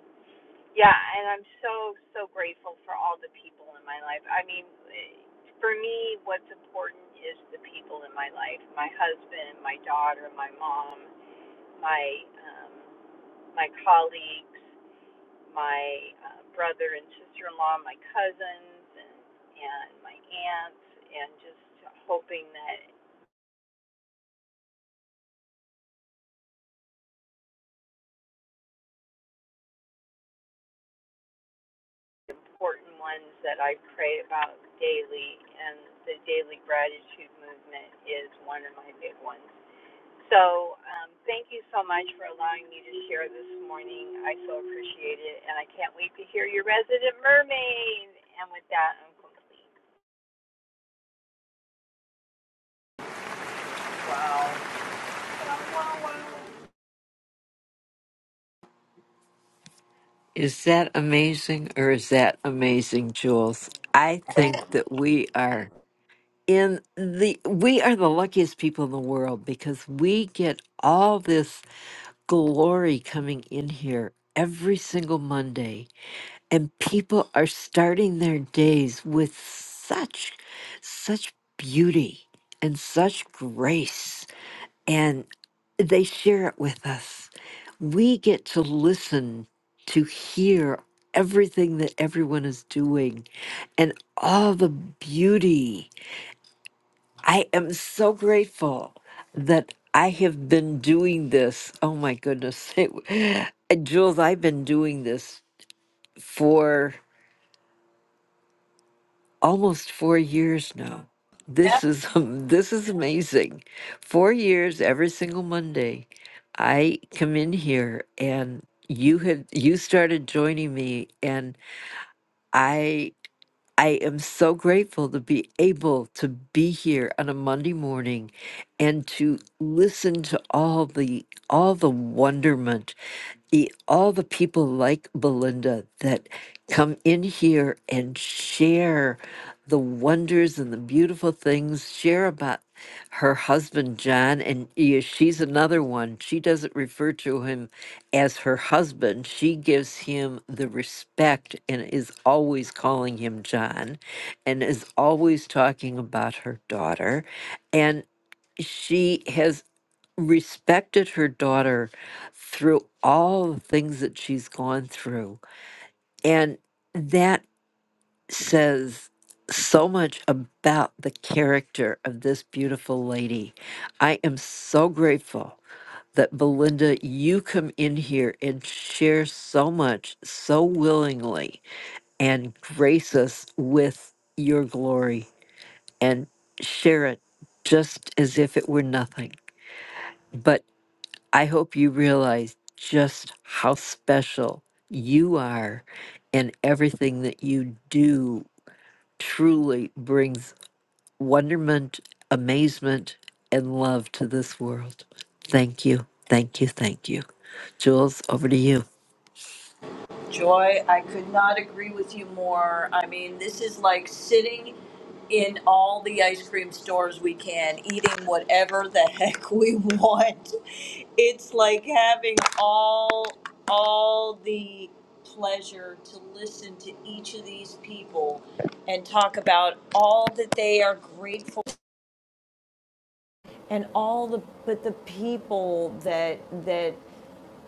yeah, and I'm so so grateful for all the people in my life. I mean, for me, what's important is the people in my life: my husband, my daughter, my mom, my um, my colleagues, my uh, brother and sister-in-law, my cousins, and and my aunts, and just hoping that the important ones that I pray about daily, and the daily gratitude movement is one of my big ones. So um, thank you so much for allowing me to share this morning. I so appreciate it, and I can't wait to hear your resident mermaid. And with that, I'm complete.
Is that amazing or is that amazing, Jules? I think that we are in the we are the luckiest people in the world because we get all this glory coming in here every single Monday and people are starting their days with such such beauty and such grace and they share it with us. We get to listen to hear everything that everyone is doing and all the beauty. I am so grateful that I have been doing this. Oh my goodness. It, Jules, I've been doing this for almost four years now.
Wow.
This is this is amazing. Four years every single Monday, I come in here and you had you started joining me, and I I am so grateful to be able to be here on a Monday morning, and to listen to all the all the wonderment e- all the people like Belinda that come in here and share the wonders and the beautiful things, share about her husband, John. And yeah, she's another one. She doesn't refer to him as her husband, she gives him the respect and is always calling him John and is always talking about her daughter. And she has respected her daughter through all the things that she's gone through. And that says so much about the character of this beautiful lady. I am so grateful that Belinda, you come in here and share so much, so willingly, and grace us with your glory and share it just as if it were nothing. but. I hope you realize just how special you are, and everything that you do truly brings wonderment, amazement, and love to this world. Thank you, thank you, thank you. Jules, over to you.
Joy, I could not agree with you more. I mean, this is like sitting in all the ice cream stores we can, eating whatever the heck we want. It's like having all all the pleasure to listen to each of these people and talk about all that they are grateful and all the but the people that that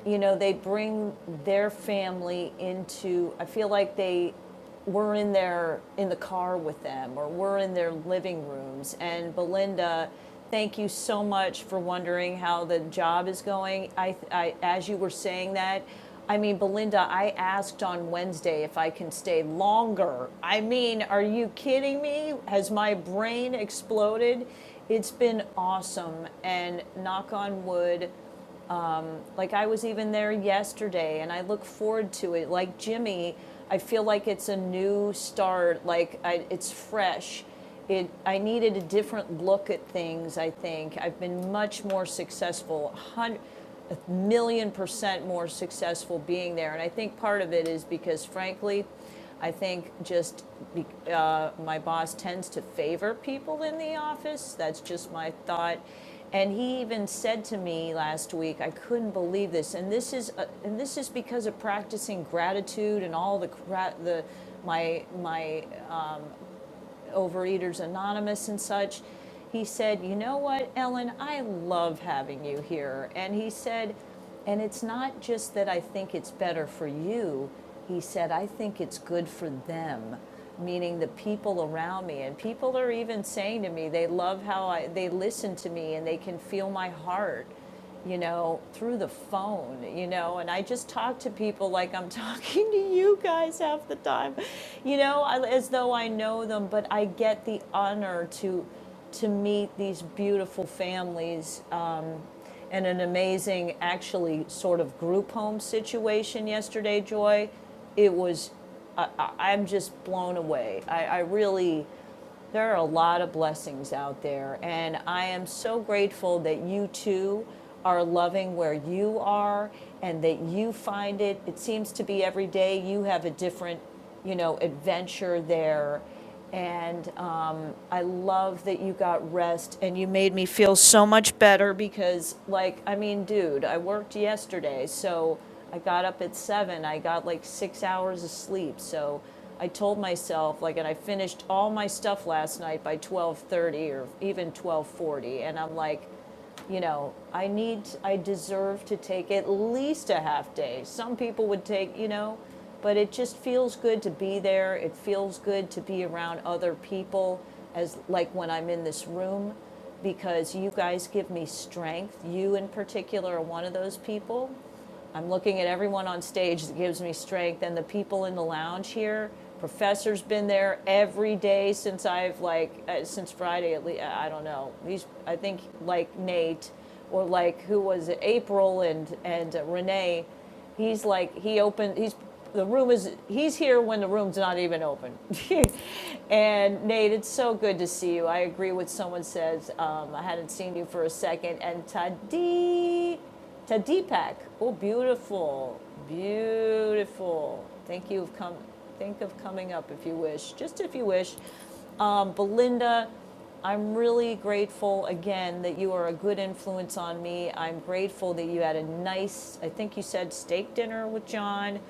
you know, they bring their family into, I feel like they were in their, in the car with them or were in their living rooms. And Belinda, thank you so much for wondering how the job is going. I, I as you were saying that, I mean, Belinda, I asked on Wednesday if I can stay longer. I mean, are you kidding me? Has my brain exploded? It's been awesome. And knock on wood, like I was even there yesterday and I look forward to it. Like Jimmy, I feel like it's a new start, like I, it's fresh. It, I needed a different look at things, I think. I've been much more successful, a a million percent more successful being there. And I think part of it is because, frankly, I think just be, uh, my boss tends to favor people in the office. That's just my thought. And he even said to me last week, I couldn't believe this. And this is uh and this is because of practicing gratitude and all the the my my Overeaters Anonymous and such. He said, You know what, Ellen? I love having you here. And he said, And it's not just that I think it's better for you. He said, I think it's good for them, meaning the people around me. And people are even saying to me, they love how I, they listen to me and they can feel my heart you know, through the phone, you know, and I just talk to people like I'm talking to you guys half the time, you know, as though I know them, but I get the honor to to meet these beautiful families um, and an amazing actually sort of group home situation yesterday joy it was I, I, i'm just blown away I, I really there are a lot of blessings out there, and I am so grateful that you too are loving where you are and that you find it. It seems to be every day you have a different, you know, adventure there. And um, I love that you got rest and you made me feel so much better because, like, I mean, dude, I worked yesterday, so I got up at seven. I got like six hours of sleep. So I told myself like, and I finished all my stuff last night by 12:30 or even 12:40, and I'm like, you know, I need, I deserve to take at least a half day. Some people would take, you know, but it just feels good to be there. It feels good to be around other people, as like when I'm in this room, because you guys give me strength. You in particular are one of those people I'm looking at everyone on stage that gives me strength and the people in the lounge here. Professor's been there every day since I've like uh, since Friday at least. I don't know. He's I think like Nate or like who was it? April and and uh, Renee. He's like he opened. He's the room is he's here when the room's not even open. and Nate, it's so good to see you. I agree with someone says um, I hadn't seen you for a second. And Tadi, to Deepak. Oh, beautiful, beautiful. Thank you. Of come, think of coming up if you wish, just if you wish. Um, Belinda, I'm really grateful again that you are a good influence on me. I'm grateful that you had a nice, I think you said steak dinner with John.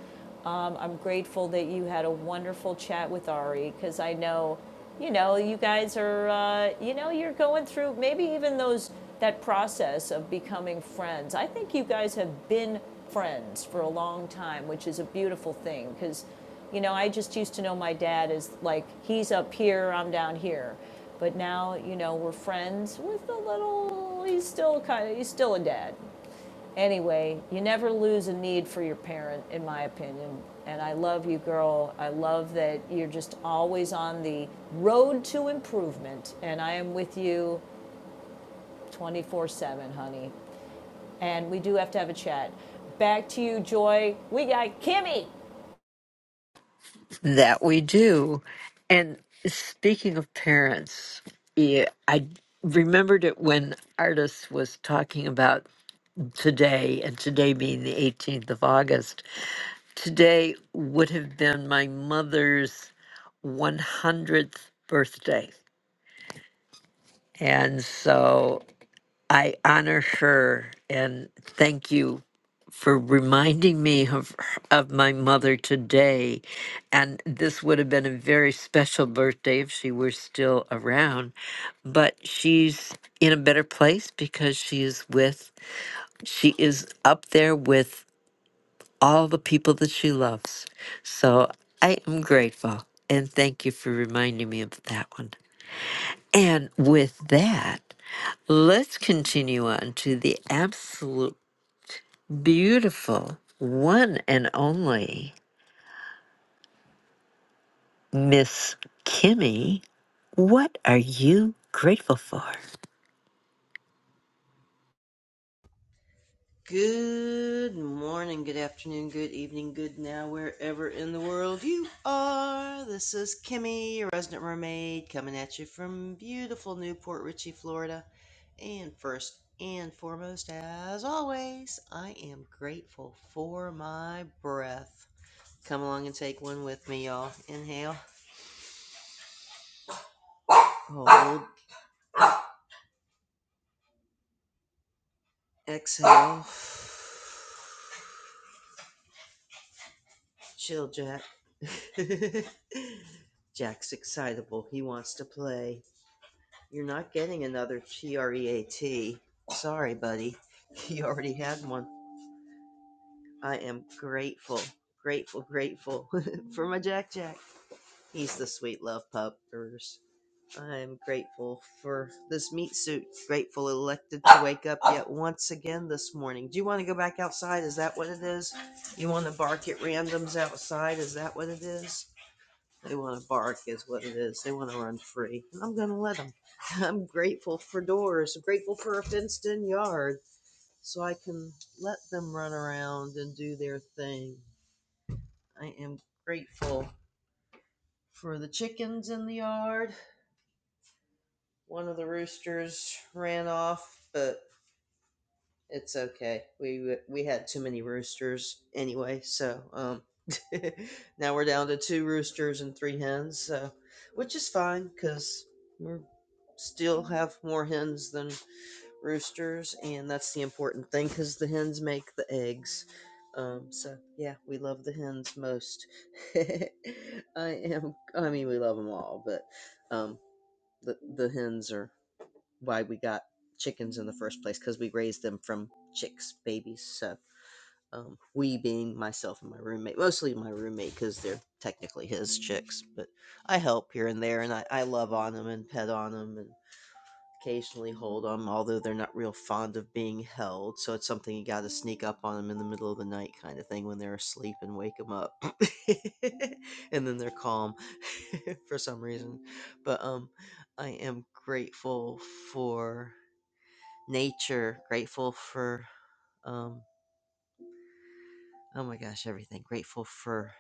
Um, I'm grateful that you had a wonderful chat with Ari because I know you know, you guys are, uh, you know, you're going through maybe even those that process of becoming friends. I think you guys have been friends for a long time, which is a beautiful thing because, you know, I just used to know my dad as like he's up here, I'm down here, but now you know we're friends with a little. He's still kind of he's still a dad, Anyway, you never lose a need for your parent, in my opinion. And I love you, girl. I love that you're just always on the road to improvement. And I am with you 24 7, honey. And we do have to have a chat. Back to you, Joy. We got Kimmy.
That we do. And speaking of parents, yeah, I remembered it when Artis was talking about today, and today being the 18th of August. Today would have been my mother's 100th birthday. And so I honor her and thank you for reminding me of of my mother today and this would have been a very special birthday if she were still around but she's in a better place because she is with she is up there with all the people that she loves. So I am grateful and thank you for reminding me of that one. And with that, let's continue on to the absolute beautiful one and only Miss Kimmy. What are you grateful for?
Good morning, good afternoon, good evening, good now, wherever in the world you are. This is Kimmy, your resident mermaid, coming at you from beautiful Newport Richey, Florida. And first and foremost, as always, I am grateful for my breath. Come along and take one with me, y'all. Inhale, hold, exhale. Chill, Jack. Jack's excitable. He wants to play. You're not getting another TREAT. Sorry, buddy. You already had one. I am grateful, grateful, grateful for my Jack Jack. He's the sweet love puppers. I am grateful for this meat suit. Grateful elected to wake up yet once again this morning. Do you want to go back outside? Is that what it is? You want to bark at randoms outside? Is that what it is? They want to bark, is what it is. They want to run free. And I'm going to let them. I'm grateful for doors, I'm grateful for a fenced in yard so I can let them run around and do their thing. I am grateful for the chickens in the yard. One of the roosters ran off, but It's okay. We we had too many roosters anyway, so um now we're down to two roosters and three hens, so which is fine cuz still have more hens than roosters and that's the important thing cuz the hens make the eggs. Um so yeah, we love the hens most. I am I mean we love them all, but um the the hens are why we got chickens in the first place because we raised them from chicks, babies. So um, we being myself and my roommate, mostly my roommate because they're technically his chicks, but I help here and there, and I, I love on them and pet on them, and occasionally hold them, although they're not real fond of being held. So it's something you got to sneak up on them in the middle of the night, kind of thing, when they're asleep and wake them up, and then they're calm for some reason. But um, I am grateful for nature, grateful for um, oh my gosh, everything. Grateful for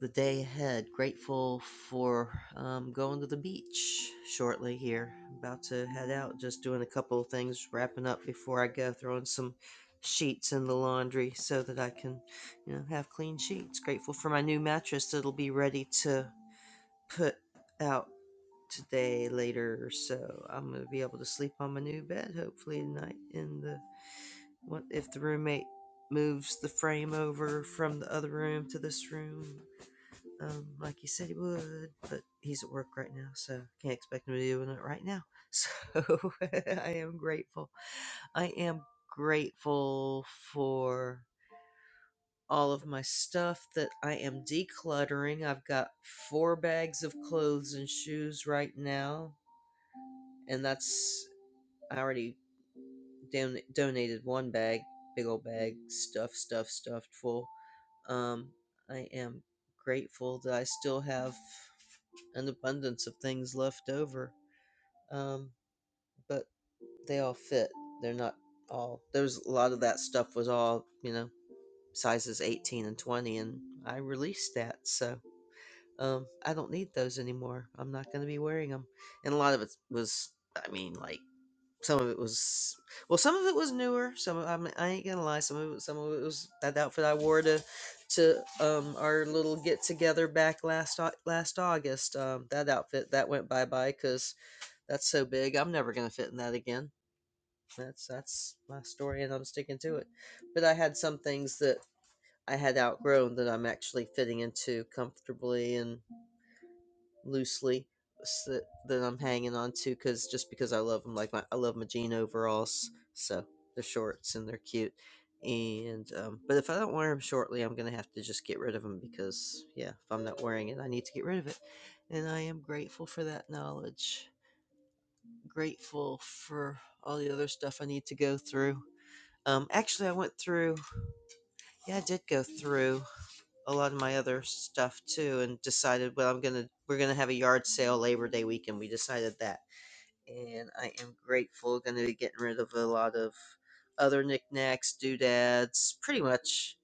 the day ahead. Grateful for um, going to the beach shortly here. About to head out, just doing a couple of things, wrapping up before I go, throwing some sheets in the laundry so that I can, you know, have clean sheets. Grateful for my new mattress that'll be ready to put out today later so i'm going to be able to sleep on my new bed hopefully tonight in the what if the roommate moves the frame over from the other room to this room um, like he said he would, but he's at work right now, so can't expect him to be doing it right now. So I am grateful. I am grateful for all of my stuff that I am decluttering. I've got four bags of clothes and shoes right now, and that's I already don- donated one bag, big old bag, stuff, stuff, stuffed full Um, I am grateful that I still have an abundance of things left over. Um, but they all fit. They're not all. There's a lot of that stuff was all you know sizes 18 and 20, and I released that. So um, I don't need those anymore. I'm not going to be wearing them. And a lot of it was, I mean, like some of it was well, some of it was newer. Some of, I'm, I ain't gonna lie. Some of it, some of it was that outfit I wore to to um our little get together back last Au- last August. Um, that outfit that went bye bye because that's so big. I'm never gonna fit in that again. That's that's my story, and I'm sticking to it. But I had some things that I had outgrown that I'm actually fitting into comfortably, and loosely s- that that I'm hanging on to because just because I love them, like my I love my jean overalls, so they're shorts and they're cute. And um, but if I don't wear them shortly, I'm gonna have to just get rid of them because yeah, if I'm not wearing it, I need to get rid of it. And I am grateful for that knowledge. Grateful for all the other stuff I need to go through. Um, actually, I went through. Yeah, I did go through a lot of my other stuff too and decided well i'm gonna we're gonna have a yard sale labor day weekend we decided that and i am grateful gonna be getting rid of a lot of other knickknacks doodads pretty much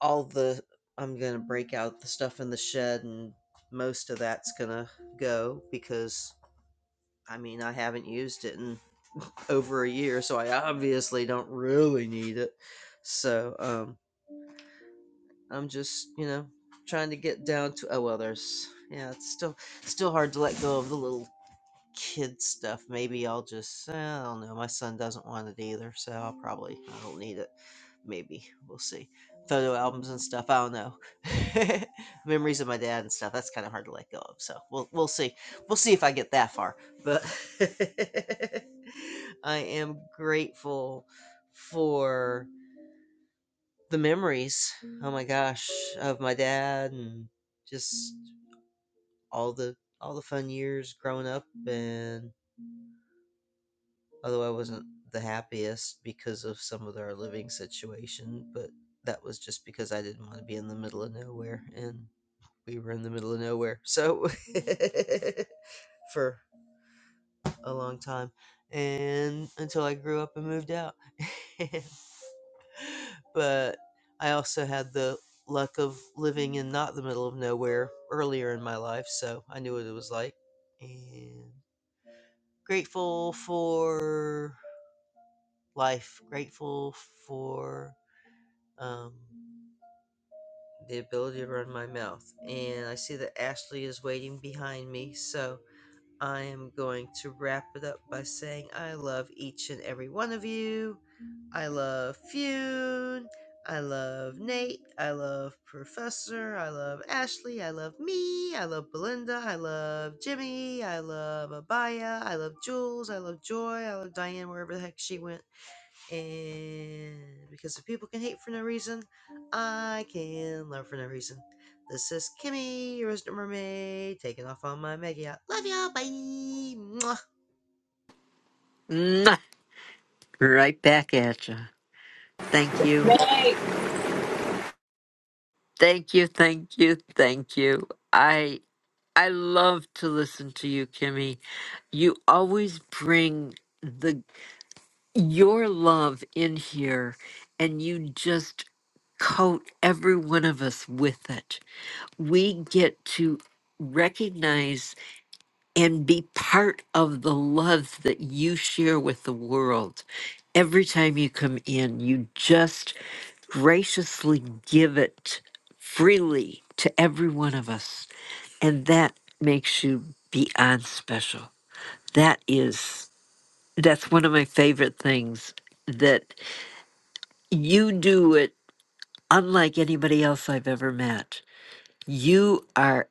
all the i'm gonna break out the stuff in the shed and most of that's gonna go because i mean i haven't used it in over a year so i obviously don't really need it so um I'm just, you know, trying to get down to oh well there's yeah, it's still still hard to let go of the little kid stuff. Maybe I'll just eh, I don't know. My son doesn't want it either, so I'll probably I don't need it. Maybe. We'll see. Photo albums and stuff, I don't know. Memories of my dad and stuff, that's kinda hard to let go of. So we'll we'll see. We'll see if I get that far. But I am grateful for the memories, oh my gosh, of my dad and just all the all the fun years growing up and although I wasn't the happiest because of some of our living situation, but that was just because I didn't want to be in the middle of nowhere and we were in the middle of nowhere. So for a long time and until I grew up and moved out. but I also had the luck of living in not the middle of nowhere earlier in my life, so I knew what it was like. And grateful for life, grateful for um, the ability to run my mouth. And I see that Ashley is waiting behind me, so I am going to wrap it up by saying I love each and every one of you. I love Fune. I love Nate. I love Professor. I love Ashley. I love me. I love Belinda. I love Jimmy. I love Abaya. I love Jules. I love Joy. I love Diane wherever the heck she went. And because if people can hate for no reason, I can love for no reason. This is Kimmy, your resident mermaid, taking off on my mega yacht. Love ya, bye. Mwah.
Mwah! Right back at you. Thank you.
Right.
Thank you. Thank you. Thank you. I I love to listen to you, Kimmy you always bring the your love in here and you just coat every one of us with it we get to recognize and be part of the love that you share with the world every time you come in you just graciously give it freely to every one of us and that makes you beyond special that is that's one of my favorite things that you do it unlike anybody else I've ever met. You are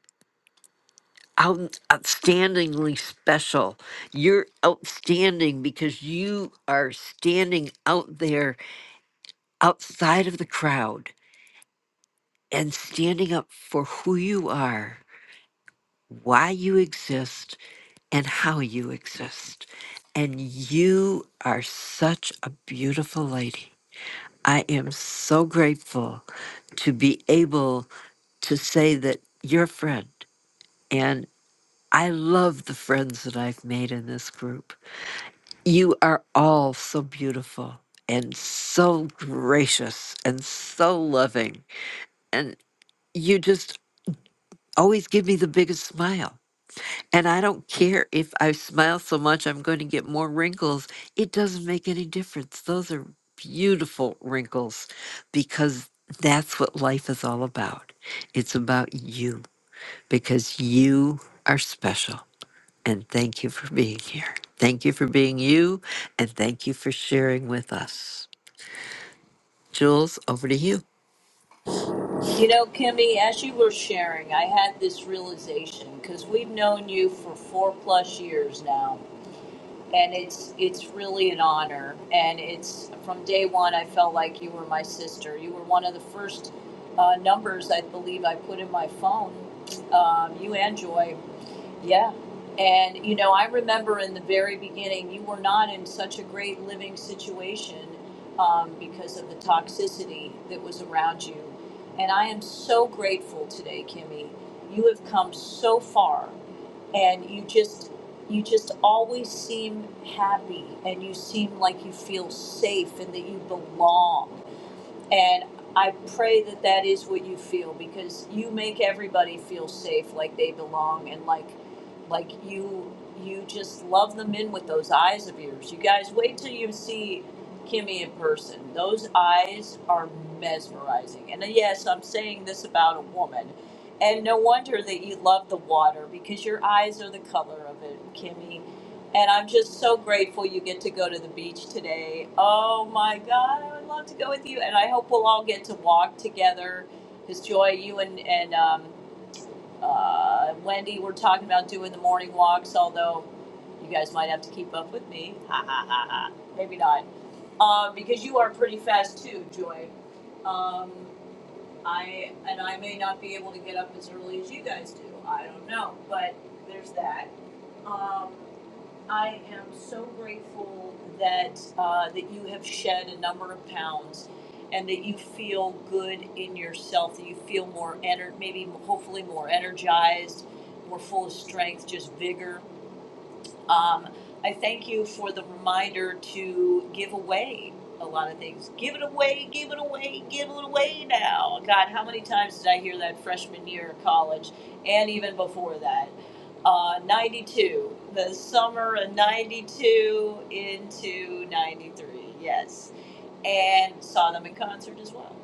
out, outstandingly special. You're outstanding because you are standing out there outside of the crowd and standing up for who you are, why you exist, and how you exist. And you are such a beautiful lady. I am so grateful to be able to say that you're a friend. And I love the friends that I've made in this group. You are all so beautiful and so gracious and so loving. And you just always give me the biggest smile. And I don't care if I smile so much, I'm going to get more wrinkles. It doesn't make any difference. Those are beautiful wrinkles because that's what life is all about. It's about you because you are special. And thank you for being here. Thank you for being you. And thank you for sharing with us. Jules, over to you.
You know, Kimmy, as you were sharing, I had this realization because we've known you for four plus years now. and it's it's really an honor and it's from day one i felt like you were my sister you were one of the first uh, numbers i believe i put in my phone um, you and joy yeah. And, you know, I remember in the very beginning, you were not in such a great living situation um, because of the toxicity that was around you. And I am so grateful today, Kimmy. You have come so far and you just you just always seem happy and you seem like you feel safe and that you belong and I pray that that is what you feel because you make everybody feel safe, like they belong, and like, like you, you just love them in with those eyes of yours. You guys, wait till you see Kimmy in person. Those eyes are mesmerizing. And uh, yes, I'm saying this about a woman. And no wonder that you love the water because your eyes are the color of it, Kimmy. And I'm just so grateful you get to go to the beach today. Oh my God, I would love to go with you. And I hope we'll all get to walk together. Because Joy, you and, and um, uh, Wendy were talking about doing the morning walks, although you guys might have to keep up with me. Ha ha ha ha. Maybe not. Um, because you are pretty fast too, Joy. Um, I and I may not be able to get up as early as you guys do. I don't know, but there's that. Um, I am so grateful that uh, that you have shed a number of pounds, and that you feel good in yourself. That you feel more ener- maybe hopefully more energized, more full of strength, just vigor. Um, I thank you for the reminder to give away a lot of things. Give it away, give it away, give it away now. God, how many times did I hear that freshman year of college and even before that? Uh, 92, the summer of 92 into 93, yes. And saw them in concert as well.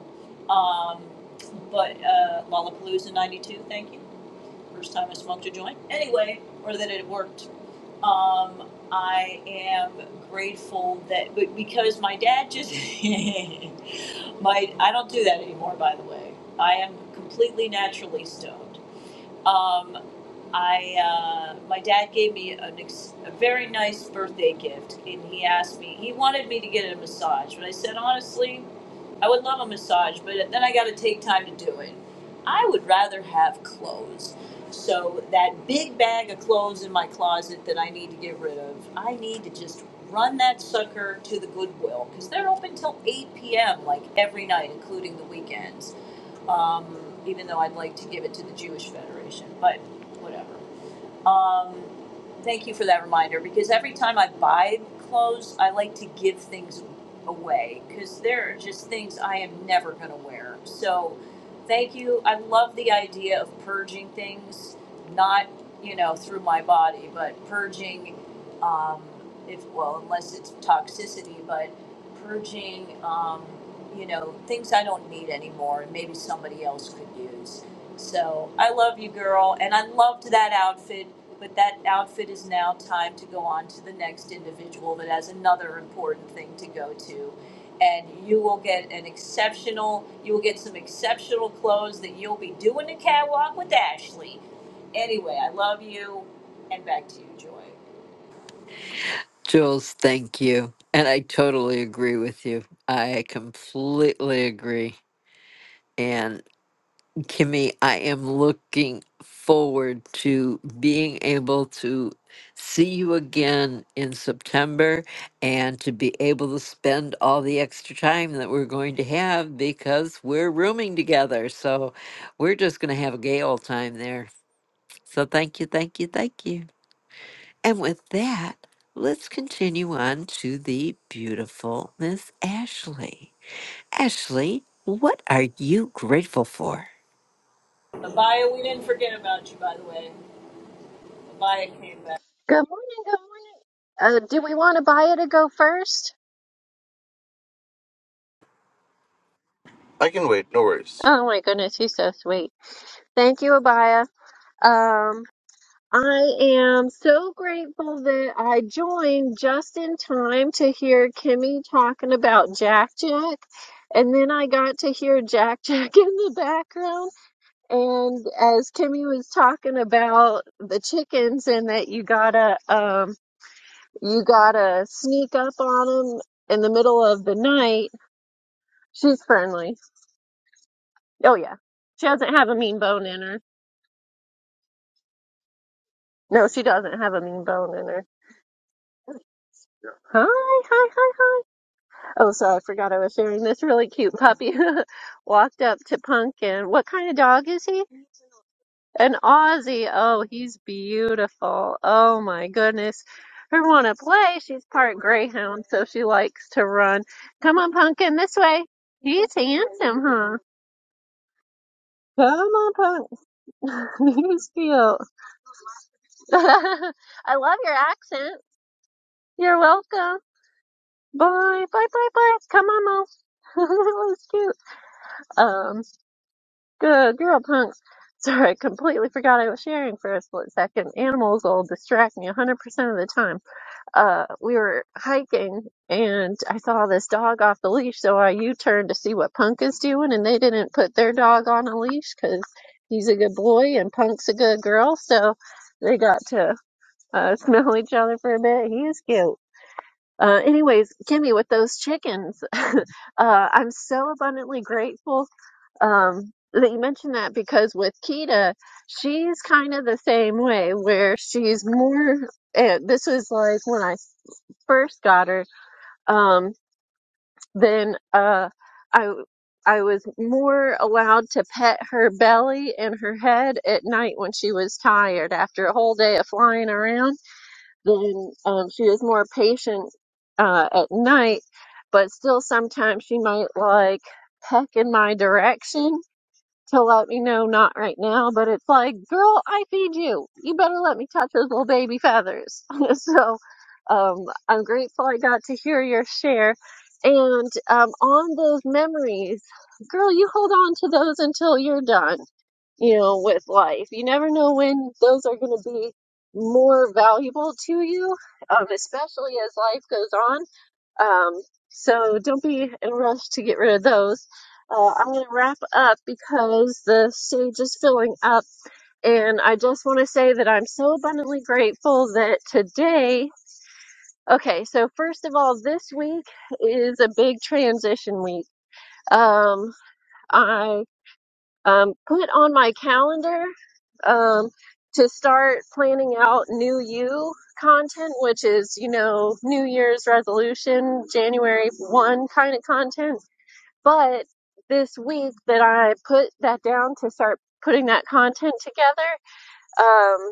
Um, but uh, Lollapalooza 92, thank you. First time I smoked a joint. Anyway, or that it worked um, I am grateful that, but because my dad just, my, I don't do that anymore, by the way. I am completely naturally stoned. Um, I, uh, my dad gave me an ex- a very nice birthday gift, and he asked me, he wanted me to get a massage, but I said, honestly, I would love a massage, but then I got to take time to do it. I would rather have clothes. So that big bag of clothes in my closet that I need to get rid of, I need to just run that sucker to the Goodwill because they're open till 8 p.m. like every night, including the weekends. Um, even though I'd like to give it to the Jewish Federation, but whatever. Um, thank you for that reminder because every time I buy clothes, I like to give things away because there are just things I am never going to wear. So, thank you. I love the idea of purging things, not you know through my body, but purging. Um, if well, unless it's toxicity, but purging. Um, you know things I don't need anymore, and maybe somebody else could use. So I love you, girl, and I loved that outfit. But that outfit is now time to go on to the next individual that has another important thing to go to. And you will get an exceptional, you will get some exceptional clothes that you'll be doing the catwalk with Ashley. Anyway, I love you. And back to you, Joy.
Jules, thank you. And I totally agree with you. I completely agree. And. Kimmy, I am looking forward to being able to see you again in September and to be able to spend all the extra time that we're going to have because we're rooming together. So we're just going to have a gay old time there. So thank you, thank you, thank you. And with that, let's continue on to the beautiful Miss Ashley. Ashley, what are you grateful for?
Abaya, we didn't forget about you, by the way. Abaya came back,
Good morning, good morning. Uh, do we want Abaya to go first?
I can wait. No worries.
Oh my goodness, he's so sweet. Thank you, Abaya. Um, I am so grateful that I joined just in time to hear Kimmy talking about Jack Jack. And then I got to hear Jack Jack in the background. And as Kimmy was talking about the chickens and that you gotta, um, you gotta sneak up on them in the middle of the night She's friendly. Oh yeah. She doesn't have a mean bone in her. No, she doesn't have a mean bone in her. Hi, hi, hi, hi. Oh, so I forgot I was sharing this really cute puppy walked up to Pumpkin. What kind of dog is he? An Aussie. Oh, he's beautiful. Oh my goodness. Her want to play. She's part greyhound, so she likes to run. Come on, Pumpkin, this way. He's handsome, huh? Come on, Pumpkin. he's cute. I love your accent. You're welcome. Bye, bye, bye, bye. Come on, all. that was cute. Um, good girl, punks. Sorry, I completely forgot I was sharing for a split second. Animals will distract me 100% of the time. Uh, we were hiking and I saw this dog off the leash, so I U-turned to see what Punk is doing, and they didn't put their dog on a leash because he's a good boy and Punk's a good girl, so they got to uh, smell each other for a bit. He is cute. Uh, anyways, Kimmy, with those chickens, uh, I'm so abundantly grateful um, that you mentioned that because with Kita, she's kind of the same way where she's more. Uh, this was like when I first got her, um, then uh, I I was more allowed to pet her belly and her head at night when she was tired after a whole day of flying around then um, she was more patient uh, at night, but still sometimes she might like peck in my direction to let me know not right now. But it's like, girl, I feed you. You better let me touch those little baby feathers. so um, I'm grateful I got to hear your share. And um, on those memories, girl, you hold on to those until you're done you know, with life. You never know when those are going to be more valuable to you, um, especially as life goes on. Um, so don't be in a rush to get rid of those. Uh, I'm going to wrap up because the stage is filling up. And I just want to say that I'm so abundantly grateful that today, okay, so first of all, this week is a big transition week. Um, I um, put on my calendar um, to start planning out new you content, which is, you know, New Year's resolution, January 1 kind of content. But this week that I put that down to start putting that content together um,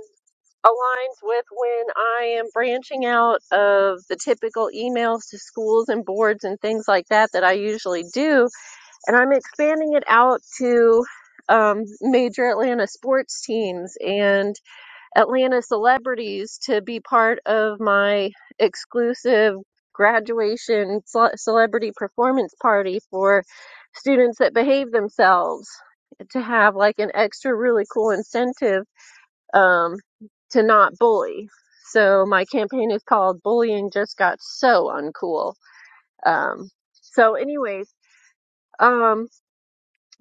aligns with when I am branching out of the typical emails to schools and boards and things like that that I usually do and I'm expanding it out to um, major Atlanta sports teams and Atlanta celebrities to be part of my exclusive graduation cele- celebrity performance party for students that behave themselves to have like an extra really cool incentive um, to not bully. So my campaign is called Bullying Just Got So Uncool. Um, so anyways, um,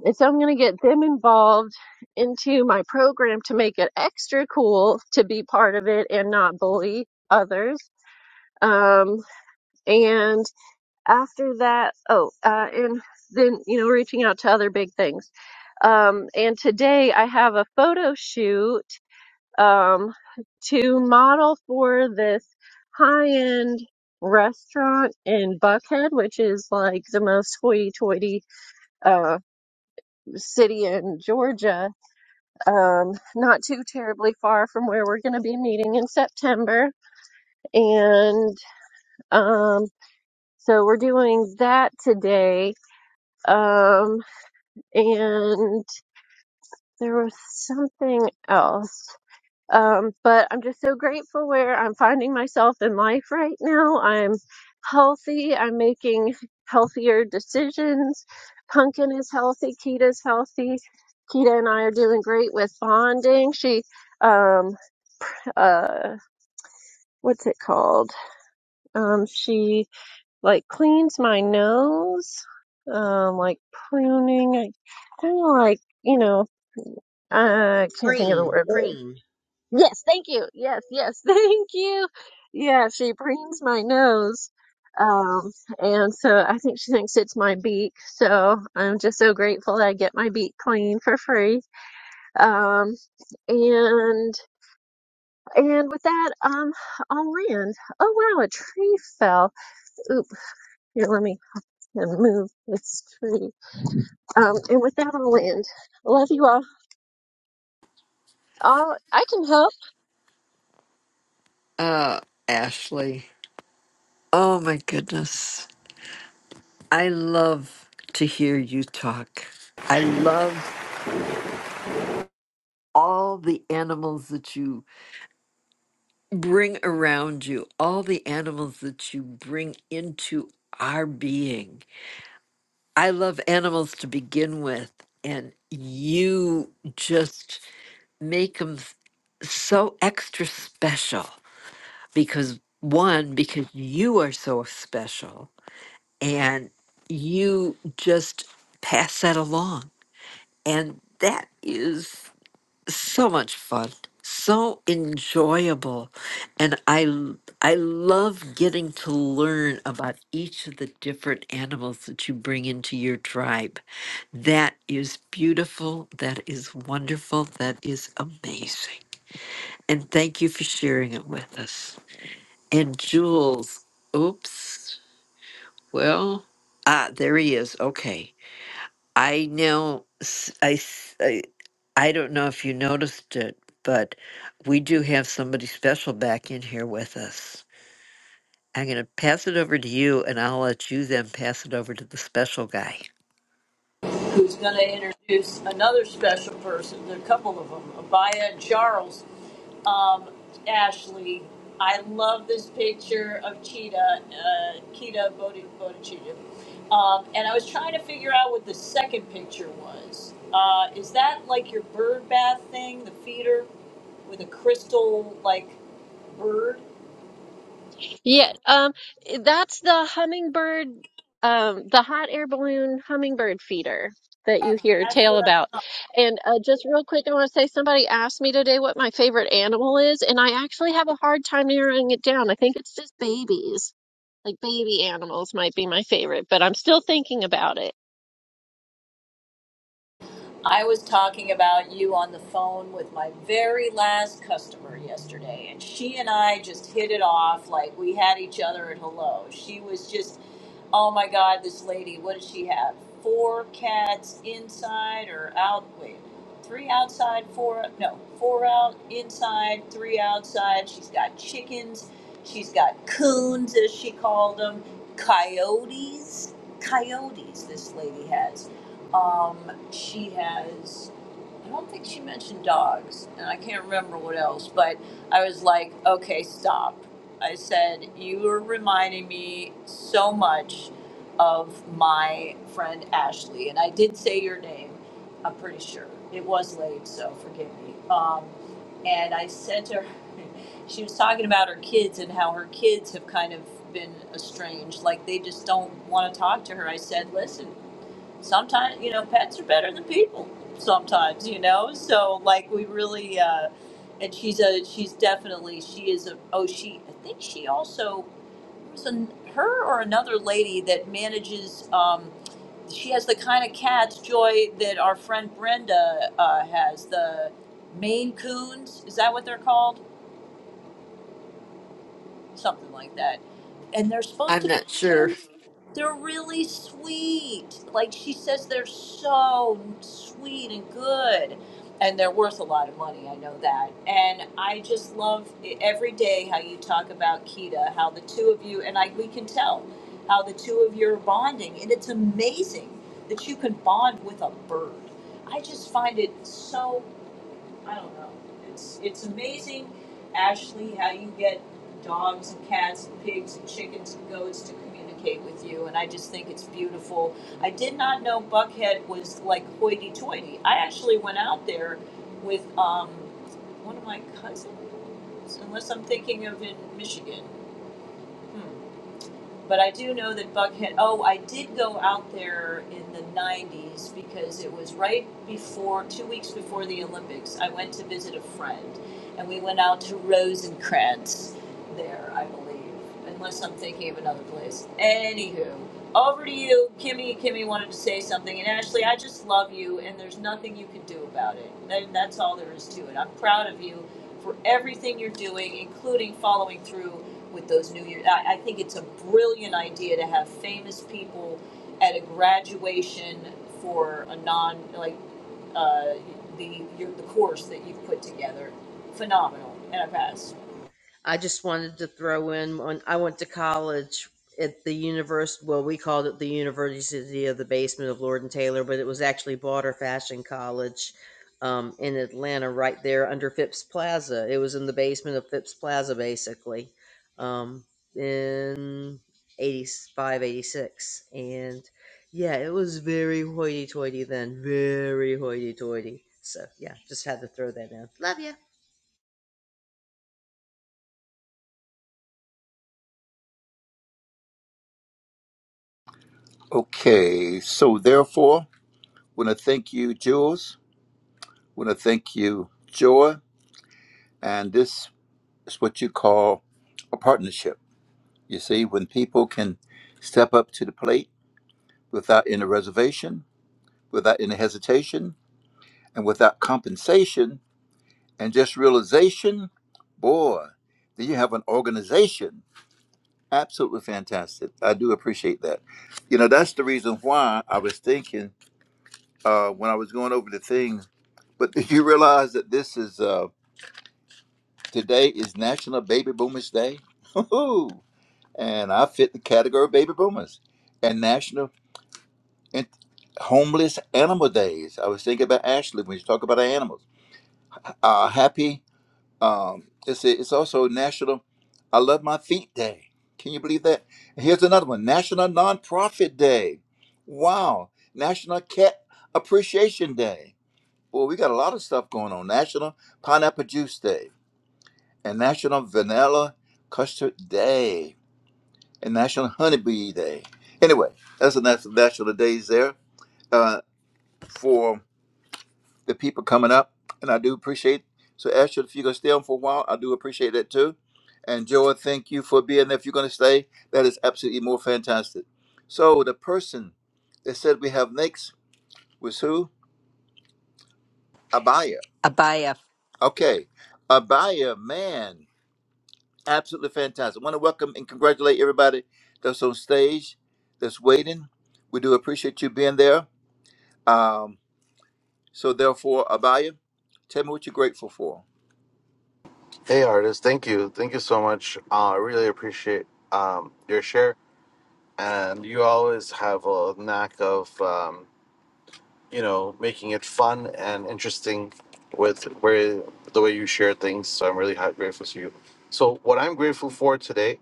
and so I'm going to get them involved into my program to make it extra cool to be part of it and not bully others. Um, and after that, oh, uh, and then, you know, reaching out to other big things. Um, and today I have a photo shoot, um, to model for this high end restaurant in Buckhead, which is like the most hoity toity, uh, city in Georgia um, not too terribly far from where we're going to be meeting in September. And um, so we're doing that today. Um, and there was something else. Um, but I'm just so grateful where I'm finding myself in life right now. I'm healthy. I'm making healthier decisions. Pumpkin is healthy. Kita's healthy. Kita and I are doing great with bonding. She um, uh, what's it called? Um, she like cleans my nose, um, like pruning, kind of like, you know, I can't think of the
Preen,
word.
preen.
Yes, thank you. Yes, yes, thank you. Yeah, she prunes my nose. Um, and so I think she thinks it's my beak. So I'm just so grateful that I get my beak clean for free. Um, and, and with that, um, I'll land. Oh wow, a tree fell Oop. Here, let me move this tree. Um, and with that, I'll land. I love you all. All I can help.
Uh, Ashley. Oh my goodness. I love to hear you talk. I love all the animals that you bring around you, all the animals that you bring into our being. I love animals to begin with, and you just make them so extra special because one, because you are so special, and you just pass that along And that is so much fun, so enjoyable. And I l- I love getting to learn about each of the different animals that you bring into your tribe. That is beautiful, that is wonderful, that is amazing. And thank you for sharing it with us. And Jules, oops. Well, ah, there he is. Okay. I now, s- I, s- I, I don't know if you noticed it, but we do have somebody special back in here with us. I'm going to pass it over to you, and I'll let you then pass it over to the special guy.
who's going to introduce another special person. There are a couple of them. Abaya Charles um, Ashley. I love this picture of Cheetah, uh, Kita Bodhi, Bodhicitta. Um, and I was trying to figure out what the second picture was. Uh, is that like your bird bath thing, the feeder with a crystal like bird?
Yeah. Um, that's the hummingbird, um, the hot air balloon hummingbird feeder that you hear a
That's
tale
what I
about.
thought.
And uh, just real quick, I want to say somebody asked me today what my favorite animal is, and I actually have a hard time narrowing it down. I think it's just babies. Like baby animals might be my favorite, but I'm still thinking about it.
I was talking about you on the phone with my very last customer yesterday, and she and I just hit it off like we had each other at hello. She was just Oh my God, this lady, what does she have? Four cats inside or out? Wait, three outside, four, no, four out, inside, three outside. She's got chickens. She's got coons, as she called them, coyotes. Coyotes, this lady has. Um, she has, I don't think she mentioned dogs, and I can't remember what else, but I was like, okay, stop I said, You are reminding me so much of my friend Ashley. And I did say your name, I'm pretty sure. It was late, so forgive me. Um, and I said to her, she was talking about her kids and how her kids have kind of been estranged. Like they just don't want to talk to her. I said, Listen, sometimes you know pets are better than people sometimes you know so like we really uh and she's a she's definitely she is a oh she i think she also was an, her or another lady that manages um she has the kind of cats joy that our friend brenda uh has the maine coons is that what they're called something like that and they're supposed
I'm
to be
not sure.
really They're really sweet. Like she says, they're so sweet and good. And they're worth a lot of money, I know that. And I just love e, every day how you talk about Kita, how the two of you, and I, we can tell how the two of you are bonding. And it's amazing that you can bond with a bird. I just find it so I don't know. It's it's amazing, Ashley, how you get dogs and cats and pigs and chickens and goats to communicate with you, and I just think it's beautiful. I did not know Buckhead was like hoity-toity. I actually went out there with um, one of my cousins, unless I'm thinking of in Michigan. Hmm. But I do know that Buckhead, oh, I did go out there in the 90s because it was right before, two weeks before the Olympics. I went to visit a friend and we went out to Rosencrantz there, I believe, unless I'm thinking of another place. Anywho, over to you. Kimmy, Kimmy wanted to say something. And Ashley, I just love you and there's nothing you can do about it. And that's all there is to it. I'm proud of you for everything you're doing, including following through with those New years, I, I think it's a brilliant idea to have famous people at a graduation for a non like uh, the your, the course that you've put together. Phenomenal, and I pass.
I just wanted to throw in when I went to college at the university. Well, we called it the University of the Basement of Lord and Taylor, but it was actually Broader Fashion College um, in Atlanta, right there under Phipps Plaza. It was in the basement of Phipps Plaza, basically, um, in eighty five, eighty six, And yeah, it was very hoity toity then, very hoity toity. So yeah, just had to throw that in. Love you.
Okay. So therefore, want to thank you, Jules. want to thank you, Joy. And this is what you call a partnership. You see, when people can step up to the plate without any reservation, without any hesitation, and without compensation, And just realization, boy, then you have an organization. Absolutely fantastic. I do appreciate that. You know, that's the reason why I was thinking uh, when I was going over the things. But do you realize that this is uh, today is National Baby Boomers Day? and I fit the category of baby boomers. And National In- Homeless Animal Days. I was thinking about Ashley when you talk about our animals. Uh, happy Um, it's it's also National I Love My Feet Day. Can you believe that? And here's another one: National Nonprofit Day. Wow! National Cat Appreciation Day. Well, we got a lot of stuff going on. National Pineapple Juice Day and National Vanilla Custard Day and National Honeybee Day. Anyway, that's the national, national days there uh, for. the people coming up, and I do appreciate. So, Esther, if you're gonna stay on for a while, I do appreciate that too. And Joel, thank you for being. there. If you're gonna stay, that is absolutely more fantastic. So, the person that said we have next was who? Abaya.
Abaya.
Okay, Abaya, man, absolutely fantastic. I want to welcome and congratulate everybody that's on stage, that's waiting. We do appreciate you being there. Um, so, therefore, Abaya, tell me what you're grateful for.
Hey, artist. Thank you. Thank you so much. Uh, I really appreciate um, your share. And you always have a knack of, um, you know, making it fun and interesting with where the way you share things. So I'm really ha- grateful to you. So what I'm grateful for today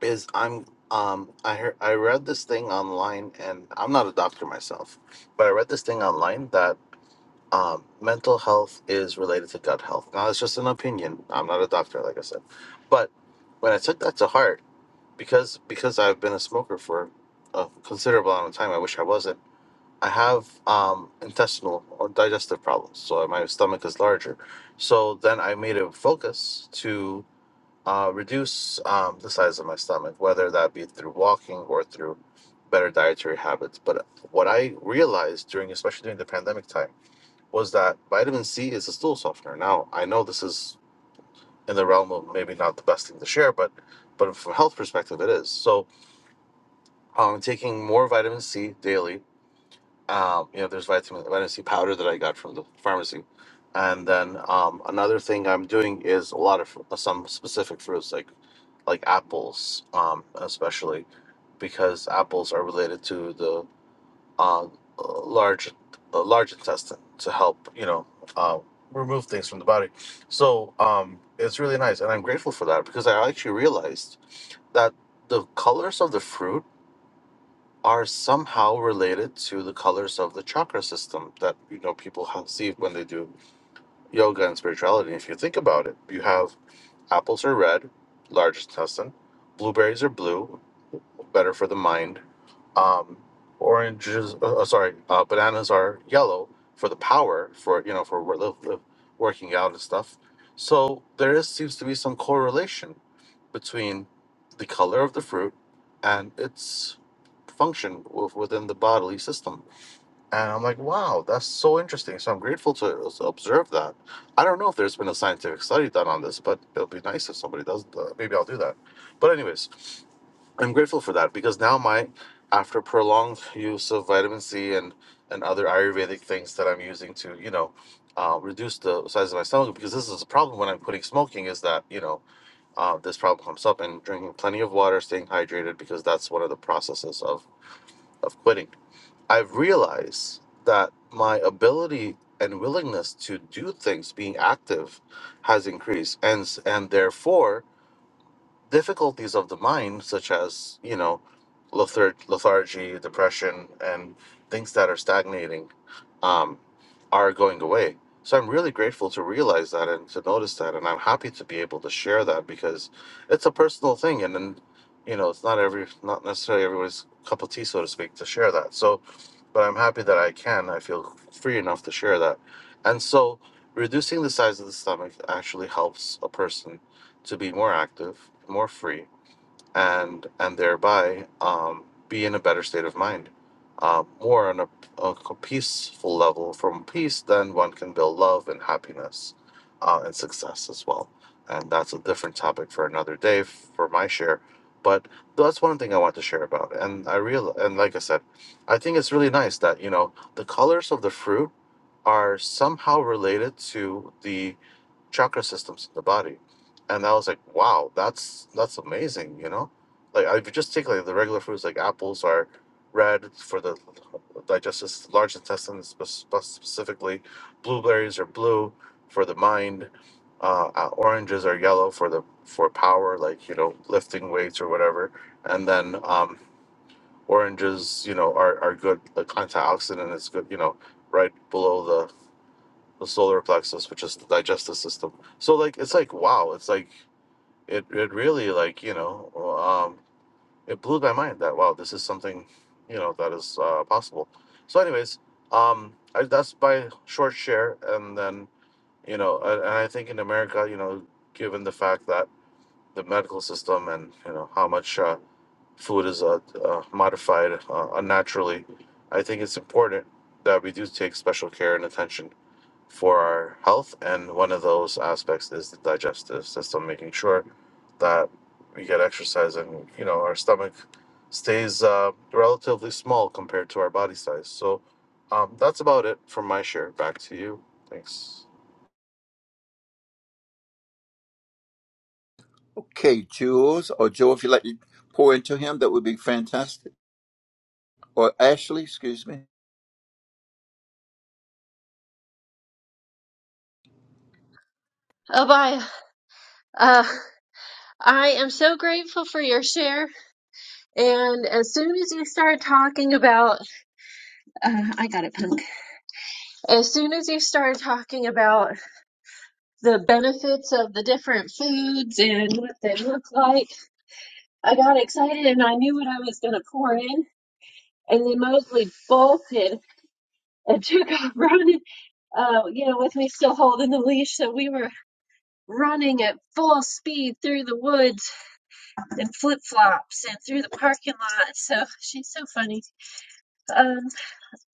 is I'm um, I heard I read this thing online, and I'm not a doctor myself, but I read this thing online that um, mental health is related to gut health. Now, it's just an opinion. I'm not a doctor, like I said. But when I took that to heart, because because I've been a smoker for a considerable amount of time, I wish I wasn't. I have um, intestinal or digestive problems, so my stomach is larger. So then I made a focus to uh, reduce um, the size of my stomach, whether that be through walking or through better dietary habits. But what I realized during, especially during the pandemic time was that vitamin C is a stool softener. Now I know this is in the realm of maybe not the best thing to share, but but from a health perspective, it is. So I'm um, taking more vitamin C daily. Um, you know, there's vitamin vitamin C powder that I got from the pharmacy, and then um, another thing I'm doing is a lot of fr- some specific fruits like like apples, um, especially because apples are related to the uh, large uh, large intestine to help you know uh, remove things from the body. So um, it's really nice, and I'm grateful for that because I actually realized that the colors of the fruit are somehow related to the colors of the chakra system that you know people have see when they do yoga and spirituality. If you think about it, you have apples are red, large intestine, blueberries are blue better for the mind. Um, oranges, uh, uh, sorry, uh, bananas are yellow for the power for you know for wor- live- live- working out and stuff. So there is seems to be some correlation between the color of the fruit and its function w- within the bodily system. And I'm like, wow, that's so interesting. So I'm grateful to s- observe that. I don't know if there's been a scientific study done on this, but it'll be nice if somebody does. Uh, maybe I'll do that. But anyways, I'm grateful for that because now my after prolonged use of vitamin C and and other Ayurvedic things that I'm using to you know uh, reduce the size of my stomach because this is a problem when I'm quitting smoking is that you know uh, this problem comes up and drinking plenty of water, staying hydrated because that's one of the processes of of quitting. I've realized that my ability and willingness to do things, being active, has increased, and s- and therefore difficulties of the mind, such as, you know, lethar- lethargy, depression, and things that are stagnating, um, are going away. So I'm really grateful to realize that and to notice that. And I'm happy to be able to share that because it's a personal thing. And then, you know, it's not every, not necessarily everyone's cup of tea, so to speak, to share that. So, but I'm happy that I can. I feel free enough to share that. And so reducing the size of the stomach actually helps a person to be more active, more free, and and thereby um, be in a better state of mind, uh, more on a, a peaceful level. From peace, then one can build love and happiness, uh, and success as well. And that's a different topic for another day for my share. But that's one thing I want to share about. And I real and like I said, I think it's really nice that you know the colors of the fruit are somehow related to the chakra systems in the body. And I was like, wow, that's that's amazing, you know? Like I would just take like the regular foods like apples are red for the digestive large intestine spe- spe- specifically, blueberries are blue for the mind, uh, uh, oranges are yellow for the for power, like you know lifting weights or whatever, and then um, oranges you know are, are good, like antioxidant is good, you know, right below the solar plexus, which is the digestive system. So like it's like wow, it's like it it really like you know um, it blew my mind that wow this is something you know that is uh, possible. So anyways, um, I, that's my short share, and then you know and, and I think in America you know given the fact that the medical system and you know how much uh, food is uh, uh, modified uh, unnaturally, I think it's important that we do take special care and attention for our health. And one of those aspects is the digestive system, making sure that we get exercise and, you know, our stomach stays uh, relatively small compared to our body size. So um, that's about it from my share. Back to you. Thanks.
Okay, Jules or Joe, if you'd like to pour into him, that would be fantastic. Or Ashley, excuse me.
Oh, bye. Uh, I am so grateful for your share. And as soon as you started talking about, uh, I got it, punk. As soon as you started talking about the benefits of the different foods and what they look like, I got excited and I knew what I was going to pour in. And then Mosley bolted and took off running, uh, you know, with me still holding the leash. So we were running at full speed through the woods in flip flops and through the parking lot. So she's so funny. Um,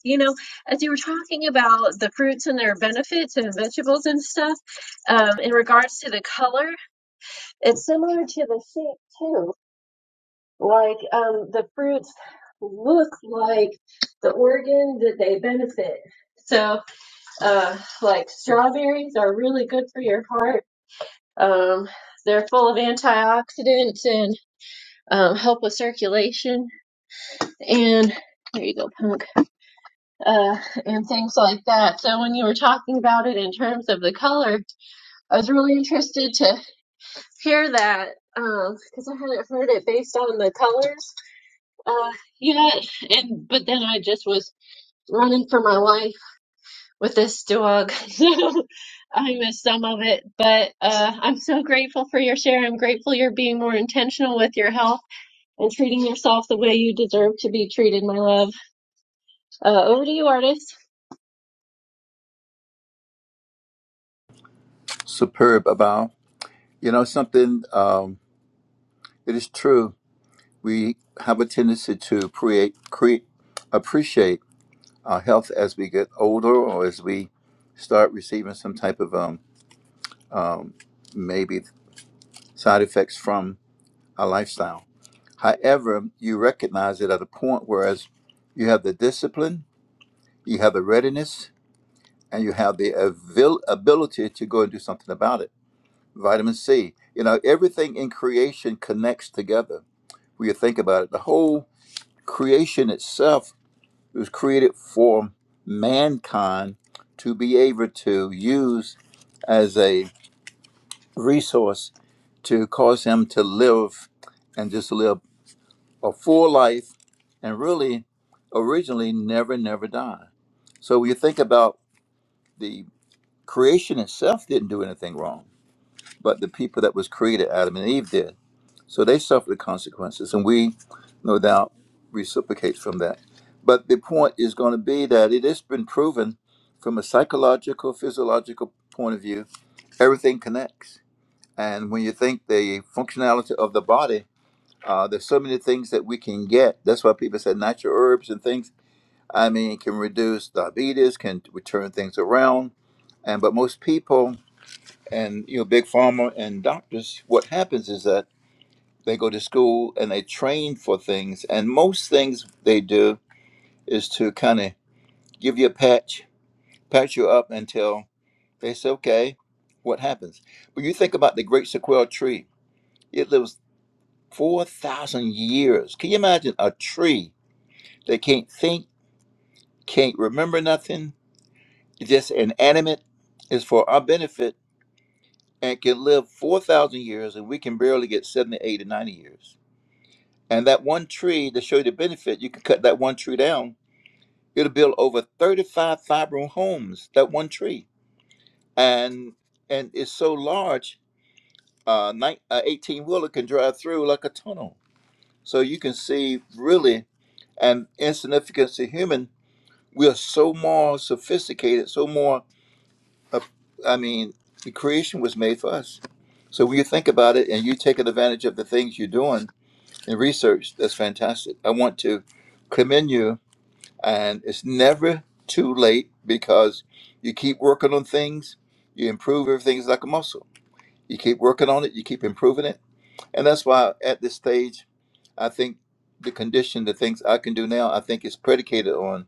You know, as you were talking about the fruits and their benefits and vegetables and stuff, um, in regards to the color, it's similar to the shape too. Like um, the fruits look like the organ that they benefit. So, uh, like strawberries are really good for your heart. Um, they're full of antioxidants and um, help with circulation. And there you go, punk. uh, and things like that. So when you were talking about it in terms of the color, I was really interested to hear that because I hadn't heard it based on the colors uh, yet. And but then I just was running for my life with this dog, so I missed some of it. But uh, I'm so grateful for your share. I'm grateful you're being more intentional with your health and treating yourself the way you deserve to be treated, my love. Uh, over to you, artist.
Superb about, you know, something, um, it is true. We have a tendency to create, create, appreciate our health as we get older or as we start receiving some type of, um, um, maybe side effects from our lifestyle. However, you recognize it at a point whereas you have the discipline, you have the readiness, and you have the avail- ability to go and do something about it. Vitamin C, you know, everything in creation connects together. When you think about it, the whole creation itself was created for mankind to be able to use as a resource to cause him to live and just live a full life and really originally never, never die. So when you think about the creation itself didn't do anything wrong but the people that was created, Adam and Eve, did. So they suffered the consequences, and we, no doubt, reciprocate from that. But the point is going to be that it has been proven from a psychological, physiological point of view, everything connects. And when you think the functionality of the body, uh, there's so many things that we can get. That's why people say natural herbs and things. I mean, it can reduce diabetes, can turn things around, and but most people and you know big pharma and doctors what happens is that they go to school and they train for things and most things they do is to kind of give you a patch patch you up until they say okay what happens but you think about the great sequoia tree it lives 4000 years can you imagine a tree that can't think can't remember nothing it's just inanimate is for our benefit and can live 4000 years and we can barely get 70, 80, 90 years And that one tree to show you the benefit, you can cut that one tree down. It'll build over 35 five room homes, that one tree. And and it's so large, uh, 18 wheeler can drive through like a tunnel. So you can see really an insignificance to human. We are so more sophisticated, so more, uh, I mean, the creation was made for us. So when you think about it and you take advantage of the things you're doing in research, that's fantastic. I want to commend you and it's never too late because you keep working on things you improve everything's like a muscle you keep working on it you keep improving it and that's why at this stage i think the condition the things i can do now i think is predicated on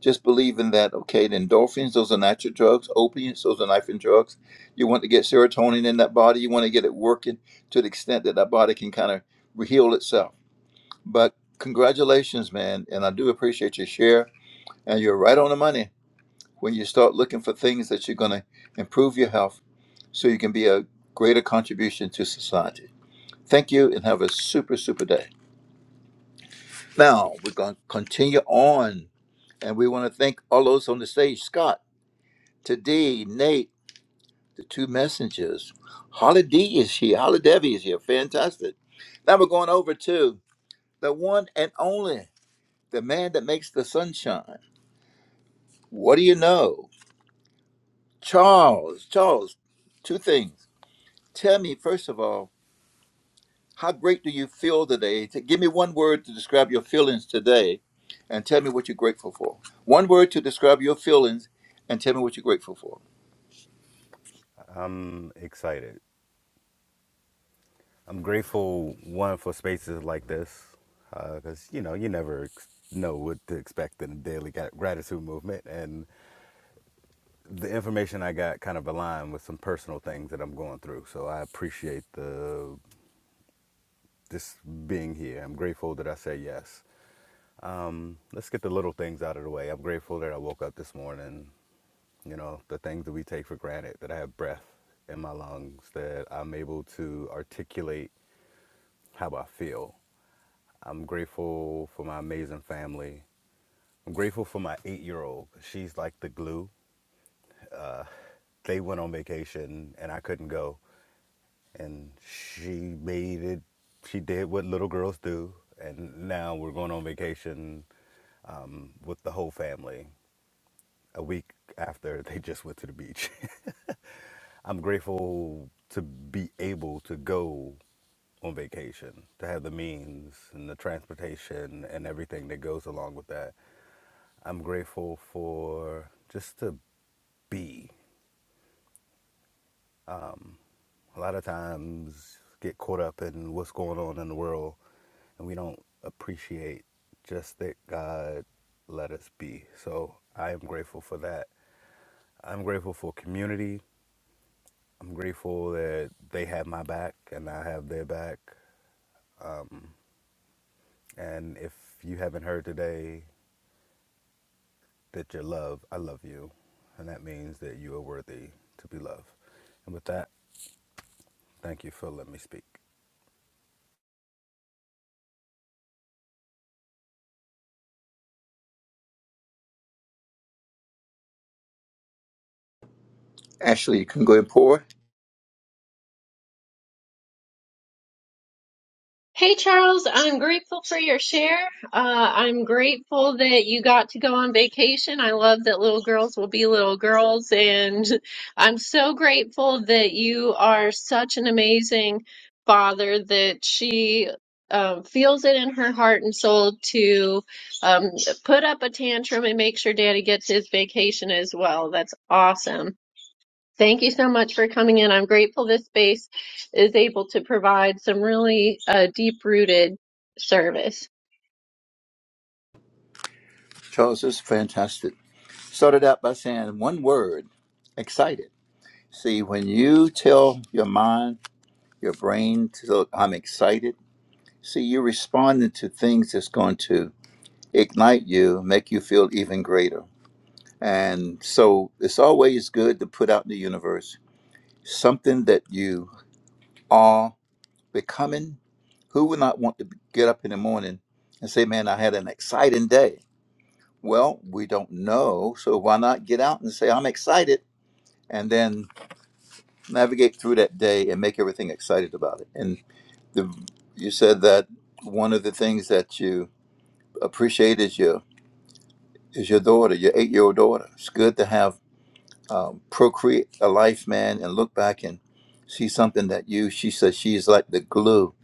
just believing that okay the endorphins those are natural drugs opiates those are knife drugs you want to get serotonin in that body you want to get it working to the extent that that body can kind of heal itself but congratulations man and i do appreciate your share and you're right on the money when you start looking for things that you're going to improve your health so you can be a greater contribution to society. Thank you and have a super, super day. Now, we're going to continue on. And we want to thank all those on the stage Scott, Today, Nate, the two messengers. Holly D is here. Holly Devi is here. Fantastic. Now we're going over to the one and only, the man that makes the sunshine. What do you know? Charles, Charles, two things. Tell me, first of all, how great do you feel today? T- Give me one word to describe your feelings today and tell me what you're grateful for. One word to describe your feelings and tell me what you're grateful for.
I'm excited. I'm grateful one for spaces like this because you know you never ex- know what to expect in the daily gra- gratitude movement, and the information I got kind of aligned with some personal things that I'm going through. So I appreciate the just being here. I'm grateful that I say yes. Um, let's get the little things out of the way. I'm grateful that I woke up this morning. You know the things that we take for granted that I have breath in my lungs, that I'm able to articulate how I feel I'm grateful for my amazing family. I'm grateful for my eight year old. She's like the glue. They went on vacation and I couldn't go. And she made it, she did what little girls do. And now we're going on vacation um, with the whole family a week after they just went to the beach. I'm grateful to be able to go on vacation, to have the means and the transportation and everything that goes along with that. I'm grateful for just to be. A lot of times get caught up in what's going on in the world and we don't appreciate just that God let us be. So I am grateful for that. I'm grateful for community. I'm grateful that they have my back and I have their back. Um, and if you haven't heard today that you're loved, I love you. And that means that you are worthy to be loved. And with that, thank you for letting me speak.
Ashley, you can go and pour.
Hey Charles, I'm grateful for your share. Uh, I'm grateful that you got to go on vacation. I love that little girls will be little girls, and I'm so grateful that you are such an amazing father that she um, feels it in her heart and soul to um, put up a tantrum and make sure daddy gets his vacation as well. That's awesome. Thank you so much for coming in. I'm grateful this space is able to provide some really uh, deep rooted service.
Charles is fantastic. Started out by saying one word excited. See, when you tell your mind, your brain, to, go, I'm excited, see, you're responding to things that's going to ignite you, make you feel even greater. And so it's always good to put out in the universe something that you are becoming. Who would not want to get up in the morning and say, Man, I had an exciting day? Well, we don't know. So why not get out and say, I'm excited? And then navigate through that day and make everything excited about it. And the, you said that one of the things that you appreciate is your is your daughter, your eight year old daughter. It's good to have um, procreate a life, man, and look back and see something that you, she says, she is like the glue.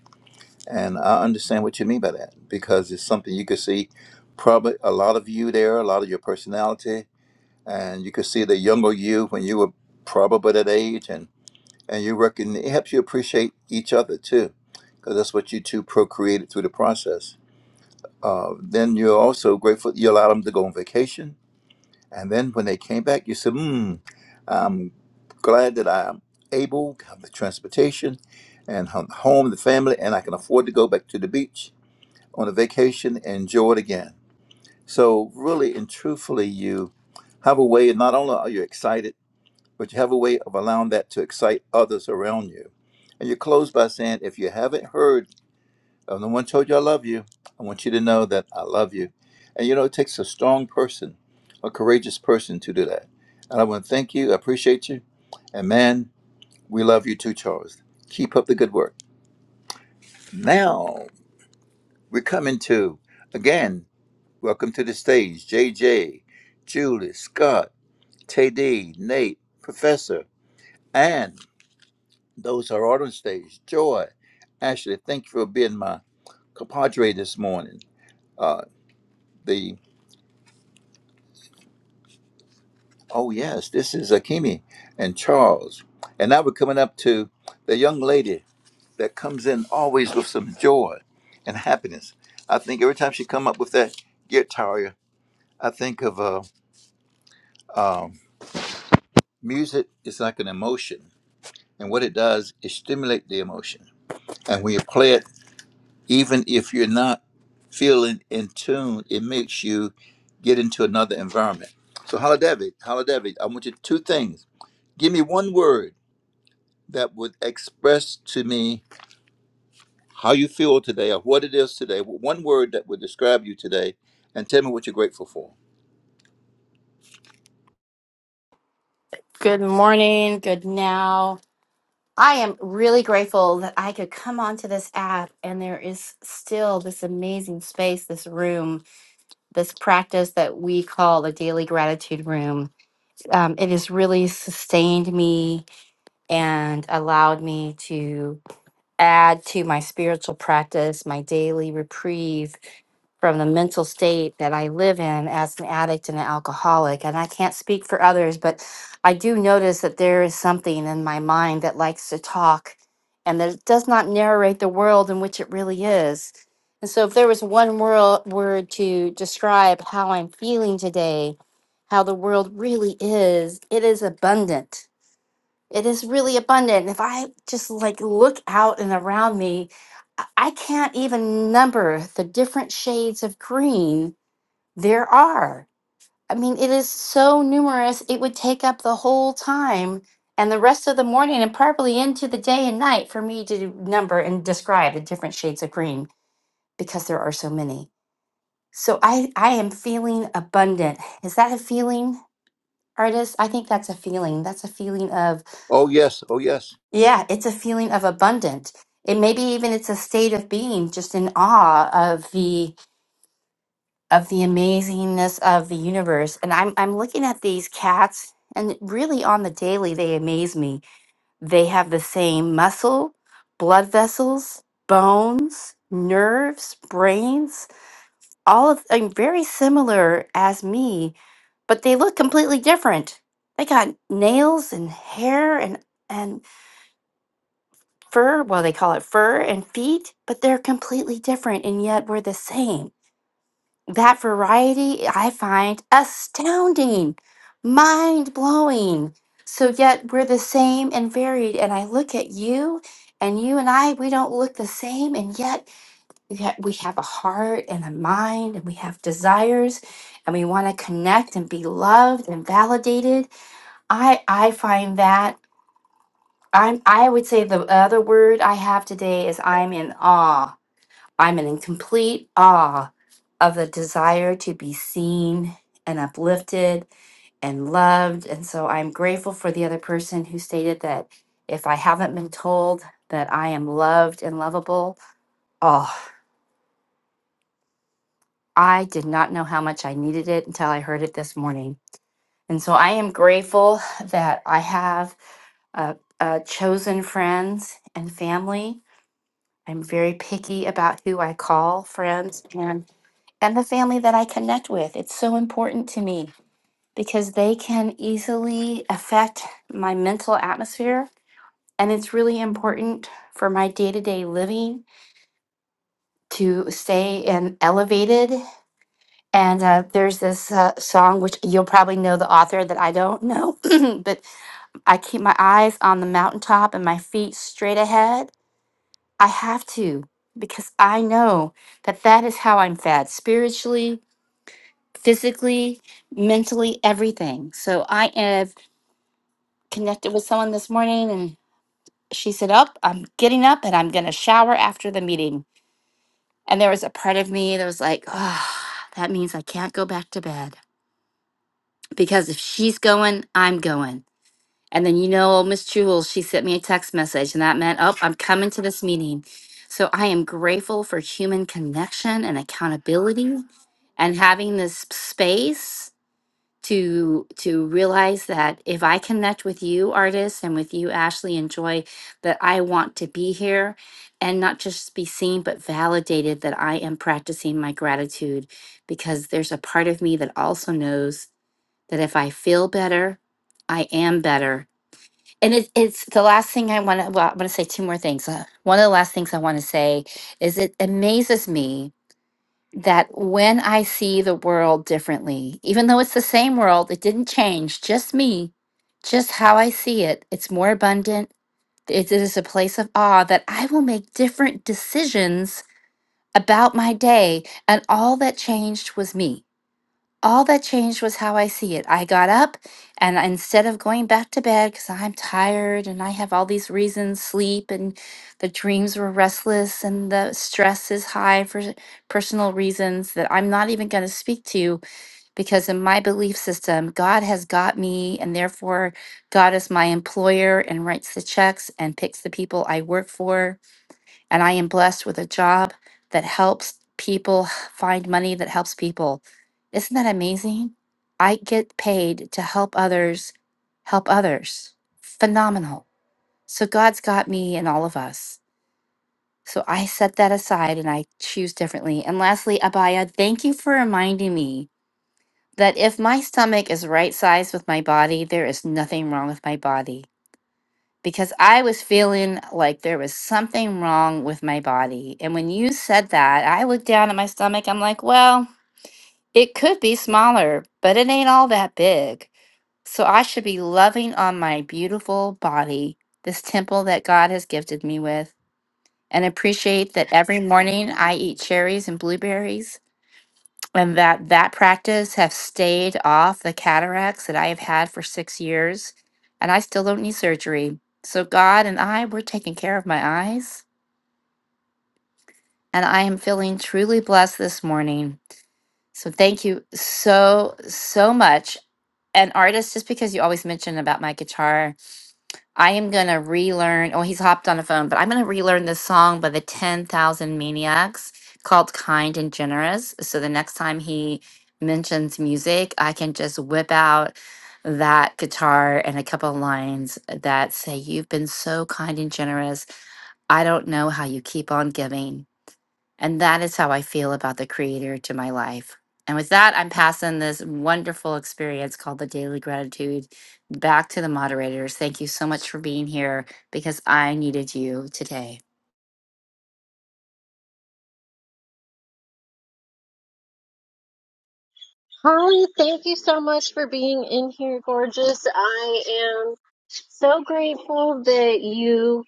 And I understand what you mean by that because it's something you could see probably a lot of you there, a lot of your personality, and you could see the younger you when you were probably that age. And, and you reckon it helps you appreciate each other too because that's what you two procreated through the process. Uh, then you're also grateful you allowed them to go on vacation and then when they came back, you said, hmm, I'm glad that I'm able, to have the transportation and have home, the family, and I can afford to go back to the beach on a vacation and enjoy it again. So really and truthfully, you have a way, not only are you excited, but you have a way of allowing that to excite others around you. And you close by saying, if you haven't heard if no one told you I love you, I want you to know that I love you. And you know, it takes a strong person, a courageous person to do that. And I want to thank you, I appreciate you. And man, we love you too, Charles. Keep up the good work. Now, we're coming to, again, welcome to the stage, JJ, Julie, Scott, TD, Nate, Professor, and those who are out on stage, Joy, Ashley, thank you for being my compadre this morning. Uh, the Oh, yes, this is Akimi and Charles. And now we're coming up to the young lady that comes in always with some joy and happiness. I think every time she come up with that guitar, I think of uh, um, music is like an emotion. And what it does is stimulate the emotion. And when you play it, even if you're not feeling in tune, it makes you get into another environment. So, Haladevi, Haladevi, I want you to two things. Give me one word that would express to me how you feel today or what it is today, one word that would describe you today, and tell me what you're grateful for.
Good morning, good now. I am really grateful that I could come onto this app and there is still this amazing space, this room, this practice that we call the daily gratitude room. Um, it has really sustained me and allowed me to add to my spiritual practice, my daily reprieve from the mental state that I live in as an addict and an alcoholic. And I can't speak for others, but I do notice that there is something in my mind that likes to talk and that it does not narrate the world in which it really is. And so, if there was one world, word to describe how I'm feeling today, how the world really is, it is abundant it is really abundant. If I just like look out and around me, I I can't even number the different shades of green there are. I mean, it is so numerous, it would take up the whole time and the rest of the morning and probably into the day and night for me to number and describe the different shades of green because there are so many. So I I am feeling abundant. Is that a feeling, artist? I think that's a feeling. That's a feeling of
Oh, yes. Oh, yes.
Yeah, it's a feeling of abundant. It maybe even it's a state of being just in awe of the of the amazingness of the universe. And I'm I'm looking at these cats and really on the daily they amaze me. They have the same muscle, blood vessels, bones, nerves, brains, all of i very similar as me, but they look completely different. They got nails and hair and and fur, well, they call it fur and feet, but they're completely different and yet we're the same. That variety I find astounding, mind blowing. So, yet we're the same and varied. And I look at you and you and I, we don't look the same. And yet we ha- we have a heart and a mind and we have desires and we want to connect and be loved and validated. I, I find that I'm I would say the other word I have today is I'm in awe. I'm in complete awe of the desire to be seen and uplifted and loved. And so I'm grateful for the other person who stated that if I haven't been told that I am loved and lovable, oh, I did not know how much I needed it until I heard it this morning. And so I am grateful that I have uh, uh, chosen friends and family I'm very picky about who I call friends and and the family that I connect with. It's so important to me because they can easily affect my mental atmosphere and it's really important for my day-to-day living to stay and elevated and uh, there's this uh, song which you'll probably know the author that I don't know but I keep my eyes on the mountaintop and my feet straight ahead I have to because I know that that is how I'm fed spiritually, physically, mentally, everything. So I have connected with someone this morning and she said, Up, I'm getting up and I'm going to shower after the meeting. And there was a part of me that was like, Oh, that means I can't go back to bed because if she's going, I'm going. And then you know, Miss Jewels, she sent me a text message, and that meant, oh, I'm coming to this meeting. So I am grateful for human connection and accountability, and having this space to to realize that if I connect with you, artists, and with you, Ashley, and Joy, that I want to be here, and not just be seen, but validated that I am practicing my gratitude, because there's a part of me that also knows that if I feel better, I am better and it, it's the last thing I want to. Well, I want to say two more things. Uh, one of the last things I want to say is it amazes me that when I see the world differently, even though it's the same world, it didn't change. Just me, just how I see it. It's more abundant. It is a place of awe that I will make different decisions about my day, and all that changed was me all that changed was how I see it. I got up and instead of going back to bed because I'm tired and I have all these reasons sleep and the dreams were restless and the stress is high for s- personal reasons that I'm not even going to speak to because in my belief system, God has got me and therefore God is my employer and writes the checks and picks the people I work for and I am blessed with a job that helps people find money that helps people. Isn't that amazing? I get paid to help others help others. Phenomenal. So God's got me and all of us. So I set that aside and I choose differently. And lastly, Abaya, thank you for reminding me that if my stomach is right sized with my body, there is nothing wrong with my body because I was feeling like there was something wrong with my body. And when you said that, I looked down at my stomach. I'm like, well, it could be smaller, but it ain't all that big. So I should be loving on my beautiful body, this temple that God has gifted me with, and appreciate that every morning I eat cherries and blueberries and that that practice have stayed off the cataracts that I have had for six years, and I still don't need surgery. So God and I, we're taking care of my eyes, and I am feeling truly blessed this morning. So thank you so so much. And artist, just because you always mention about my guitar, I am gonna relearn. Oh, he's hopped on the phone, but I'm gonna relearn this song by the Ten Thousand Maniacs called "Kind and Generous." So the next time he mentions music, I can just whip out that guitar and a couple lines that say, "You've been so kind and generous. I don't know how you keep on giving." And that is how I feel about the creator to my life. And with that, I'm passing this wonderful experience called the Daily Gratitude back to the moderators. Thank you so much for being here because I needed you today.
Holly, thank you so much for being in here, gorgeous. I am so grateful that you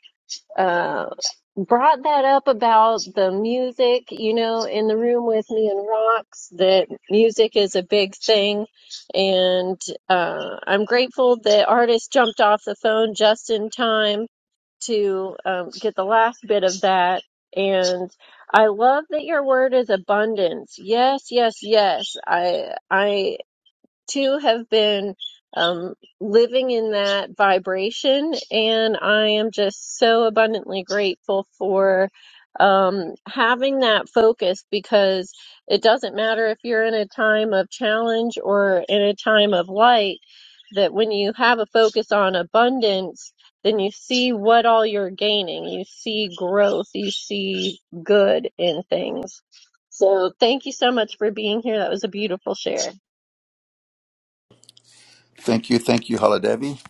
uh, brought that up about the music, you know, in the room with me and Rocks, that music is a big thing. And uh, I'm grateful that artist jumped off the phone just in time to um, get the last bit of that. And I love that your word is abundance. Yes, yes, yes. I, I to have been um, living in that vibration. And I am just so abundantly grateful for um, having that focus because it doesn't matter if you're in a time of challenge or in a time of light, that when you have a focus on abundance, then you see what all you're gaining. You see growth. You see good in things. So thank you so much for being here. That was a beautiful share.
Thank you. Thank you, Haladevi.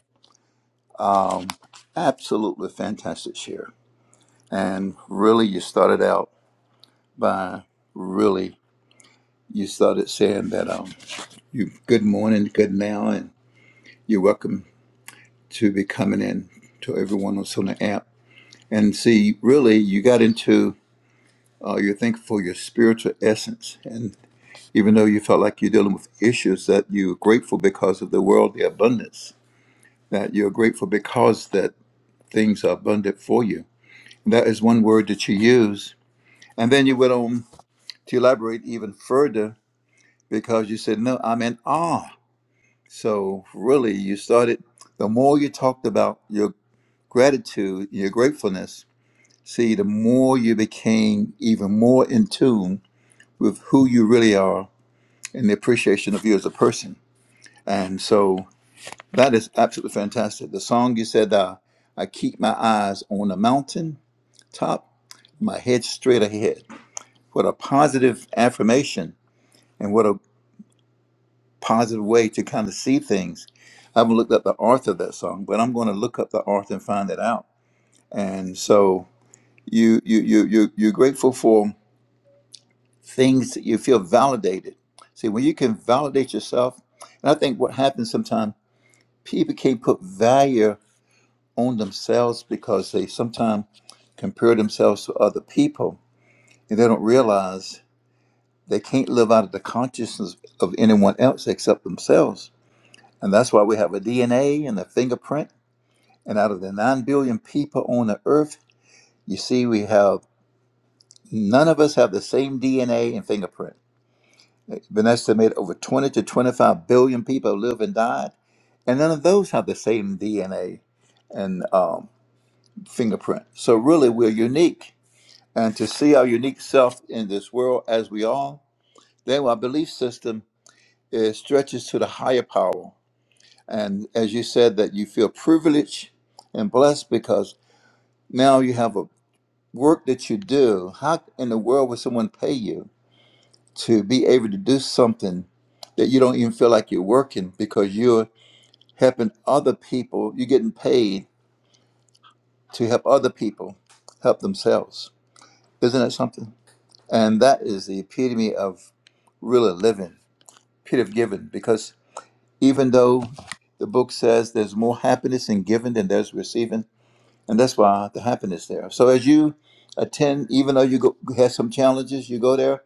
Um, absolutely fantastic share. And really, you started out by really, you started saying that um, you good morning, good now, and you're welcome to be coming in to everyone that's on the app. And see, really, you got into uh, your thinking for your spiritual essence. and. even though you felt like you're dealing with issues that you're grateful because of the worldly abundance, that you're grateful because that things are abundant for you. That is one word that you use. And then you went on to elaborate even further because you said, No, I'm in awe. So really you started the more you talked about your gratitude, your gratefulness, see, the more you became even more in tune with who you really are and the appreciation of you as a person. And so That is absolutely fantastic. The song you said, uh, I keep my eyes on the mountain top, my head straight ahead. What a positive affirmation and what a positive way to kind of see things. I haven't looked up the author of that song, but I'm going to look up the author and find it out. And so you, you, you, you, you're grateful for things that you feel validated. See, when you can validate yourself, and I think what happens sometimes, people can't put value. on themselves because they sometimes compare themselves to other people and they don't realize they can't live out of the consciousness of anyone else except themselves. And that's why we have a DNA and a fingerprint. And out of the 9 billion people on the earth, you see, we have none of us have the same DNA and fingerprint. It's been estimated over 20 to 25 billion people live and died, and none of those have the same DNA and um, fingerprint. So, really, we're unique and to see our unique self in this world as we are, then our belief system is, stretches to the higher power. And as you said, that you feel privileged and blessed because now you have a work that you do. How in the world would someone pay you to be able to do something that you don't even feel like you're working because you're helping other people? You're getting paid to help other people help themselves. Isn't that something? And that is the epitome of really living could have given because even though the book says there's more happiness in giving than there's receiving, and that's why the happiness there. So as you attend, even though you go, have some challenges, you go there,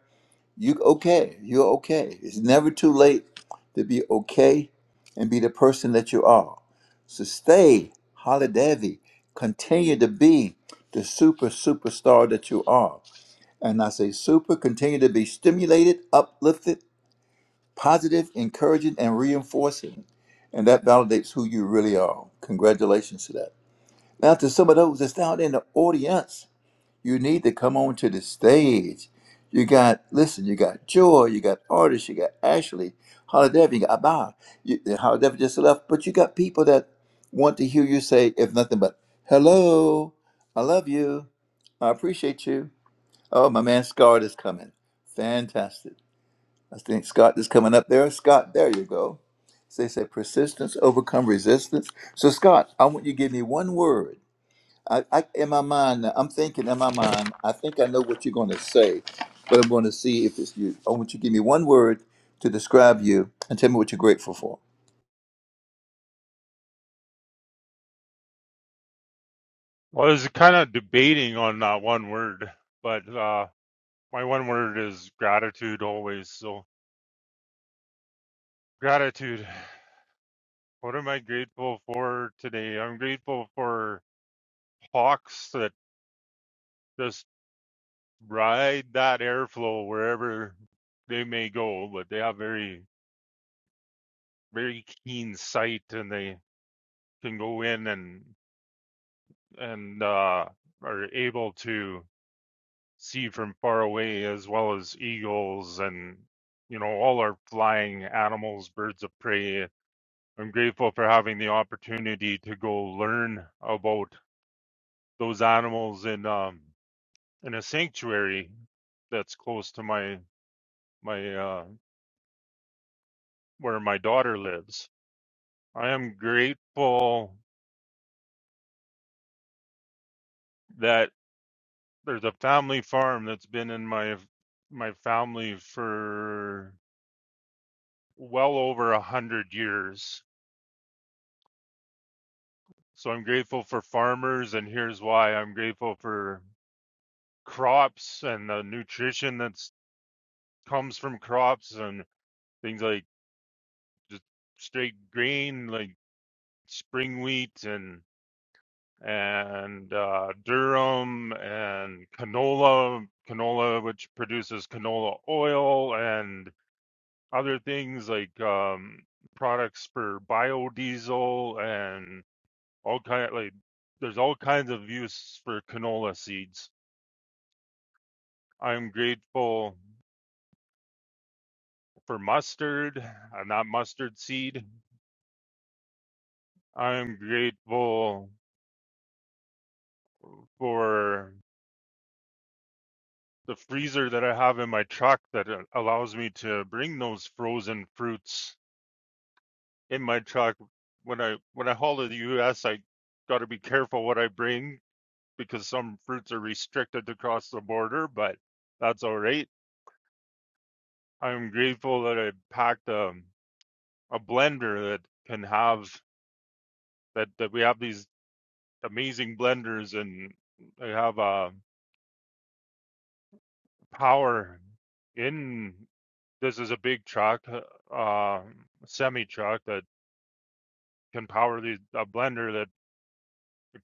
you okay, you're okay. It's never too late to be okay and be the person that you are. So stay, holiday, continue to be the super superstar that you are. And I say super, continue to be stimulated, uplifted, positive, encouraging, and reinforcing. And that validates who you really are. Congratulations to that. Now, to some of those that's down in the audience, you need to come on to the stage. You got, listen, you got Joy, you got Artist, you got Ashley, Holiday, you got Abba. You, Holiday just left, but you got people that want to hear you say, if nothing but, hello, I love you, I appreciate you. Oh, my man Scarred is coming. Fantastic. I think Scott is coming up there. Scott, there you go. So they say persistence overcome resistance. So Scott, I want you to give me one word. I, I in my mind, now, I'm thinking in my mind. I think I know what you're going to say, but I'm going to see if it's you. I want you to give me one word to describe you and tell me what you're grateful for.
Well, I was kind of debating on that one word, but uh, my one word is gratitude always. So, gratitude. What am I grateful for today? I'm grateful for hawks that just ride that airflow wherever they may go, but they have very, very keen sight and they can go in and, and, uh, are able to see from far away, as well as eagles and, you know, all our flying animals, birds of prey. I'm grateful for having the opportunity to go learn about those animals in um, in a sanctuary that's close to my my uh, where my daughter lives. I am grateful that there's a family farm that's been in my my family for well over a hundred years So I'm grateful for farmers, and here's why I'm grateful for crops and the nutrition that comes from crops and things like just straight grain, like spring wheat and and uh, durum and canola, canola which produces canola oil and other things like um, products for biodiesel and all kind like there's all kinds of use for canola seeds I'm grateful for mustard, uh, not mustard seed. I'm grateful for the freezer that I have in my truck that uh, allows me to bring those frozen fruits in my truck. When I when I haul to the U.S., I got to be careful what I bring because some fruits are restricted to cross the border, but that's all right. I'm grateful that I packed a, a blender that can have that that we have these amazing blenders and they have a uh, power in this is a big truck uh, uh, semi truck that can power the a blender that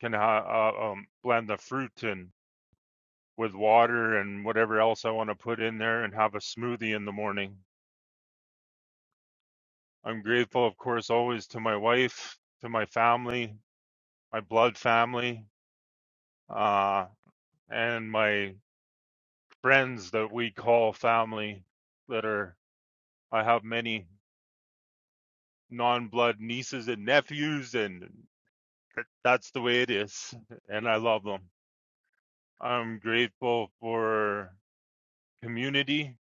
can ha- uh, um, blend the fruit and with water and whatever else I want to put in there and have a smoothie in the morning. I'm grateful, of course, always to my wife, to my family, my blood family, uh, and my friends that we call family that are I have many non-blood nieces and nephews, and that's the way it is. And I love them. I'm grateful for community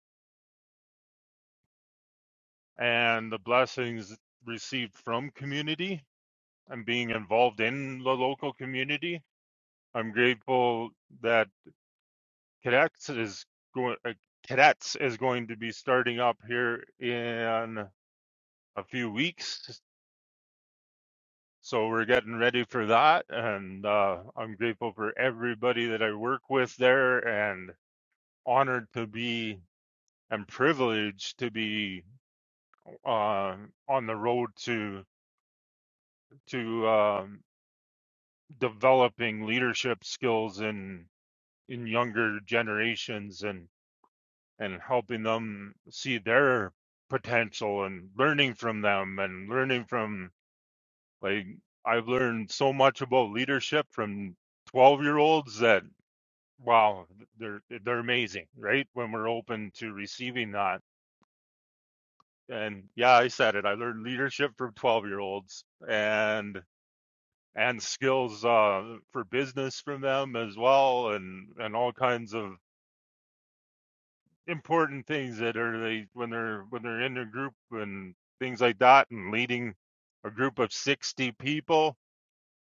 and the blessings received from community and being involved in the local community. I'm grateful that cadets is going. Uh, cadets is going to be starting up here in a few weeks So we're getting ready for that, and uh, I'm grateful for everybody that I work with there, and honored to be and privileged to be uh, on the road to to um, developing leadership skills in in younger generations and and helping them see their potential and learning from them and learning from like I've learned so much about leadership from 12 year olds that. Wow, th- they're they're amazing, right? When we're open to receiving that. And yeah, I said it. I learned leadership from 12-year-olds and and skills uh for business from them as well and and all kinds of important things that are they when they're when they're in a group and things like that and leading a group of 60 people,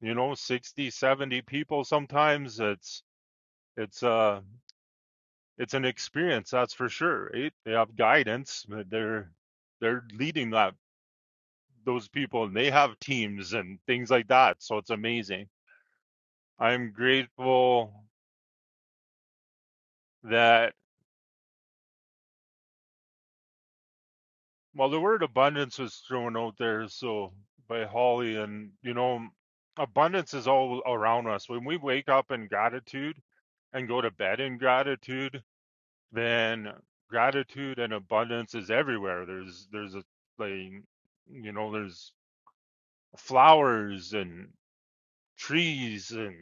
you know, 60, 70 people sometimes it's it's uh it's an experience that's for sure right? they have guidance but they're they're leading that those people and they have teams and things like that so it's amazing i'm grateful that well the word abundance was thrown out there so by holly and you know abundance is all around us when we wake up in gratitude and go to bed in gratitude then gratitude and abundance is everywhere there's there's a like you know there's flowers and trees and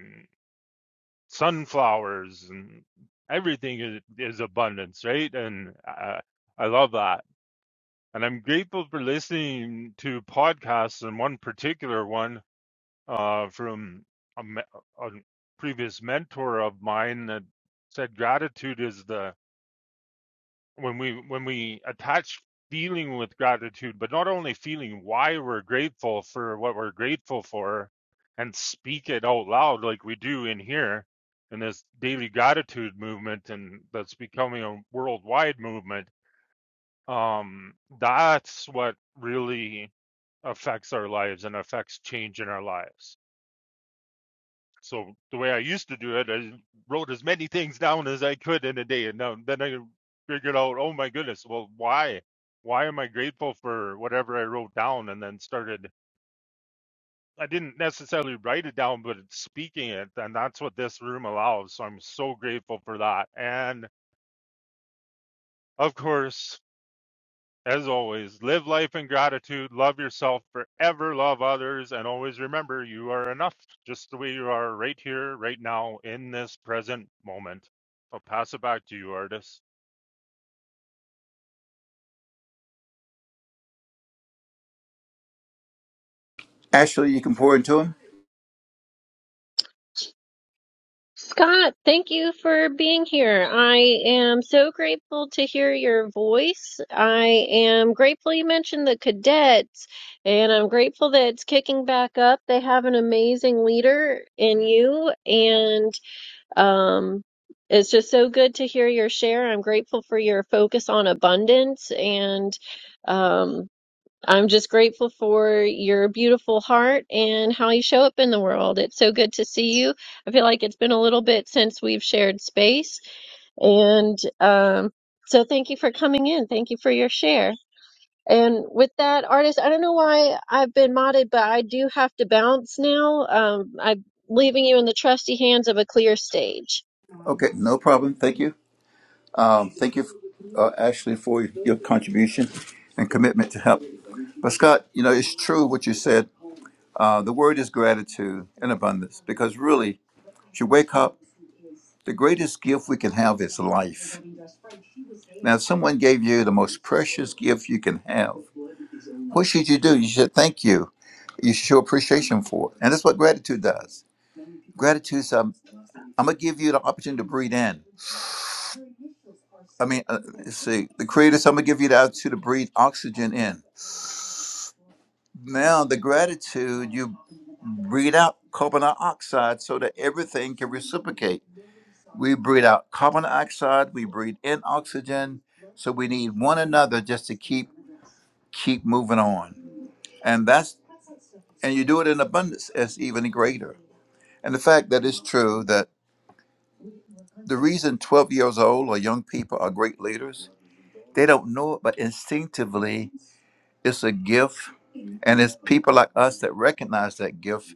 sunflowers and everything is, is abundance, right? And I, I love that. And I'm grateful for listening to podcasts and one particular one uh, from a, me- a previous mentor of mine that said gratitude is the when we when we attach feeling with gratitude but not only feeling why we're grateful for what we're grateful for and speak it out loud like we do in here in this daily gratitude movement and that's becoming a worldwide movement um that's what really affects our lives and affects change in our lives so the way I used to do it, I wrote as many things down as I could in a day, and now, then I figured out, oh my goodness, well, why, why am I grateful for whatever I wrote down? And then started. I didn't necessarily write it down, but speaking it, and that's what this room allows. So I'm so grateful for that. And of course, As always, live life in gratitude, love yourself forever, love others, and always remember you are enough just the way you are right here, right now, in this present moment. I'll pass it back to you, artist.
Ashley, you can pour into him.
Scott, thank you for being here. I am so grateful to hear your voice. I am grateful you mentioned the cadets, and I'm grateful that it's kicking back up. They have an amazing leader in you, and um, it's just so good to hear your share. I'm grateful for your focus on abundance and um, I'm just grateful for your beautiful heart and how you show up in the world. It's so good to see you. I feel like it's been a little bit since we've shared space. And um, so thank you for coming in. Thank you for your share. And with that, artist, I don't know why I've been modded, but I do have to bounce now. Um, I'm leaving you in the trusty hands of a clear stage.
Okay, no problem. Thank you. Um, thank you, uh, Ashley, for your contribution and commitment to help. But Scott, you know, it's true what you said. Uh, the word is gratitude and abundance because really, as you wake up, the greatest gift we can have is life. Now, if someone gave you the most precious gift you can have, what should you do? You should thank you. You should show appreciation for it. And that's what gratitude does. Gratitude is, um, I'm going to give you the opportunity to breathe in. I mean, uh, let's see, the Creator, so I'm gonna give you the altitude to breathe oxygen in. Now, the gratitude, you breathe out carbon dioxide so that everything can reciprocate. We breathe out carbon dioxide, we breathe in oxygen, so we need one another just to keep keep moving on. And that's and you do it in abundance It's even greater. And the fact that it's true that the reason 12 years old or young people are great leaders, they don't know it, but instinctively It's a gift, and it's people like us that recognize that gift,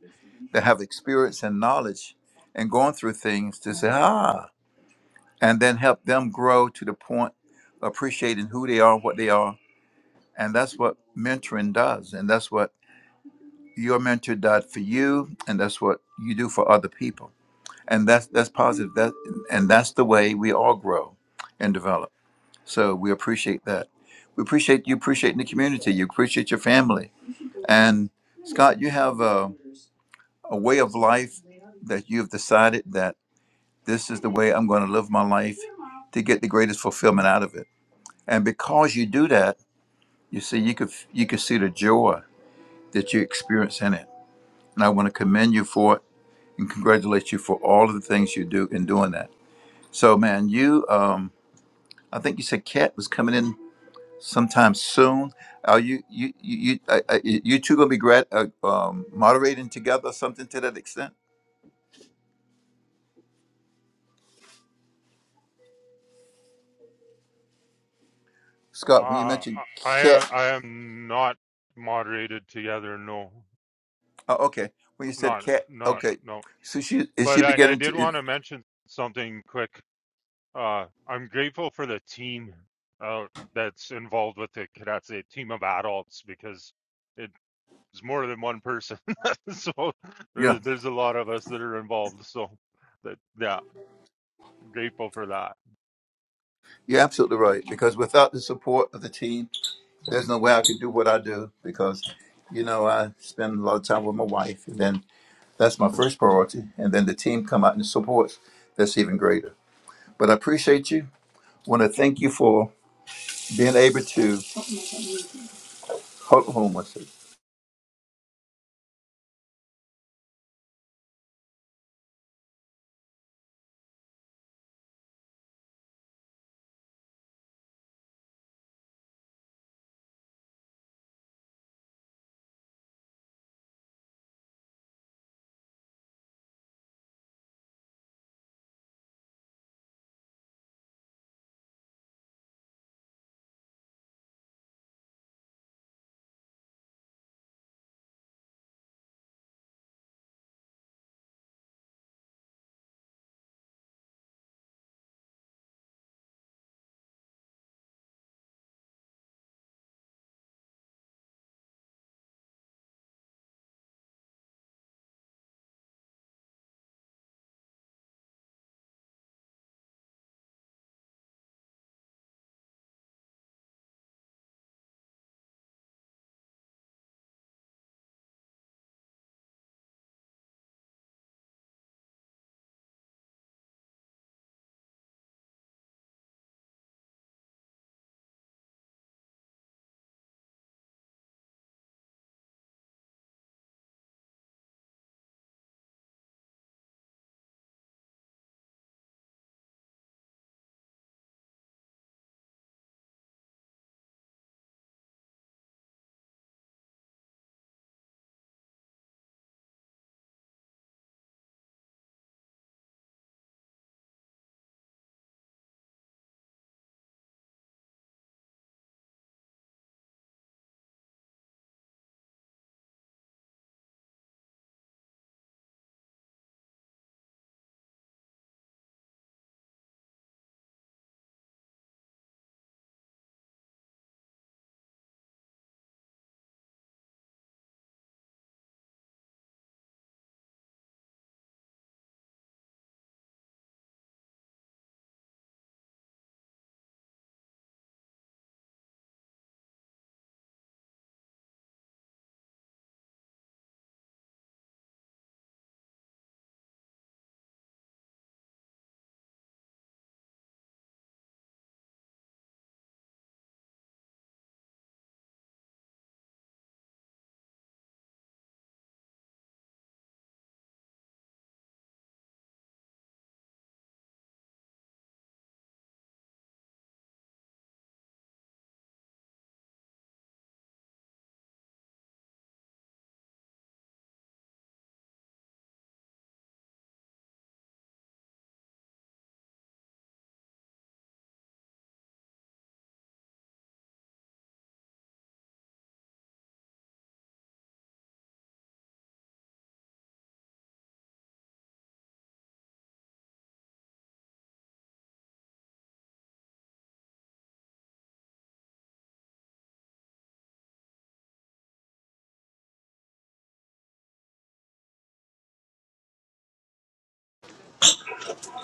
that have experience and knowledge, and going through things to say ah, and then help them grow to the point of appreciating who they are, what they are, and that's what mentoring does, and that's what your mentor did for you, and that's what you do for other people, and that's that's positive. That and that's the way we all grow and develop. So we appreciate that. We appreciate you appreciating the community. You appreciate your family and Scott, you have a, a way of life that you've decided that this is the way I'm going to live my life to get the greatest fulfillment out of it. And because you do that, you see, you could you could see the joy that you experience in it. And I want to commend you for it and congratulate you for all of the things you do in doing that. So, man, you, um, I think you said Kat was coming in sometime soon. Are you you you you, uh, uh, you two gonna be grad, uh, um, moderating together, something to that extent? Scott, when you
Ah,
mentioned
I,
cat,
I am not moderated together, no,
oh, okay, when you said
not,
cat,
not,
okay,
no.
so she is she
But I, I
beginning
did
to,
want to mention something quick. Uh, I'm grateful for the team uh, that's involved with the cadets, a team of adults, because it. It's more than one person, so
yeah,
there's there's a lot of us that are involved. So that yeah, grateful for that.
you're absolutely right because without the support of the team, there's no way I could do what I do because, you know, I spend a lot of time with my wife, and then that's my first priority, and then the team come out and supports. That's even greater. But I appreciate you. Want to thank you for being able to. Hold on one second.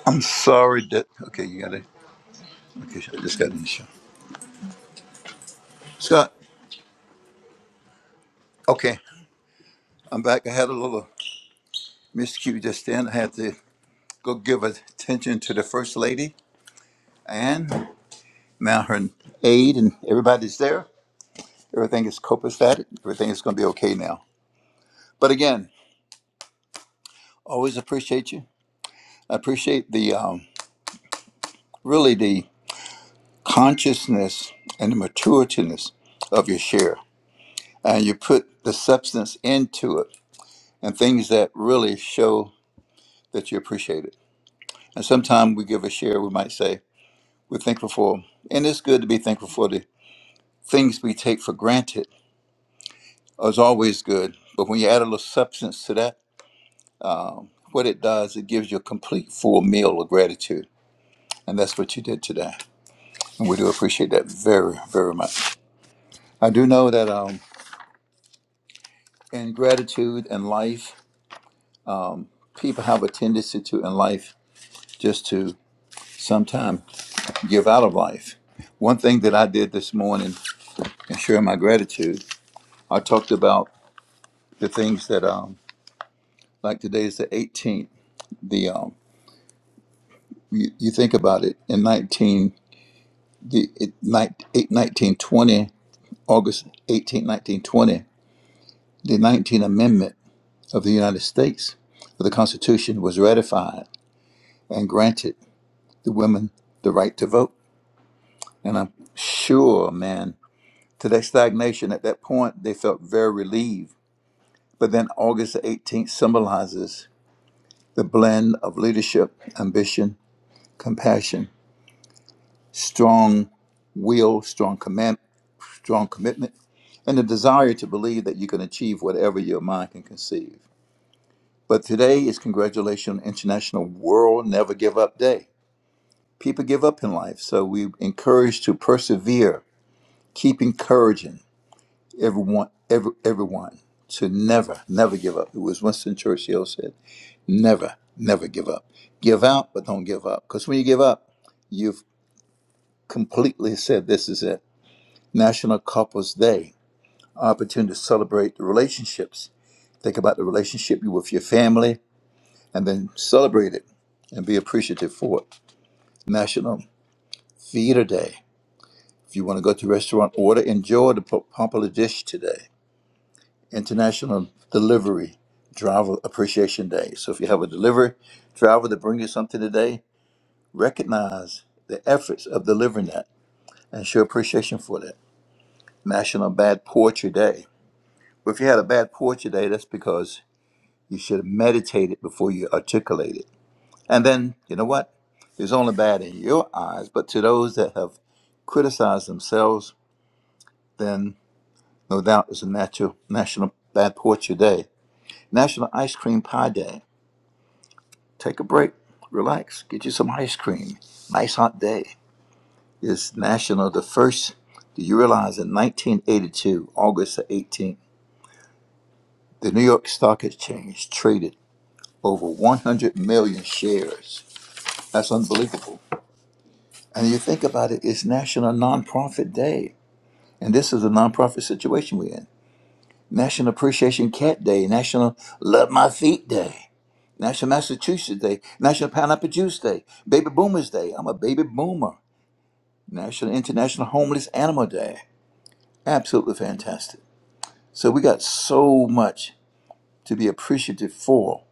I'm sorry that. Okay, you got it. Okay, I just got an issue. Scott. Okay, I'm back. I had a little. Miss Q just then had to go give attention to the First Lady and now her aide, and everybody's there. Everything is copacetic. Everything is going to be okay now. But again, always appreciate you. I appreciate the um, really the consciousness and the maturityness of your share. And you put the substance into it and things that really show that you appreciate it. And sometimes we give a share, we might say, we're thankful for, and it's good to be thankful for the. things we take for granted is always good, but when you add a little substance to that, um, what it does, it gives you a complete full meal of gratitude. And that's what you did today. And we do appreciate that very, very much. I do know that um, in gratitude and life, um, people have a tendency to in life just to sometimes give out of life. One thing that I did this morning and sharing my gratitude. I talked about the things that, um, like today is the 18th. the um, you, you think about it in 19 the it, nine- eight- 1920 august 18 1920 the 19th amendment of the united states of the constitution was ratified and granted the women the right to vote and i'm sure man to that stagnation at that point they felt very relieved but then august the 18th symbolizes the blend of leadership ambition compassion strong will, strong command, strong commitment, and the desire to believe that you can achieve whatever your mind can conceive. But today is Congratulations International World Never Give Up Day. People give up in life, so we encourage to persevere. Keep encouraging everyone, every, everyone to never, never give up. It was Winston Churchill said, "Never, never give up. Give out, but don't give up. Because when you give up, you've completely said, "This is it." National Couples Day, opportunity to celebrate the relationships. Think about the relationship you with your family and then celebrate it and be appreciative for it. National Theater Day. If you want to go to a restaurant, order, enjoy the po- popular dish today. International Delivery Driver Appreciation Day. So if you have a delivery driver that brings you something today, recognize the efforts of delivering that and show appreciation for that. National Bad Poetry Day. Well, If you had a bad poetry day, that's because You should meditate it before you articulate it. And then, you know what? It's only bad in your eyes, but to those that have criticized themselves, then no doubt it's a natural national bad portrait day. National Ice Cream Pie Day. Take a break, relax, get you some ice cream. Nice hot day. It's national the first. Do you realize in 1982, August the 18th, the New York Stock Exchange traded over 100 million shares? That's unbelievable. And you think about it, it's National Nonprofit Day. And this is a nonprofit situation we're in. National Appreciation Cat Day, National Love My Feet Day, National Massachusetts Day, National Pineapple Juice Day, Baby Boomers Day. I'm a baby boomer. National International Homeless Animal Day. Absolutely fantastic. So we got so much to be appreciative for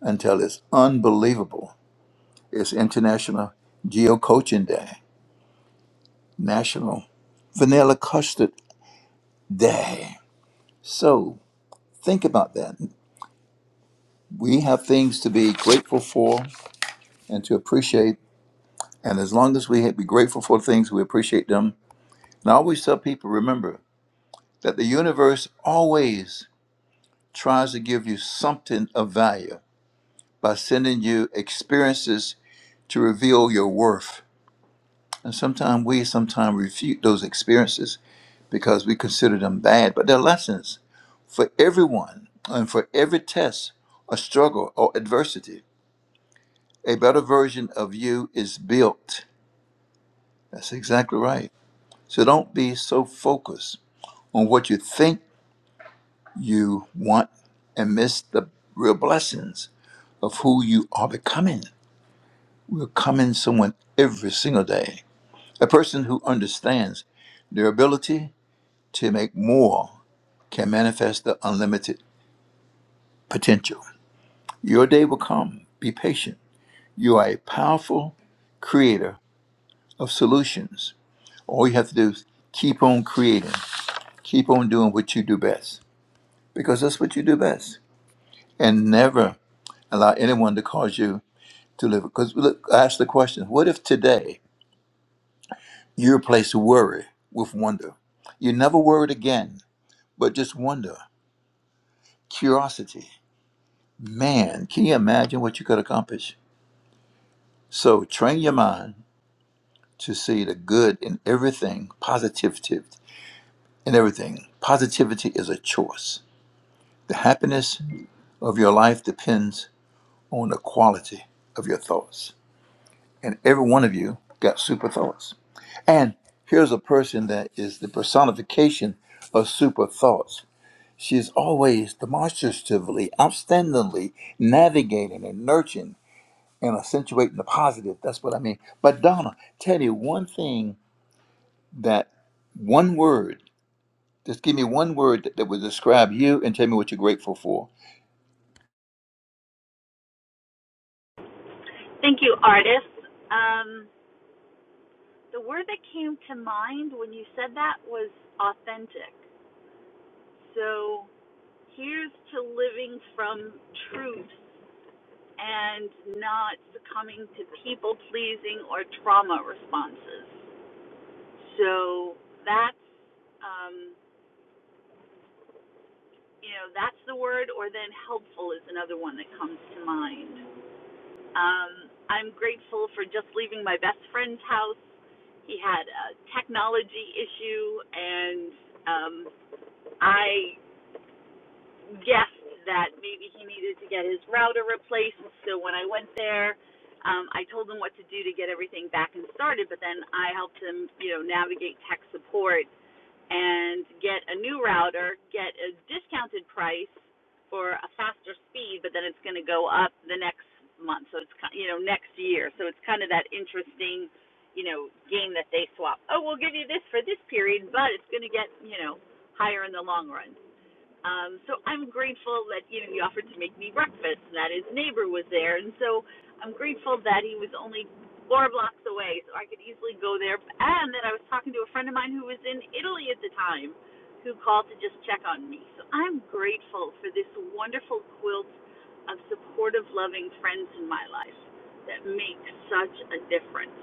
until it's unbelievable. It's International Geo Coaching Day, National Vanilla Custard Day. So Think about that. We have things to be grateful for and to appreciate. And as long as we be grateful for things, we appreciate them. And I always tell people remember that the universe always tries to give you something of value by sending you experiences to reveal your worth. And sometimes we sometimes refute those experiences because we consider them bad, but they're lessons for everyone and for every test or struggle or adversity. A better version of you is built. That's exactly right. So don't be so focused on what you think you want and miss the real blessings of who you are becoming. We're becoming someone every single day. A person who understands their ability to make more can manifest the unlimited potential. Your day will come. Be patient. You are a powerful creator of solutions. All you have to do is keep on creating Keep on doing what you do best because that's what you do best. And never allow anyone to cause you to live. Because look, I asked the question what if today you replace worry with wonder? You never worried again, but just wonder, curiosity. Man, can you imagine what you could accomplish? So train your mind to see the good in everything, positivity in everything. Positivity is a choice. The happiness of your life depends on the quality of your thoughts. and every one of you got super thoughts. And here's a person that is the personification of super thoughts. She is always demonstratively, outstandingly navigating and nurturing and accentuating the positive. That's what I mean. But Donna, tell me one thing that one word, just give me one word that, that would describe you and tell me what you're grateful for.
Thank you, artist. Um, the word that came to mind when you said that was authentic. So here's to living from truth and not succumbing to people pleasing or trauma responses. So that's, um, you know, that's the word, or then helpful is another one that comes to mind. Um, I'm grateful for just leaving my best friend's house. He had a technology issue, and um, I guessed that maybe he needed to get his router replaced. So when I went there, um, I told him what to do to get everything back and started, but then I helped him, you know, navigate tech support and get a new router, get a discounted price for a faster speed, but then it's going to go up the next month. So it's you know next year. So it's kind of that interesting, you know, game that they swap. Oh, we'll give you this for this period, but it's going to get you know higher in the long run. Um, so I'm grateful that you know he offered to make me breakfast, and that his neighbor was there, and so I'm grateful that he was only four blocks away, so I could easily go there. And that I was talking to a friend of mine who was in Italy at the time, who called to just check on me. So I'm grateful for this wonderful quilt of supportive, loving friends in my life that make such a difference.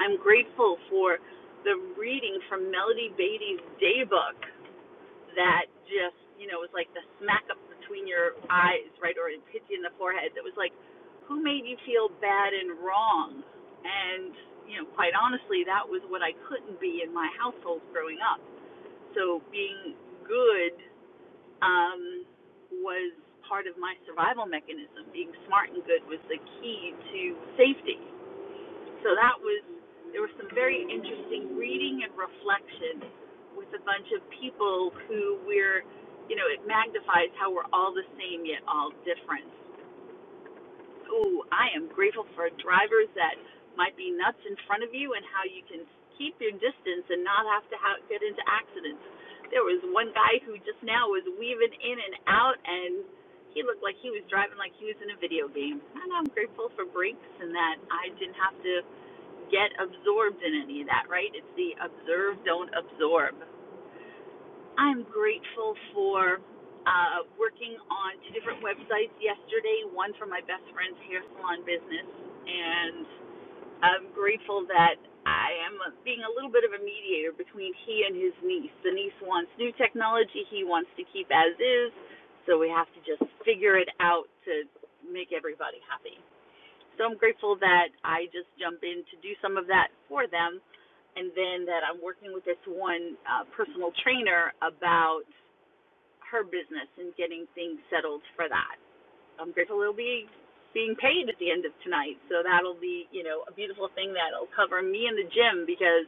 I'm grateful for the reading from Melody Beatty's daybook that just you know was like the smack up between your eyes right or it hit you in the forehead that was like who made you feel bad and wrong and you know quite honestly that was what i couldn't be in my household growing up so being good um was part of my survival mechanism being smart and good was the key to safety so that was, there was some very interesting reading and reflection with a bunch of people who we're, you know, it magnifies how we're all the same yet all different. Ooh, I am grateful for drivers that might be nuts in front of you and how you can keep your distance and not have to ha get into accidents. There was one guy who just now was weaving in and out and he looked like he was driving like he was in a video game. And I'm grateful for brakes and that I didn't have to get absorbed in any of that, right? It's the observe, don't absorb. I'm grateful for uh, working on two different websites yesterday, one for my best friend's hair salon business, and I'm grateful that I am being a little bit of a mediator between he and his niece. The niece wants new technology, he wants to keep as is, so we have to just figure it out to make everybody happy. So I'm grateful that I just jump in to do some of that for them. And then that I'm working with this one uh, personal trainer about her business and getting things settled for that. I'm grateful it'll be being paid at the end of tonight. So that'll be, you know, a beautiful thing that'll cover me in the gym because,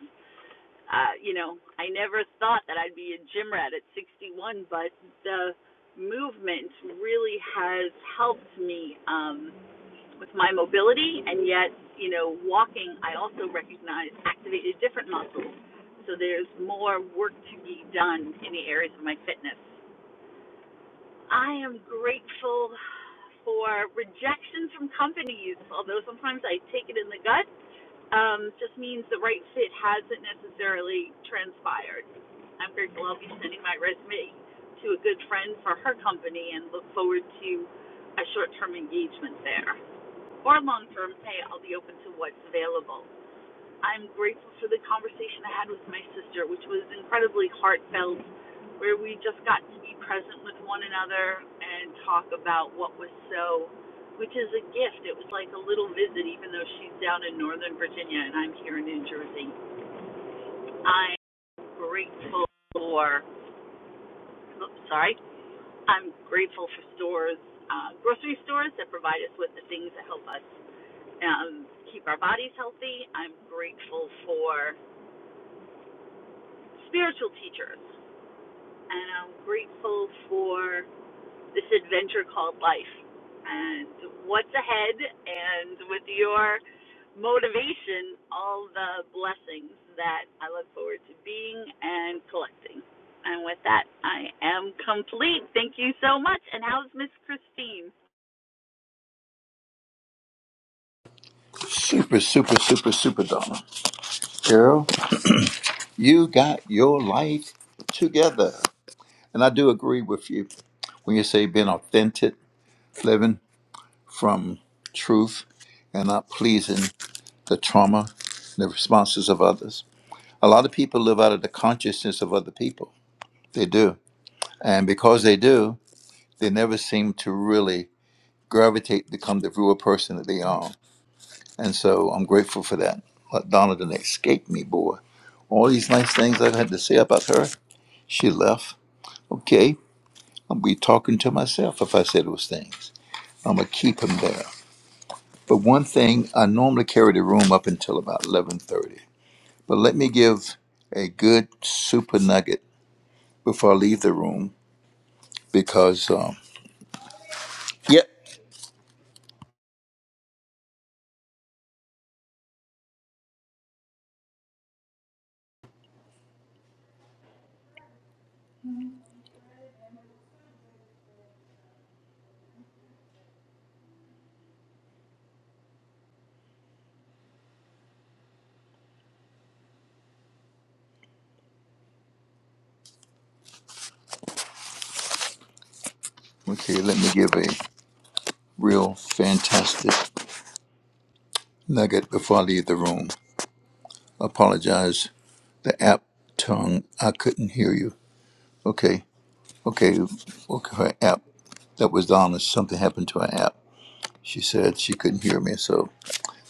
uh, you know, I never thought that I'd be a gym rat at 61, but the movement really has helped me. Um, with my mobility, and yet, you know, walking, I also recognize activated different muscles. So there's more work to be done in the areas of my fitness. I am grateful for rejection from companies, although sometimes I take it in the gut. Um, just means the right fit hasn't necessarily transpired. I'm grateful I'll be sending my resume to a good friend for her company and look forward to a short term engagement there or long term pay, I'll be open to what's available. I'm grateful for the conversation I had with my sister, which was incredibly heartfelt, where we just got to be present with one another and talk about what was so, which is a gift. It was like a little visit, even though she's down in Northern Virginia and I'm here in New Jersey. I'm grateful for, oops, sorry, I'm grateful for stores, uh, grocery stores that provide us with the things that help us um, keep our bodies healthy. I'm grateful for spiritual teachers, and I'm grateful for this adventure called life and what's ahead. And with your motivation, all the blessings that I look forward to being and collecting. And with that, I am complete. Thank you so much. And how's Miss Christine?
Super, super, super, super Donna. Girl, you got your life together. And I do agree with you. When you say being authentic, living from truth and not pleasing the trauma, the responses of others. A lot of people live out of the consciousness of other people. They do. And because they do, they never seem to really gravitate, become the real person that they are. And so I'm grateful for that. But Donna didn't escape me, boy. All these nice things I had to say about her, she left. Okay, I'll be talking to myself if I say those things. I'm going to keep them there. But one thing, I normally carry the room up until about 11:30. But let me give a good super nugget before I leave the room because um, yep. Okay, let me give a real fantastic nugget before I leave the room. Apologize, the app tongue, I couldn't hear you. Okay, okay, okay, her app. That was Donna. Something happened to her app. She said she couldn't hear me, so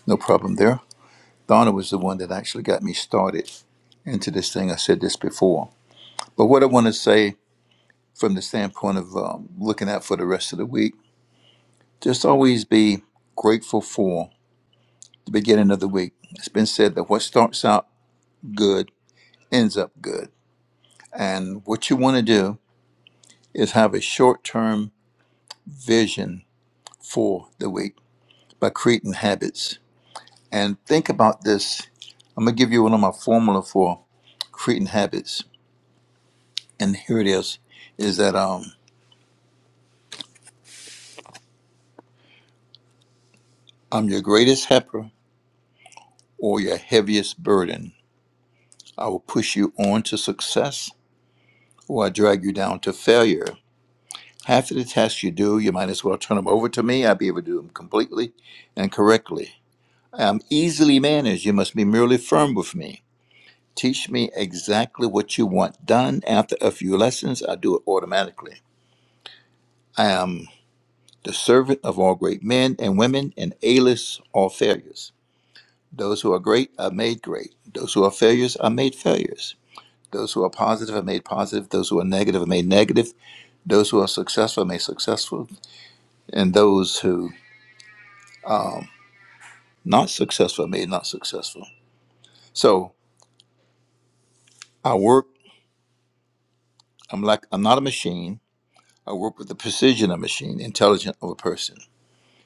no problem there. Donna was the one that actually got me started into this thing. I said this before. But what I want to say from the standpoint of um, looking out for the rest of the week, just always be grateful for the beginning of the week. It's been said that what starts out good ends up good. And what you want to do is have a short term vision for the week by creating habits. And think about this. I'm going to give you one of my formula for creating habits. And here it is is that um, I'm your greatest helper or your heaviest burden. I will push you on to success or I drag you down to failure. Half of the tasks you do, you might as well turn them over to me. I'll be able to do them completely and correctly. I'm easily managed. You must be merely firm with me. Teach me exactly what you want done. After a few lessons, I do it automatically. I am the servant of all great men and women and A-list all failures. Those who are great are made great. Those who are failures are made failures. Those who are positive are made positive. Those who are negative are made negative. Those who are successful are made successful. And those who not successful are made not successful. So I work, I'm like I'm not a machine. I work with the precision of a machine, intelligent of a person.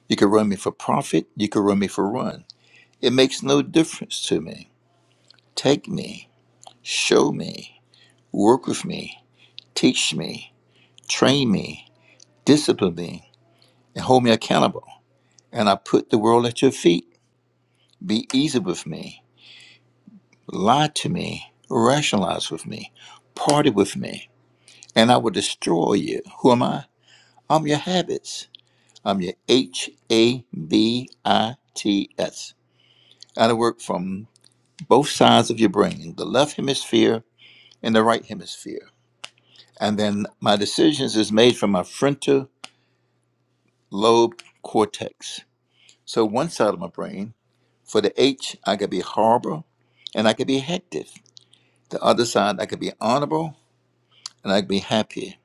You can run me for profit, you can run me for run. It makes no difference to me. Take me, show me, work with me, teach me, train me, discipline me, and hold me accountable. And I put the world at your feet Be easy with me, lie to me, rationalize with me, party with me, and I will destroy you. Who am I? I'm your habits. I'm your H A B I T S. I work from both sides of your brain, the left hemisphere and the right hemisphere. And then my decisions is made from my frontal lobe cortex. So one side of my brain, for the H, I could be horrible and I could be hectic. The other side, I could be honorable and I'd be happy.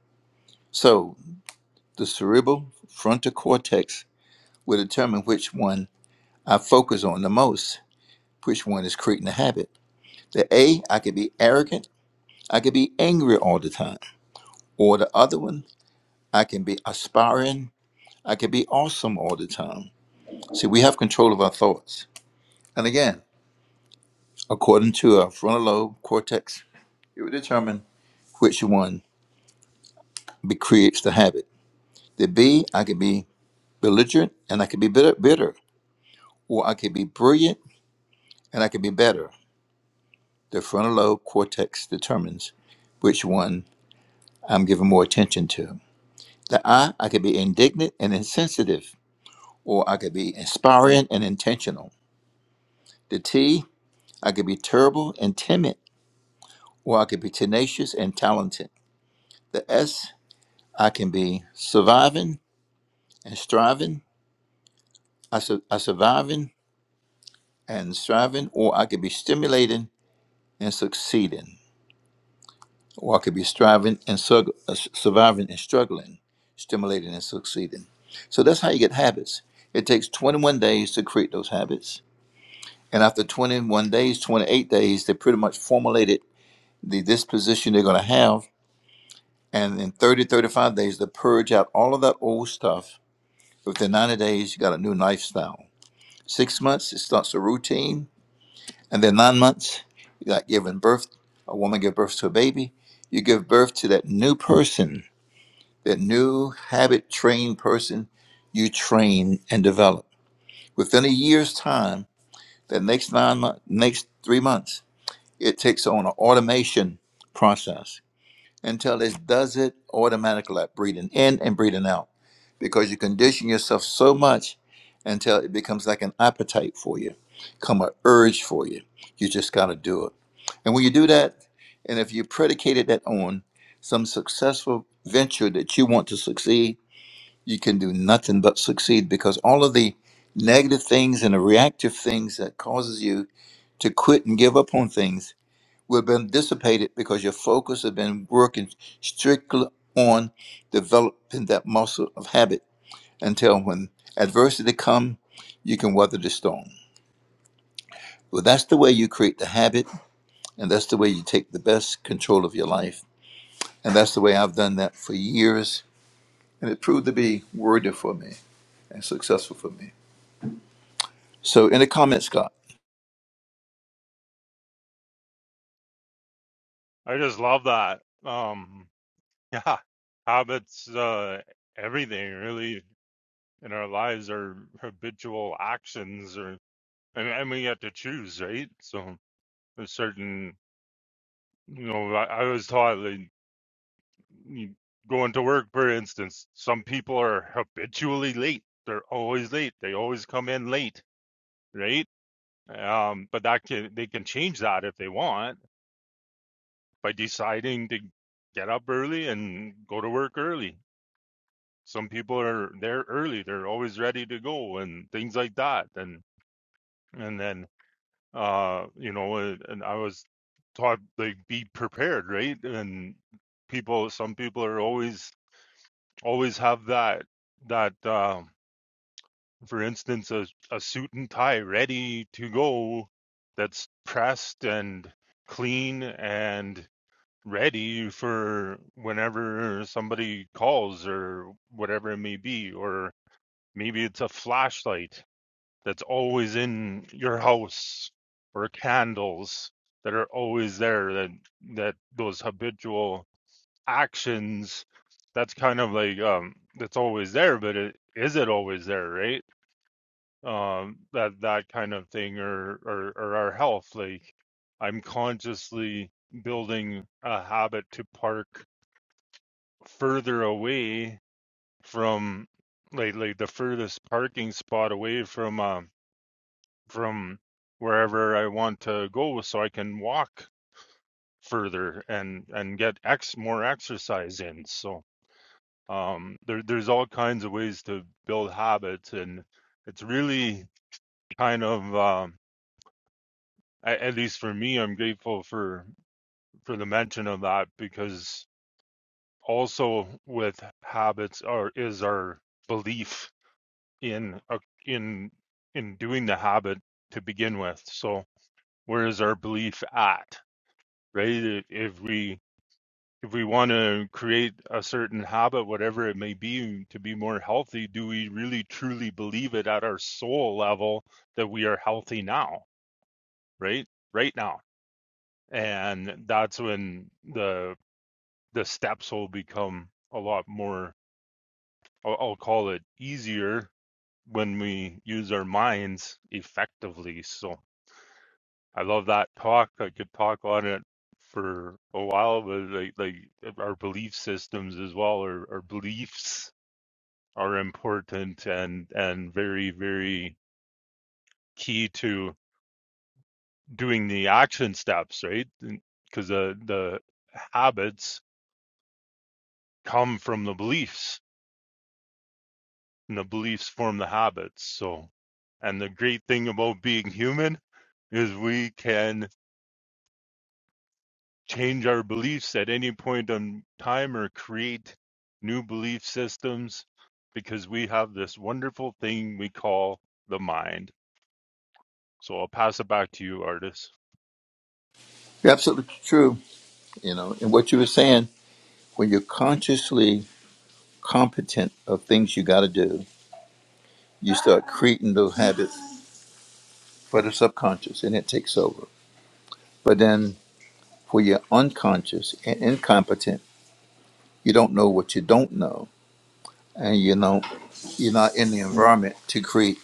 So the cerebral frontal cortex will determine which one I focus on the most, which one is creating the habit. The A, I can be arrogant, I can be angry all the time. Or the other one, I can be aspiring, I can be awesome all the time. See, we have control of our thoughts. And again, according to our frontal lobe cortex, it will determine which one be, creates the habit. The B, I can be belligerent and I can be bitter, bitter or I can be brilliant and I could be better. The frontal lobe cortex determines which one I'm giving more attention to. The I, I could be indignant and insensitive, or I could be inspiring and intentional. The T, I could be terrible and timid, or I could be tenacious and talented. The S, I can be surviving and striving, I, su- I surviving and striving, or I could be stimulating and succeeding. or I could be striving and strugg- uh, surviving and struggling, stimulating and succeeding. So that's how you get habits. It takes 21 days to create those habits. And after 21 days, 28 days, they pretty much formulated the disposition they're going to have. And in 30, 35 days, they purge out all of that old stuff. Within 90 days, you got a new lifestyle. Six months, it starts a routine. And then nine months, you got giving birth. A woman gives birth to a baby. You give birth to that new person That new habit trained person you train and develop. Within a year's time, that next nine months, next three months, it takes on an automation process until it does it automatically, like breathing in and breathing out. Because you condition yourself so much until it becomes like an appetite for you, come an urge for you. You just got to do it. And when you do that, and if you predicated that on some successful venture that you want to succeed, you can do nothing but succeed because all of the negative things and the reactive things that causes you to quit and give up on things will have been dissipated because your focus has been working strictly on developing that muscle of habit until when adversity come you can weather the storm well that's the way you create the habit and that's the way you take the best control of your life and that's the way i've done that for years and it proved to be worthy for me and successful for me So, in the comments, Scott,
I just love that. Um, yeah, habits, uh, everything really in our lives are habitual actions, or and, and we get to choose, right? So a certain, you know, I, I was taught like you- going to work, for instance, some people are habitually late. They're always late. They always come in late, right? Um, but that can they can change that if they want by deciding to get up early and go to work early. Some people are there early; they're always ready to go and things like that. And and then uh, you know, and I was taught like be prepared, right? And people, some people are always always have that that um, for instance, a, a suit and tie ready to go that's pressed and clean and ready for whenever somebody calls or whatever it may be. Or maybe it's a flashlight that's always in your house or candles that are always there that that those habitual actions that's kind of like um that's always there but it, is it always there right um that that kind of thing or or, or our health like i'm consciously building a habit to park further away from like like the furthest parking spot away from um from wherever I want to go so I can walk further and and get ex more exercise in. So um there there's all kinds of ways to build habits and it's really kind of um a- at least for me I'm grateful for for the mention of that because also with habits are is our belief in a- in in doing the habit to begin with. So where is our belief at, right? If we if we want to create a certain habit, whatever it may be, to be more healthy, do we really truly believe it at our soul level that we are healthy now, right? Right now, and that's when the the steps will become a lot more. I'll, I'll call it easier when we use our minds effectively. So I love that talk. I could talk on it for a while, but like, like our belief systems as well, our, our beliefs are important and and very very key to doing the action steps, right? Because the the habits come from the beliefs, and the beliefs form the habits. So, and the great thing about being human is we can change our beliefs at any point in time or create new belief systems because we have this wonderful thing we call the mind. So I'll pass it back to you, Artis.
you're absolutely true. You know, and what you were saying, when you're consciously competent of things you got to do, you start creating those habits for the subconscious, and it takes over. But then, when you're unconscious and incompetent, you don't know what you don't know, and you know you're not in the environment to create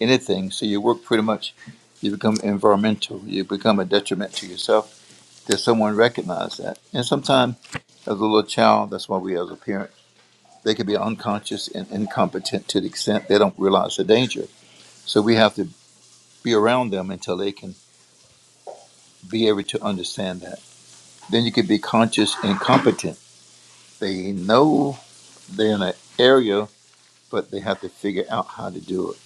anything. So you work pretty much. You become environmental. You become a detriment to yourself. Does someone recognize that? And sometimes, as a little child, that's why we as a parent They could be unconscious and incompetent to the extent they don't realize the danger. So we have to be around them until they can be able to understand that. Then you could be conscious incompetent. They know they're in an area, but they have to figure out how to do it.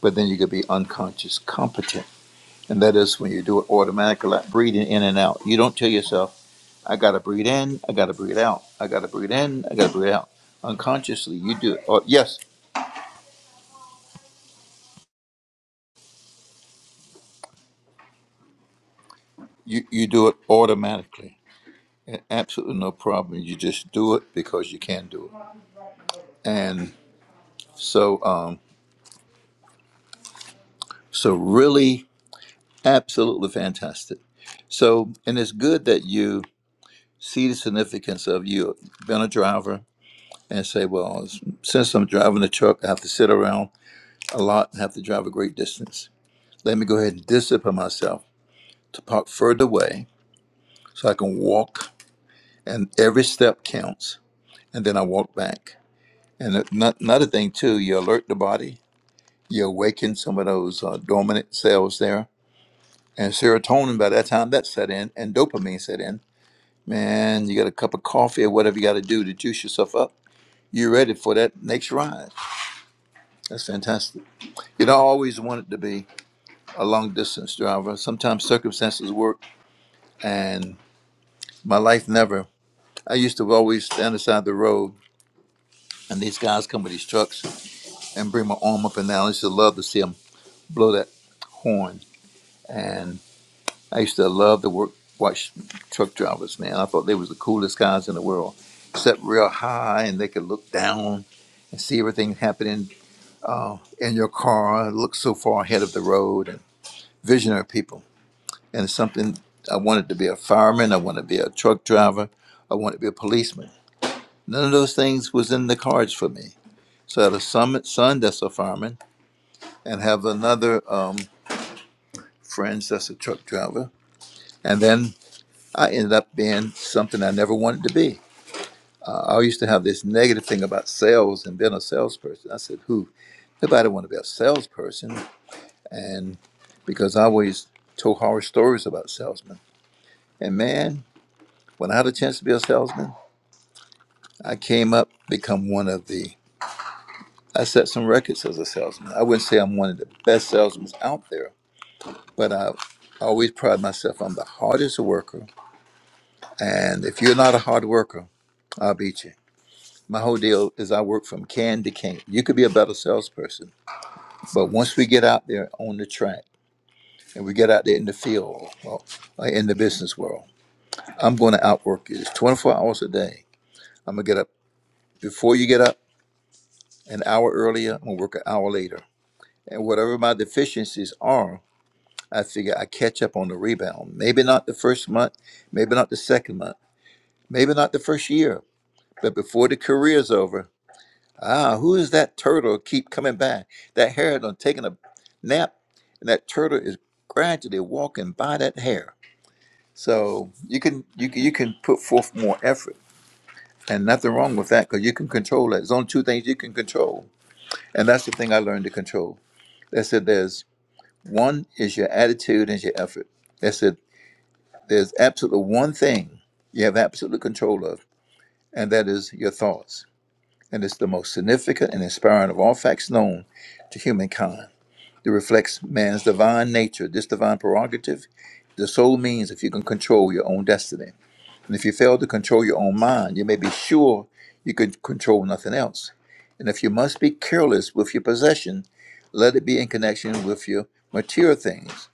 But then you could be unconscious competent. And that is when you do it automatically, like breathing in and out. You don't tell yourself, I got to breathe in, I got to breathe out, I got to breathe in, I got to breathe out. Unconsciously, you do it. Or, yes, you, you do it automatically A- Absolutely no problem. You just do it because you can do it. And so, um, so really, absolutely fantastic. So, and it's good that you see the significance of you being a driver and say, well, since I'm driving the truck, I have to sit around a lot and have to drive a great distance. Let me go ahead and discipline myself to park further away so I can walk, and every step counts. And then I walk back. And another thing too, you alert the body you awaken some of those uh, dormant cells there. And serotonin, by that time that set in, and dopamine set in. Man, you got a cup of coffee or whatever you got to do to juice yourself up. You're ready for that next ride. That's fantastic. You don't always want it to be a long distance driver. Sometimes circumstances work, and my life never. I used to always stand aside the road, and these guys come with these trucks and bring my arm up and down. I used to love to see them blow that horn. and. I used to love to work watch truck drivers, man. I thought they was the coolest guys in the world. Set real high and they could look down and see everything happening uh, in your car, look so far ahead of the road and visionary people. And it's something I wanted to be a fireman, I wanted to be a truck driver, I wanted to be a policeman. None of those things was in the cards for me. So I had a son, son that's a fireman, and have another um, friends that's a truck driver. And then I ended up being something I never wanted to be. Uh, I used to have this negative thing about sales and being a salesperson. I said, "Who? Nobody want to be a salesperson." And because I always told horror stories about salesmen. And man, when I had a chance to be a salesman, I came up become one of the. I set some records as a salesman. I wouldn't say I'm one of the best salesmen out there, but I always pride myself. I'm the hardest worker, and if you're not a hard worker, I'll beat you. my whole deal is I work from can to can. You could be a better salesperson, but once we get out there on the track and we get out there in the field or or in the business world, I'm going to outwork you. It's 24 hours a day. I'm going to get up before you get up an hour earlier. I'm going to work an hour later. And whatever my deficiencies are, I figure I catch up on the rebound. Maybe not the first month, maybe not the second month, maybe not the first year, but before the career's over, Ah, who is that turtle keep coming by? That hare done taking a nap, and that turtle is gradually walking by that hare. So you can you can, you can put forth more effort, and nothing wrong with that because you can control that. There's only two things you can control, and that's the thing I learned to control. They said there's one is your attitude and your effort. They said there's absolutely one thing you have absolute control of, and that is your thoughts. And it's the most significant and inspiring of all facts known to humankind. that reflects man's divine nature, this divine prerogative. The soul means if you can control your own destiny. And if you fail to control your own mind, you may be sure you can control nothing else. And if you must be careless with your possession, let it be in connection with your material things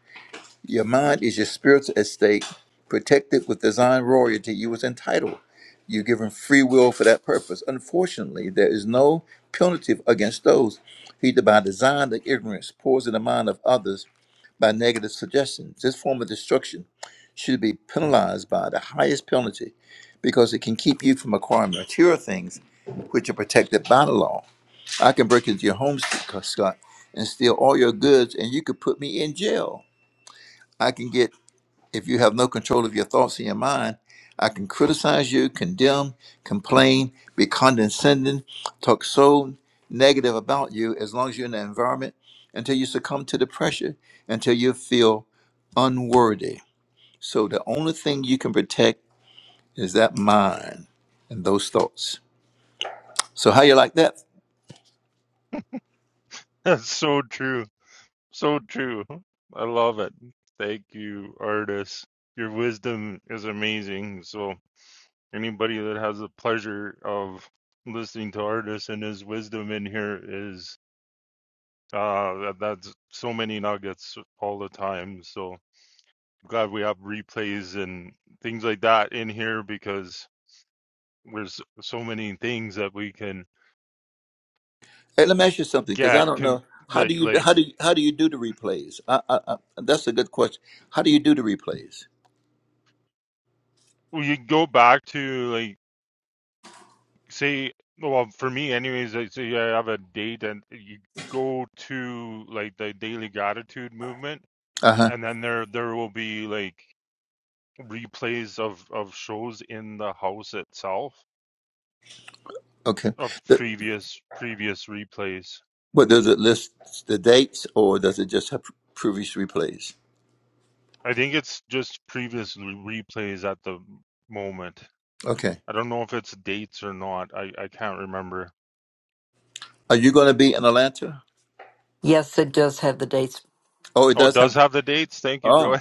your mind is your spiritual estate, protected with divine royalty you was entitled. You're given free will for that purpose. Unfortunately, there is no punitive against those who either by design or ignorance poison the mind of others by negative suggestions. This form of destruction should be penalized by the highest penalty because it can keep you from acquiring material things which are protected by the law. I can break into your home, Scott, and steal all your goods, and you could put me in jail. I can get if you have no control of your thoughts in your mind, I can criticize you, condemn, complain, be condescending, talk so negative about you as long as you're in that environment until you succumb to the pressure, until you feel unworthy. So the only thing you can protect is that mind and those thoughts. So how you like that?
That's so true. So true. I love it. Thank you, Artis. Your wisdom is amazing. So anybody that has the pleasure of listening to Artis and his wisdom in here is uh that- that's so many nuggets all the time. So glad we have replays and things like that in here because there's so many things that we can
Hey, let me ask you something because I
get
don't
com-
know how do
like
you
like
how do you, how do you do the replays? I, I, I, that's a good question. How do you do the replays?
we go back to like say well for me anyways like say I have a date and you go to like the daily gratitude movement
Uh huh.
and then there there will be like replays of of shows in the house itself
Okay.
of previous previous replays
But does it list the dates or does it just have previous replays?
I think it's just previous re- replays at the moment.
Okay.
I don't know if it's dates or not. I, I can't remember.
Are you going to be in Atlanta?
Yes, it does have the dates.
Oh, it
Oh, it
does
does
have.
have the dates. Thank you, Joy.
Oh,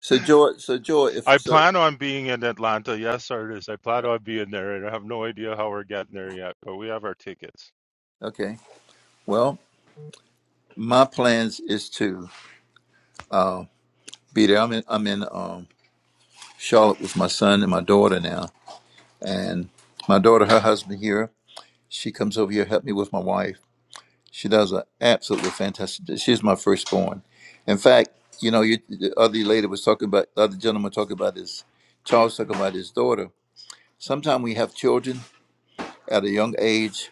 so Joy, so Joy, if
I
so,
plan on being in Atlanta. Yes, artist. I plan on being there, and I have no idea how we're getting there yet, but we have our tickets.
okay. Well, my plans is to be there. I'm in, I'm in um, Charlotte with my son and my daughter now, and my daughter, her husband here. She comes over here help me with my wife She does an absolutely fantastic. She's my firstborn. In fact, you know, you, the other lady was talking about the other gentleman talking about his Charles talking about his daughter. Sometimes we have children at a young age.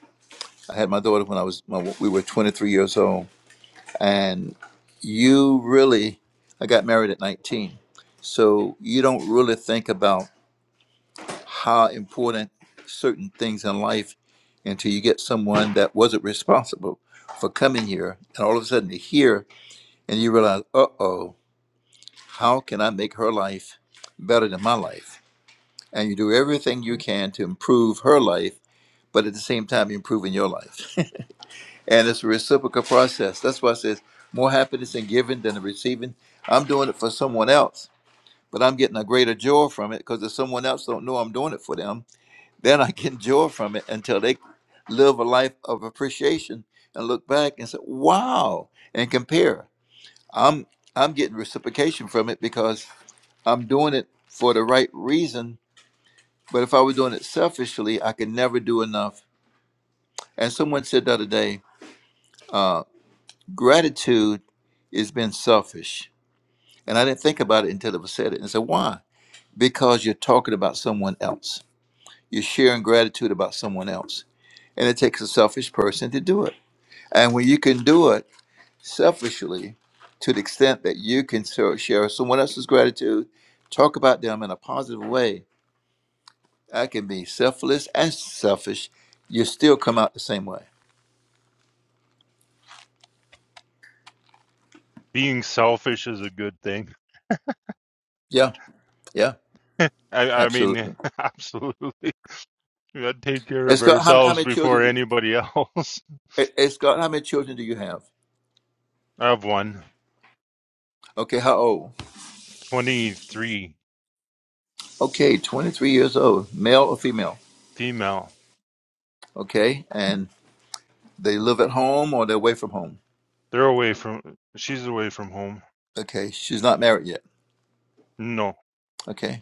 I had my daughter when I was my, we were 23 years old, and you really I got married at 19, so you don't really think about how important certain things in life until you get someone that wasn't responsible for coming here, and all of a sudden to hear and you realize, uh oh, how can I make her life better than my life? And you do everything you can to improve her life, but at the same time, you're improving your life. and it's a reciprocal process. That's why I says more happiness in giving than in receiving. I'm doing it for someone else, but I'm getting a greater joy from it because if someone else don't know I'm doing it for them, then I get joy from it until they live a life of appreciation and look back and say, wow, and compare. I'm I'm getting reciprocation from it because I'm doing it for the right reason, but if I were doing it selfishly, I could never do enough. And someone said the other day, uh, gratitude is being selfish. And I didn't think about it until it was said it. And I said, why? Because you're talking about someone else. You're sharing gratitude about someone else. And it takes a selfish person to do it. And when you can do it selfishly, to the extent that you can ser- share someone else's gratitude, talk about them in a positive way, I can be selfless and selfish. You still come out the same way.
Being selfish is a good thing.
Yeah, yeah,
I, I mean,
absolutely.
absolutely. We gotta take care
It's
of
how, how
ourselves
many
before
children?
anybody else.
it- It's got how many children do you have?
I have one,
Okay, how old?
twenty-three
Okay, twenty-three years old, male or female.
female.
Okay, and they live at home or they're away from home.
They're away from, she's away from home.
Okay, she's not married yet.
No,
Okay,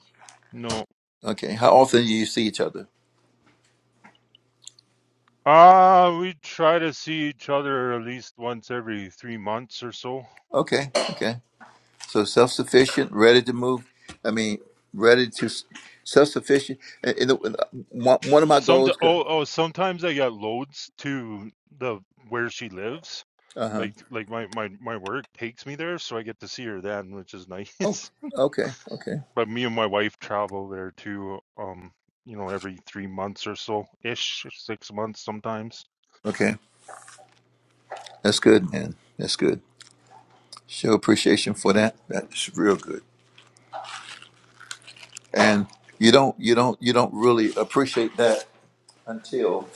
no.
okay. How often do you see each other?
Ah, we try to see each other at least once every three months or so.
Okay, okay. So self-sufficient, ready to move. I mean, ready to self-sufficient. And, and the- one one of my
Some
goals.
oh oh sometimes I get loads to the where she lives.
Uh huh
Like like my my my work takes me there, so I get to see her then, which is
Oh,
nice.
okay, okay,
But me and my wife travel there too. Um, you know, every three months or so ish, six months sometimes.
okay. That's good, man. That's good. Show appreciation for that. That's real good. And you don't, you don't, you don't really appreciate that until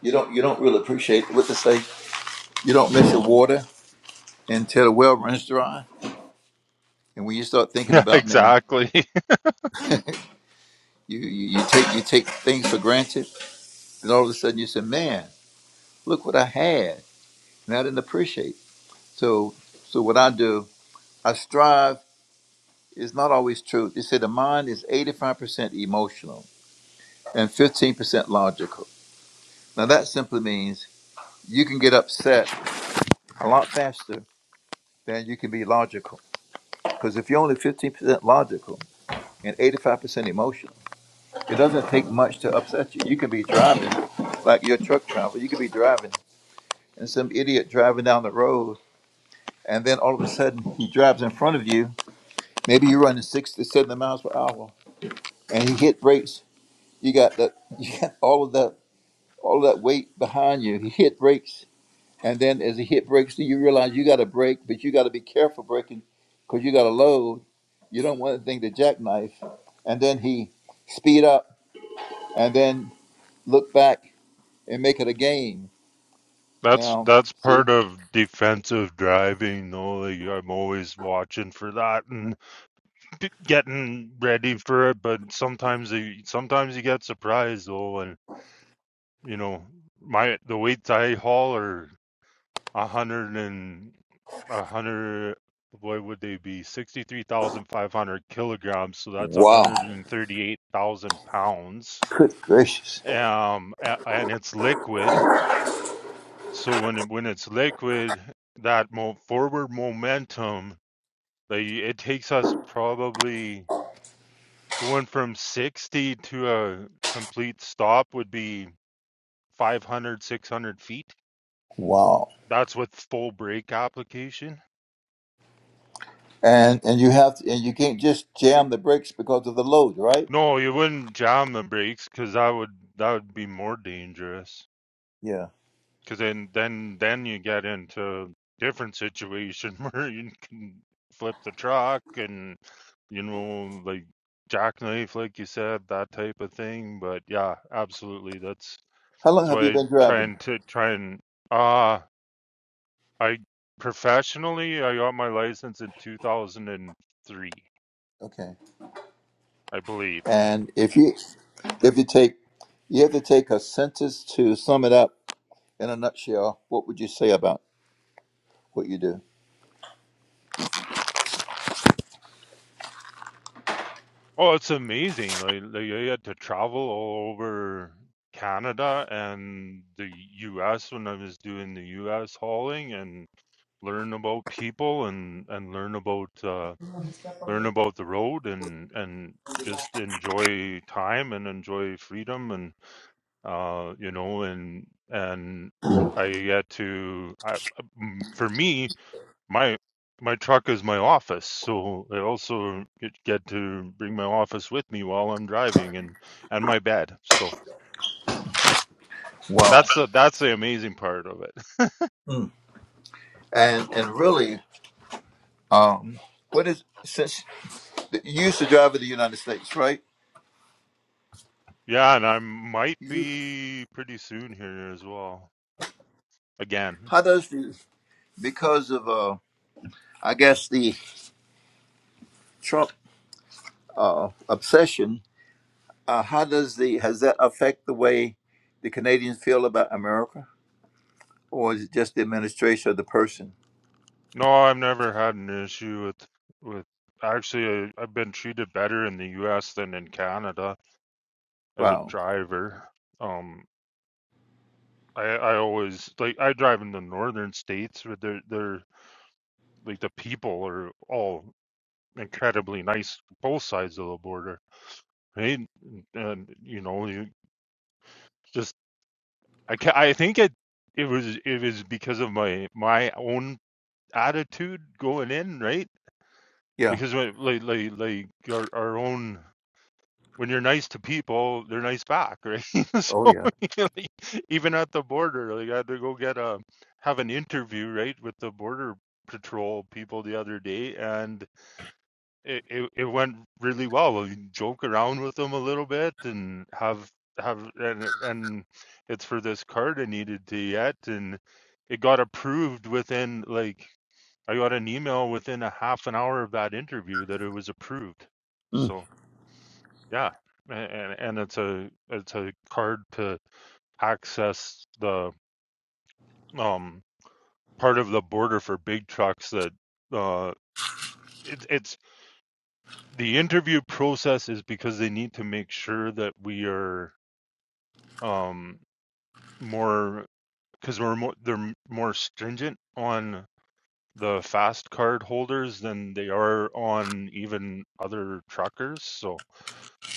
you don't, you don't really appreciate what to say. You don't miss your water until the well runs dry. And when you start thinking
Yeah,
about man,
exactly.
you, you, you take you take things for granted, and all of a sudden you say, man, look what I had, and I didn't appreciate. So, so what I do, I strive is not always true. They say the mind is 85% emotional and 15% logical. Now, that simply means you can get upset a lot faster than you can be logical. Because if you're only 15% logical and 85% emotional, it doesn't take much to upset you. You can be driving, like your truck driver, you could be driving, and some idiot driving down the road, and then all of a sudden he drives in front of you. Maybe you're running 60, 70 miles per hour, and he hit brakes. You got the, you got all of that all that weight behind you. He hit brakes, and then as he hit brakes, do you realize you got to brake, but you got to be careful braking because you got a load. You don't want the thing to jackknife. And then he speed up, and then look back and make it a game.
That's
Now,
that's
see,
part of defensive driving, though. Like, I'm always watching for that and p- getting ready for it. But sometimes you sometimes you get surprised, though. And you know, my the weights I haul are a hundred and a hundred. What would they be? Sixty-three thousand five hundred kilograms. So that's a
wow,
hundred and thirty-eight thousand pounds.
good gracious,
Um, a- and it's liquid So when it, when it's liquid, that mo forward momentum, like it takes us probably going from 60 to a complete stop would be 500, 600 feet.
wow.
That's with full brake application.
And and you have to, and you can't just jam the brakes because of the load, right?
No, you wouldn't jam the brakes because that would that would be more dangerous.
Yeah.
Because then, then, then you get into a different situation where you can flip the truck and you know, like jackknife, like you said, that type of thing. But yeah, absolutely. That's
How long
that's
have
why
you
I
been
try
driving?
and to try and uh I professionally I got my license in two thousand and three,
Okay.
I believe.
And if you if you take you have to take a sentence to sum it up in a nutshell, what would you say about what you do?
Oh, it's amazing. Like, like I had to travel all over Canada and the US when I was doing the US hauling and learn about people and and learn about uh learn about the road and and just enjoy time and enjoy freedom and uh you know and and I get to I, mm, for me my my truck is my office, so I also get, get to bring my office with me while I'm driving and and my bed. So
Wow.
that's the that's the amazing part of it.
Mm. And and really, um, what is since that you used to drive in the United States, right?
yeah, and I might
You,
be pretty soon here as well. Again,
how does the because of uh, I guess the Trump uh, obsession? Uh, how does the has that affect the way the Canadians feel about America, or is it just the administration of the person?
no, I've never had an issue with with actually I, I've been treated better in the U.S. than in Canada as a
Wow.
driver. Um, I I always like I drive in the northern states, but they're they're like the people are all incredibly nice both sides of the border right and, you know you just i ca i think it it was it was because of my my own attitude going in right
Yeah.
because when, like like like our, our own when you're nice to people they're nice back right so
Oh yeah.
like, even at the border like i had to go get a have an interview right with the border patrol people the other day and it, it it went really well. We joke around with them a little bit and have have and and it's for this card I needed to get and it got approved within like I got an email within a half an hour of that interview that it was approved.
Mm.
So yeah, and and it's a it's a card to access the um part of the border for big trucks that uh it's it's the interview process is because they need to make sure that we are um more because we're more they're more stringent on the fast card holders than they are on even other truckers so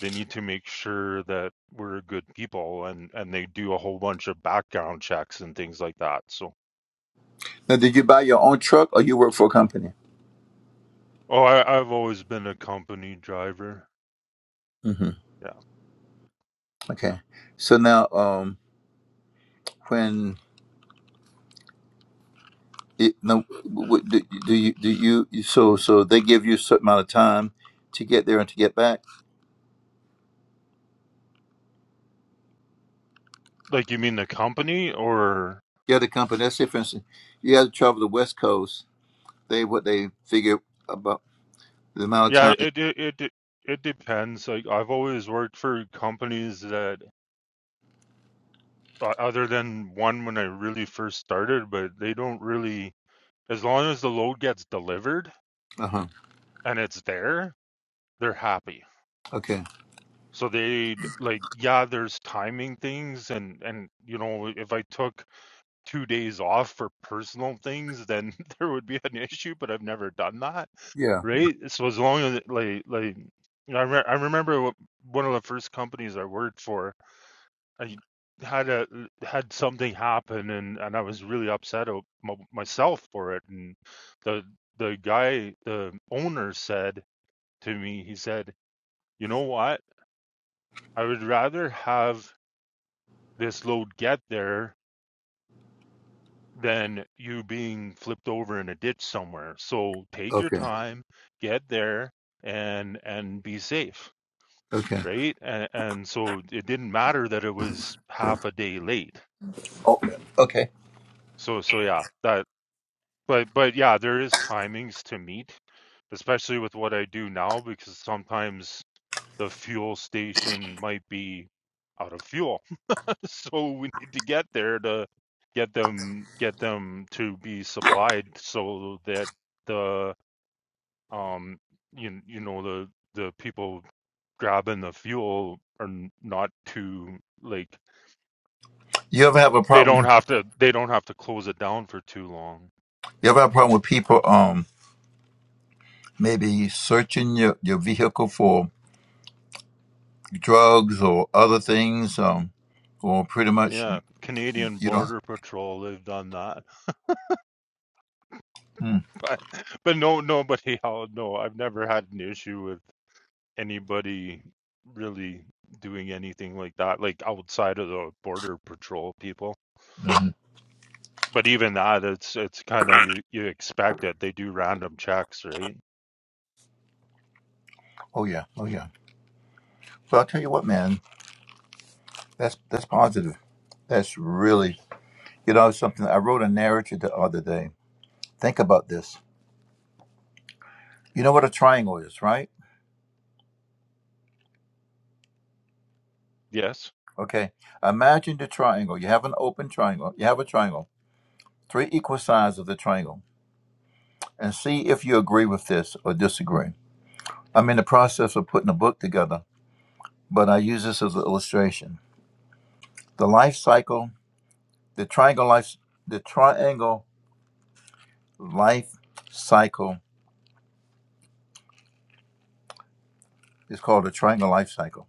they need to make sure that we're good people and and they do a whole bunch of background checks and things like that so
Now, did you buy your own truck or you work for a company?
oh I, i've always been a company driver
hmm
yeah
Okay. So now, um, when it, no, w- w- do, do you do you you- so so they give you a certain amount of time to get there and to get back?
like you mean the company or
The other company, let's say for instance, you had to travel the West Coast. They what they figure about the amount of
Yeah,
time.
it it it de- it depends. Like I've always worked for companies that uh, other than one when I really first started, but they don't really as long as the load gets delivered
Uh huh.
and it's there, they're happy.
Okay.
So they d- like yeah, there's timing things and and you know, if I took 2 days off for personal things, then there would be an issue, but I've never done that,
Yeah.
right? So as long as it- like like I re- I remember wh- one of the first companies I worked for I had a had something happen and and I was really upset o- m- myself for it and the the guy the owner said to me he said you know what I would rather have this load get there than you being flipped over in a ditch somewhere so take your
Okay.
time get there and and be safe
Okay.
right and, and so it didn't matter that it was half a day late
Oh, okay.
so so yeah that But but yeah, there is timings to meet, especially with what I do now, because sometimes the fuel station might be out of fuel. So we need to get there to get them get them to be supplied so that the um you you know the the people grabbing the fuel are not too like
You ever have a
they don't
problem?
have to they don't have to close it down for too long.
You ever have a problem with people? Um, maybe searching your your vehicle for drugs or other things, um, or pretty much you,
Yeah, Canadian
you don't.
Border Patrol, they've done that.
Mm,
but but no nobody else no i've never had an issue with anybody really doing anything like that like outside of the border patrol people
mhm.
but even that it's it's kind of you you expect it they do random checks right
Oh yeah, oh yeah. But I'll tell you what, man, that's that's positive. That's really, you know, something. I wrote a narrative the other day. Think about this. You know what a triangle is, right?
yes
Okay. Imagine the triangle. You have an open triangle. You have a triangle. Three equal sides of the triangle, and see if you agree with this or disagree. I'm in the process of putting a book together, but I use this as an illustration. The life cycle the triangle life the triangle life cycle is called the triangle life cycle.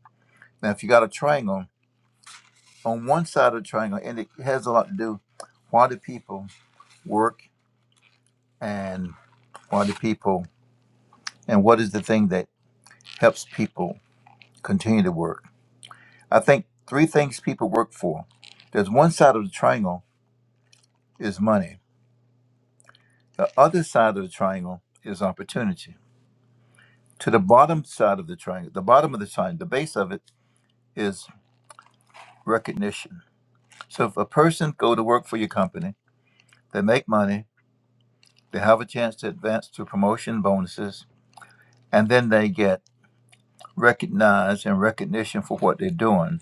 Now, if you got a triangle on one side of the triangle, and it has a lot to do why do people work and why do people and what is the thing that helps people continue to work? I think three things people work for. There's one side of the triangle is money. The other side of the triangle is opportunity. To the bottom side of the triangle, the bottom of the triangle, the base of it is recognition So if a person go to work for your company, they make money, they have a chance to advance to promotion bonuses, and then they get recognized and recognition for what they're doing.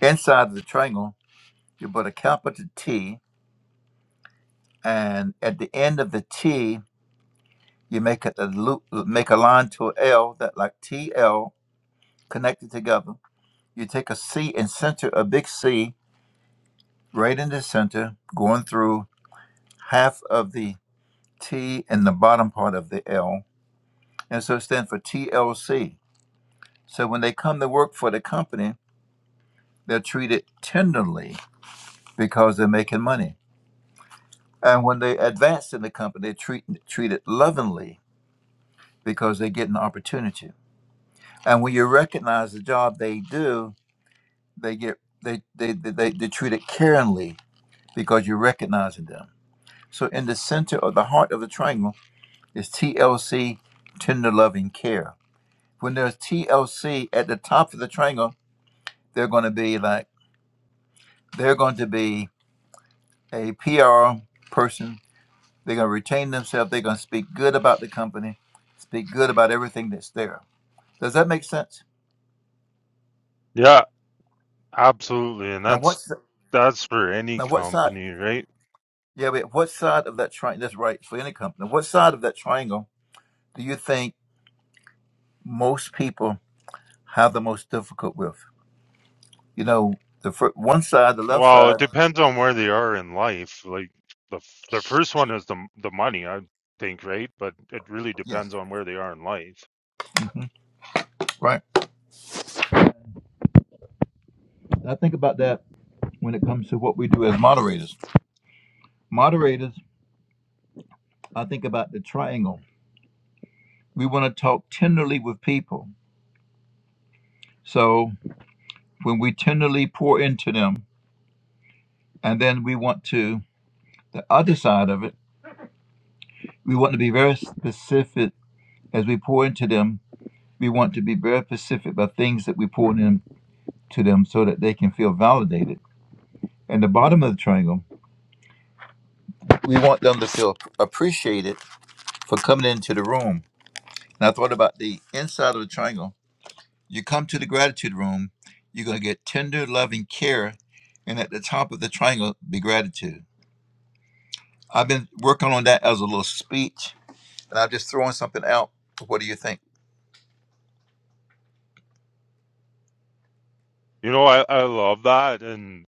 Inside of the triangle, you put a capital T, and at the end of the T, you make a, a loop, make a line to a L that like TL connected together. You take a C and center a big C right in the center, going through half of the T and the bottom part of the L And so it stands for TLC. So when they come to work for the company, they're treated tenderly because they're making money. And when they advance in the company, they're treat, treated lovingly because they get an opportunity. And when you recognize the job they do, they get they they they, they they're treated caringly because you're recognizing them. So in the center of the heart of the triangle is TLC, tender loving care. When there's TLC at the top of the triangle, they're going to be like they're going to be a PR person. They're going to retain themselves. They're going to speak good about the company, speak good about everything that's there. Does that make sense?
yeah absolutely and
Now,
that's
what's the,
that's for any
now what side?
company right
Yeah, wait, what side of that triangle? That's right for any company. What side of that triangle do you think most people have the most difficult with? You know, the fir- one side, the left
well it
side.
depends on where they are in life like the f- the first one is the m- the money i think right but it really
Yeah,
depends on where they are in life
hmm right. I think about that when it comes to what we do as moderators. Moderators, I think about the triangle. We want to talk tenderly with people. So when we tenderly pour into them, and then we want to, the other side of it, we want to be very specific as we pour into them. We want to be very specific about things that we pour into them so that they can feel validated. And the bottom of the triangle, we want them to feel appreciated for coming into the room. And I thought about the inside of the triangle You come to the gratitude room, you're going to get tender, loving care. And at the top of the triangle, be gratitude. I've been working on that as a little speech, and I'm just throwing something out. What do you think?
You know, I, I love that, and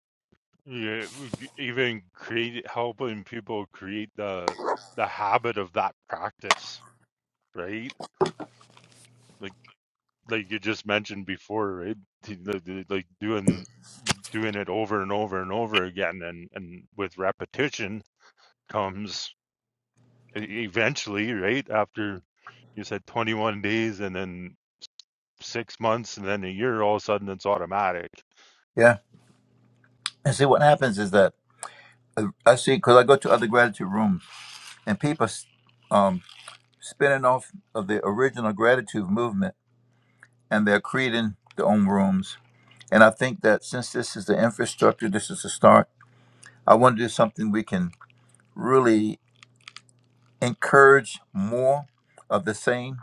yeah, g- even create helping people create the the habit of that practice, right? Like like you just mentioned before, right? T- the- the- Like doing doing it over and over and over again, and and with repetition comes e- eventually, right? After you said 21 days, and then six months, and then a year, all of a sudden it's automatic.
Yeah. And see, what happens is that uh, I see, because I go to other gratitude rooms, and people s- um, spinning off of the original gratitude movement, and they're creating their own rooms. And I think that since this is the infrastructure, this is the start, I want to do something we can really encourage more of the same.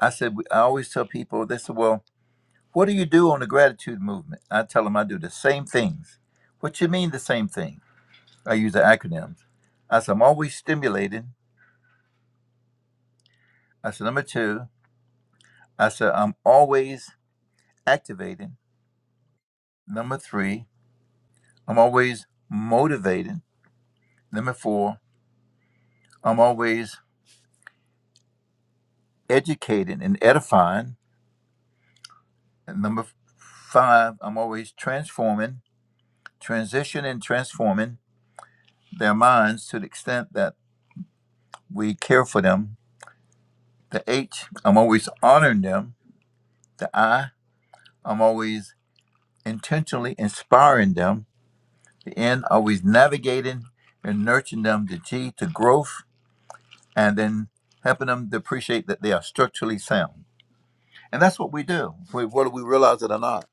I said, we- I always tell people, they said, well, what do you do on the gratitude movement? I tell them I do the same things. What you mean the same thing? I use the acronyms. I said, I'm always stimulating. I said, number two, I said, I'm always activating. Number three, I'm always motivating. Number four, I'm always educating and edifying. And number f- five, I'm always transforming, transitioning, transforming. their minds to the extent that we care for them. The H, I'm always honoring them. The I, I'm always intentionally inspiring them. The N, always navigating and nurturing them. The G, to growth, and then helping them to appreciate that they are structurally sound. And that's what we do, whether we realize it or not.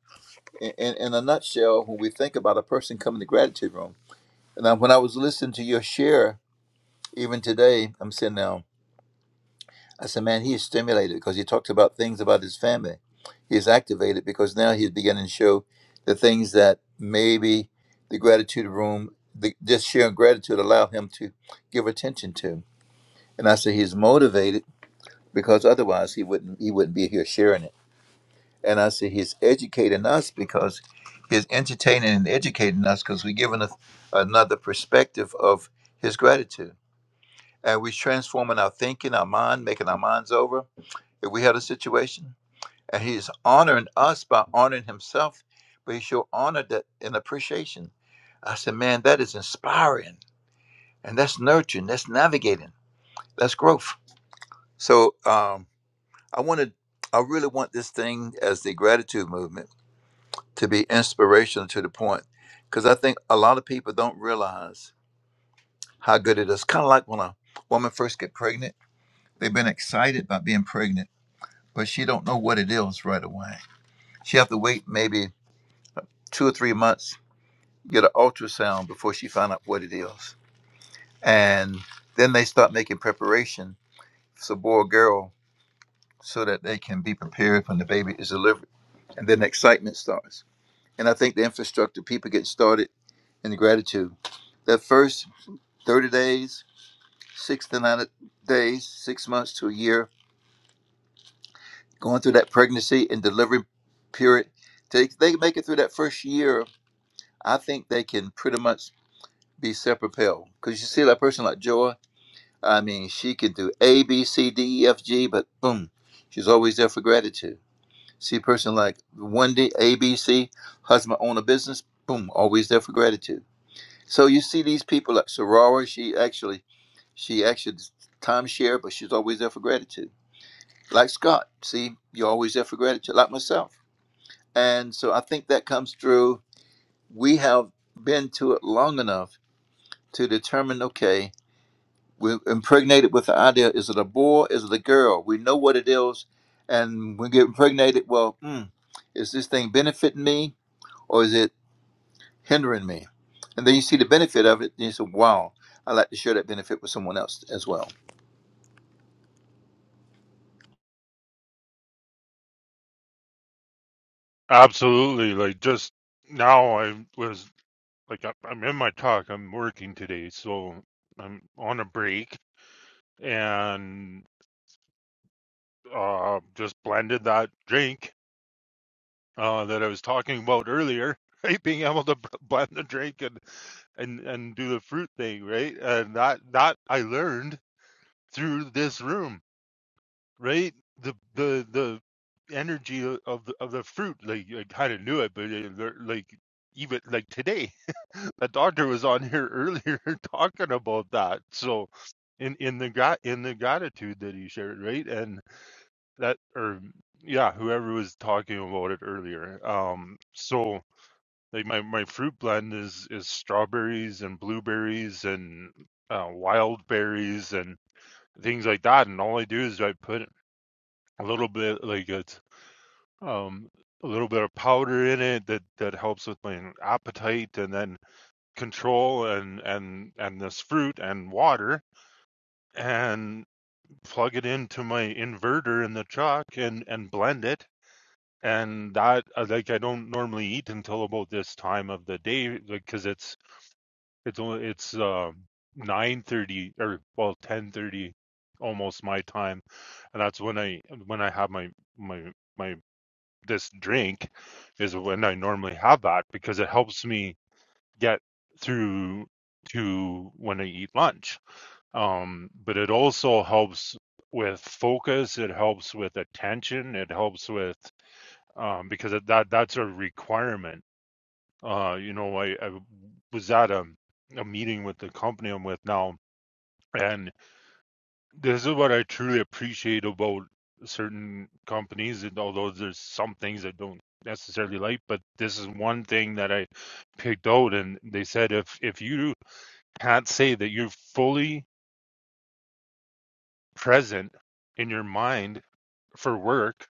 In, in, in a nutshell, when we think about a person coming to gratitude room, and I, when I was listening to your share, even today, I'm sitting now. I said, man, he is stimulated because he talks about things about his family. He is activated because now he's beginning to show the things that maybe the gratitude room, the, just sharing gratitude, allow him to give attention to. And I said, he's motivated because otherwise he wouldn't he wouldn't be here sharing it. And I said, he's educating us because he's entertaining and educating us because we're giving a, another perspective of his gratitude. And we're transforming our thinking, our mind, making our minds over. If we had a situation, and he's honoring us by honoring himself, but he showed honor that in appreciation. I said, man, that is inspiring. And that's nurturing, that's navigating, that's growth. So um, I wanted, I really want this thing as the gratitude movement to be inspirational to the point, because I think a lot of people don't realize how good it is. Kind of like when a woman first get pregnant, they've been excited about being pregnant, but she don't know what it is right away. She have to wait maybe two or three months get an ultrasound before she found out what it is. And then they start making preparation, for boy or girl, so that they can be prepared when the baby is delivered. And then the excitement starts. And I think the infrastructure, people get started in the gratitude. That first 30 days, six to nine days, six months to a year, going through that pregnancy and delivery period, they, they make it through that first year, I think they can pretty much be self-propelled. Because you see that person like Joy, I mean, she could do A, B, C, D, E, F, G, but boom, she's always there for gratitude. See a person like Wendy, A, B, C, husband own a business, boom, always there for gratitude. So you see these people like Sorora, she actually, she actually timeshare, but she's always there for gratitude. Like Scott, see, you're always there for gratitude, like myself. And so I think that comes through. We have been to it long enough to determine, okay, We're impregnated with the idea is it a boy, is it a girl? We know what it is, and we get impregnated. Well, mm, is this thing benefiting me or is it hindering me? And then you see the benefit of it, and you say, wow, I'd like to share that benefit with someone else as well.
Absolutely, like just now I was like I- I'm in my talk. I'm working today, so I'm on a break and uh, just blended that drink uh, that I was talking about earlier. Right, being able to b- blend the drink and and and do the fruit thing, right? And that that I learned through this room. right? The the the energy of the of the fruit, like I kind of knew it, but it, they're, like even like today, the doctor was on here earlier talking about that. So in in the gra- in the gratitude that he shared, right? And that or yeah, whoever was talking about it earlier. Um, so like my my fruit blend is is strawberries and blueberries and uh, wild berries and things like that and all i do is i put a little bit like it's um a little bit of powder in it that that helps with my appetite and then control and and and this fruit and water and plug it into my inverter in the truck and and blend it and that uh, like I don't normally eat until about this time of the day because like, it's it's only it's um nine thirty or well ten thirty almost my time and that's when I when I have my my my this drink is when I normally have that because it helps me get through to when I eat lunch. Um, but it also helps with focus. It helps with attention. It helps with um, because it, that that's a requirement. Uh, you know, I, I was at a, a meeting with the company I'm with now, and. This is what I truly appreciate about certain companies, and although there's some things I don't necessarily like, but this is one thing that I picked out, and they said if if you can't say that you're fully present in your mind for work,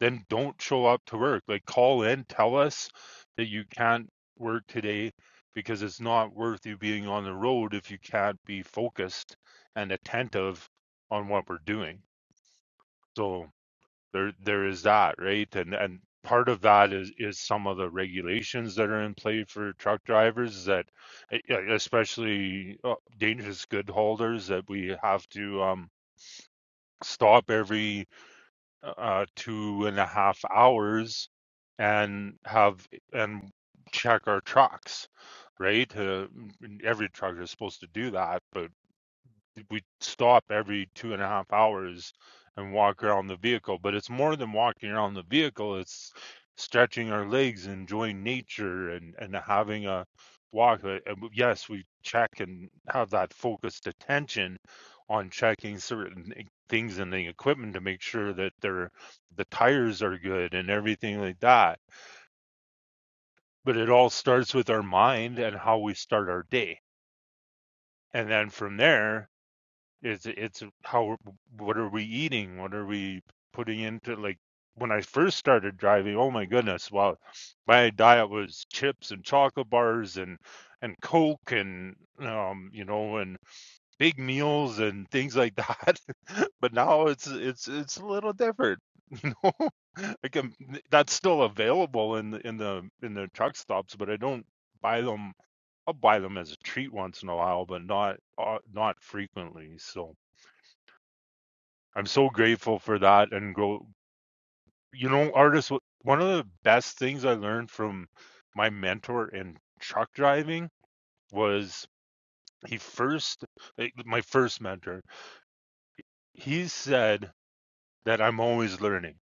then don't show up to work. Like call in, tell us that you can't work today because it's not worth you being on the road if you can't be focused and attentive on what we're doing. So there there is that right and and part of that is is some of the regulations that are in play for truck drivers that e- e- especially uh, dangerous good holders that we have to um stop every uh uh, two and a half hours and have and check our trucks right uh, every truck is supposed to do that but we stop every two and a half hours and walk around the vehicle. But it's more than walking around the vehicle, it's stretching our legs, enjoying nature, and, and having a walk. Uh, Yes, we check and have that focused attention on checking certain e- things in the equipment to make sure that they're, the tires are good and everything like that. But it all starts with our mind and how we start our day. And then from there, It's it's how what are we eating? What are we putting into like when I first started driving, oh my goodness, wow, my diet was chips and chocolate bars and and Coke and um you know and big meals and things like that. But now it's it's it's a little different, you know. I can that's still available in the in the in the truck stops, but I don't buy them. I'll buy them as a treat once in a while, but not uh, not frequently. So I'm so grateful for that and go you know artists one of the best things I learned from my mentor in truck driving was he first eh, my first mentor he said that I'm always learning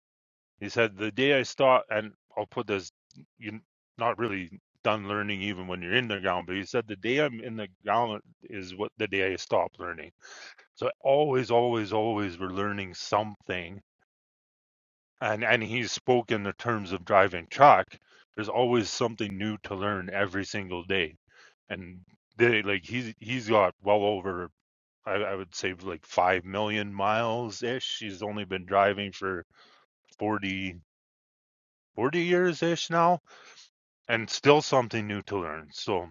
he said the day I stop and I'll put this you're not really done learning even when you're in the ground but he said the day I'm in the ground is what the day I stop learning so always always always we're learning something and and he spoke in the terms of driving truck there's always something new to learn every single day and they like he's he's got well over I, I would say like five million miles ish he's only been driving for 40 40 years ish now and still something new to learn so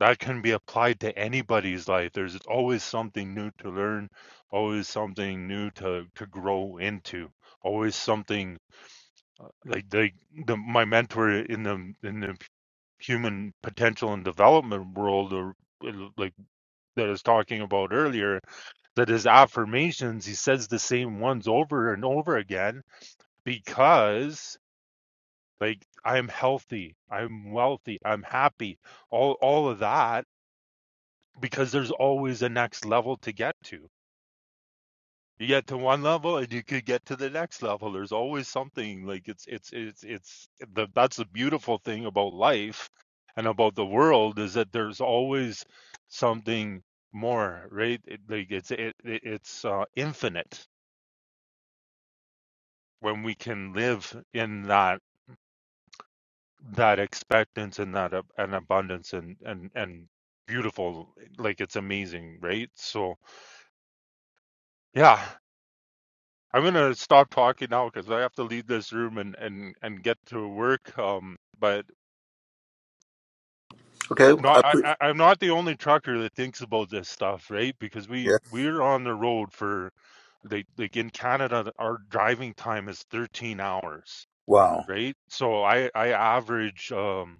that can be applied to anybody's life there's always something new to learn always something new to to grow into always something like they the my mentor in the in the human potential and development world or uh, like that I was talking about earlier that his affirmations he says the same ones over and over again because like I'm healthy, I'm wealthy, I'm happy, all all of that because there's always a next level to get to. You get to one level and you could get to the next level. There's always something like it's it's it's it's the that's the beautiful thing about life and about the world is that there's always something more, right? It, like it's it, it it's uh, infinite when we can live in that that expectance and that ab- and abundance and and and beautiful like it's amazing, right? So yeah, I'm gonna stop talking now because I have to leave this room and and and get to work. Um, but
Okay. I
not I
pre-
I- I'm not the only trucker that thinks about this stuff, right? Because we
yeah.
we're on the road for like like in Canada, our driving time is 13 hours,
Wow.
right? So I I average um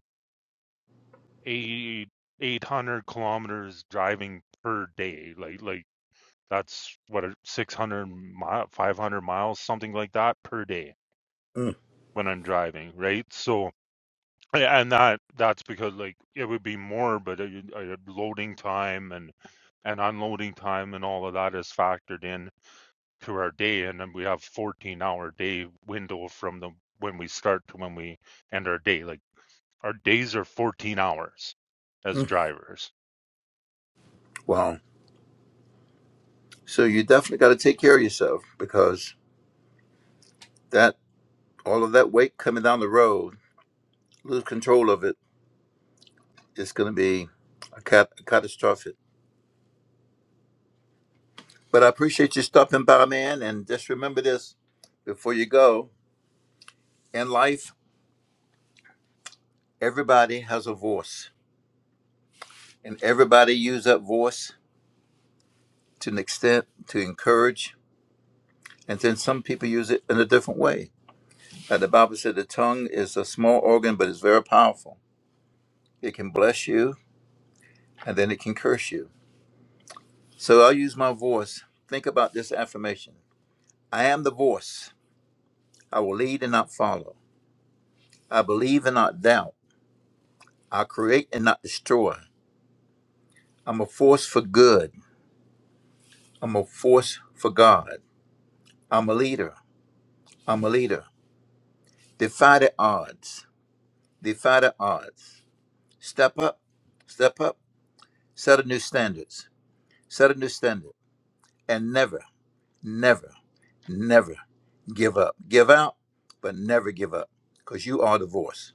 eight 800 kilometers driving per day, like like that's what a 600 mile 500 miles something like that per day
Mm,
when I'm driving, right? So Yeah, and that that's because like it would be more but uh, you- uh, loading time and and unloading time and all of that is factored in to our day and then we have 14 hour day window from the when we start to when we end our day like our days are 14 hours as drivers
wow. So you definitely got to take care of yourself because that all of that weight coming down the road, lose control of it, it's going to be a cat- catastrophic. But I appreciate you stopping by, man. And just remember this before you go. In life, everybody has a voice, and everybody use that voice to an extent to encourage. And then some people use it in a different way. Like the Bible said, the tongue is a small organ, but it's very powerful. It can bless you, and then it can curse you. So I'll use my voice. Think about this affirmation I am the voice. I will lead and not follow. I believe and not doubt. I create and not destroy. I'm a force for good. I'm a force for God. I'm a leader. I'm a leader. Defy the odds. Defy the odds. Step up. Step up. Set a new standards. Set a new standard. And never, never, never give up. Give out, but never give up. Because you are the voice.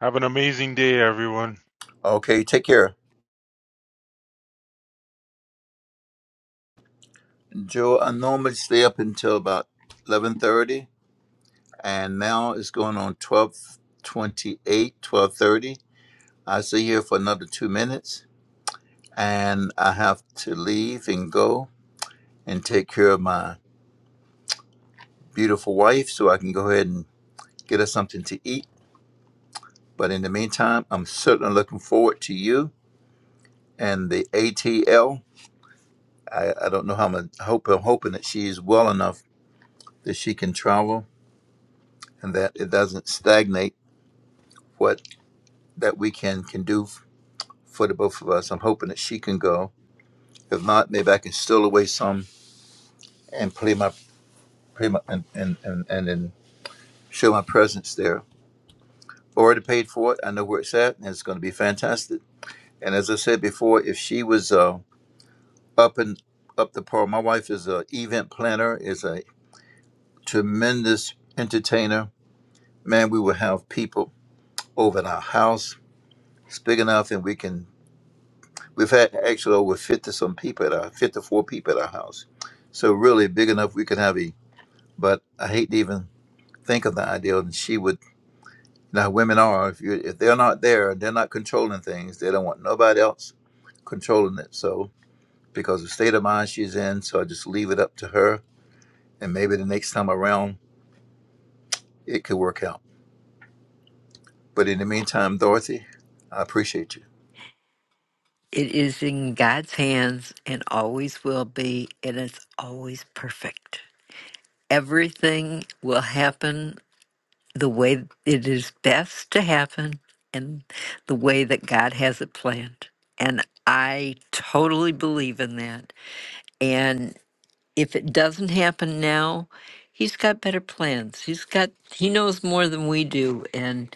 have an amazing day everyone
Okay, take care. Joe, I normally stay up until about 11.30. And now it's going on 12.28, 12.30. I'll stay here for another two minutes, and I have to leave and go and take care of my beautiful wife so I can go ahead and get her something to eat. But in the meantime, I'm certainly looking forward to you and the ATL. I, I don't know how much, I hope, I'm hoping that she's well enough that she can travel and that it doesn't stagnate what that weekend can do f- for the both of us. I'm hoping that she can go. If not, maybe I can steal away some and play my, play my, and, and, and, and, and show my presence there. Already paid for it. I know where it's at, and it's going to be fantastic. And as I said before, if she was uh, up and up the par, my wife is an event planner, is a tremendous entertainer. Man, we will have people over at our house. It's big enough, and we can. We've had actually over fifty some people at our fifty four people at our house. So really big enough we could have a. But I hate to even think of the idea, and she would. Now, women are if you if they're not there, they're not controlling things. They don't want nobody else controlling it. So because of the state of mind she's in, so I just leave it up to her, and maybe the next time around it could work out. But in the meantime, Dorothy, I appreciate you.
It is in God's hands and always will be, and it's always perfect. Everything will happen the way it is best to happen and the way that God has it planned. And I totally believe in that. And if it doesn't happen now, He's got better plans. He's got, He knows more than we do. And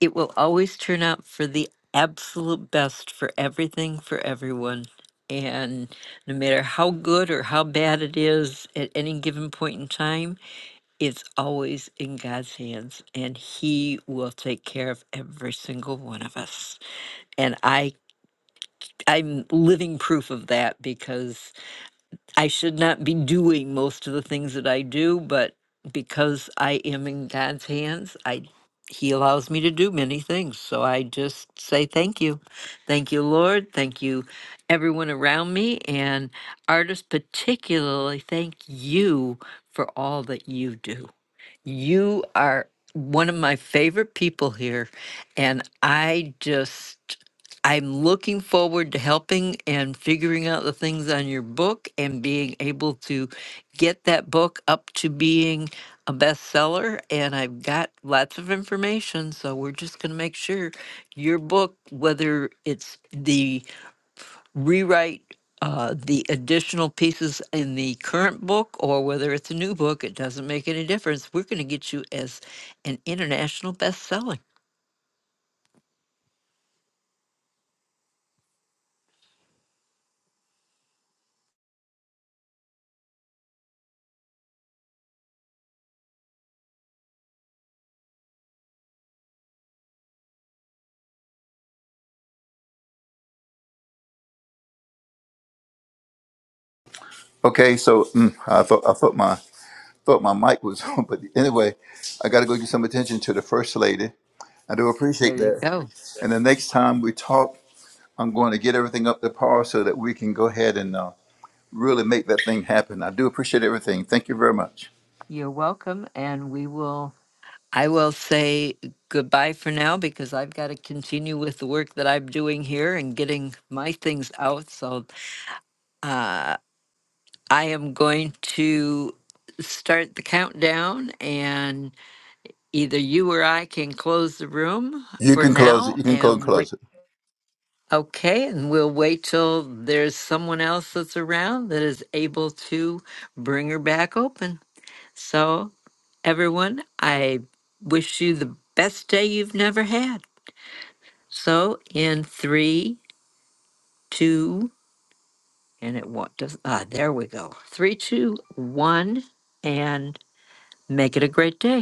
it will always turn out for the absolute best for everything, for everyone. And no matter how good or how bad it is at any given point in time, it's always in God's hands and he will take care of every single one of us. And I I'm living proof of that because I should not be doing most of the things that I do, but because I am in God's hands, I he allows me to do many things. So I just say thank you. Thank you, Lord. Thank you everyone around me and artists particularly thank you for all that you do. You are one of my favorite people here, and I just I'm looking forward to helping and figuring out the things on your book and being able to get that book up to being a bestseller. And I've got lots of information, so we're just going to make sure your book, whether it's the rewrite uh, the additional pieces in the current book or whether it's a new book, it doesn't make any difference. We're going to get you as an international bestseller.
Okay, so mm, I thought I thought my thought my mic was on, but anyway, I got to go give some attention to the first lady. I do
There
appreciate
you
that.
go.
And the next time we talk, I'm going to get everything up to par so that we can go ahead and uh, really make that thing happen. I do appreciate everything. Thank you very much.
You're welcome. And we will, I will say goodbye for now because I've got to continue with the work that I'm doing here and getting my things out. So uh, I am going to start the countdown. and. either you or I can close the room
You
for
can close it.
now
You can go and
and
close it.
wait. Okay, and we'll wait till there's someone else that's around that is able to bring her back open. So, everyone, I wish you the best day you've never had. So, in three, two, and it what does ah, there we go. Three, two, one, and make it a great day.